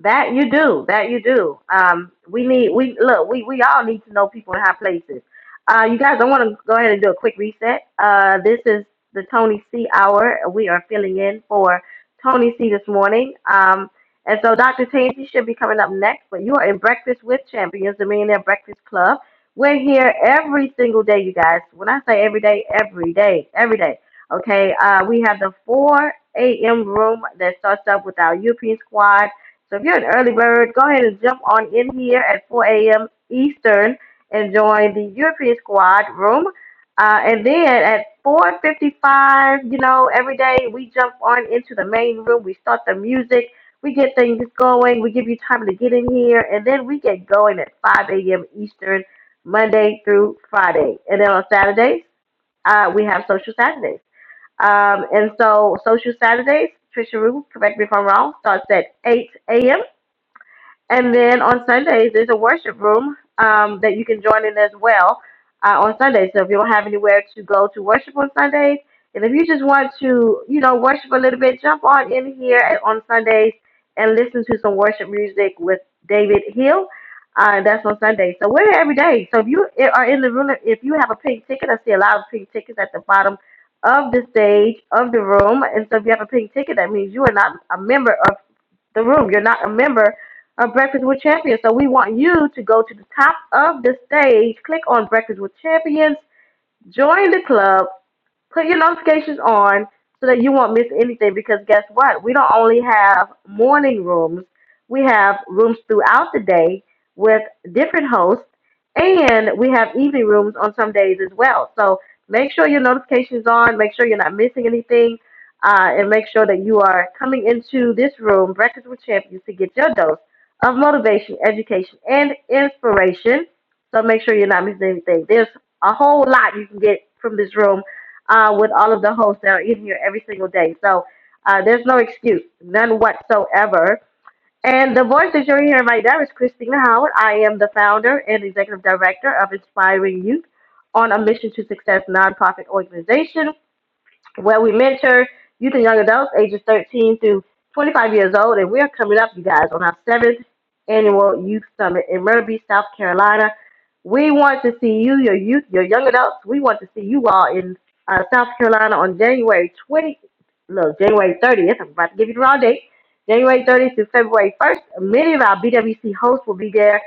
S1: That you do. That you do. Um, we need we look. We we all need to know people in high places. Uh, you guys, I want to go ahead and do a quick reset. Uh, this is the Tony C hour. We are filling in for Tony C this morning. Um, and so Dr. Tangi should be coming up next. But you are in Breakfast with Champions, the Millionaire Breakfast Club. We're here every single day, you guys. When I say every day, every day, every day. Okay. Uh, we have the 4 a.m. room that starts up with our European squad. So if you're an early bird, go ahead and jump on in here at 4 a.m. Eastern and join the European Squad room. Uh, and then at 4:55, you know, every day we jump on into the main room. We start the music. We get things going. We give you time to get in here, and then we get going at 5 a.m. Eastern, Monday through Friday. And then on Saturdays, uh, we have Social Saturdays. Um, and so Social Saturdays, Trisha Rue, correct me if I'm wrong, starts at 8 a.m and then on Sundays, there's a worship room um, that you can join in as well uh, on Sundays. So if you don't have anywhere to go to worship on Sundays, and if you just want to, you know, worship a little bit, jump on in here at- on Sundays and listen to some worship music with David Hill. Uh, that's on Sunday. So we're here every day. So if you eh, are in the room, if you have a pink ticket, I see a lot of pink tickets at the bottom of the stage of the room. And so if you have a pink ticket, that means you are not a member of the room. You're not a member of Breakfast with Champions. So we want you to go to the top of the stage, click on Breakfast with Champions, Join the club. Put your notifications on so that you won't miss anything because guess what? We don't only have morning rooms, we have rooms throughout the day with different hosts, and we have evening rooms on some days as well. So make sure your notifications on, make sure you're not missing anything, uh, and make sure that you are coming into this room, Breakfast with Champions, to get your dose of motivation, education, and inspiration so make sure you're not missing anything. There's a whole lot you can get from this room uh, with all of the hosts that are in here every single day. So uh, there's no excuse, none whatsoever. And the voice that you're hearing right now is Christina Howard. I am the founder and executive director of Inspiring Youth on a Mission to Success nonprofit organization where we mentor youth and young adults ages 13 through 25 years old. And we're coming up, you guys, on our seventh annual youth summit in Myrtle Beach, South Carolina. We want to see you, your youth, your young adults. We want to see you all in uh, South Carolina on January 20, look, January 30th. I'm about to give you the wrong date. January 30th through February 1st. Many of our BWC hosts will be there.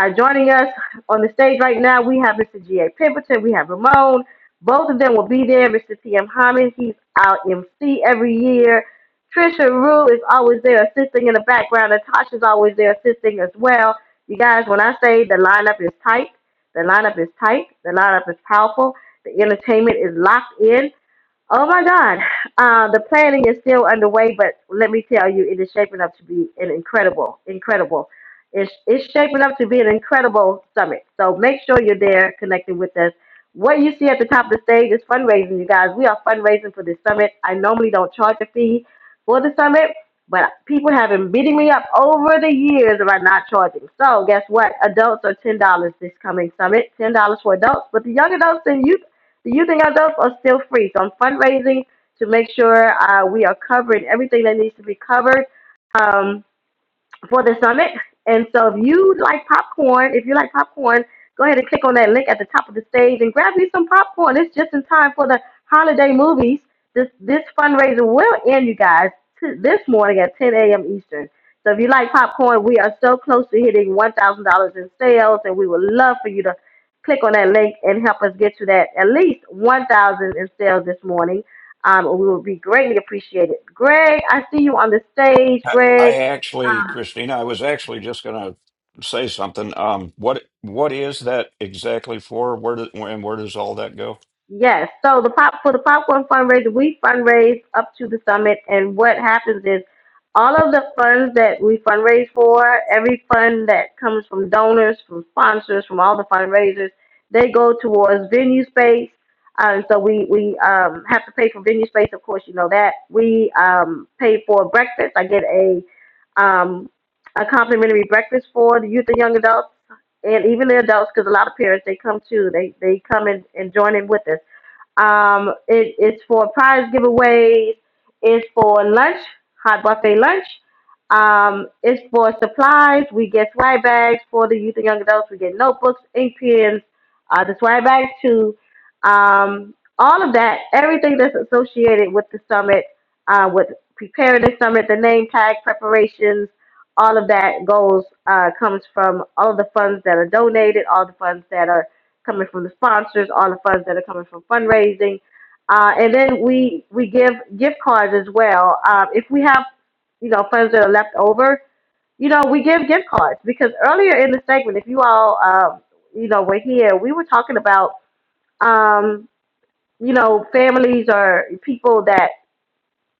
S1: Uh, joining us on the stage right now, we have Mr. G.A. Pemberton, we have Ramon, both of them will be there. Mr. T.M. Hyman, he's out MC every year. Trisha Rue is always there assisting in the background. Natasha's always there assisting as well. You guys, when I say the lineup is tight, the lineup is tight, the lineup is powerful, the entertainment is locked in. Oh my God. Uh, the planning is still underway, but let me tell you, it is shaping up to be an incredible, incredible. It's, it's shaping up to be an incredible summit. So make sure you're there connecting with us. What you see at the top of the stage is fundraising, you guys. We are fundraising for this summit. I normally don't charge a fee for the summit, but people have been beating me up over the years about not charging. So guess what? Adults are $10 this coming summit. $10 for adults, but the young adults and youth the youth and adults are still free. So I'm fundraising to make sure uh, we are covering everything that needs to be covered. Um, for the summit. And so if you like popcorn, if you like popcorn, go ahead and click on that link at the top of the stage and grab you some popcorn. It's just in time for the holiday movies. This this fundraiser will end, you guys, t- this morning at 10 a.m. Eastern. So if you like popcorn, we are so close to hitting $1,000 in sales, and we would love for you to click on that link and help us get to that at least 1,000 in sales this morning. Um, we would be greatly appreciated. Greg, I see you on the stage.
S17: I,
S1: Greg,
S17: I actually, Christina, I was actually just going to say something. Um, what what is that exactly for? Where do, and where does all that go?
S1: Yes. So the pop for the popcorn fundraiser, we fundraise up to the summit, and what happens is all of the funds that we fundraise for, every fund that comes from donors, from sponsors, from all the fundraisers, they go towards venue space. Um, so we we um, have to pay for venue space, of course, you know that. We um, pay for breakfast. I get a um, a complimentary breakfast for the youth and young adults and even the adults, because a lot of parents they come too. They they come and, and join in with us. Um, it, it's for prize giveaways. It's for lunch, hot buffet lunch. Um, it's for supplies. We get swag bags for the youth and young adults. We get notebooks, ink pens, uh, the swag bags too um, all of that, everything that's associated with the summit, uh, with preparing the summit, the name tag preparations, all of that goes uh, comes from all of the funds that are donated, all the funds that are coming from the sponsors, all the funds that are coming from fundraising, uh, and then we we give gift cards as well. Um, if we have you know funds that are left over, you know, we give gift cards because earlier in the segment, if you all, um, you know, were here, we were talking about um, you know, families or people that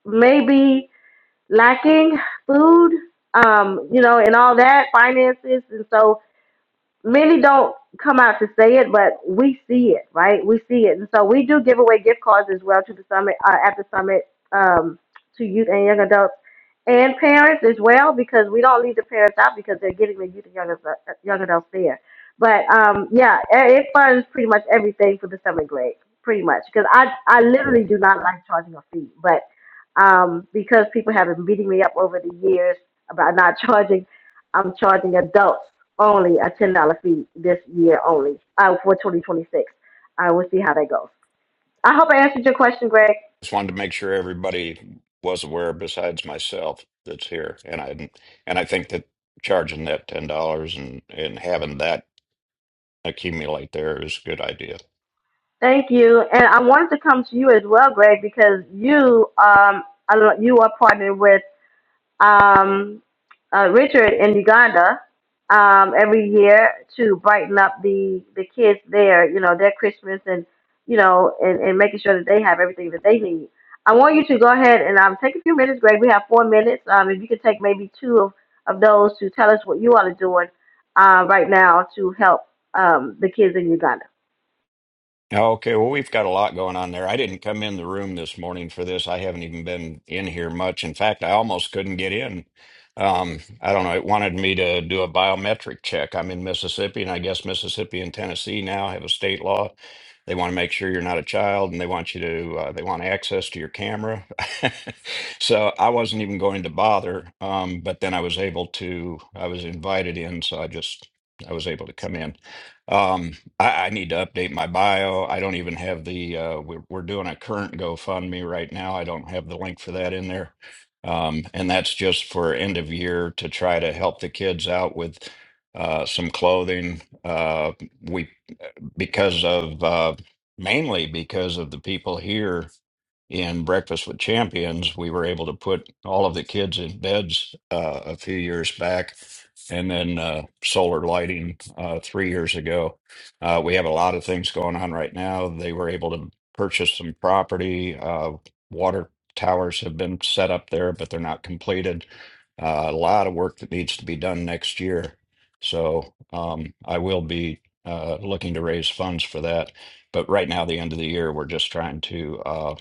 S1: may be lacking food, um, you know, and all that, finances. And so many don't come out to say it, but we see it, right? We see it, and so we do give away gift cards as well to the summit uh, at the summit um, to youth and young adults and parents as well, because we don't leave the parents out because they're getting the youth and young, adult- young adults there. But um, yeah, it it funds pretty much everything for the summit grade, pretty much, because I I literally do not like charging a fee, but um, because people have been beating me up over the years about not charging, I'm charging adults only a ten dollar fee this year only uh, for 2026. I will see how that goes. I hope I answered your question, Greg.
S17: Just wanted to make sure everybody was aware besides myself that's here. And I and I think that charging that ten dollars and and having that accumulate there is a good idea.
S1: Thank you. And I wanted to come to you as well, Greg, because you um I don't- you are partnered with um, uh, Richard in Uganda um, every year to brighten up the the kids there, you know, their Christmas and you know, and, and making sure that they have everything that they need. I want you to go ahead and um, take a few minutes, Greg. We have four minutes. Um, if you could take maybe two of, of those to tell us what you all are doing uh, right now to help um, the kids in Uganda.
S17: Okay, well, we've got a lot going on there. I didn't come in the room this morning for this. I haven't even been in here much. In fact, I almost couldn't get in. Um, I don't know. It wanted me to do a biometric check. I'm in Mississippi, and I guess Mississippi and Tennessee now have a state law. They want to make sure you're not a child, and they want you to, uh, they want access to your camera. So I wasn't even going to bother. Um, but then I was able to, I was invited in, so I just, I was able to come in. Um, I, I need to update my bio. I don't even have the uh, we're, we're doing a current GoFundMe right now. I don't have the link for that in there. Um, and that's just for end of year to try to help the kids out with uh, some clothing. Uh, we because of uh, mainly because of the people here in Breakfast with Champions, we were able to put all of the kids in beds uh, a few years back, and then uh, solar lighting uh, three years ago. Uh, we have a lot of things going on right now. They were able to purchase some property. Uh, water towers have been set up there, but they're not completed. Uh, a lot of work that needs to be done next year. So um, I will be uh, looking to raise funds for that. But right now, the end of the year, we're just trying to. uh,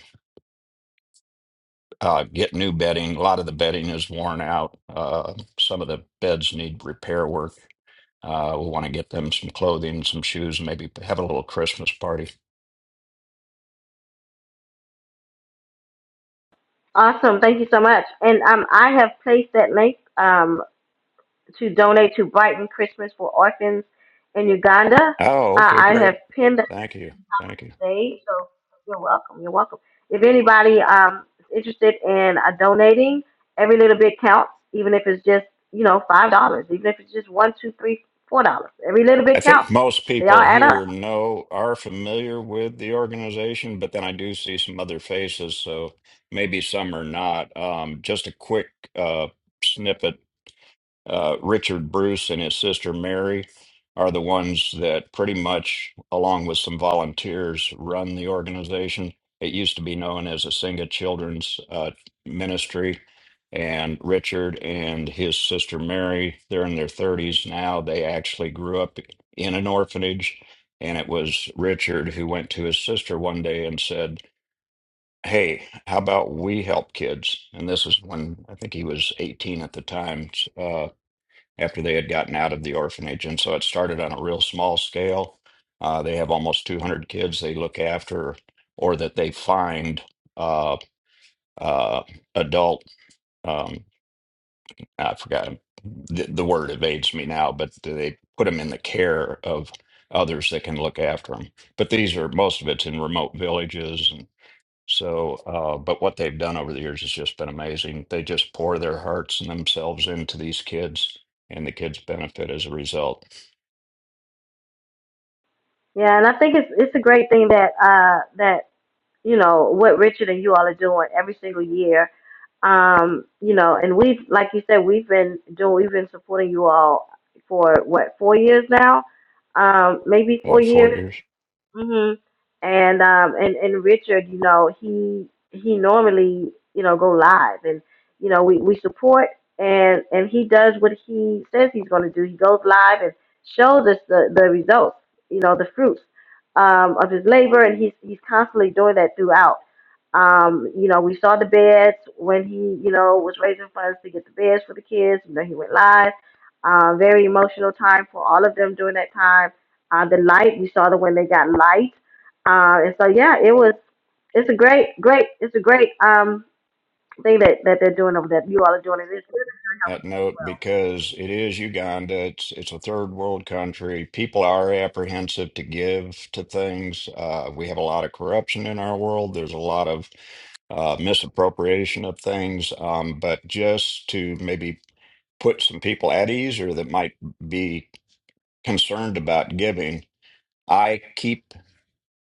S17: uh, get new bedding. A lot of the bedding is worn out. Uh, some of the beds need repair work. Uh, we want to get them some clothing, some shoes, and maybe have a little Christmas party.
S1: Awesome. Thank you so much. And um, I have placed that link. Um, to donate to Brighton Christmas for Orphans in Uganda.
S17: Oh,
S1: Uh,
S17: okay,
S1: I have
S17: great.
S1: pinned that
S17: Thank you. Thank you.
S1: today, so you're welcome. You're welcome. If anybody um, is interested in uh, donating, every little bit counts, even if it's just you know five dollars, even if it's just one, two, three, four dollars. Every little
S17: I
S1: bit counts.
S17: think most
S1: They all
S17: people
S1: add up.
S17: here know are familiar with the organization, but then I do see some other faces, so maybe some are not. Um, just a quick uh, snippet uh, Richard Bruce and his sister Mary are the ones that pretty much, along with some volunteers, run the organization. It used to be known as Asinga Children's uh, Ministry. And Richard and his sister Mary, they're in their 30s now. They actually grew up in an orphanage. And it was Richard who went to his sister one day and said, Hey, how about we help kids? And this is when I think he was 18 at the time. Uh, after they had gotten out of the orphanage. And so it started on a real small scale. Uh, they have almost 200 kids they look after or that they find uh, uh, adult, um, I forgot the, the word evades me now, but they put them in the care of others that can look after them. But these are most of it's in remote villages. And so, uh, but what they've done over the years has just been amazing. They just pour their hearts and themselves into these kids, and the kids benefit as a result.
S1: Yeah, and I think it's it's a great thing that uh, that you know, what Richard and you all are doing every single year. Um, you know, and we've, like you said, we've been doing, we've been supporting you all for what, four years now? Um, maybe four
S17: Yeah, four
S1: years
S17: years.
S1: hmm And um and and Richard, you know, he he normally you know go live, and you know we we support and and he does what he says he's going to do. He goes live and shows us the the results, you know, the fruits um, of his labor, and he's he's constantly doing that throughout. Um, you know, we saw the beds when he you know was raising funds to get the beds for the kids. You know, he went live. Uh, very emotional time for all of them during that time uh, the light. We saw the way they got light, uh, and so yeah, it was. It's a great, great. It's a great um thing that that they're doing over there. You all are doing it. It's good that you're
S17: That
S1: helping. as
S17: note,
S1: well.
S17: because it is Uganda, it's it's a third world country. People are apprehensive to give to things. Uh, we have a lot of corruption in our world. There's a lot of uh, misappropriation of things. Um, but just to maybe put some people at ease or that might be concerned about giving, I keep.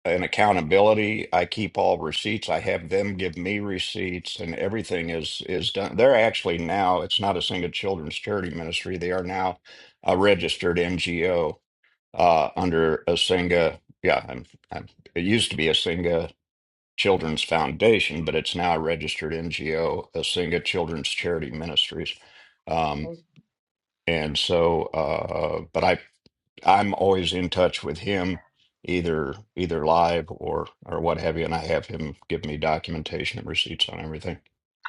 S17: and accountability. I keep all receipts. I have them give me receipts, and everything is is done. They're actually now, it's not a single children's charity ministry. They are now a registered NGO uh, under Asinga. Yeah, I'm, I'm, it used to be Asinga Children's Foundation, but it's now a registered NGO, Asinga Children's Charity Ministries. Um, and so, uh, but I I'm always in touch with him, either either live or or what have you, and I have him give me documentation and receipts on everything.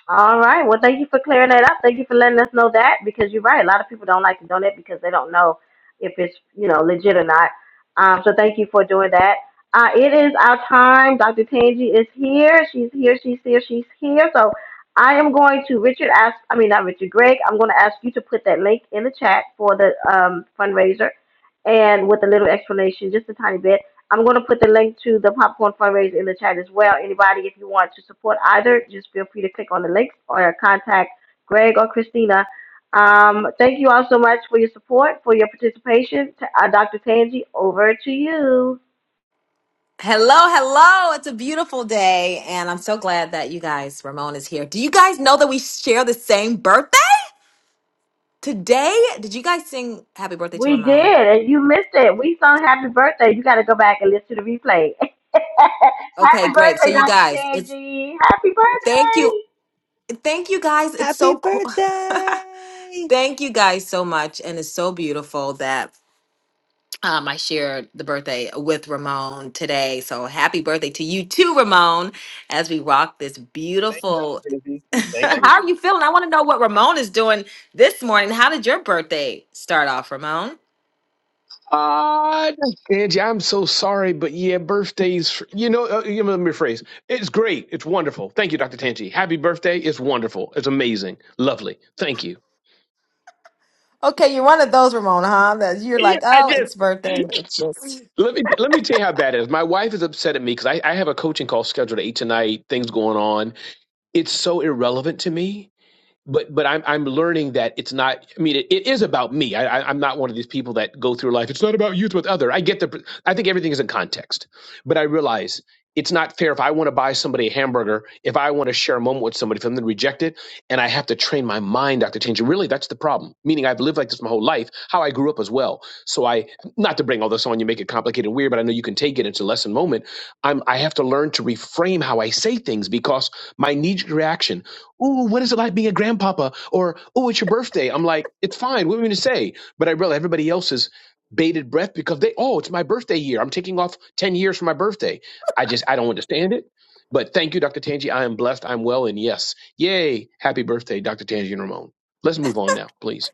S1: All right. Well, thank you for clearing that up. Thank you for letting us know that because you're right. A lot of people don't like to donate because they don't know if it's you know legit or not. Um, so thank you for doing that. Uh, it is our time. Dr. Tangi is here. She's here. She's here. She's here. So I am going to Richard ask. I mean, not Richard. Greg. I'm going to ask you to put that link in the chat for the um, fundraiser, and with a little explanation, just a tiny bit. I'm going to put the link to the popcorn fundraiser in the chat as well. Anybody, if you want to support either, just feel free to click on the links or contact Greg or Christina. Um, thank you all so much for your support, for your participation. T- Uh, Dr. Tangi, over to you.
S27: Hello, hello. It's a beautiful day, and I'm so glad that you guys, Ramon is here. Do you guys know that we share the same birthday? Today, did you guys sing happy birthday to
S1: We
S27: Ramon?
S1: did, and you missed it. We sung happy birthday. You got to go back and listen to the replay.
S27: Okay,
S1: happy
S27: great. So
S1: birthday,
S27: you
S1: Dr.
S27: guys, it's
S1: Tangi. Happy
S27: thank
S1: birthday.
S27: you. Thank you guys. It's
S3: Happy
S27: so cool.
S3: birthday!
S27: thank you guys so much and it's so beautiful that um, I shared the birthday with Ramon today. So happy birthday to you too, Ramon, as we rock this beautiful How are you feeling? I want to know what Ramon is doing this morning. How did your birthday start off, Ramon?
S13: Ah, Angie, I'm so sorry, but yeah, birthdays, you know, uh, you know, let me rephrase. It's great. It's wonderful. Thank you, Dr. Tanji. Happy birthday. It's wonderful. It's amazing. Lovely. Thank you.
S27: Okay, you're one of those, Ramona, huh? That you're like, oh, it's birthday. It's this.
S13: Let me let me tell you how bad it is. My wife is upset at me because I, I have a coaching call scheduled at eight tonight. Things going on. It's so irrelevant to me but but I'm I'm learning that it's not. I mean, it, it is about me. I, I I'm not one of these people that go through life. It's not about youth with other. I get the. I think everything is in context, but I realize it's not fair. If I want to buy somebody a hamburger, if I want to share a moment with somebody, for them to reject it, and I have to train my mind not to change it. Really, that's the problem. Meaning, I've lived like this my whole life. How I grew up as well. So I not to bring all this on you, make it complicated and weird, but I know you can take it. It's a lesson moment. I'm I have to learn to reframe how I say things because my knee reaction Ooh, what is it like being a grandpapa? Or, oh, it's your birthday. I'm like, it's fine. What are we going to say? But I realize everybody else's bated breath because they, oh, it's my birthday year. I'm taking off 10 years from my birthday. I just, I don't understand it. But thank you, Dr. Tangi. I am blessed. I'm well. And yes, yay. Happy birthday, Dr. Tangi and Ramon. Let's move on now, please.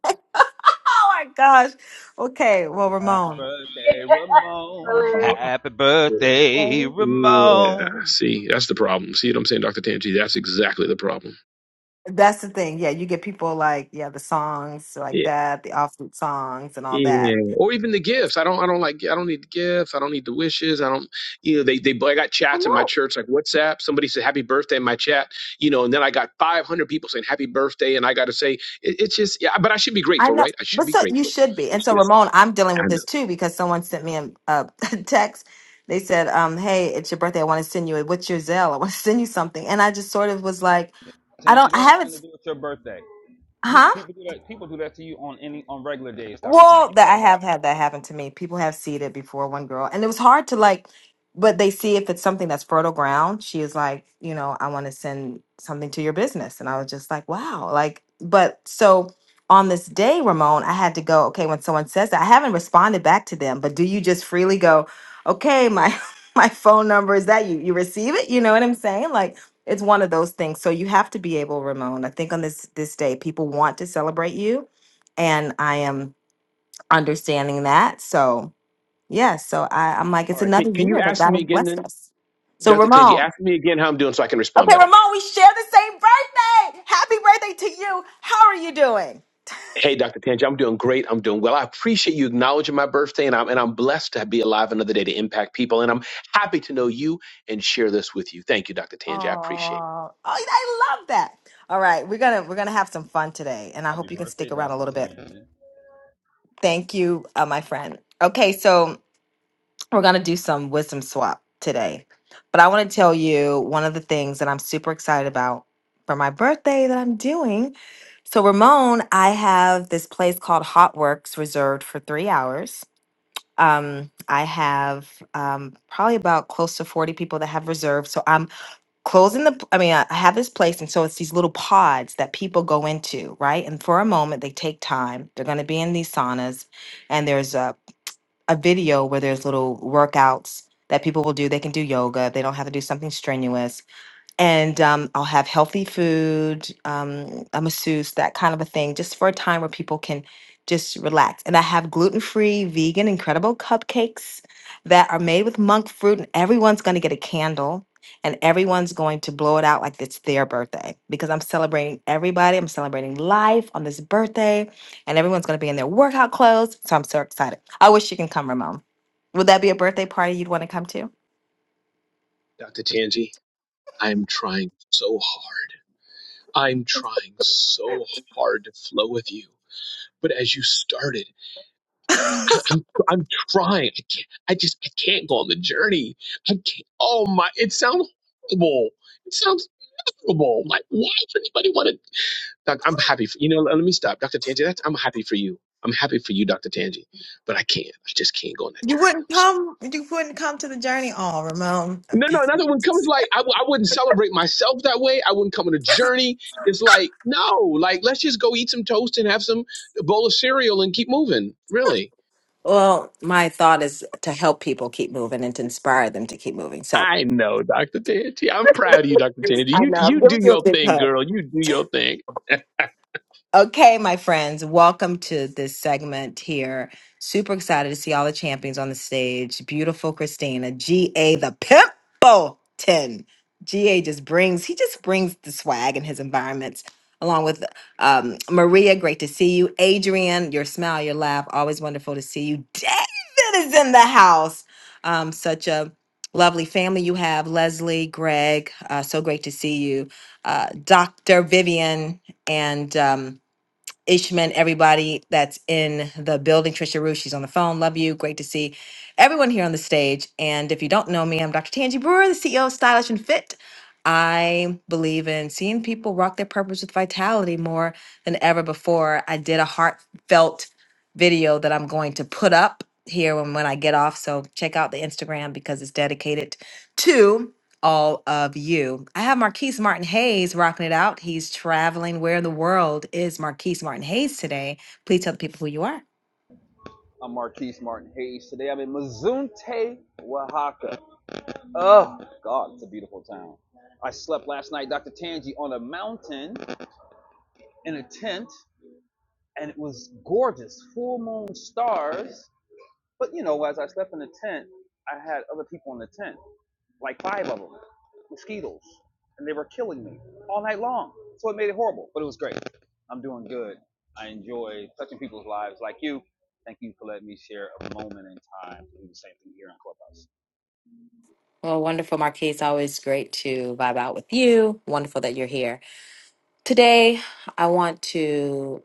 S27: Oh my gosh. Okay, well,
S28: Happy
S27: Ramon,
S1: It's
S28: birthday, Ramon.
S1: hilarious.
S28: Happy birthday,
S27: Okay.
S13: Yeah.
S28: Ramon.
S13: See, that's the problem. See what I'm saying, Dr. Tangi? That's exactly the problem.
S27: that's the thing. Yeah, you get people like, yeah, the songs
S13: Yeah.
S27: like that, the offbeat songs and all
S13: Yeah,
S27: that.
S13: or even the gifts. I don't. I don't like. I don't need the gifts. I don't need the wishes. I don't. You know, they they. I got chats in my church, like WhatsApp. Somebody said happy birthday in my chat. You know, and then I got five hundred people saying happy birthday, and I got to say it, it's just yeah. But I should be
S27: I
S13: grateful,
S27: know,
S13: right? I should
S27: but
S13: be
S27: so you
S13: grateful.
S27: should be. And
S13: It's
S27: so,
S13: just
S27: Ramon, I'm dealing
S13: I
S27: with
S13: know.
S27: this too because someone sent me a, a text. They said, um, "Hey, it's your birthday. I want to send you. a What's your Zelle? I want to send you something." And I just sort of was like, "I don't.
S28: Tanji,
S27: I
S28: that has
S27: haven't.
S28: nothing to
S27: s-
S28: do with your birthday.
S27: Huh?
S28: People do that. People do that to you on any on regular days, Doctor
S27: Well,
S28: Tanji.
S27: that
S28: Cut
S27: I
S28: it
S27: have
S28: out.
S27: had that happen to me. People have seeded it before one girl, and it was hard to like, but they see if it's something that's fertile ground. She is like, you know, I want to send something to your business, and I was just like, wow, like, but so on this day, Ramon, I had to go. Okay, when someone says that, I haven't responded back to them, but do you just freely go, okay, my my phone number is that you you receive it? You know what I'm saying? Like, it's one of those things. So you have to be able, Ramon. I think on this this day, people want to celebrate you, and I am understanding that. So yeah, so I, I'm like,
S13: All
S27: it's
S13: right. Can,
S27: another
S13: can you
S27: year that
S13: ask
S27: God
S13: me
S27: has
S13: again
S27: blessed
S13: then,
S27: us. So
S13: Dr. Tanji?
S27: Ramon,
S13: Ask me again how I'm doing so I can respond
S27: okay,
S13: better.
S27: Ramon, we share the same birthday. Happy birthday to you. How are you doing?
S13: Hey, Dr. Tanji, I'm doing great. I'm doing well. I appreciate you acknowledging my birthday, and I'm and I'm blessed to be alive another day to impact people. And I'm happy to know you and share this with you. Thank you, Dr.
S27: Oh,
S13: Tanji. I appreciate it.
S27: oh, I love that. All right, we're gonna we're gonna have some fun today, and I
S28: Happy
S27: hope you can
S28: birthday,
S27: stick around a
S28: Doctor
S27: little bit.
S28: Tanji.
S27: Thank you, uh, my friend. Okay, so. We're going to do some wisdom swap today. But I want to tell you one of the things that I'm super excited about for my birthday that I'm doing. So, Ramon, I have this place called Hot Works reserved for three hours. Um, I have um, probably about close to 40 people that have reserved. So, I'm closing the, p- I mean, I I have this place. And so, it's these little pods that people go into, right? And for a moment, they take time. They're going to be in these saunas. And there's a a video where there's little workouts that people will do. They can do yoga. They don't have to do something strenuous and um, I'll have healthy food, um, a masseuse, that kind of a thing, just for a time where people can just relax. And I have gluten free, vegan, incredible cupcakes that are made with monk fruit, and everyone's going to get a candle and everyone's going to blow it out like it's their birthday because I'm celebrating everybody. I'm celebrating life on this birthday, and everyone's going to be in their workout clothes. So I'm so excited. I wish you can come, Ramon. Would that be a birthday party you'd want to come to?
S13: Dr. Tanji, I'm trying so hard. I'm trying so hard to flow with you. But as you started, I- I'm I'm trying. I can't. I just I can't go on the journey. I can't. Oh my! It sounds horrible. It sounds miserable. Like why would anybody want to? Doc, I'm happy for you know. Let me stop, Doctor Tanji. That's I'm happy for you. I'm happy for you, Doctor Tanji. But I can't. I just can't go on that journey. No, I'm sorry.
S27: You couldn't come to the journey all, Ramon.
S13: No, no. Another one comes like I, w- I wouldn't celebrate myself that way. I wouldn't come on a journey. It's like no, like let's just go eat some toast and have some bowl of cereal and keep moving. Really.
S27: Well, my thought is to help people keep moving and to inspire them to keep moving. So
S13: I know, Doctor Tanji. I'm proud of you, Doctor Tanji.
S27: I
S13: You
S27: know. I'm
S13: you do
S27: giving you a
S13: your
S27: big
S13: thing,
S27: hug.
S13: girl. You do your thing.
S27: Okay, my friends, welcome to this segment here. Super excited to see all the champions on the stage. Beautiful Christina, GA the Pimpleton. GA just brings, he just brings the swag in his environments. Along with um, Maria, great to see you. Adrian, your smile, your laugh, always wonderful to see you. David is in the house. Um, such a lovely family you have. Leslie, Greg, uh, so great to see you. Uh, Dr. Vivian, and. Um, Ishman, everybody that's in the building. Trisha Rue, she's on the phone. Love you. Great to see everyone here on the stage. And if you don't know me, I'm Dr. Tanji Brewer, the CEO of Stylish and Fit. I believe in seeing people rock their purpose with vitality more than ever before. I did a heartfelt video that I'm going to put up here when, when I get off. So check out the Instagram because it's dedicated to all of you. I have Marquise Martin Hayes rocking it out. He's traveling. Where in the world is Marquise Martin Hayes today? Please tell the people who you are.
S28: I'm Marquise Martin Hayes. Today I'm in Mazunte, Oaxaca. Oh, God, it's a beautiful town. I slept last night, Dr. Tangi, on a mountain in a tent, and it was gorgeous. Full moon stars, But you know, as I slept in the tent, I had other people in the tent, like five of them, mosquitoes, and they were killing me all night long. So it made it horrible, but it was great. I'm doing good. I enjoy touching people's lives like you. Thank you for letting me share a moment in time to do the same thing here on Clubhouse.
S27: Well, wonderful, Marquise. Always great to vibe out with you. Wonderful that you're here. Today, I want to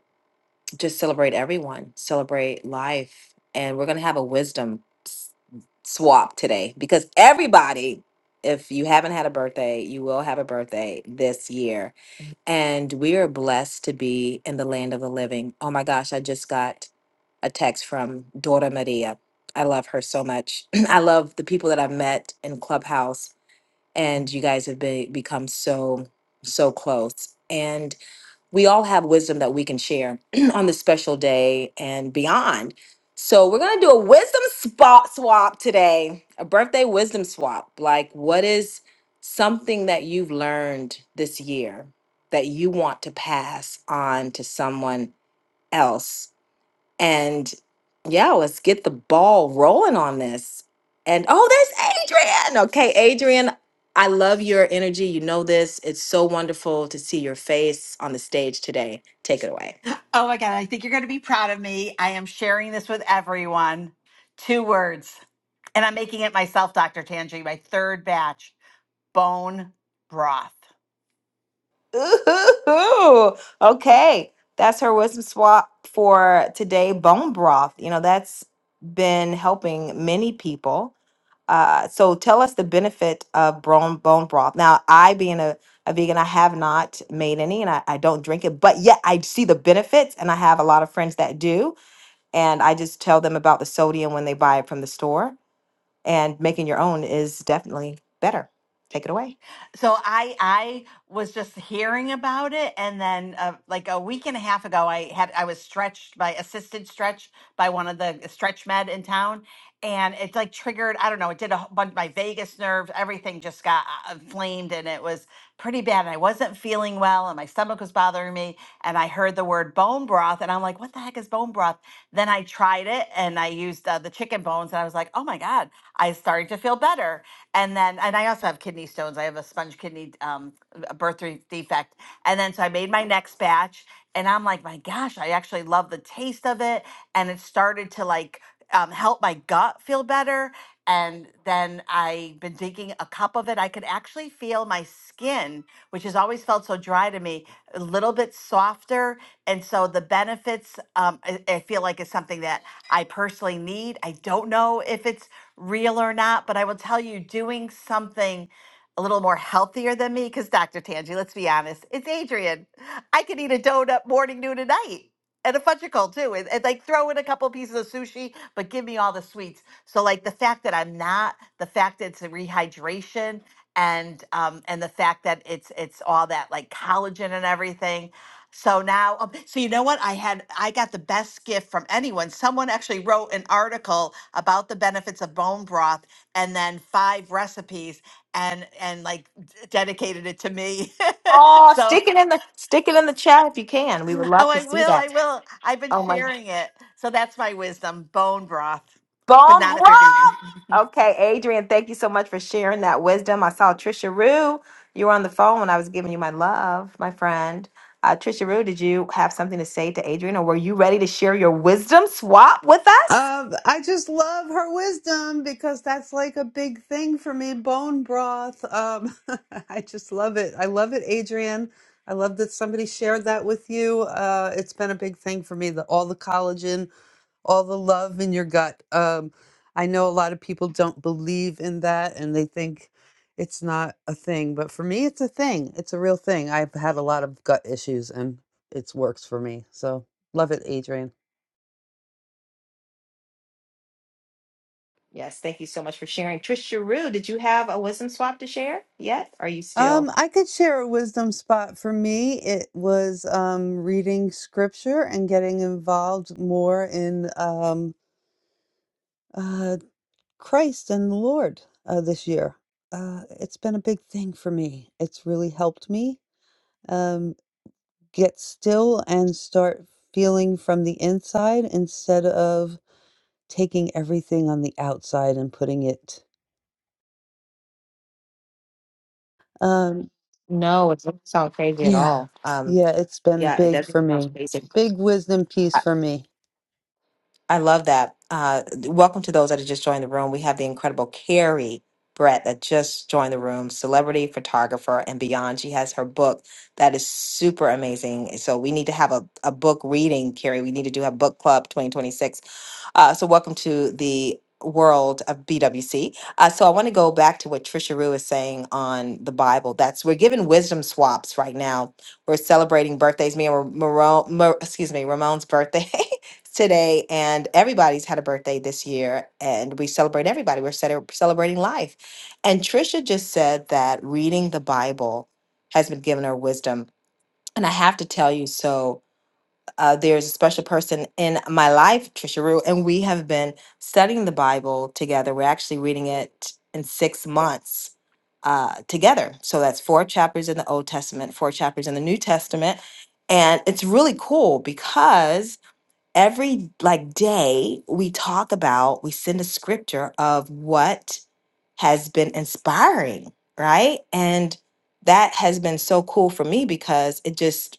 S27: just celebrate everyone, celebrate life. And we're going to have a wisdom s- swap today because everybody, if you haven't had a birthday, you will have a birthday this year. And we are blessed to be in the land of the living. Oh my gosh, I just got a text from Dora Maria. I love her so much. I love the people that I've met in Clubhouse, and you guys have been, become so, so close we all have wisdom that we can share on this special day and beyond. So we're gonna do a wisdom spot swap today, a birthday wisdom swap. Like, what is something that you've learned this year that you want to pass on to someone else? And yeah, let's get the ball rolling on this. And oh, there's Adrian. Okay, Adrian, I love your energy. You know this. It's so wonderful to see your face on the stage today. Take it away.
S22: Oh my God, I think you're going to be proud of me. I am sharing this with everyone. Two words. And I'm making it myself, Dr. Tanji. my third batch bone broth.
S27: Ooh, okay. That's her wisdom swap for today bone broth. You know, that's been helping many people. Uh, so tell us the benefit of bone bone broth. Now, I being a, a vegan, I have not made any, and I, I don't drink it, but yet I see the benefits, and I have a lot of friends that do, and I just tell them about the sodium when they buy it from the store, and making your own is definitely better. Take it away.
S22: so I I was just hearing about it, and then uh, like a week and a half ago, I had I was stretched by assisted stretch by one of the stretch med in town, and it like triggered I don't know it did a whole bunch my vagus nerves everything just got uh, inflamed and it was pretty bad and I wasn't feeling well and my stomach was bothering me and I heard the word bone broth and I'm like what the heck is bone broth? Then I tried it and I used uh, the chicken bones and I was like oh my god I started to feel better and then and I also have kidney stones. I have a sponge kidney um, a birth re- defect, and then so I made my next batch, and I'm like, my gosh, I actually love the taste of it, and it started to like um, help my gut feel better. And then I've been drinking a cup of it. I could actually feel my skin, which has always felt so dry to me, a little bit softer. And so the benefits, um, I, I feel like, is something that I personally need. I don't know if it's real or not, but I will tell you, doing something a little more healthier than me, because Dr. Tangi, let's be honest, it's Adrian. I could eat a donut morning, noon, and night. And a fudgicle too, and, and like throw in a couple pieces of sushi, but give me all the sweets. So like the fact that I'm not, the fact that it's a rehydration, and um, and the fact that it's it's all that like collagen and everything, so now, um, so you know what? I had, I got the best gift from anyone. Someone actually wrote an article about the benefits of bone broth and then five recipes and, and like d- dedicated it to me.
S27: Oh,
S22: so,
S27: stick it in the stick it in the chat if you can. We would love
S22: oh,
S27: to
S22: I
S27: see
S22: will,
S27: that.
S22: I will. I've been
S27: Oh my.
S22: sharing it. So that's my wisdom bone broth, but
S27: Bone
S22: not if you're
S27: Grove.
S22: vegan.
S27: Okay, Adrian, thank you so much for sharing that wisdom. I saw Trisha Rue. You were on the phone when I was giving you my love, my friend. Uh, Trisha Rue, did you have something to say to Adrian, or were you ready to share your wisdom swap with us?
S3: Um, I just love her wisdom because that's like a big thing for me. Bone broth. Um, I just love it. I love it, Adrian. I love that somebody shared that with you. Uh, it's been a big thing for me. The, all the collagen, all the love in your gut. Um, I know a lot of people don't believe in that and they think it's not a thing, but for me, it's a thing. It's a real thing. I've had a lot of gut issues and it's works for me. So love it, Adrian.
S27: Yes, thank you so much for sharing. Trisha Rue, did you have a wisdom swap to share yet? Are you still?
S3: Um, I could share a wisdom spot for me. It was um, reading scripture and getting involved more in um, uh, Christ and the Lord uh, this year. Uh, it's been a big thing for me. It's really helped me um, get still and start feeling from the inside instead of taking everything on the outside and putting it. Um,
S27: No, it doesn't sound crazy at
S3: yeah,
S27: all. Um,
S3: yeah, it's been
S27: Yeah, it
S3: big
S27: doesn't
S3: for
S27: sound
S3: me.
S27: crazy.
S3: Big wisdom piece for me.
S27: I love that. Uh, welcome to those that have just joined the room. We have the incredible Carrie Brett that just joined the room, celebrity photographer and beyond. She has her book that is super amazing. So we need to have a, a book reading, Carrie. We need to do a book club 2026 uh, so welcome to the world of BWC. Uh, so I want to go back to what Trisha Rue is saying on the Bible. That's we're giving wisdom swaps right now. We're celebrating birthdays. Me and Ra- Mar- excuse me, Ramon's birthday today, and everybody's had a birthday this year, and we celebrate everybody. We're cele- celebrating life. And Trisha just said that reading the Bible has been giving her wisdom, and I have to tell you so. Uh, there's a special person in my life, Trisha Rue, and we have been studying the Bible together. We're actually reading it in six months uh, together. So that's four chapters in the Old Testament, four chapters in the New Testament. And it's really cool because every like day we talk about, we send a scripture of what has been inspiring, right? And that has been so cool for me because it just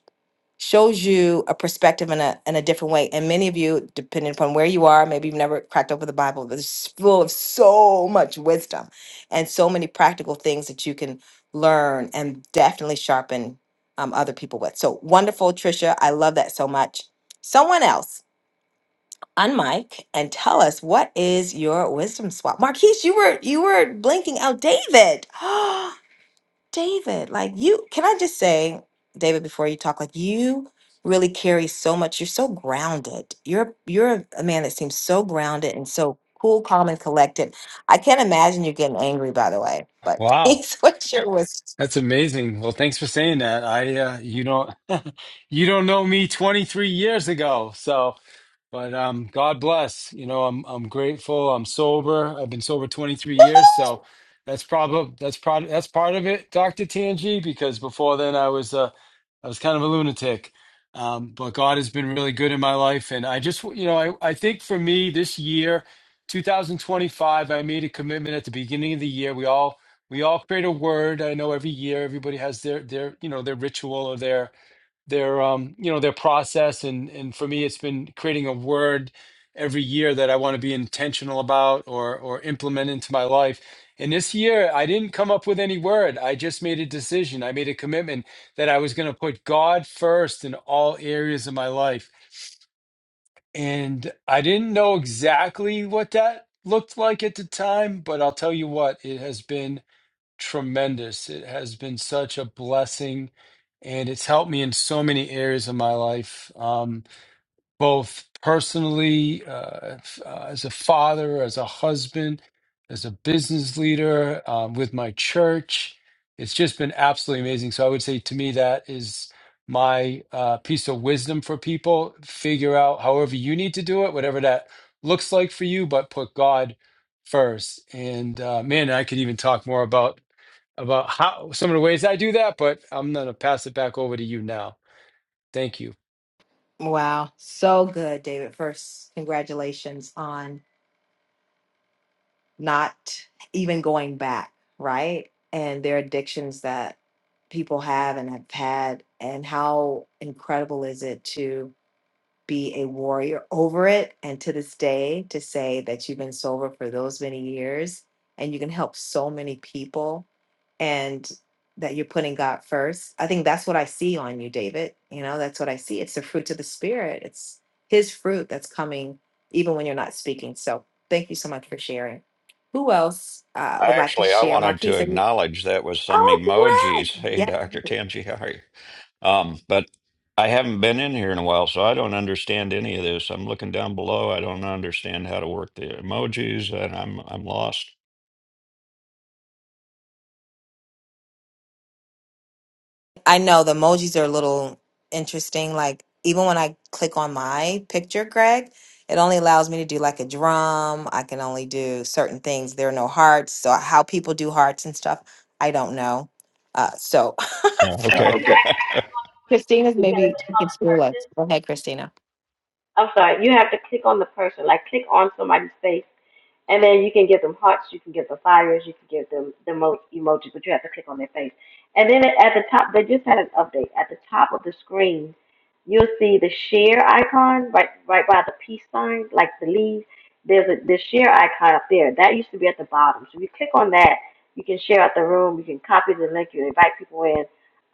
S27: shows you a perspective in a in a different way. And many of you, depending upon where you are, maybe you've never cracked open the Bible. but It's full of so much wisdom and so many practical things that you can learn and definitely sharpen um, other people with. So wonderful, Trisha. I love that so much. Someone else, unmic, and tell us what is your wisdom swap. Marquise, you were you were blinking out David. David, like you, can I just say, David, before you talk, like you really carry so much. You're so grounded. You're you're a man that seems so grounded and so cool, calm, and collected. I can't imagine you getting angry, by the way. But
S29: Wow,
S27: please, what your was
S29: that's amazing. Well, thanks for saying that. I uh, you don't you don't know me 23 years ago, so but um, God bless. You know, I'm I'm grateful. I'm sober. I've been sober 23 years, so that's probably that's part that's part of it, Doctor Tangi. Because before then, I was uh, I was kind of a lunatic. Um, but God has been really good in my life, and I just you know I I think for me this year, 2025, I made a commitment at the beginning of the year. We all we all create a word. I know every year everybody has their their you know their ritual or their their um you know their process and and for me it's been creating a word every year that I want to be intentional about or or implement into my life. And this year I didn't come up with any word. I just made a decision. I made a commitment that I was going to put God first in all areas of my life. And I didn't know exactly what that looked like at the time, but I'll tell you what, it has been tremendous. It has been such a blessing, and it's helped me in so many areas of my life, um, both personally, uh, f- uh, as a father, as a husband, as a business leader, um, with my church. It's just been absolutely amazing. So I would say to me that is my uh, piece of wisdom for people. Figure out however you need to do it, whatever that looks like for you, but put God first. And uh, man, I could even talk more about about how some of the ways I do that, but I'm going to pass it back over to you now. Thank you.
S27: wow, so good, David. First, congratulations on not even going back, right? And their addictions that people have and have had, and how incredible is it to be a warrior over it and to this day to say that you've been sober for those many years and you can help so many people and that you're putting God first. I think that's what I see on you, David. You know, that's what I see. It's the fruit of the spirit. It's his fruit that's coming even when you're not speaking. So thank you so much for sharing. Who else uh, would
S17: I
S27: like to
S17: Actually, I
S27: share?
S17: wanted to
S27: Marquise, are you?
S17: acknowledge that with some
S27: Oh,
S17: emojis. Hey,
S27: Greg.
S17: Dr. Tanji, how are you? Um, but I haven't been in here in a while, so I don't understand any of this. I'm looking down below. I don't understand how to work the emojis, and I'm I'm lost.
S27: I know the emojis are a little interesting. Like even when I click on my picture, Greg, it only allows me to do like a drum. I can only do certain things. There are no hearts. So how people do hearts and stuff, I don't know. Uh, so
S17: Yeah,
S1: You
S17: okay.
S1: have to actually click on the person.
S27: Christina's
S1: You got to
S27: maybe
S1: click
S27: she
S1: on
S27: can
S1: the
S27: school us.
S1: person
S27: Go ahead, Christina.
S1: I'm sorry, you have to click on the person, like click on somebody's face, and then you can give them hearts, you can give them fires, you can give them the mo- emojis, but you have to click on their face. And then at the top, they just had an update. At the top of the screen, you'll see the share icon right right by the peace sign, like the leaves. There's a the share icon up there. That used to be at the bottom. So if you click on that, you can share out the room, you can copy the link, you invite people in.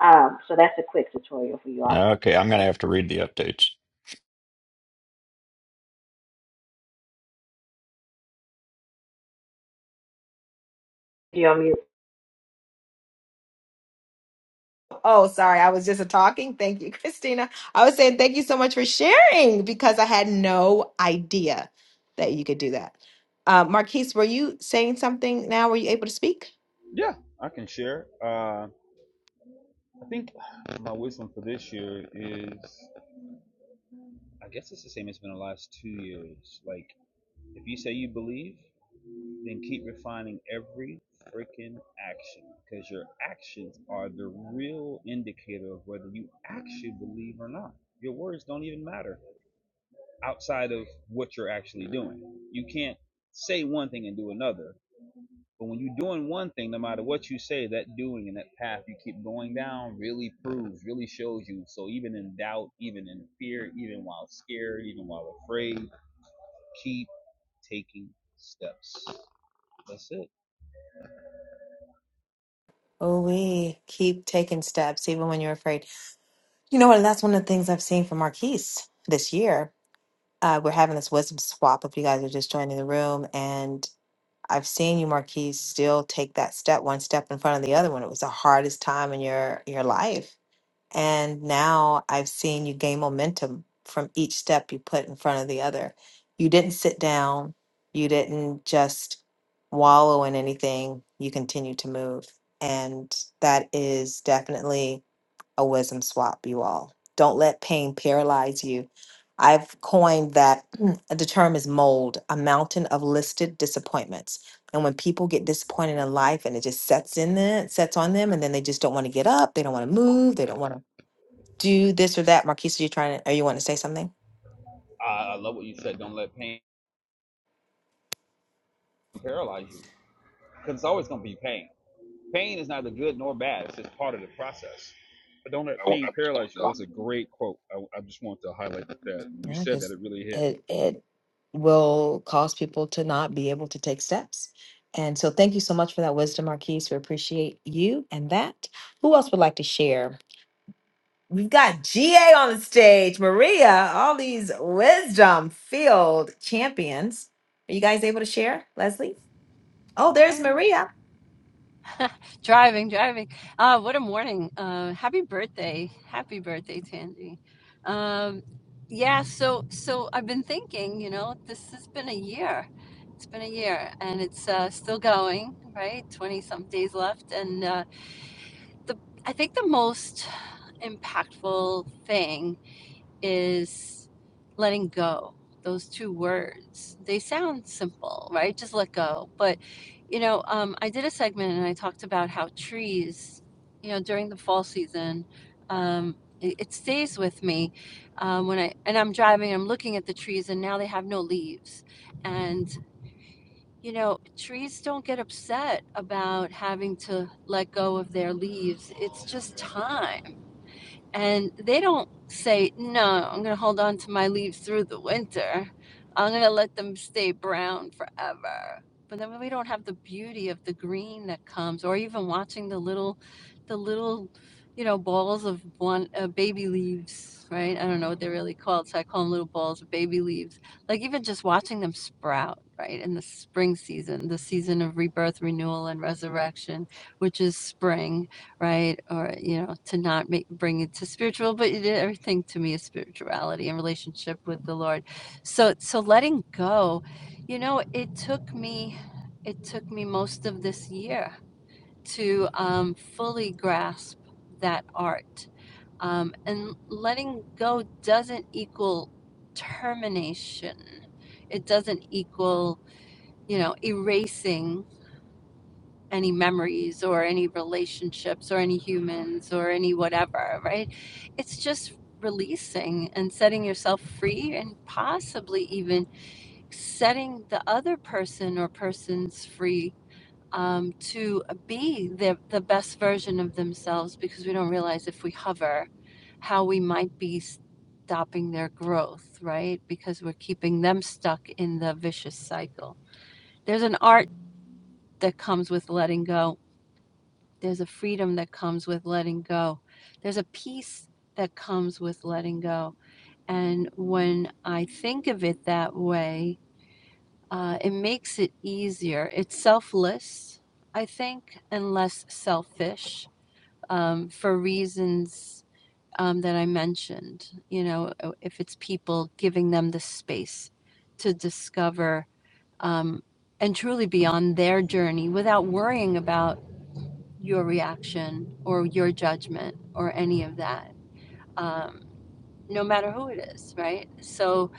S1: Um, so that's a quick tutorial for you all.
S17: Okay, I'm gonna have to read the updates.
S1: you on mute.
S27: Oh, sorry, I was just talking. Thank you, Christina. I was saying thank you so much for sharing because I had no idea that you could do that. Uh, Marquise, were you saying something now? Were you able to speak?
S28: Yeah, I can share. Uh, I think my wisdom for this year is, I guess it's the same as been the last two years. Like, if you say you believe, Then keep refining every freaking action because your actions are the real indicator of whether you actually believe or not. Your words don't even matter outside of what you're actually doing. You can't say one thing and do another. But when you're doing one thing, no matter what you say, that doing and that path you keep going down really proves, really shows you. So even in doubt, even in fear, even while scared, even while afraid, keep taking steps. That's it.
S27: Oh, we keep taking steps even when you're afraid. You know what? That's one of the things I've seen from Marquise this year. Uh, we're having this wisdom swap if you guys are just joining the room. And I've seen you, Marquise, still take that step, one step in front of the other when it was the hardest time in your your life. And now I've seen you gain momentum from each step you put in front of the other. You didn't sit down, you didn't just wallow in anything, you continue to move. And that is definitely a wisdom swap, you all. Don't let pain paralyze you. I've coined that the term is mold, a mountain of listed disappointments. And when people get disappointed in life and it just sets in them, sets on them, and then they just don't want to get up, they don't want to move, they don't want to do this or that. Marquise, are you trying to, are you want to say something?
S28: I, I love what you said. Don't let pain paralyze you because it's always going to be pain. Pain is neither good nor bad. It's just part of the process. But don't let pain paralyze you. That was a great quote. I, I just wanted to highlight that. When You
S27: Yeah,
S28: said that
S27: because
S28: it really hit.
S27: it it will cause people to not be able to take steps. And so thank you so much for that wisdom, Marquise. We appreciate you and that. Who else would like to share? We've got GA on the stage, Maria, all these wisdom field champions. Are you guys able to share, Leslie? Oh,
S8: I
S27: there's
S8: am.
S27: Maria.
S8: Driving, driving. Ah, what a morning. Uh, happy birthday. Happy birthday, Tandy. Um, yeah, so so I've been thinking, you know, this has been a year. It's been a year and it's uh, still going, right? 20 some days left and uh, the I think the most impactful thing is letting go. Those two words. They sound simple, right? Just let go. But, you know, um, I did a segment and I talked about how trees, you know, during the fall season, um, it, it stays with me um, when I, and I'm driving, I'm looking at the trees and now they have no leaves. And, you know, trees don't get upset about having to let go of their leaves. It's just time and they don't say no i'm going to hold on to my leaves through the winter i'm going to let them stay brown forever but then we don't have the beauty of the green that comes or even watching the little the little you know balls of one uh, baby leaves right i don't know what they're really called so i call them little balls of baby leaves like even just watching them sprout right in the spring season the season of rebirth renewal and resurrection which is spring right? Or, you know, to not make, bring it to spiritual, but it- everything to me is spirituality and relationship with the Lord. So, so letting go, you know, it took me, it took me most of this year to um, fully grasp that art. Um, and letting go doesn't equal termination. It doesn't equal, you know, erasing any memories or any relationships or any humans or any whatever, right? It's just releasing and setting yourself free and possibly even setting the other person or persons free um, to be the, the best version of themselves because we don't realize if we hover how we might be stopping their growth, right? Because we're keeping them stuck in the vicious cycle. There's an art that comes with letting go there's a freedom that comes with letting go. There's a peace that comes with letting go. And when I think of it that way, uh, it makes it easier. It's selfless, I think, and less selfish um, for reasons um, that I mentioned. You know, uh, if it's people giving them the space to discover um, and truly be on their journey without worrying about your reaction or your judgment or any of that, um, no matter who it is, right? So,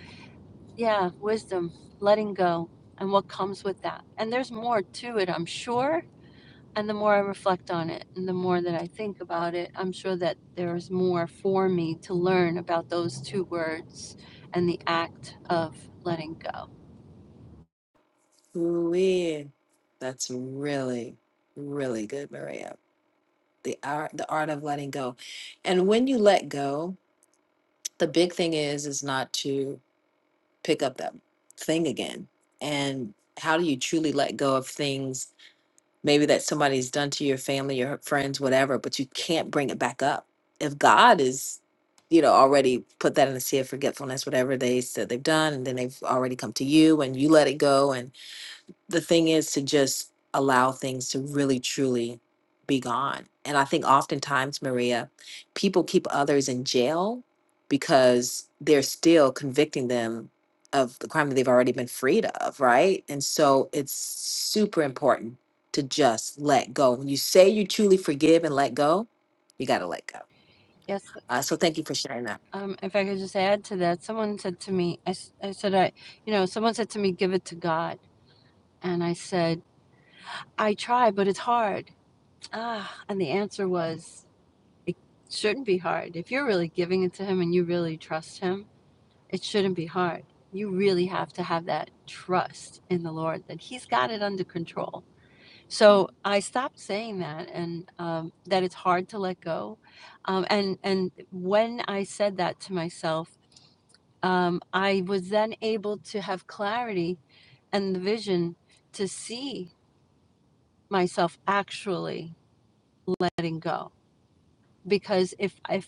S8: yeah, wisdom, letting go, and what comes with that. And there's more to it, I'm sure. And the more I reflect on it and the more that I think about it, I'm sure that there's more for me to learn about those two words and the act of letting go.
S27: Ooh, That's really, really good, Maria. the art the art of letting go and when you let go the big thing is is not to pick up that thing again and how do you truly let go of things maybe that somebody's done to your family your friends whatever but you can't bring it back up if god is you know already put that in the sea of forgetfulness whatever they said they've done and then they've already come to you and you let it go and the thing is to just allow things to really truly be gone. And I think oftentimes, Maria, people keep others in jail because they're still convicting them of the crime that they've already been freed of, right? And so it's super important to just let go. When you say you truly forgive and let go, you got to let go.
S8: Yes,
S27: Uh, so thank you for sharing that.
S8: um, if I could just add to that, someone said to me, I I said, I, you know, someone said to me, give it to God. And I said, I try, but it's hard. Ah, and the answer was, it shouldn't be hard. If you're really giving it to him and you really trust him, it shouldn't be hard. You really have to have that trust in the Lord that he's got it under control. So I stopped saying that and um, that it's hard to let go. Um, and, and when I said that to myself, um, I was then able to have clarity and the vision to see myself actually letting go because if I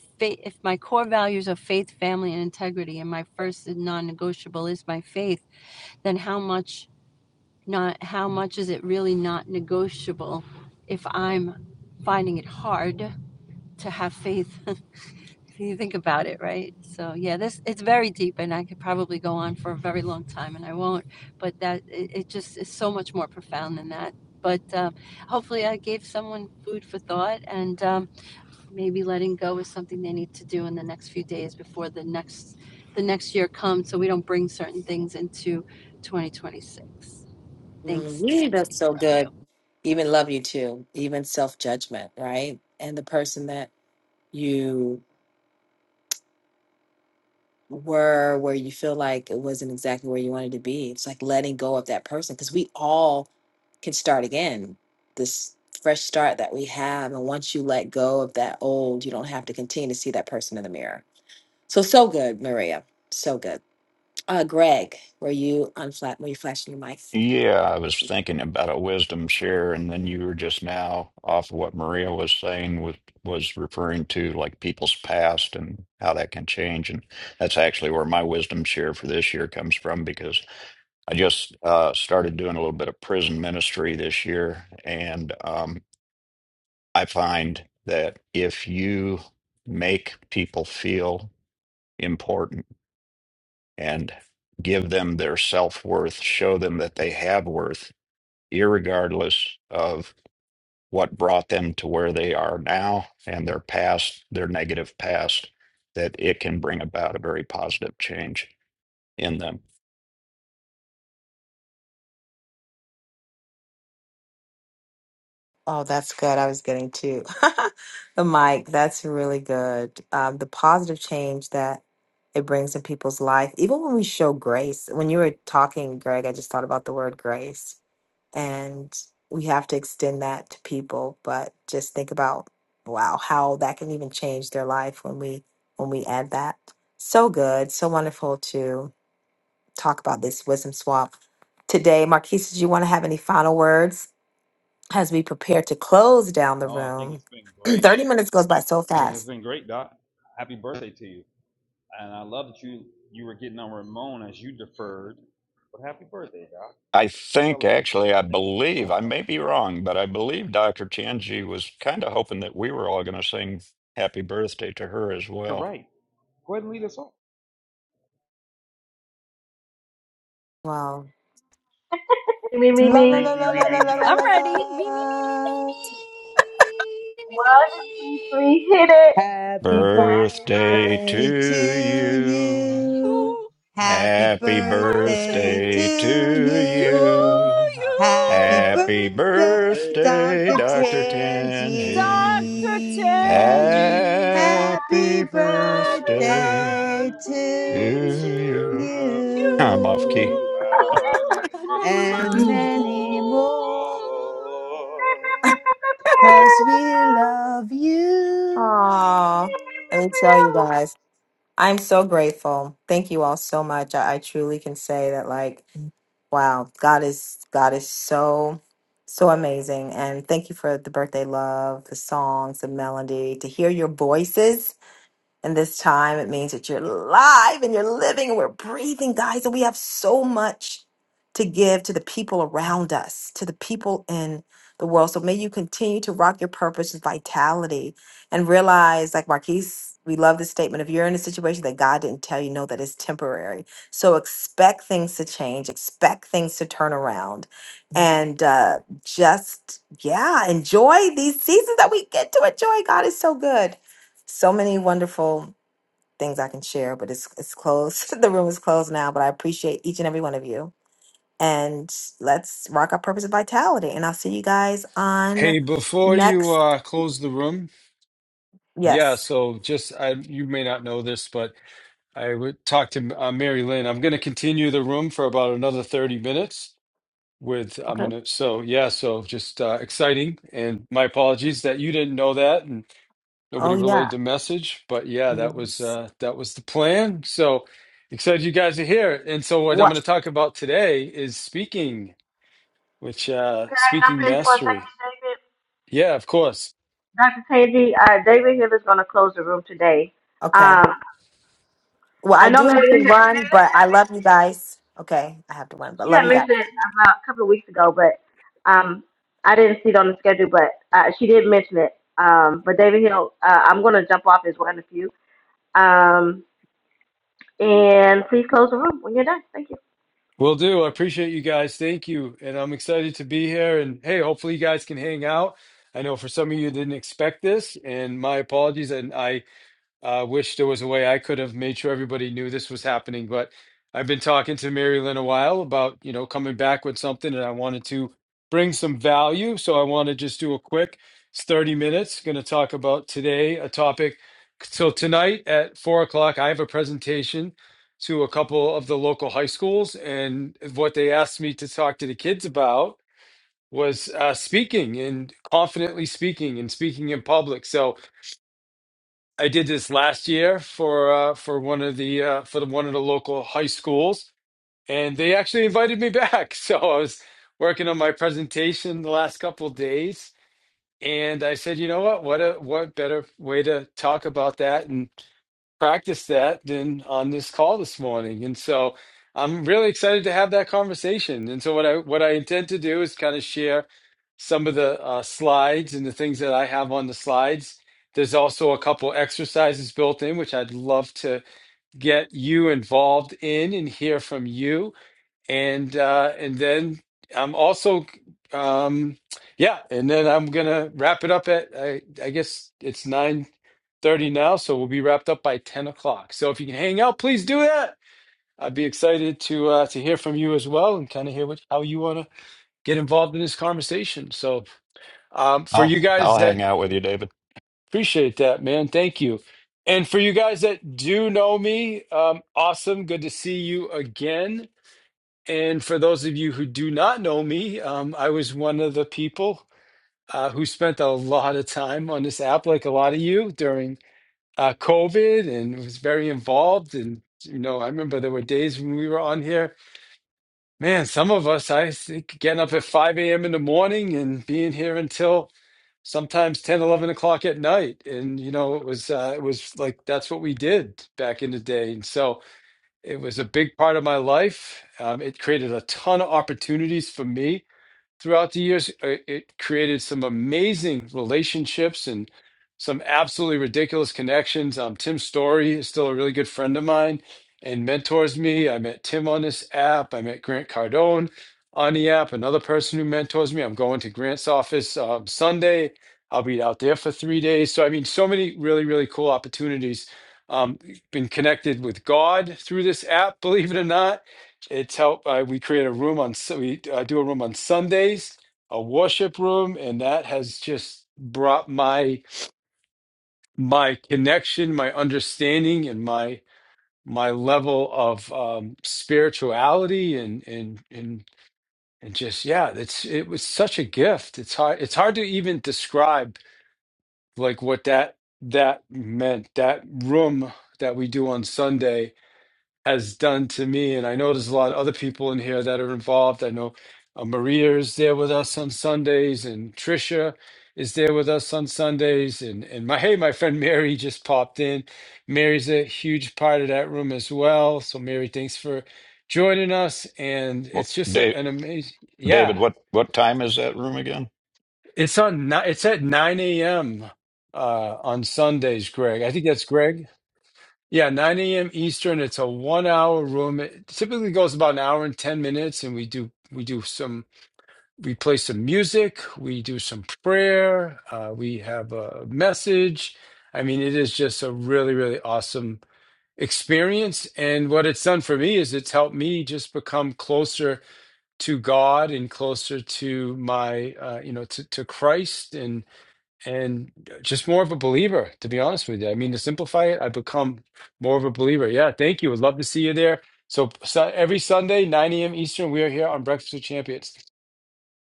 S8: if my core values are faith, family, and integrity, and my first and non-negotiable is my faith, then how much not how much is it really not negotiable if I'm finding it hard to have faith? if you think about it, right? So yeah, this it's very deep, and I could probably go on for a very long time, and I won't. But that it, it just is so much more profound than that. But uh, hopefully, I gave someone food for thought, and um, maybe letting go is something they need to do in the next few days before the next, the next year comes, so we don't bring certain things into 2026.
S27: Mm,
S8: Thanks,
S27: yeah, that's
S8: Tangi.
S27: so good. Even love you too, even self judgment, right? And the person that you were where you feel like it wasn't exactly where you wanted to be. It's like letting go of that person because we all can start again. This fresh start that we have, and once you let go of that old, you don't have to continue to see that person in the mirror. So so good, Maria. So good. Uh, Greg, were you unflat? Were you flashing your mic?
S17: Yeah, I was thinking about a wisdom share, and then you were just now off of what Maria was saying was was referring to like people's past and how that can change. And that's actually where my wisdom share for this year comes from because I just uh, started doing a little bit of prison ministry this year, and um, I find that if you make people feel important and give them their self-worth, show them that they have worth irregardless of what brought them to where they are now and their past, their negative past, that it can bring about a very positive change in them.
S27: Oh, that's good. I was getting to the mic. That's really good. Um, the positive change that it brings in people's life, even when we show grace. When you were talking, Greg, I just thought about the word grace, and we have to extend that to people. But just think about wow, how that can even change their life when we when we add that. So good, so wonderful to talk about this wisdom swap today. Marquise, do you want to have any final words? as we prepare to close down the
S28: Oh, I think
S27: room,
S28: it's been great.
S27: 30 minutes goes by so
S28: I think it's
S27: fast.
S28: been great, Doc. Happy birthday to you. And I love that you you were getting on Ramon as you deferred. But happy birthday, Doc.
S17: I
S28: We
S17: think,
S28: celebrate you.
S17: actually, I
S28: Thank you for
S17: believe,
S28: showing
S17: I
S28: up.
S17: may be wrong, but I believe Dr. Tianji was kind of hoping that we were all going to sing happy birthday to her as
S28: You're
S17: well.
S28: right. Go ahead and lead us off.
S27: Wow.
S1: Me, me,
S3: La la
S1: me.
S28: Happy
S3: la la la
S1: Okay,
S3: la la la
S8: I'm
S3: la
S1: everybody.
S8: ready. Me, me, me, me, me,
S3: la.
S8: me. Me, me,
S1: One,
S8: me.
S1: two, three,
S8: me.
S1: hit it.
S3: Happy
S17: Birthday to
S3: birthday to
S17: you.
S3: you.
S8: Oh,
S3: Happy
S28: birthday
S17: Happy
S28: to
S3: birthday
S8: birthday
S17: birthday
S3: to
S17: to
S28: you.
S8: to
S3: you.
S17: you.
S28: Happy
S3: Happy
S8: you,
S17: Happy
S28: Birthday
S3: birthday,
S17: birthday,
S3: Dr.
S17: Dr.
S28: is and
S17: Tanji.
S8: Dr.
S3: Tangi.
S8: Tangi.
S3: Happy
S17: Happy
S8: Happy
S28: years to
S17: birthday
S3: birthday
S17: to
S8: birthday
S3: to
S28: you.
S8: to
S17: you.
S8: you
S17: I'm off key.
S3: you.
S28: Ah, and
S8: and many more.
S28: many, many
S3: And many more.
S28: more.
S3: Cause we love you.
S27: Aww. Let me tell you guys, I'm so grateful. Thank you all so much. I, I truly can say that like, wow, God is God is so so amazing. And thank you for the birthday love, the songs, the melody, to hear your voices And this time it means that you're live and you're living and we're breathing, guys. And we have so much to give to the people around us, to the people in the world. So may you continue to rock your purpose with vitality and realize, like Marquise, we love this statement. If you're in a situation that God didn't tell you, know that it's temporary. So expect things to change, expect things to turn around. And uh, just, yeah, enjoy these seasons that we get to enjoy. God is so good so many wonderful things I can share, but it's it's closed. the room is closed now, but I appreciate each and every one of you. And let's rock our purpose and vitality. And I'll see you guys on
S29: Hey, before you
S27: next.
S29: uh, close the room, yeah,
S27: Yes.
S29: so just I, you may not know this, but I would talk to uh, Mary Lynn. I'm going to continue the room for about another 30 minutes with I'm
S27: Okay.
S29: going to so yeah, so just uh, exciting and my apologies that you didn't know that and
S27: Oh
S29: nobody
S27: yeah.
S29: relayed the message, but yeah, that was
S27: Yes.
S29: uh, that was the plan. So excited you guys are here. And so what I'm
S27: What?
S29: going to talk about today is speaking Which uh
S1: Can I jump
S29: speaking
S1: in for a
S29: mastery.
S1: second, David?
S29: Yeah, of course.
S1: Dr. Tangi, uh, David Hill is going to close the room today.
S27: Okay.
S1: Um,
S27: Well, I
S1: I know
S27: do
S1: Mary
S27: have to
S1: Lynn had,
S27: run,
S1: Mary
S27: but
S1: Lynn had
S27: I love
S1: mentioned
S27: you
S1: it.
S27: guys. Okay, I have to run, but
S1: She
S27: love
S1: had
S27: you guys.
S1: mentioned it about a couple of weeks ago, but um, I didn't see it on the schedule, but uh, she did mention it. Um, but David Hill, uh, I'm going to jump off as one of you. Um, and please close the room when you're done. Thank you.
S29: Will do. I appreciate you guys. Thank you. And I'm excited to be here and hey, hopefully you guys can hang out. I know for some of you didn't expect this and my apologies and I I wish there was a way I could have made sure everybody knew this was happening, but I've been talking to Mary Lynn a while about, you know, coming back with something and I wanted to bring some value. So I want to just do a quick it's 30 minutes, going to talk about today a topic. So tonight at four o'clock, I have a presentation to a couple of the local high schools. And what they asked me to talk to the kids about was uh, speaking and confidently speaking and speaking in public. So I did this last year for uh, for one of the uh, for the one of the local high schools, and they actually invited me back. So I was working on my presentation the last couple of days, and I said, you know what? What a what better way to talk about that? and." Practice that than on this call this morning. And so I'm really excited to have that conversation. And so what I what I intend to do is kind of share some of the uh, slides and the things that I have on the slides. There's also a couple exercises built in, which I'd love to get you involved in and hear from you and uh, and then I'm also um, yeah, and then I'm gonna wrap it up at I, I guess it's nine thirty now, so we'll be wrapped up by ten o'clock. So if you can hang out, please do that. I'd be excited to uh, to hear from you as well and kind of hear what how you want to get involved in this conversation. So um, for you
S17: I'll
S29: guys
S17: I'll
S29: that
S17: hang out with you, David.
S29: appreciate that, man, thank you. And for you guys that do know me, um, awesome. Good to see you again. And for those of you who do not know me, um, I was one of the people uh, who spent a lot of time on this app, like a lot of you, during uh, COVID, and was very involved. And you know, I remember there were days when we were on here. Man, some of us, I think, getting up at 5 a.m. in the morning and being here until sometimes 10, 11 o'clock at night. And you know, it was uh, it was like that's what we did back in the day. And so. It was a big part of my life. Um, it created a ton of opportunities for me throughout the years, uh, it created some amazing relationships and some absolutely ridiculous connections. Um, Tim Story is still a really good friend of mine and mentors me. I met Tim on this app. I met Grant Cardone on the app, another person who mentors me. I'm going to Grant's office um, Sunday. I'll be out there for three days. So, I mean, so many really, really cool opportunities. Um, been connected with God through this app, believe it or not it's help. Uh, we create a room on Su- we I do a room on Sundays, a worship room, and that has just brought my my connection, my understanding, and my my level of um, spirituality and and and and just yeah, it's it was such a gift. It's hard it's hard to even describe like what that that meant. That room that we do on Sunday has done to me. And I know there's a lot of other people in here that are involved. I know uh, Maria is there with us on Sundays, and Trisha is there with us on Sundays. And and my hey, my friend Mary just popped in. Mary's a huge part of that room as well. So Mary, thanks for joining us. And
S17: What,
S29: it's just a-
S17: Dave,
S29: an amazing,
S17: David,
S29: yeah.
S17: what what time is that room again?
S29: It's on. ni- It's at nine a.m. Uh, on Sundays, Greg. I think that's Greg. Yeah, 9 a.m. Eastern. It's a one-hour room. It typically goes about an hour and 10 minutes, and we do we do some we play some music, we do some prayer, uh, we have a message. I mean, it is just a really, really awesome experience. And what it's done for me is it's helped me just become closer to God and closer to my uh, you know to, to Christ and and just more of a believer, to be honest with you. I mean, to simplify it, I've become more of a believer. Yeah, thank you. Would love to see you there. So, so every Sunday, 9 a.m. Eastern, we are here on Breakfast with Champions.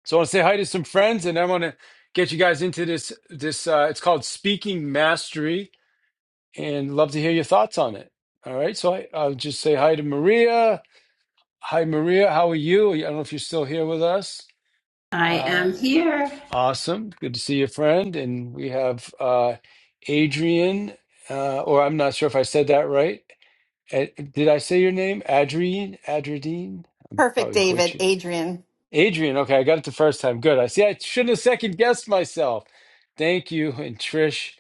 S29: So I want to say hi to some friends, and I want to get you guys into this. This uh, it's called Speaking Mastery, and love to hear your thoughts on it. All right, so I, I'll just say hi to Maria. Hi, Maria. How are you? I don't know if you're still here with us. Uh, Awesome. Good to see you, friend. And we have uh, Adrian, uh, or I'm not sure if I said that right. A- Did I say your name? Adrian? Adradine? I'm
S22: Perfect,
S29: probably
S22: David,
S29: butchering.
S22: Adrian.
S29: Adrian. Okay, I got it the first time. Good. I see. I shouldn't have second guessed myself. Thank you. And Trish,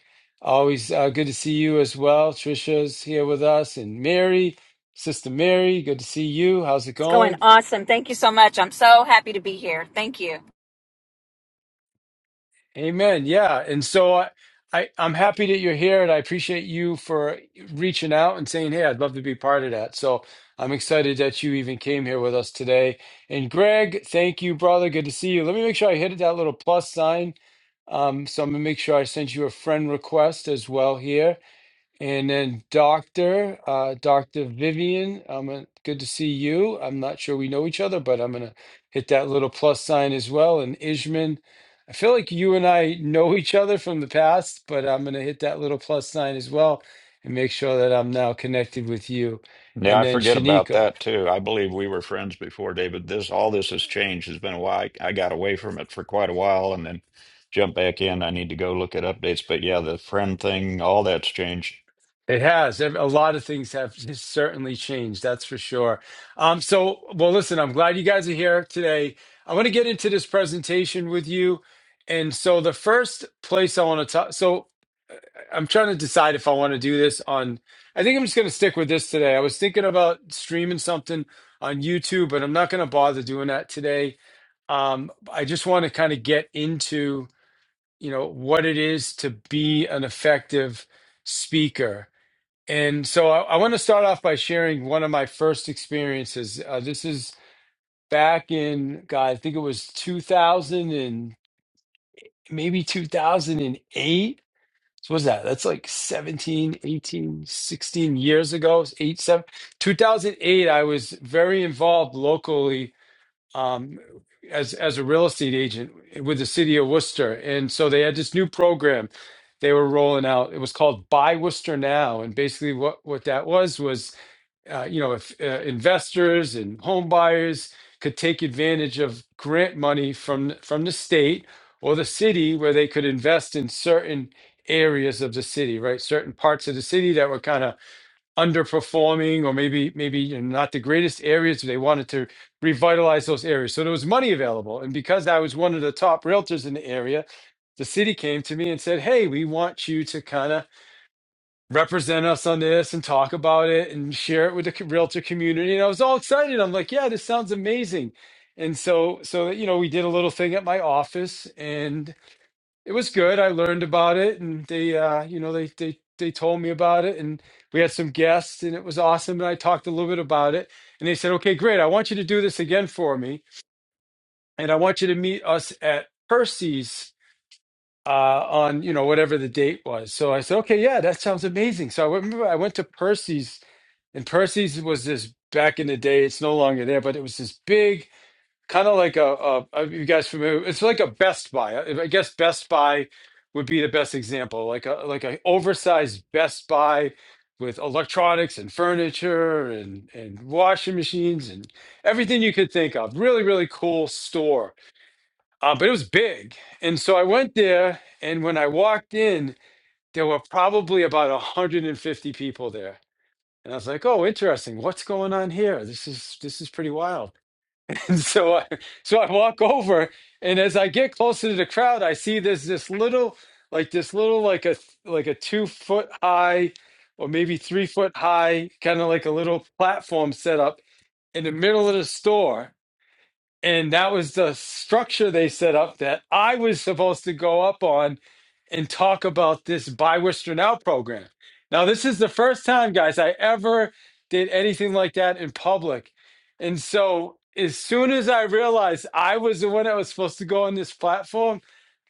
S29: always uh, good to see you as well. Trisha's here with us, and Mary, Sister Mary. Good to see you. How's it
S30: It's going
S29: going?
S30: awesome. Thank you so much. I'm so happy to be here. Thank you.
S29: Amen. Yeah. And so I, I, I'm happy that you're here and I appreciate you for reaching out and saying, Hey, I'd love to be part of that. So I'm excited that you even came here with us today. And Greg, thank you, brother. Good to see you. Let me make sure I hit that little plus sign. Um, so I'm gonna make sure I send you a friend request as well here. And then Dr. Uh, Dr. Vivian, I'm uh, good to see you. I'm not sure we know each other, but I'm gonna hit that little plus sign as well. And Ishman, I feel like you and I know each other from the past, but I'm gonna hit that little plus sign as well and make sure that I'm now connected with you.
S17: Yeah,
S29: And
S17: I
S29: then
S17: forget about
S29: Shanika.
S17: that too. I believe we were friends before, David. This all this has changed. It's been a while. I, I got away from it for quite a while and then jumped back in. I need to go look at updates. But yeah, the friend thing, all that's changed.
S29: It has. Ev- A lot of things have just certainly changed, that's for sure. Um, so, well, listen, I'm glad you guys are here today. I want to get into this presentation with you. And so, the first place I want to talk, so I'm trying to decide if I want to do this on, I think I'm just going to stick with this today. I was thinking about streaming something on YouTube, but I'm not going to bother doing that today. Um, I just want to kind of get into, you know, what it is to be an effective speaker and so I, I want to start off by sharing one of my first experiences. Uh, this is back in, God, I think it was 2000 and maybe 2008. So what's that? That's like 17, 18, 16 years ago. It's Eight, seven, 2008, I was very involved locally um, as, as a real estate agent with the city of Worcester. And so they had this new program they were rolling out. It was called Buy Worcester Now. And basically what, what that was was uh, you know, if uh, investors and home buyers could take advantage of grant money from from the state or the city, where they could invest in certain areas of the city, right? Certain parts of the city that were kind of underperforming, or maybe maybe you know, not the greatest areas. They wanted to revitalize those areas, so there was money available. And because I was one of the top realtors in the area, the city came to me and said, "Hey, we want you to kind of." represent us on this and talk about it and share it with the realtor community. And I was all excited. I'm like, yeah, this sounds amazing. And so, so you know, we did a little thing at my office, and it was good. I learned about it, and they, uh, you know, they they they told me about it, and we had some guests, and it was awesome. And I talked a little bit about it, and they said, okay, great. I want you to do this again for me, and I want you to meet us at Percy's uh, on you know whatever the date was. So I said, okay, yeah, that sounds amazing. So I remember I went to Percy's and Percy's was this back in the day. It's no longer there, but it was this big, kind of like a, a, are you guys familiar? It's like a Best Buy. I I guess Best Buy would be the best example, like a like a oversized Best Buy with electronics and furniture and and washing machines and everything you could think of. Really, really cool store. Uh, but it was big, and so I went there, and when I walked in, there were probably about 150 people there and I was like, "Oh, interesting. What's going on here? This is this is pretty wild." And so I so I walk over, and as I get closer to the crowd, I see there's this little like this little like a like a two foot high or maybe three foot high kind of like a little platform set up in the middle of the store and that was the structure they set up that I was supposed to go up on and talk about this Buy Worcester Now program. Now, this is the first time, guys, I ever did anything like that in public. And so, as soon as I realized I was the one that was supposed to go on this platform,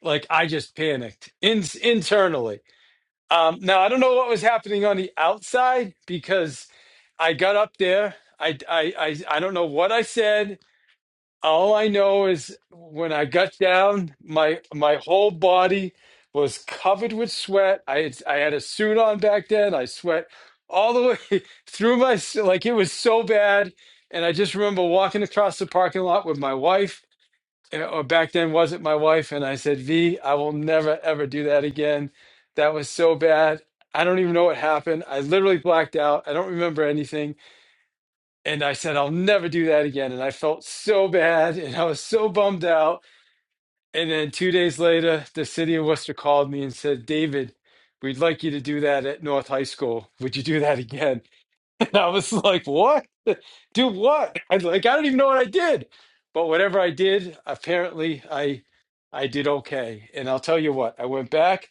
S29: like I just panicked in- internally. Um, now, I don't know what was happening on the outside because I got up there. I, I, I, I don't know what I said. All I know is when I got down, my my whole body was covered with sweat. I had, I had a suit on back then. I sweat all the way through my s- like it was so bad. And I just remember walking across the parking lot with my wife, eh, or back then wasn't my wife, and I said, "V, I will never ever do that again. That was so bad. I don't even know what happened. I literally blacked out. I don't remember anything." And I said, I'll never do that again. And I felt so bad and I was so bummed out. And then two days later, the city of Worcester called me and said, David, we'd like you to do that at North High School. Would you do that again? And I was like, what? Do what? I like, I don't even know what I did. But whatever I did, apparently I I did okay. And I'll tell you what, I went back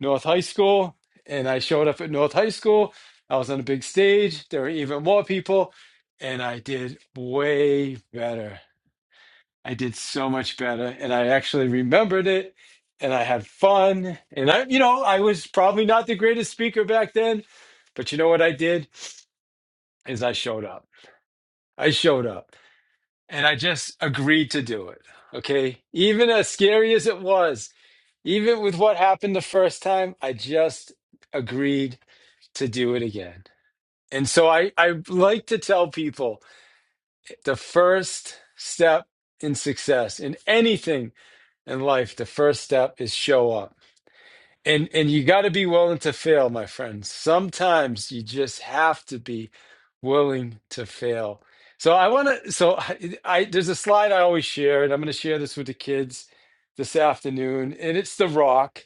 S29: North High School, and I showed up at North High School. I was on a big stage. There were even more people, and I did way better. I did so much better, and I actually remembered it, and I had fun. And I, you know, I was probably not the greatest speaker back then, but you know what I did is I showed up. I showed up, and I just agreed to do it. Okay, even as scary as it was, even with what happened the first time, I just agreed to do it again. And so I, I like to tell people the first step in success in anything in life, the first step is show up. And and you gotta be willing to fail, my friends. Sometimes you just have to be willing to fail. So I wanna so I, I there's a slide I always share, and I'm gonna share this with the kids this afternoon, and it's the rock.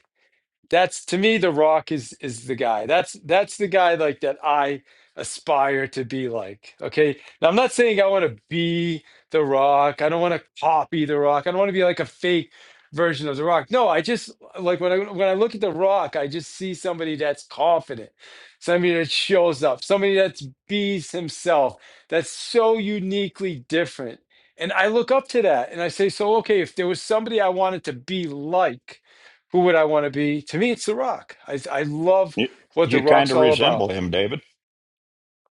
S29: That's to me, The Rock is is the guy. That's that's the guy like that I aspire to be like. Okay. Now I'm not saying I want to be The Rock. I don't want to copy The Rock. I don't want to be like a fake version of The Rock. No, I just like when I when I look at The Rock, I just see somebody that's confident, somebody that shows up, somebody that's bees himself, that's so uniquely different. And I look up to that and I say, so okay, if there was somebody I wanted to be like who would I want to be? To me, it's The Rock. I I love
S17: You
S29: what The
S17: you kind
S29: Rock's
S17: of
S29: all about.
S17: resemble him, David.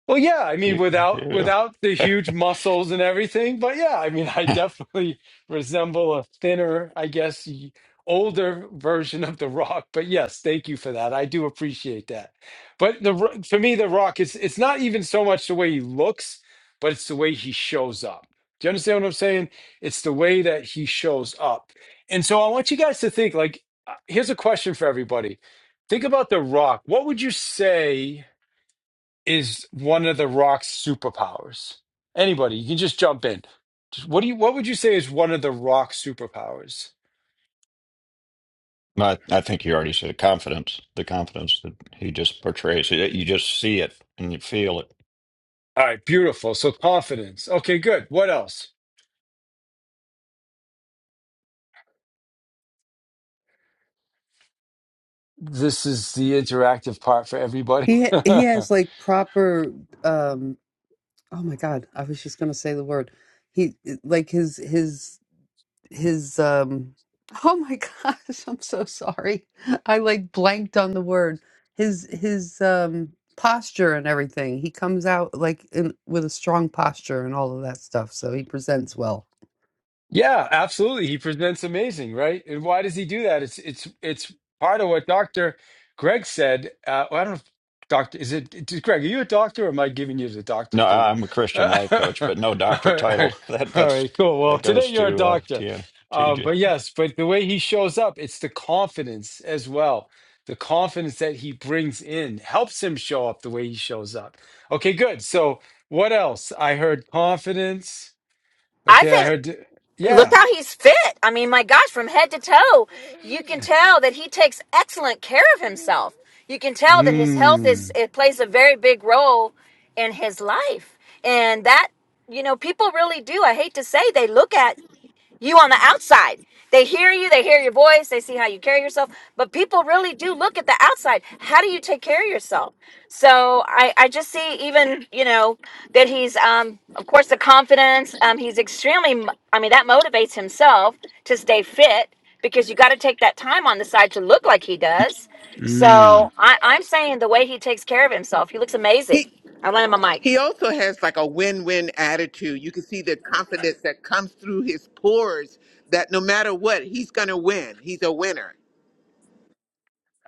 S29: Well, yeah, I mean,
S17: You,
S29: without
S17: you.
S29: without the huge muscles and everything, but yeah, I mean, I definitely resemble a thinner, I guess, y- older version of The Rock. But yes, thank you for that. I do appreciate that. But the Ro- for me, The Rock is it's not even so much the way he looks, but it's the way he shows up. Do you understand what I'm saying? It's the way that he shows up. And so I want you guys to think like, uh, here's a question for everybody. Think about The Rock. What would you say? is one of the rock's superpowers? Anybody, you can just jump in. Just what do you what would you say is one of the rock's superpowers?
S17: I, I think you already said confidence, the confidence that he just portrays. You you just see it and you feel it.
S29: All right, beautiful. So confidence. Okay, good. What else? This is the interactive part for everybody.
S3: He ha- he has like proper um oh my God, I was just gonna say the word. He like his his his um oh my gosh, I'm so sorry. I like blanked on the word. His his um posture and everything. He comes out like in with a strong posture and all of that stuff, so he presents well.
S29: Yeah, absolutely. He presents amazing, right? And why does he do that? It's it's it's part of what Dr. Greg said. Uh, well, I don't know if Doctor is it d- Greg, are you a doctor or am I giving you the doctor
S17: No,
S29: thing?
S17: I'm a Christian
S29: all
S17: life coach, but no doctor title.
S29: right,
S17: That
S29: all right,
S17: that's
S29: cool. Well,
S17: that
S29: today
S17: goes
S29: you're a
S17: to uh,
S29: doctor. Um,
S17: TJ.
S29: but yes, but the way he shows up, it's the confidence as well. The confidence that he brings in helps him show up the way he shows up. Okay, good. So what else? I heard confidence.
S30: I
S29: Okay, I
S30: think
S29: heard
S30: look
S29: yeah.
S30: how he's fit. I mean, my gosh, from head to toe, you can tell that he takes excellent care of himself. You can tell that his health is
S29: Mm,
S30: it plays a very big role in his life. And that, you know, people really do. I hate to say they look at You on the outside. They hear you, they hear your voice, they see how you carry yourself, but people really do look at the outside. How do you take care of yourself? So I, I just see even, you know, that he's um of course the confidence, um he's extremely I mean that motivates himself to stay fit because you got to take that time on the side to look like he does. So
S29: mm.
S30: I, I'm saying the way he takes care of himself, he looks
S31: He
S30: amazing. I lend him a mic.
S31: he also has like a win-win attitude. You can see the confidence that comes through his pores that no matter what, he's gonna win. He's a winner.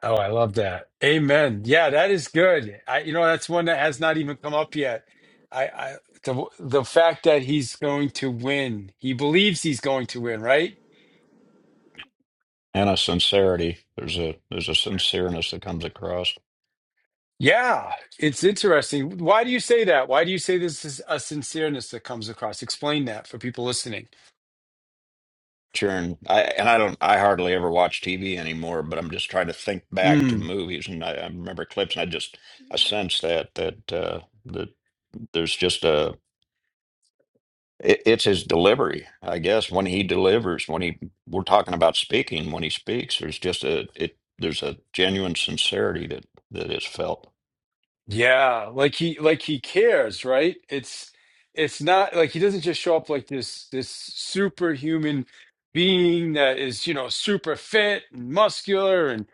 S29: Oh, I love that. Amen. Yeah, that is good. I, you know, that's one that has not even come up yet. I, I, the, the fact that he's going to win, he believes he's going to win, right?
S17: and a sincerity. There's a there's a sincereness that comes across.
S29: Yeah, it's interesting. Why do you say that? Why do you say this is a sincereness that comes across? Explain that for people listening.
S17: Sharon, I and I don't I hardly ever watch TV anymore, but I'm just trying to think back to
S29: Mm.
S17: movies and I, I remember clips and I just I sense that that uh that there's just a it, it's his delivery, I guess, when he delivers, when he we're talking about speaking, when he speaks, there's just a it there's a genuine sincerity that that is felt.
S29: Yeah, like he like he cares, right? It's it's not like he doesn't just show up like this this superhuman being that is, you know, super fit and muscular and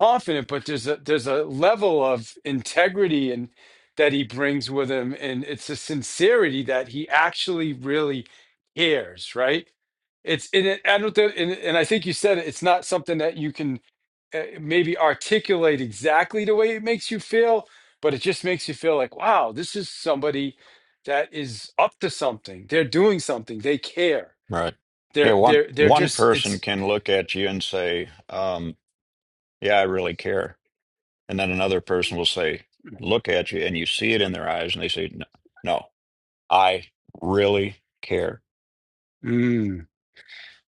S29: confident, but there's a there's a level of integrity and that he brings with him and it's a sincerity that he actually really cares, right? It's and it, I don't think, and, and I think you said it, it's not something that you can uh, maybe articulate exactly the way it makes you feel, but it just makes you feel like, wow, this is somebody that is up to something. They're doing something. They care.
S17: Right. Yeah,
S29: They're
S17: one
S29: they're they're
S17: one
S29: just
S17: person
S29: it's
S17: can look at you and say, um, yeah, I really care And then another person will say, look at you, and you see it in their eyes, and they say, no, no I really care.
S29: Mm.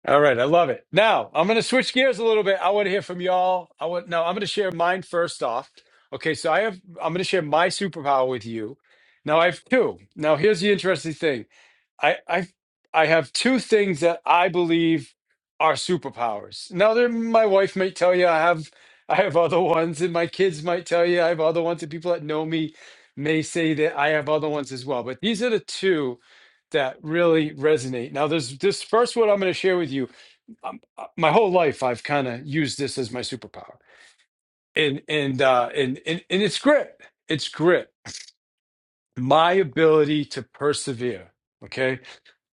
S29: all right. I love it. Now I'm gonna switch gears a little bit. I want to hear from y'all. I want no, I'm gonna share mine first off. Okay, so I have I'm gonna share my superpower with you. Now I have two. Now here's the interesting thing. I I I have two things that I believe are superpowers. Now, there, my wife might tell you I have I have other ones, and my kids might tell you I have other ones, and people that know me may say that I have other ones as well. But these are the two that really resonate. Now, there's this first one I'm going to share with you. Um, uh, my whole life, I've kind of used this as my superpower, and and uh, and and and it's grit. It's grit my ability to persevere, okay?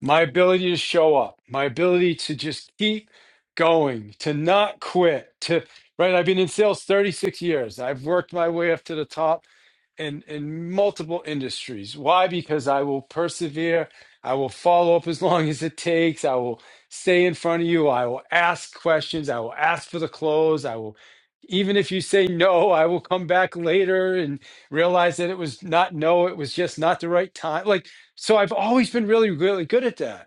S29: My ability to show up, my ability to just keep going, to not quit, to right. I've been in sales 36 years. I've worked my way up to the top in in multiple industries. Why? Because I will persevere. I will follow up as long as it takes. I will stay in front of you. I will ask questions. I will ask for the close. I will even if you say no, I will come back later and realize that it was not no, it was just not the right time. Like so I've always been really really good at that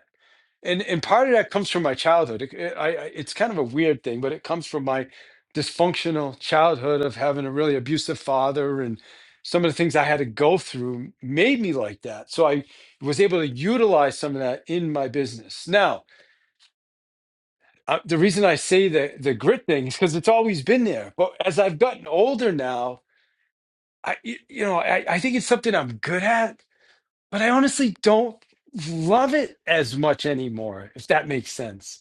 S29: and and part of that comes from my childhood. It, it- I, I it's kind of a weird thing, but it comes from my dysfunctional childhood of having a really abusive father and some of the things I had to go through made me like that. So I was able to utilize some of that in my business. Now, uh, the reason I say the the grit thing is because it's always been there. But as I've gotten older now, I y- you know I, I think it's something I'm good at, but I honestly don't love it as much anymore. If that makes sense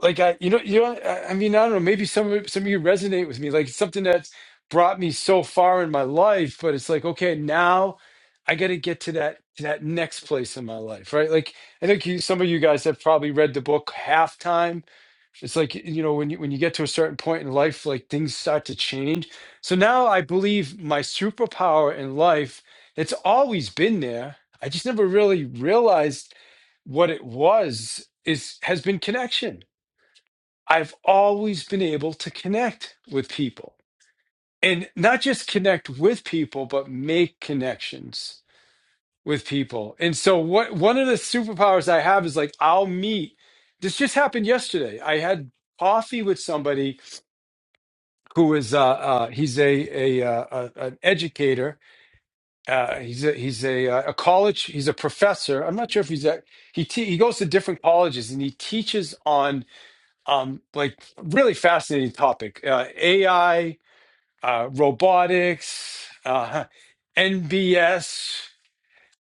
S29: like I, you know, you know, I, I mean, I don't know. Maybe some of some of you resonate with me. Like it's something that's brought me so far in my life, but it's like, okay, now I got to get to that to that next place in my life, right? Like I think you, some of you guys have probably read the book Halftime. It's like you know when you when you get to a certain point in life, like things start to change. So now I believe my superpower in life, it's always been there. I just never really realized what it was is has been connection I've always been able to connect with people and not just connect with people, but make connections with people. And so, what one of the superpowers I have is like, I'll meet. This just happened yesterday. I had coffee with somebody who is uh, uh he's a a, uh, a an educator uh he's a he's a uh, a college he's a professor i'm not sure if he's a he te- he goes to different colleges and he teaches on um like really fascinating topic uh ai uh robotics uh nbs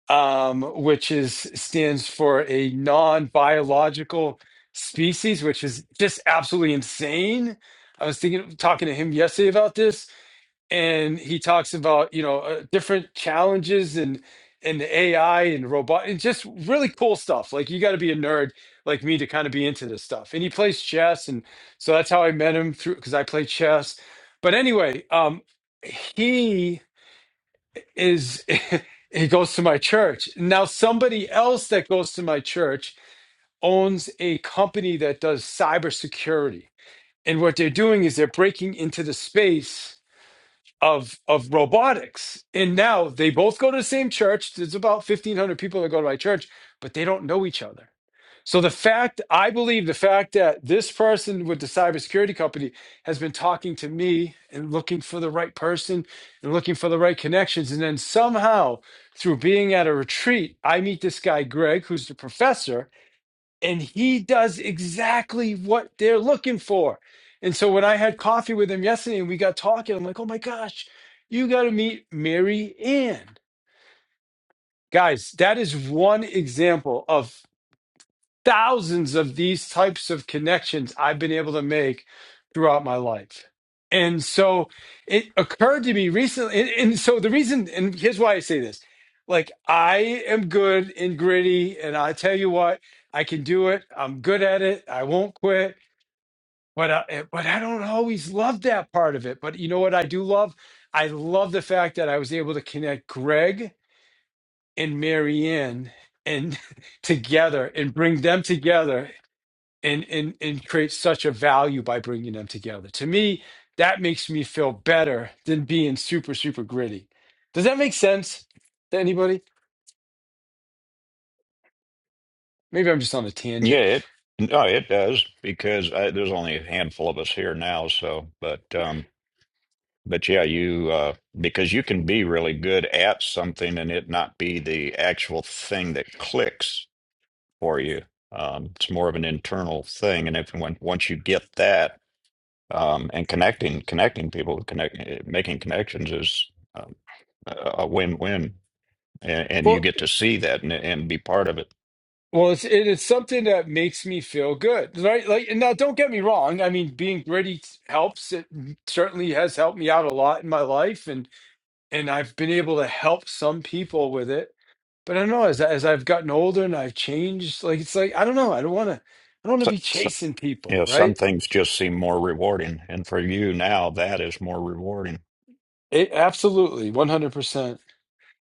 S29: um which is stands for a non-biological species which is just absolutely insane i was thinking talking to him yesterday about this and he talks about you know uh, different challenges and and AI and robot and just really cool stuff. Like you got to be a nerd like me to kind of be into this stuff. And he plays chess, and so that's how I met him through because I play chess. But anyway, um, he is he goes to my church now. Somebody else that goes to my church owns a company that does cybersecurity, and what they're doing is they're breaking into the space of of robotics. And now they both go to the same church. There's about fifteen hundred people that go to my church, but they don't know each other. So the fact I believe the fact that this person with the cybersecurity company has been talking to me and looking for the right person and looking for the right connections, and then somehow through being at a retreat, I meet this guy Greg, who's the professor, and he does exactly what they're looking for. And so when I had coffee with him yesterday and we got talking, I'm like, oh my gosh, you got to meet Mary Ann. Guys, that is one example of thousands of these types of connections I've been able to make throughout my life. And so it occurred to me recently. And, and so the reason, and here's why I say this like, I am good and gritty, and I tell you what, I can do it. I'm good at it. I won't quit. But I, eh, but I don't always love that part of it. But you know what I do love? I love the fact that I was able to connect Greg and Marianne and together and bring them together and and and create such a value by bringing them together. To me, that makes me feel better than being super super gritty. Does that make sense to anybody? Maybe I'm just on a
S17: Yeah,
S29: tangent.
S17: it no, it does because I, there's only a handful of us here now. So, but um, but yeah, you uh, because you can be really good at something and it not be the actual thing that clicks for you. Um, it's more of an internal thing, and if when, once you get that um, and connecting connecting people connect eh, making connections is um, a a win-win and, and you
S29: Well,
S17: get to see that and, and be part of it
S29: well, it's it is something that makes me feel good, right? Like, and now don't get me wrong. I mean, being gritty helps. It certainly has helped me out a lot in my life, and and I've been able to help some people with it But I don't know, as as I've gotten older and I've changed, like it's like I don't know, I don't want to I don't want
S17: so,
S29: to be
S17: so,
S29: chasing
S17: you
S29: people,
S17: know some
S29: right?
S17: things just seem more rewarding and for you now that is more rewarding
S29: It, absolutely, 100%.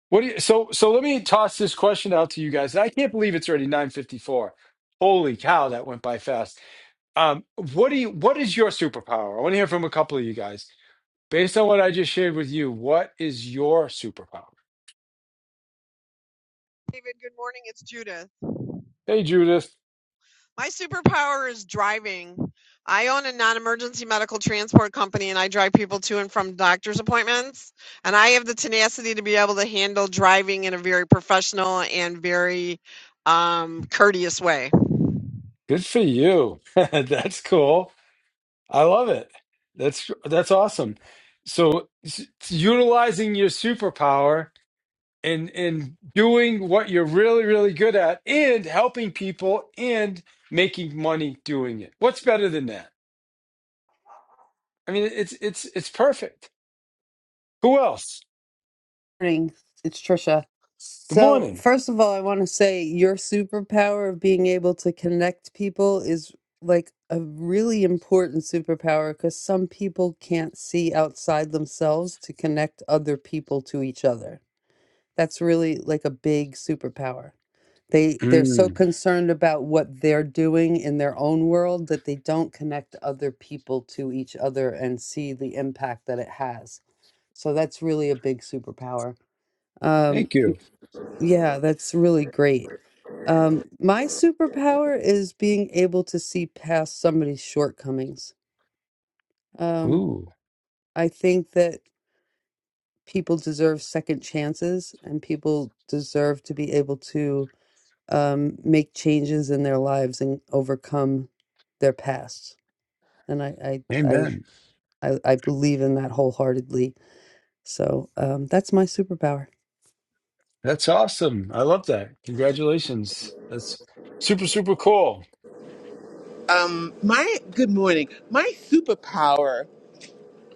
S29: What do you, so so let me toss this question out to you guys. I can't believe it's already 9:54. Holy cow, that went by fast. Um what do you what is your superpower? I want to hear from a couple of you guys. Based on what I just shared with you, what is your superpower?
S32: David. Good morning. It's Judith.
S29: Hey Judith,
S32: My superpower is driving. I own a non emergency medical transport company and I drive people to and from doctor's appointments. And I have the tenacity to be able to handle driving in a very professional and very um, courteous way.
S29: good for you. That's cool. I love it. That's that's awesome. So s- utilizing your superpower and and doing what you're really really good at and helping people and making money doing it. What's better than that? I mean, it's it's it's perfect. Who else?
S3: morning. It's Trisha.
S29: Good
S3: So,
S29: morning.
S3: first of all, I want to say your superpower of being able to connect people is like a really important superpower because some people can't see outside themselves to connect other people to each other. That's really like a big superpower. They they're so
S29: Mm,
S3: concerned about what they're doing in their own world that they don't connect other people to each other and see the impact that it has. So that's really a big superpower. Um,
S29: thank you.
S3: yeah, that's really great. Um, my superpower is being able to see past somebody's shortcomings. Um,
S29: Ooh,
S3: I think that people deserve second chances and people deserve to be able to um, make changes in their lives and overcome their past. And I, I, I,
S29: amen.
S3: I, I believe in that wholeheartedly. So um, that's my superpower.
S29: That's awesome. I love that. Congratulations. That's super super cool.
S31: Um my good morning. My superpower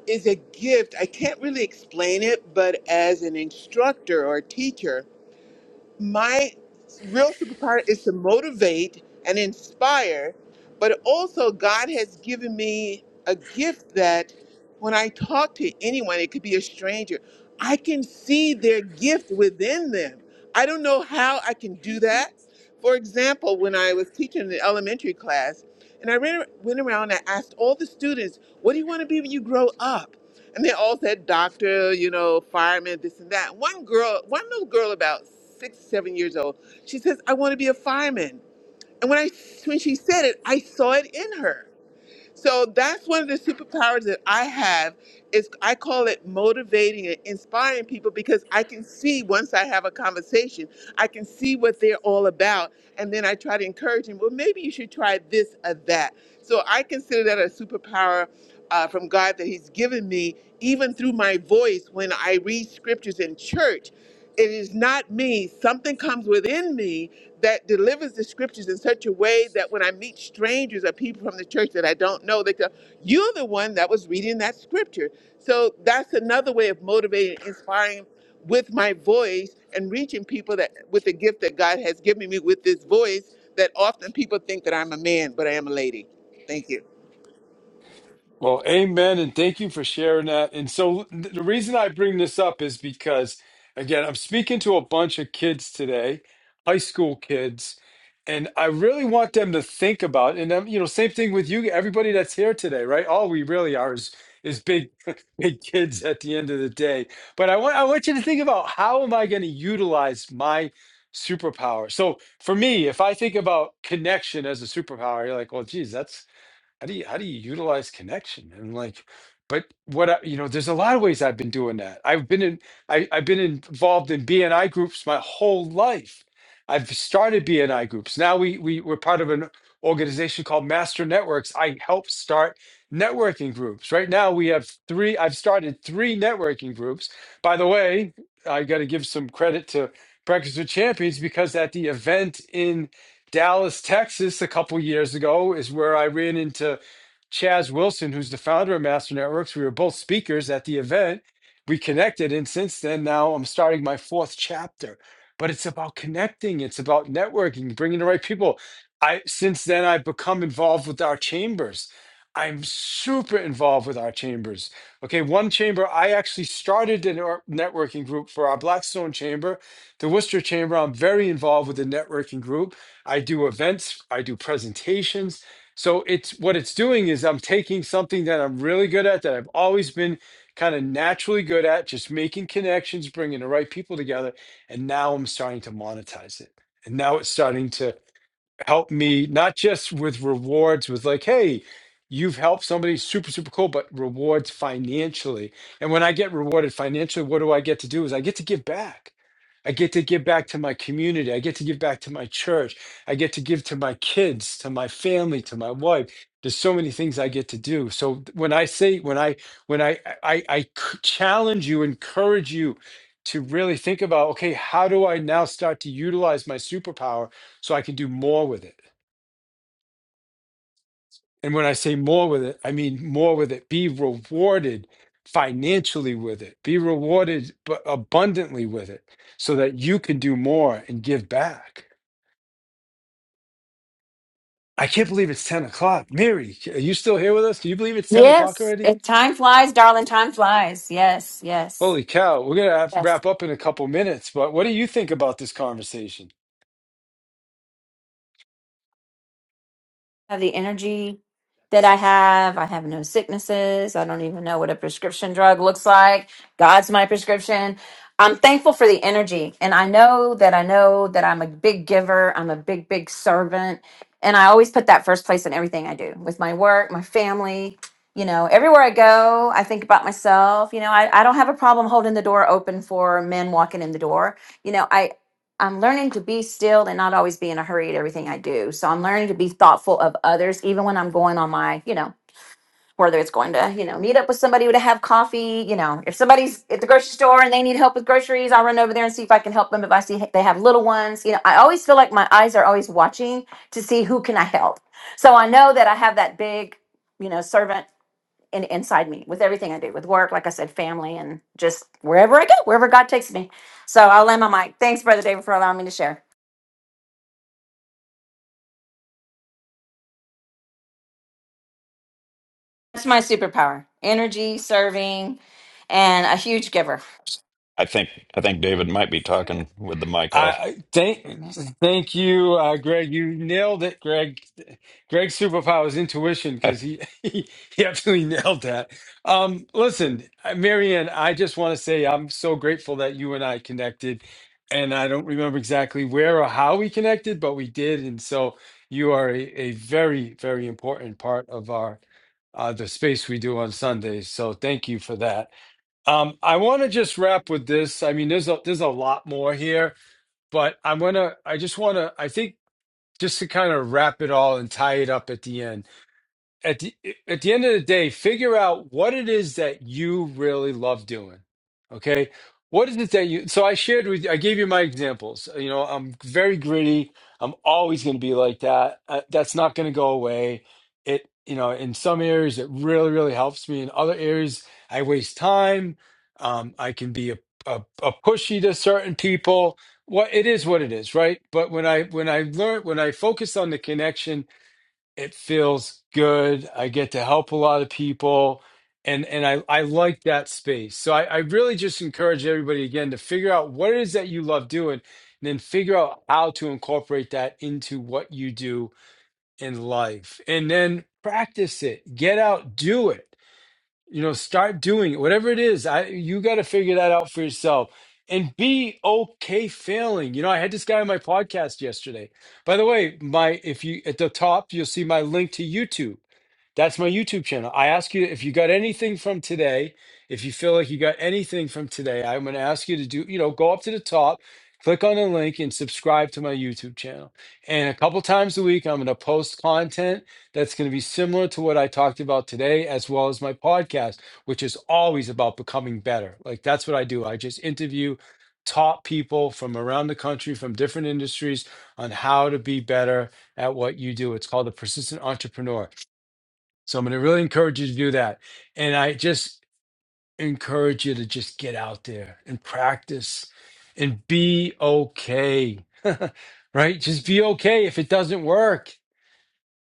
S31: is a gift. I can't really explain it, but as an instructor or teacher, my real superpower is to motivate and inspire, but also God has given me a gift that when I talk to anyone, it could be a stranger, I can see their gift within them. I don't know how I can do that. For example, when I was teaching in the elementary class, and I ran, went around and I asked all the students, What do you want to be when you grow up? and they all said doctor, you know, fireman, this and that. One girl, one little girl about six, seven years old, she says, I want to be a fireman. And when I when she said it, I saw it in her. So that's one of the superpowers that I have is I call it motivating and inspiring people because I can see once I have a conversation, I can see what they're all about. And then I try to encourage them, well, maybe you should try this or that. So I consider that a superpower uh, from God that He's given me, even through my voice when I read scriptures in church. It is not me. Something comes within me that delivers the scriptures in such a way that when I meet strangers or people from the church that I don't know, they go, You're the one that was reading that scripture. So that's another way of motivating, inspiring with my voice and reaching people that with the gift that God has given me with this voice that often people think that I'm a man, but I am a lady. Thank you.
S29: Well, amen, and thank you for sharing that. And so th- the reason I bring this up is because, again, I'm speaking to a bunch of kids today, high school kids, and I really want them to think about. And um, you know, same thing with you, everybody that's here today, right? All we really are is is big, big kids at the end of the day. But I want I want you to think about how am I going to utilize my superpower. So for me, if I think about connection as a superpower, you're like, well, geez, that's how do you how do you utilize connection and like but what I, you know there's a lot of ways i've been doing that i've been in I, i've been involved in bni groups my whole life i've started bni groups now we, we we're part of an organization called master networks i help start networking groups right now we have three i've started three networking groups by the way i got to give some credit to breakfast with champions because at the event in. Dallas, Texas, a couple years ago, is where I ran into Chaz Wilson, who's the founder of Master Networks. We were both speakers at the event. We connected, and since then, now I'm starting my fourth chapter. But it's about connecting. It's about networking, bringing the right people. I since then I've become involved with our chambers. I'm super involved with our chambers. Okay, one chamber I actually started a nor- networking group for our Blackstone chamber, the Worcester chamber. I'm very involved with the networking group. I do events, I do presentations. So it's what it's doing is I'm taking something that I'm really good at that I've always been kind of naturally good at, just making connections, bringing the right people together, and now I'm starting to monetize it. And now it's starting to help me not just with rewards with like hey you've helped somebody super super cool but rewards financially and when i get rewarded financially what do i get to do is i get to give back i get to give back to my community i get to give back to my church i get to give to my kids to my family to my wife there's so many things i get to do so th- when i say when i when i i, I c- challenge you encourage you to really think about okay how do i now start to utilize my superpower so I can do more with it. And when I say more with it, I mean more with it. Be rewarded financially with it. Be rewarded but abundantly with it so that you can do more and give back. I can't believe it's 10 o'clock. Mary, are you still here with us? Can you believe it's 10 o'clock
S30: Yes.
S29: already?
S30: It, time flies, darling. Time flies. Yes, yes,
S29: Holy cow, we're going to have to
S30: yes.
S29: wrap up in a couple minutes. But what do you think about this conversation?
S30: have the energy that I have. I have no sicknesses. I don't even know what a prescription drug looks like. God's my prescription. I'm thankful for the energy. And I know that I know that I'm a big giver. I'm a big, big servant. And I always put that first place in everything I do with my work, my family. You know, everywhere I go, I think about myself. You know, I, I don't have a problem holding the door open for men walking in the door. You know, I'm learning to be still and not always be in a hurry at everything I do. So I'm learning to be thoughtful of others, even when I'm going on my, you know, whether it's going to, you know, meet up with somebody to have coffee, you know, if somebody's at the grocery store and they need help with groceries, I'll run over there and see if I can help them. If I see they have little ones, you know, I always feel like my eyes are always watching to see who can I help. So I know that I have that big, you know, servant in, inside me with everything I do, with work, like I said, family, and just wherever I go, wherever God takes me. So I'll land my mic. Thanks, Brother David, for allowing me to share. That's my superpower energy, serving, and a huge giver.
S17: i think i think david might be talking with the mic
S29: I
S17: off
S29: I- thank thank you, uh, Greg. You nailed it, Greg. Greg's superpower is intuition
S17: I,
S29: because he, he he absolutely nailed that. Um, listen, uh, Marianne, I just want to say I'm so grateful that you and I connected, and I don't remember exactly where or how we connected, but we did, and so you are a, a very very important part of our uh, the space we do on Sundays. So thank you for that. Um, I want to just wrap with this. I mean, there's a, there's a lot more here but I'm gonna, I just wanna, I think just to kind of wrap it all and tie it up at the end at the at the end of the day, figure out what it is that you really love doing. Okay, what is it that you? So I shared with you, I gave you my examples. You know, I'm very gritty. I'm always going to be like that. Uh, that's not going to go away. It you know, in some areas it really really helps me. In other areas, I waste time. Um, I can be a, a, a pushy to certain people. What it is, what it is, right? But when I when I learn when I focus on the connection it feels good i get to help a lot of people and and i i like that space so i i really just encourage everybody again to figure out what it is that you love doing and then figure out how to incorporate that into what you do in life and then practice it get out do it you know, start doing it. Whatever it is, I you got to figure that out for yourself and be okay failing. You know, I had this guy on my podcast yesterday. By the way, my if you at the top, you'll see my link to YouTube. That's my YouTube channel. I ask you if you got anything from today, if you feel like you got anything from today, I'm going to ask you to do, you know, go up to the top, click on the link and subscribe to my YouTube channel. And a couple times a week, I'm going to post content that's going to be similar to what I talked about today, as well as my podcast, which is always about becoming better. Like that's what I do. I just interview top people from around the country, from different industries on how to be better at what you do. It's called the persistent entrepreneur so I'm going to really encourage you to do that. And I just encourage you to just get out there and practice and be okay. right? Just be okay if it doesn't work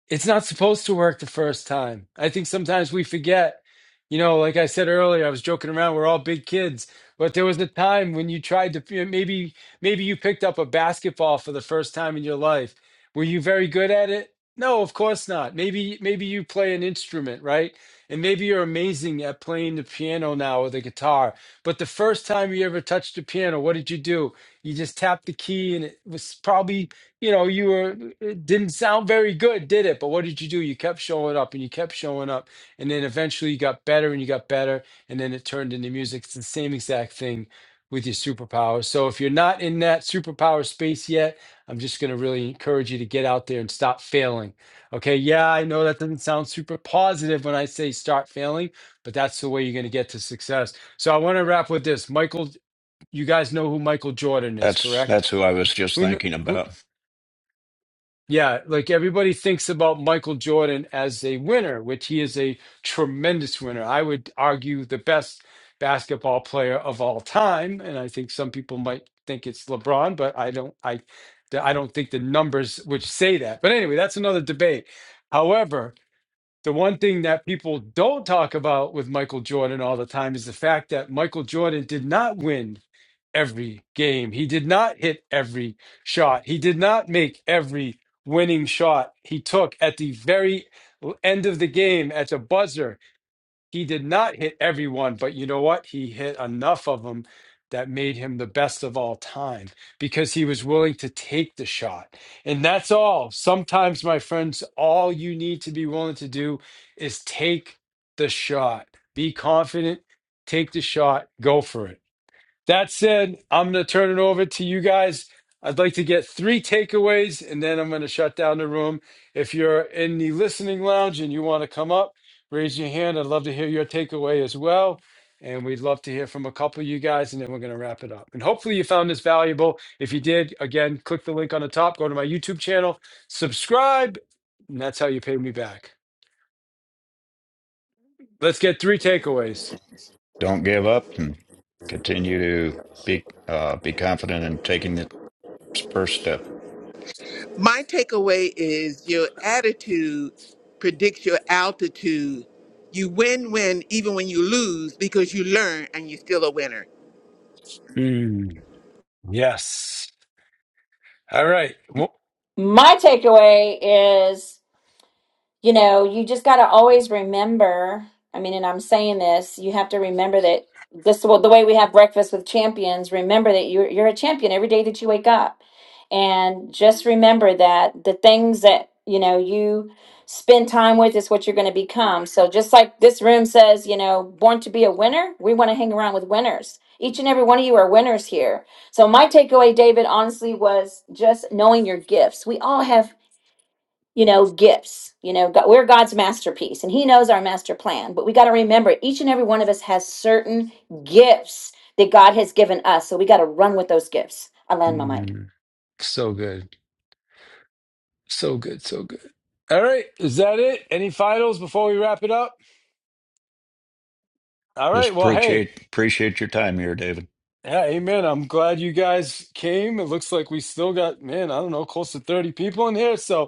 S29: it's not supposed to work the first time. I think sometimes we forget. You know, like I said earlier, I was joking around. We're all big kids, but there was a time when you tried to maybe maybe you picked up a basketball for the first time in your life. Were you very good at it? No, of course not. Maybe maybe you play an instrument, right? And maybe you're amazing at playing the piano now or the guitar. But the first time you ever touched the piano, what did you do? You just tapped the key and it was probably you know, you were, it didn't sound very good, did it? But what did you do? You kept showing up and you kept showing up. And then eventually you got better and you got better. And then it turned into music. It's the same exact thing with your superpowers. So if you're not in that superpower space yet, I'm just going to really encourage you to get out there and stop failing. Okay. Yeah, I know that doesn't sound super positive when I say start failing, but that's the way you're going to get to success. So I want to wrap with this. Michael, you guys know who Michael Jordan is,
S17: that's
S29: correct?
S17: that's who i was just
S29: Who, kn-
S17: thinking
S29: who
S17: about
S29: yeah, like everybody thinks about Michael Jordan as a winner, which he is a tremendous winner. I would argue the best basketball player of all time, and I think some people might think it's LeBron, but I don't I I don't think the numbers would say that. But anyway, that's another debate. However, the one thing that people don't talk about with Michael Jordan all the time is the fact that Michael Jordan did not win every game. He did not hit every shot. He did not make every winning shot he took at the very end of the game at the buzzer. He did not hit everyone, but you know what? He hit enough of them that made him the best of all time because he was willing to take the shot. And that's all. Sometimes, my friends, all you need to be willing to do is take the shot. Be confident, take the shot, go for it. That said, I'm going to turn it over to you guys. I'd like to get three takeaways and then I'm going to shut down the room. If you're in the listening lounge and you want to come up, raise your hand. I'd love to hear your takeaway as well. And we'd love to hear from a couple of you guys, and then we're going to wrap it up. And hopefully, you found this valuable. If you did, again, click the link on the top, go to my YouTube channel, subscribe, and that's how you pay me back. Let's get three takeaways.
S17: don't give up and continue to be uh, be confident in taking the first step
S31: My takeaway is your attitude predicts your altitude. You win win even when you lose because you learn and you're still a winner.
S29: Mm, yes. All right. Wh-
S30: My takeaway is you know, you just got to always remember. I mean, and I'm saying this, you have to remember that this well, the way we have breakfast with champions. Remember that you're you're a champion every day that you wake up, and just remember that the things that you know you spend time with is what you're going to become. So just like this room says, you know, born to be a winner, we want to hang around with winners. Each and every one of you are winners here. So my takeaway, David, honestly, was just knowing your gifts. We all have you know, gifts. You know, God, we're God's masterpiece and He knows our master plan. But we got to remember each and every one of us has certain gifts that God has given us. So we got to run with those gifts. I land my mic.
S29: Mm, so good. So good, so good. All right, is that it? Any finals before we wrap it up? All right,
S17: just
S29: well, hey,
S17: appreciate appreciate your time here david
S29: yeah, amen. I'm glad you guys came. It looks like we still got, man, I don't know, close to 30 people in here. So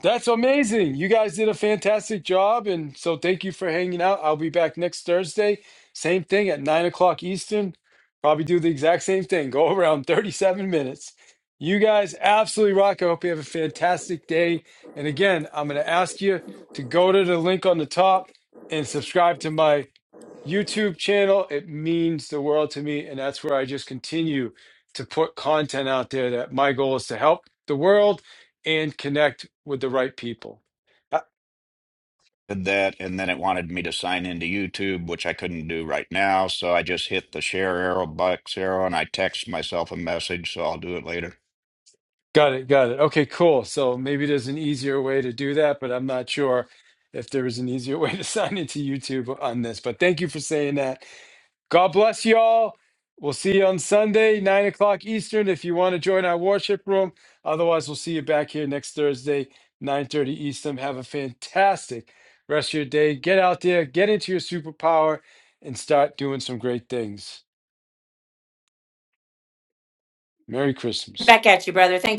S29: That's amazing. You guys did a fantastic job. And so thank you for hanging out. I'll be back next Thursday. Same thing at nine o'clock Eastern. Probably do the exact same thing. Go around 37 minutes. You guys absolutely rock. I hope you have a fantastic day. And again, I'm going to ask you to go to the link on the top and subscribe to my YouTube channel. It means the world to me. And that's where I just continue to put content out there that my goal is to help the world and connect with the right people. Uh,
S17: did that and then it wanted me to sign into YouTube, which I couldn't do right now. So I just hit the share arrow, box arrow, and I text myself a message. So I'll do it later.
S29: Got it. Got it. Okay, cool. So maybe there's an easier way to do that, but I'm not sure if there is an easier way to sign into YouTube on this. But thank you for saying that. God bless y'all. We'll see you on Sunday, nine o'clock Eastern, if you want to join our worship room. Otherwise, we'll see you back here next Thursday, 9:30 Eastern. Have a fantastic rest of your day. Get out there, get into your superpower, and start doing some great things. Merry Christmas.
S30: Back at you, brother. Thank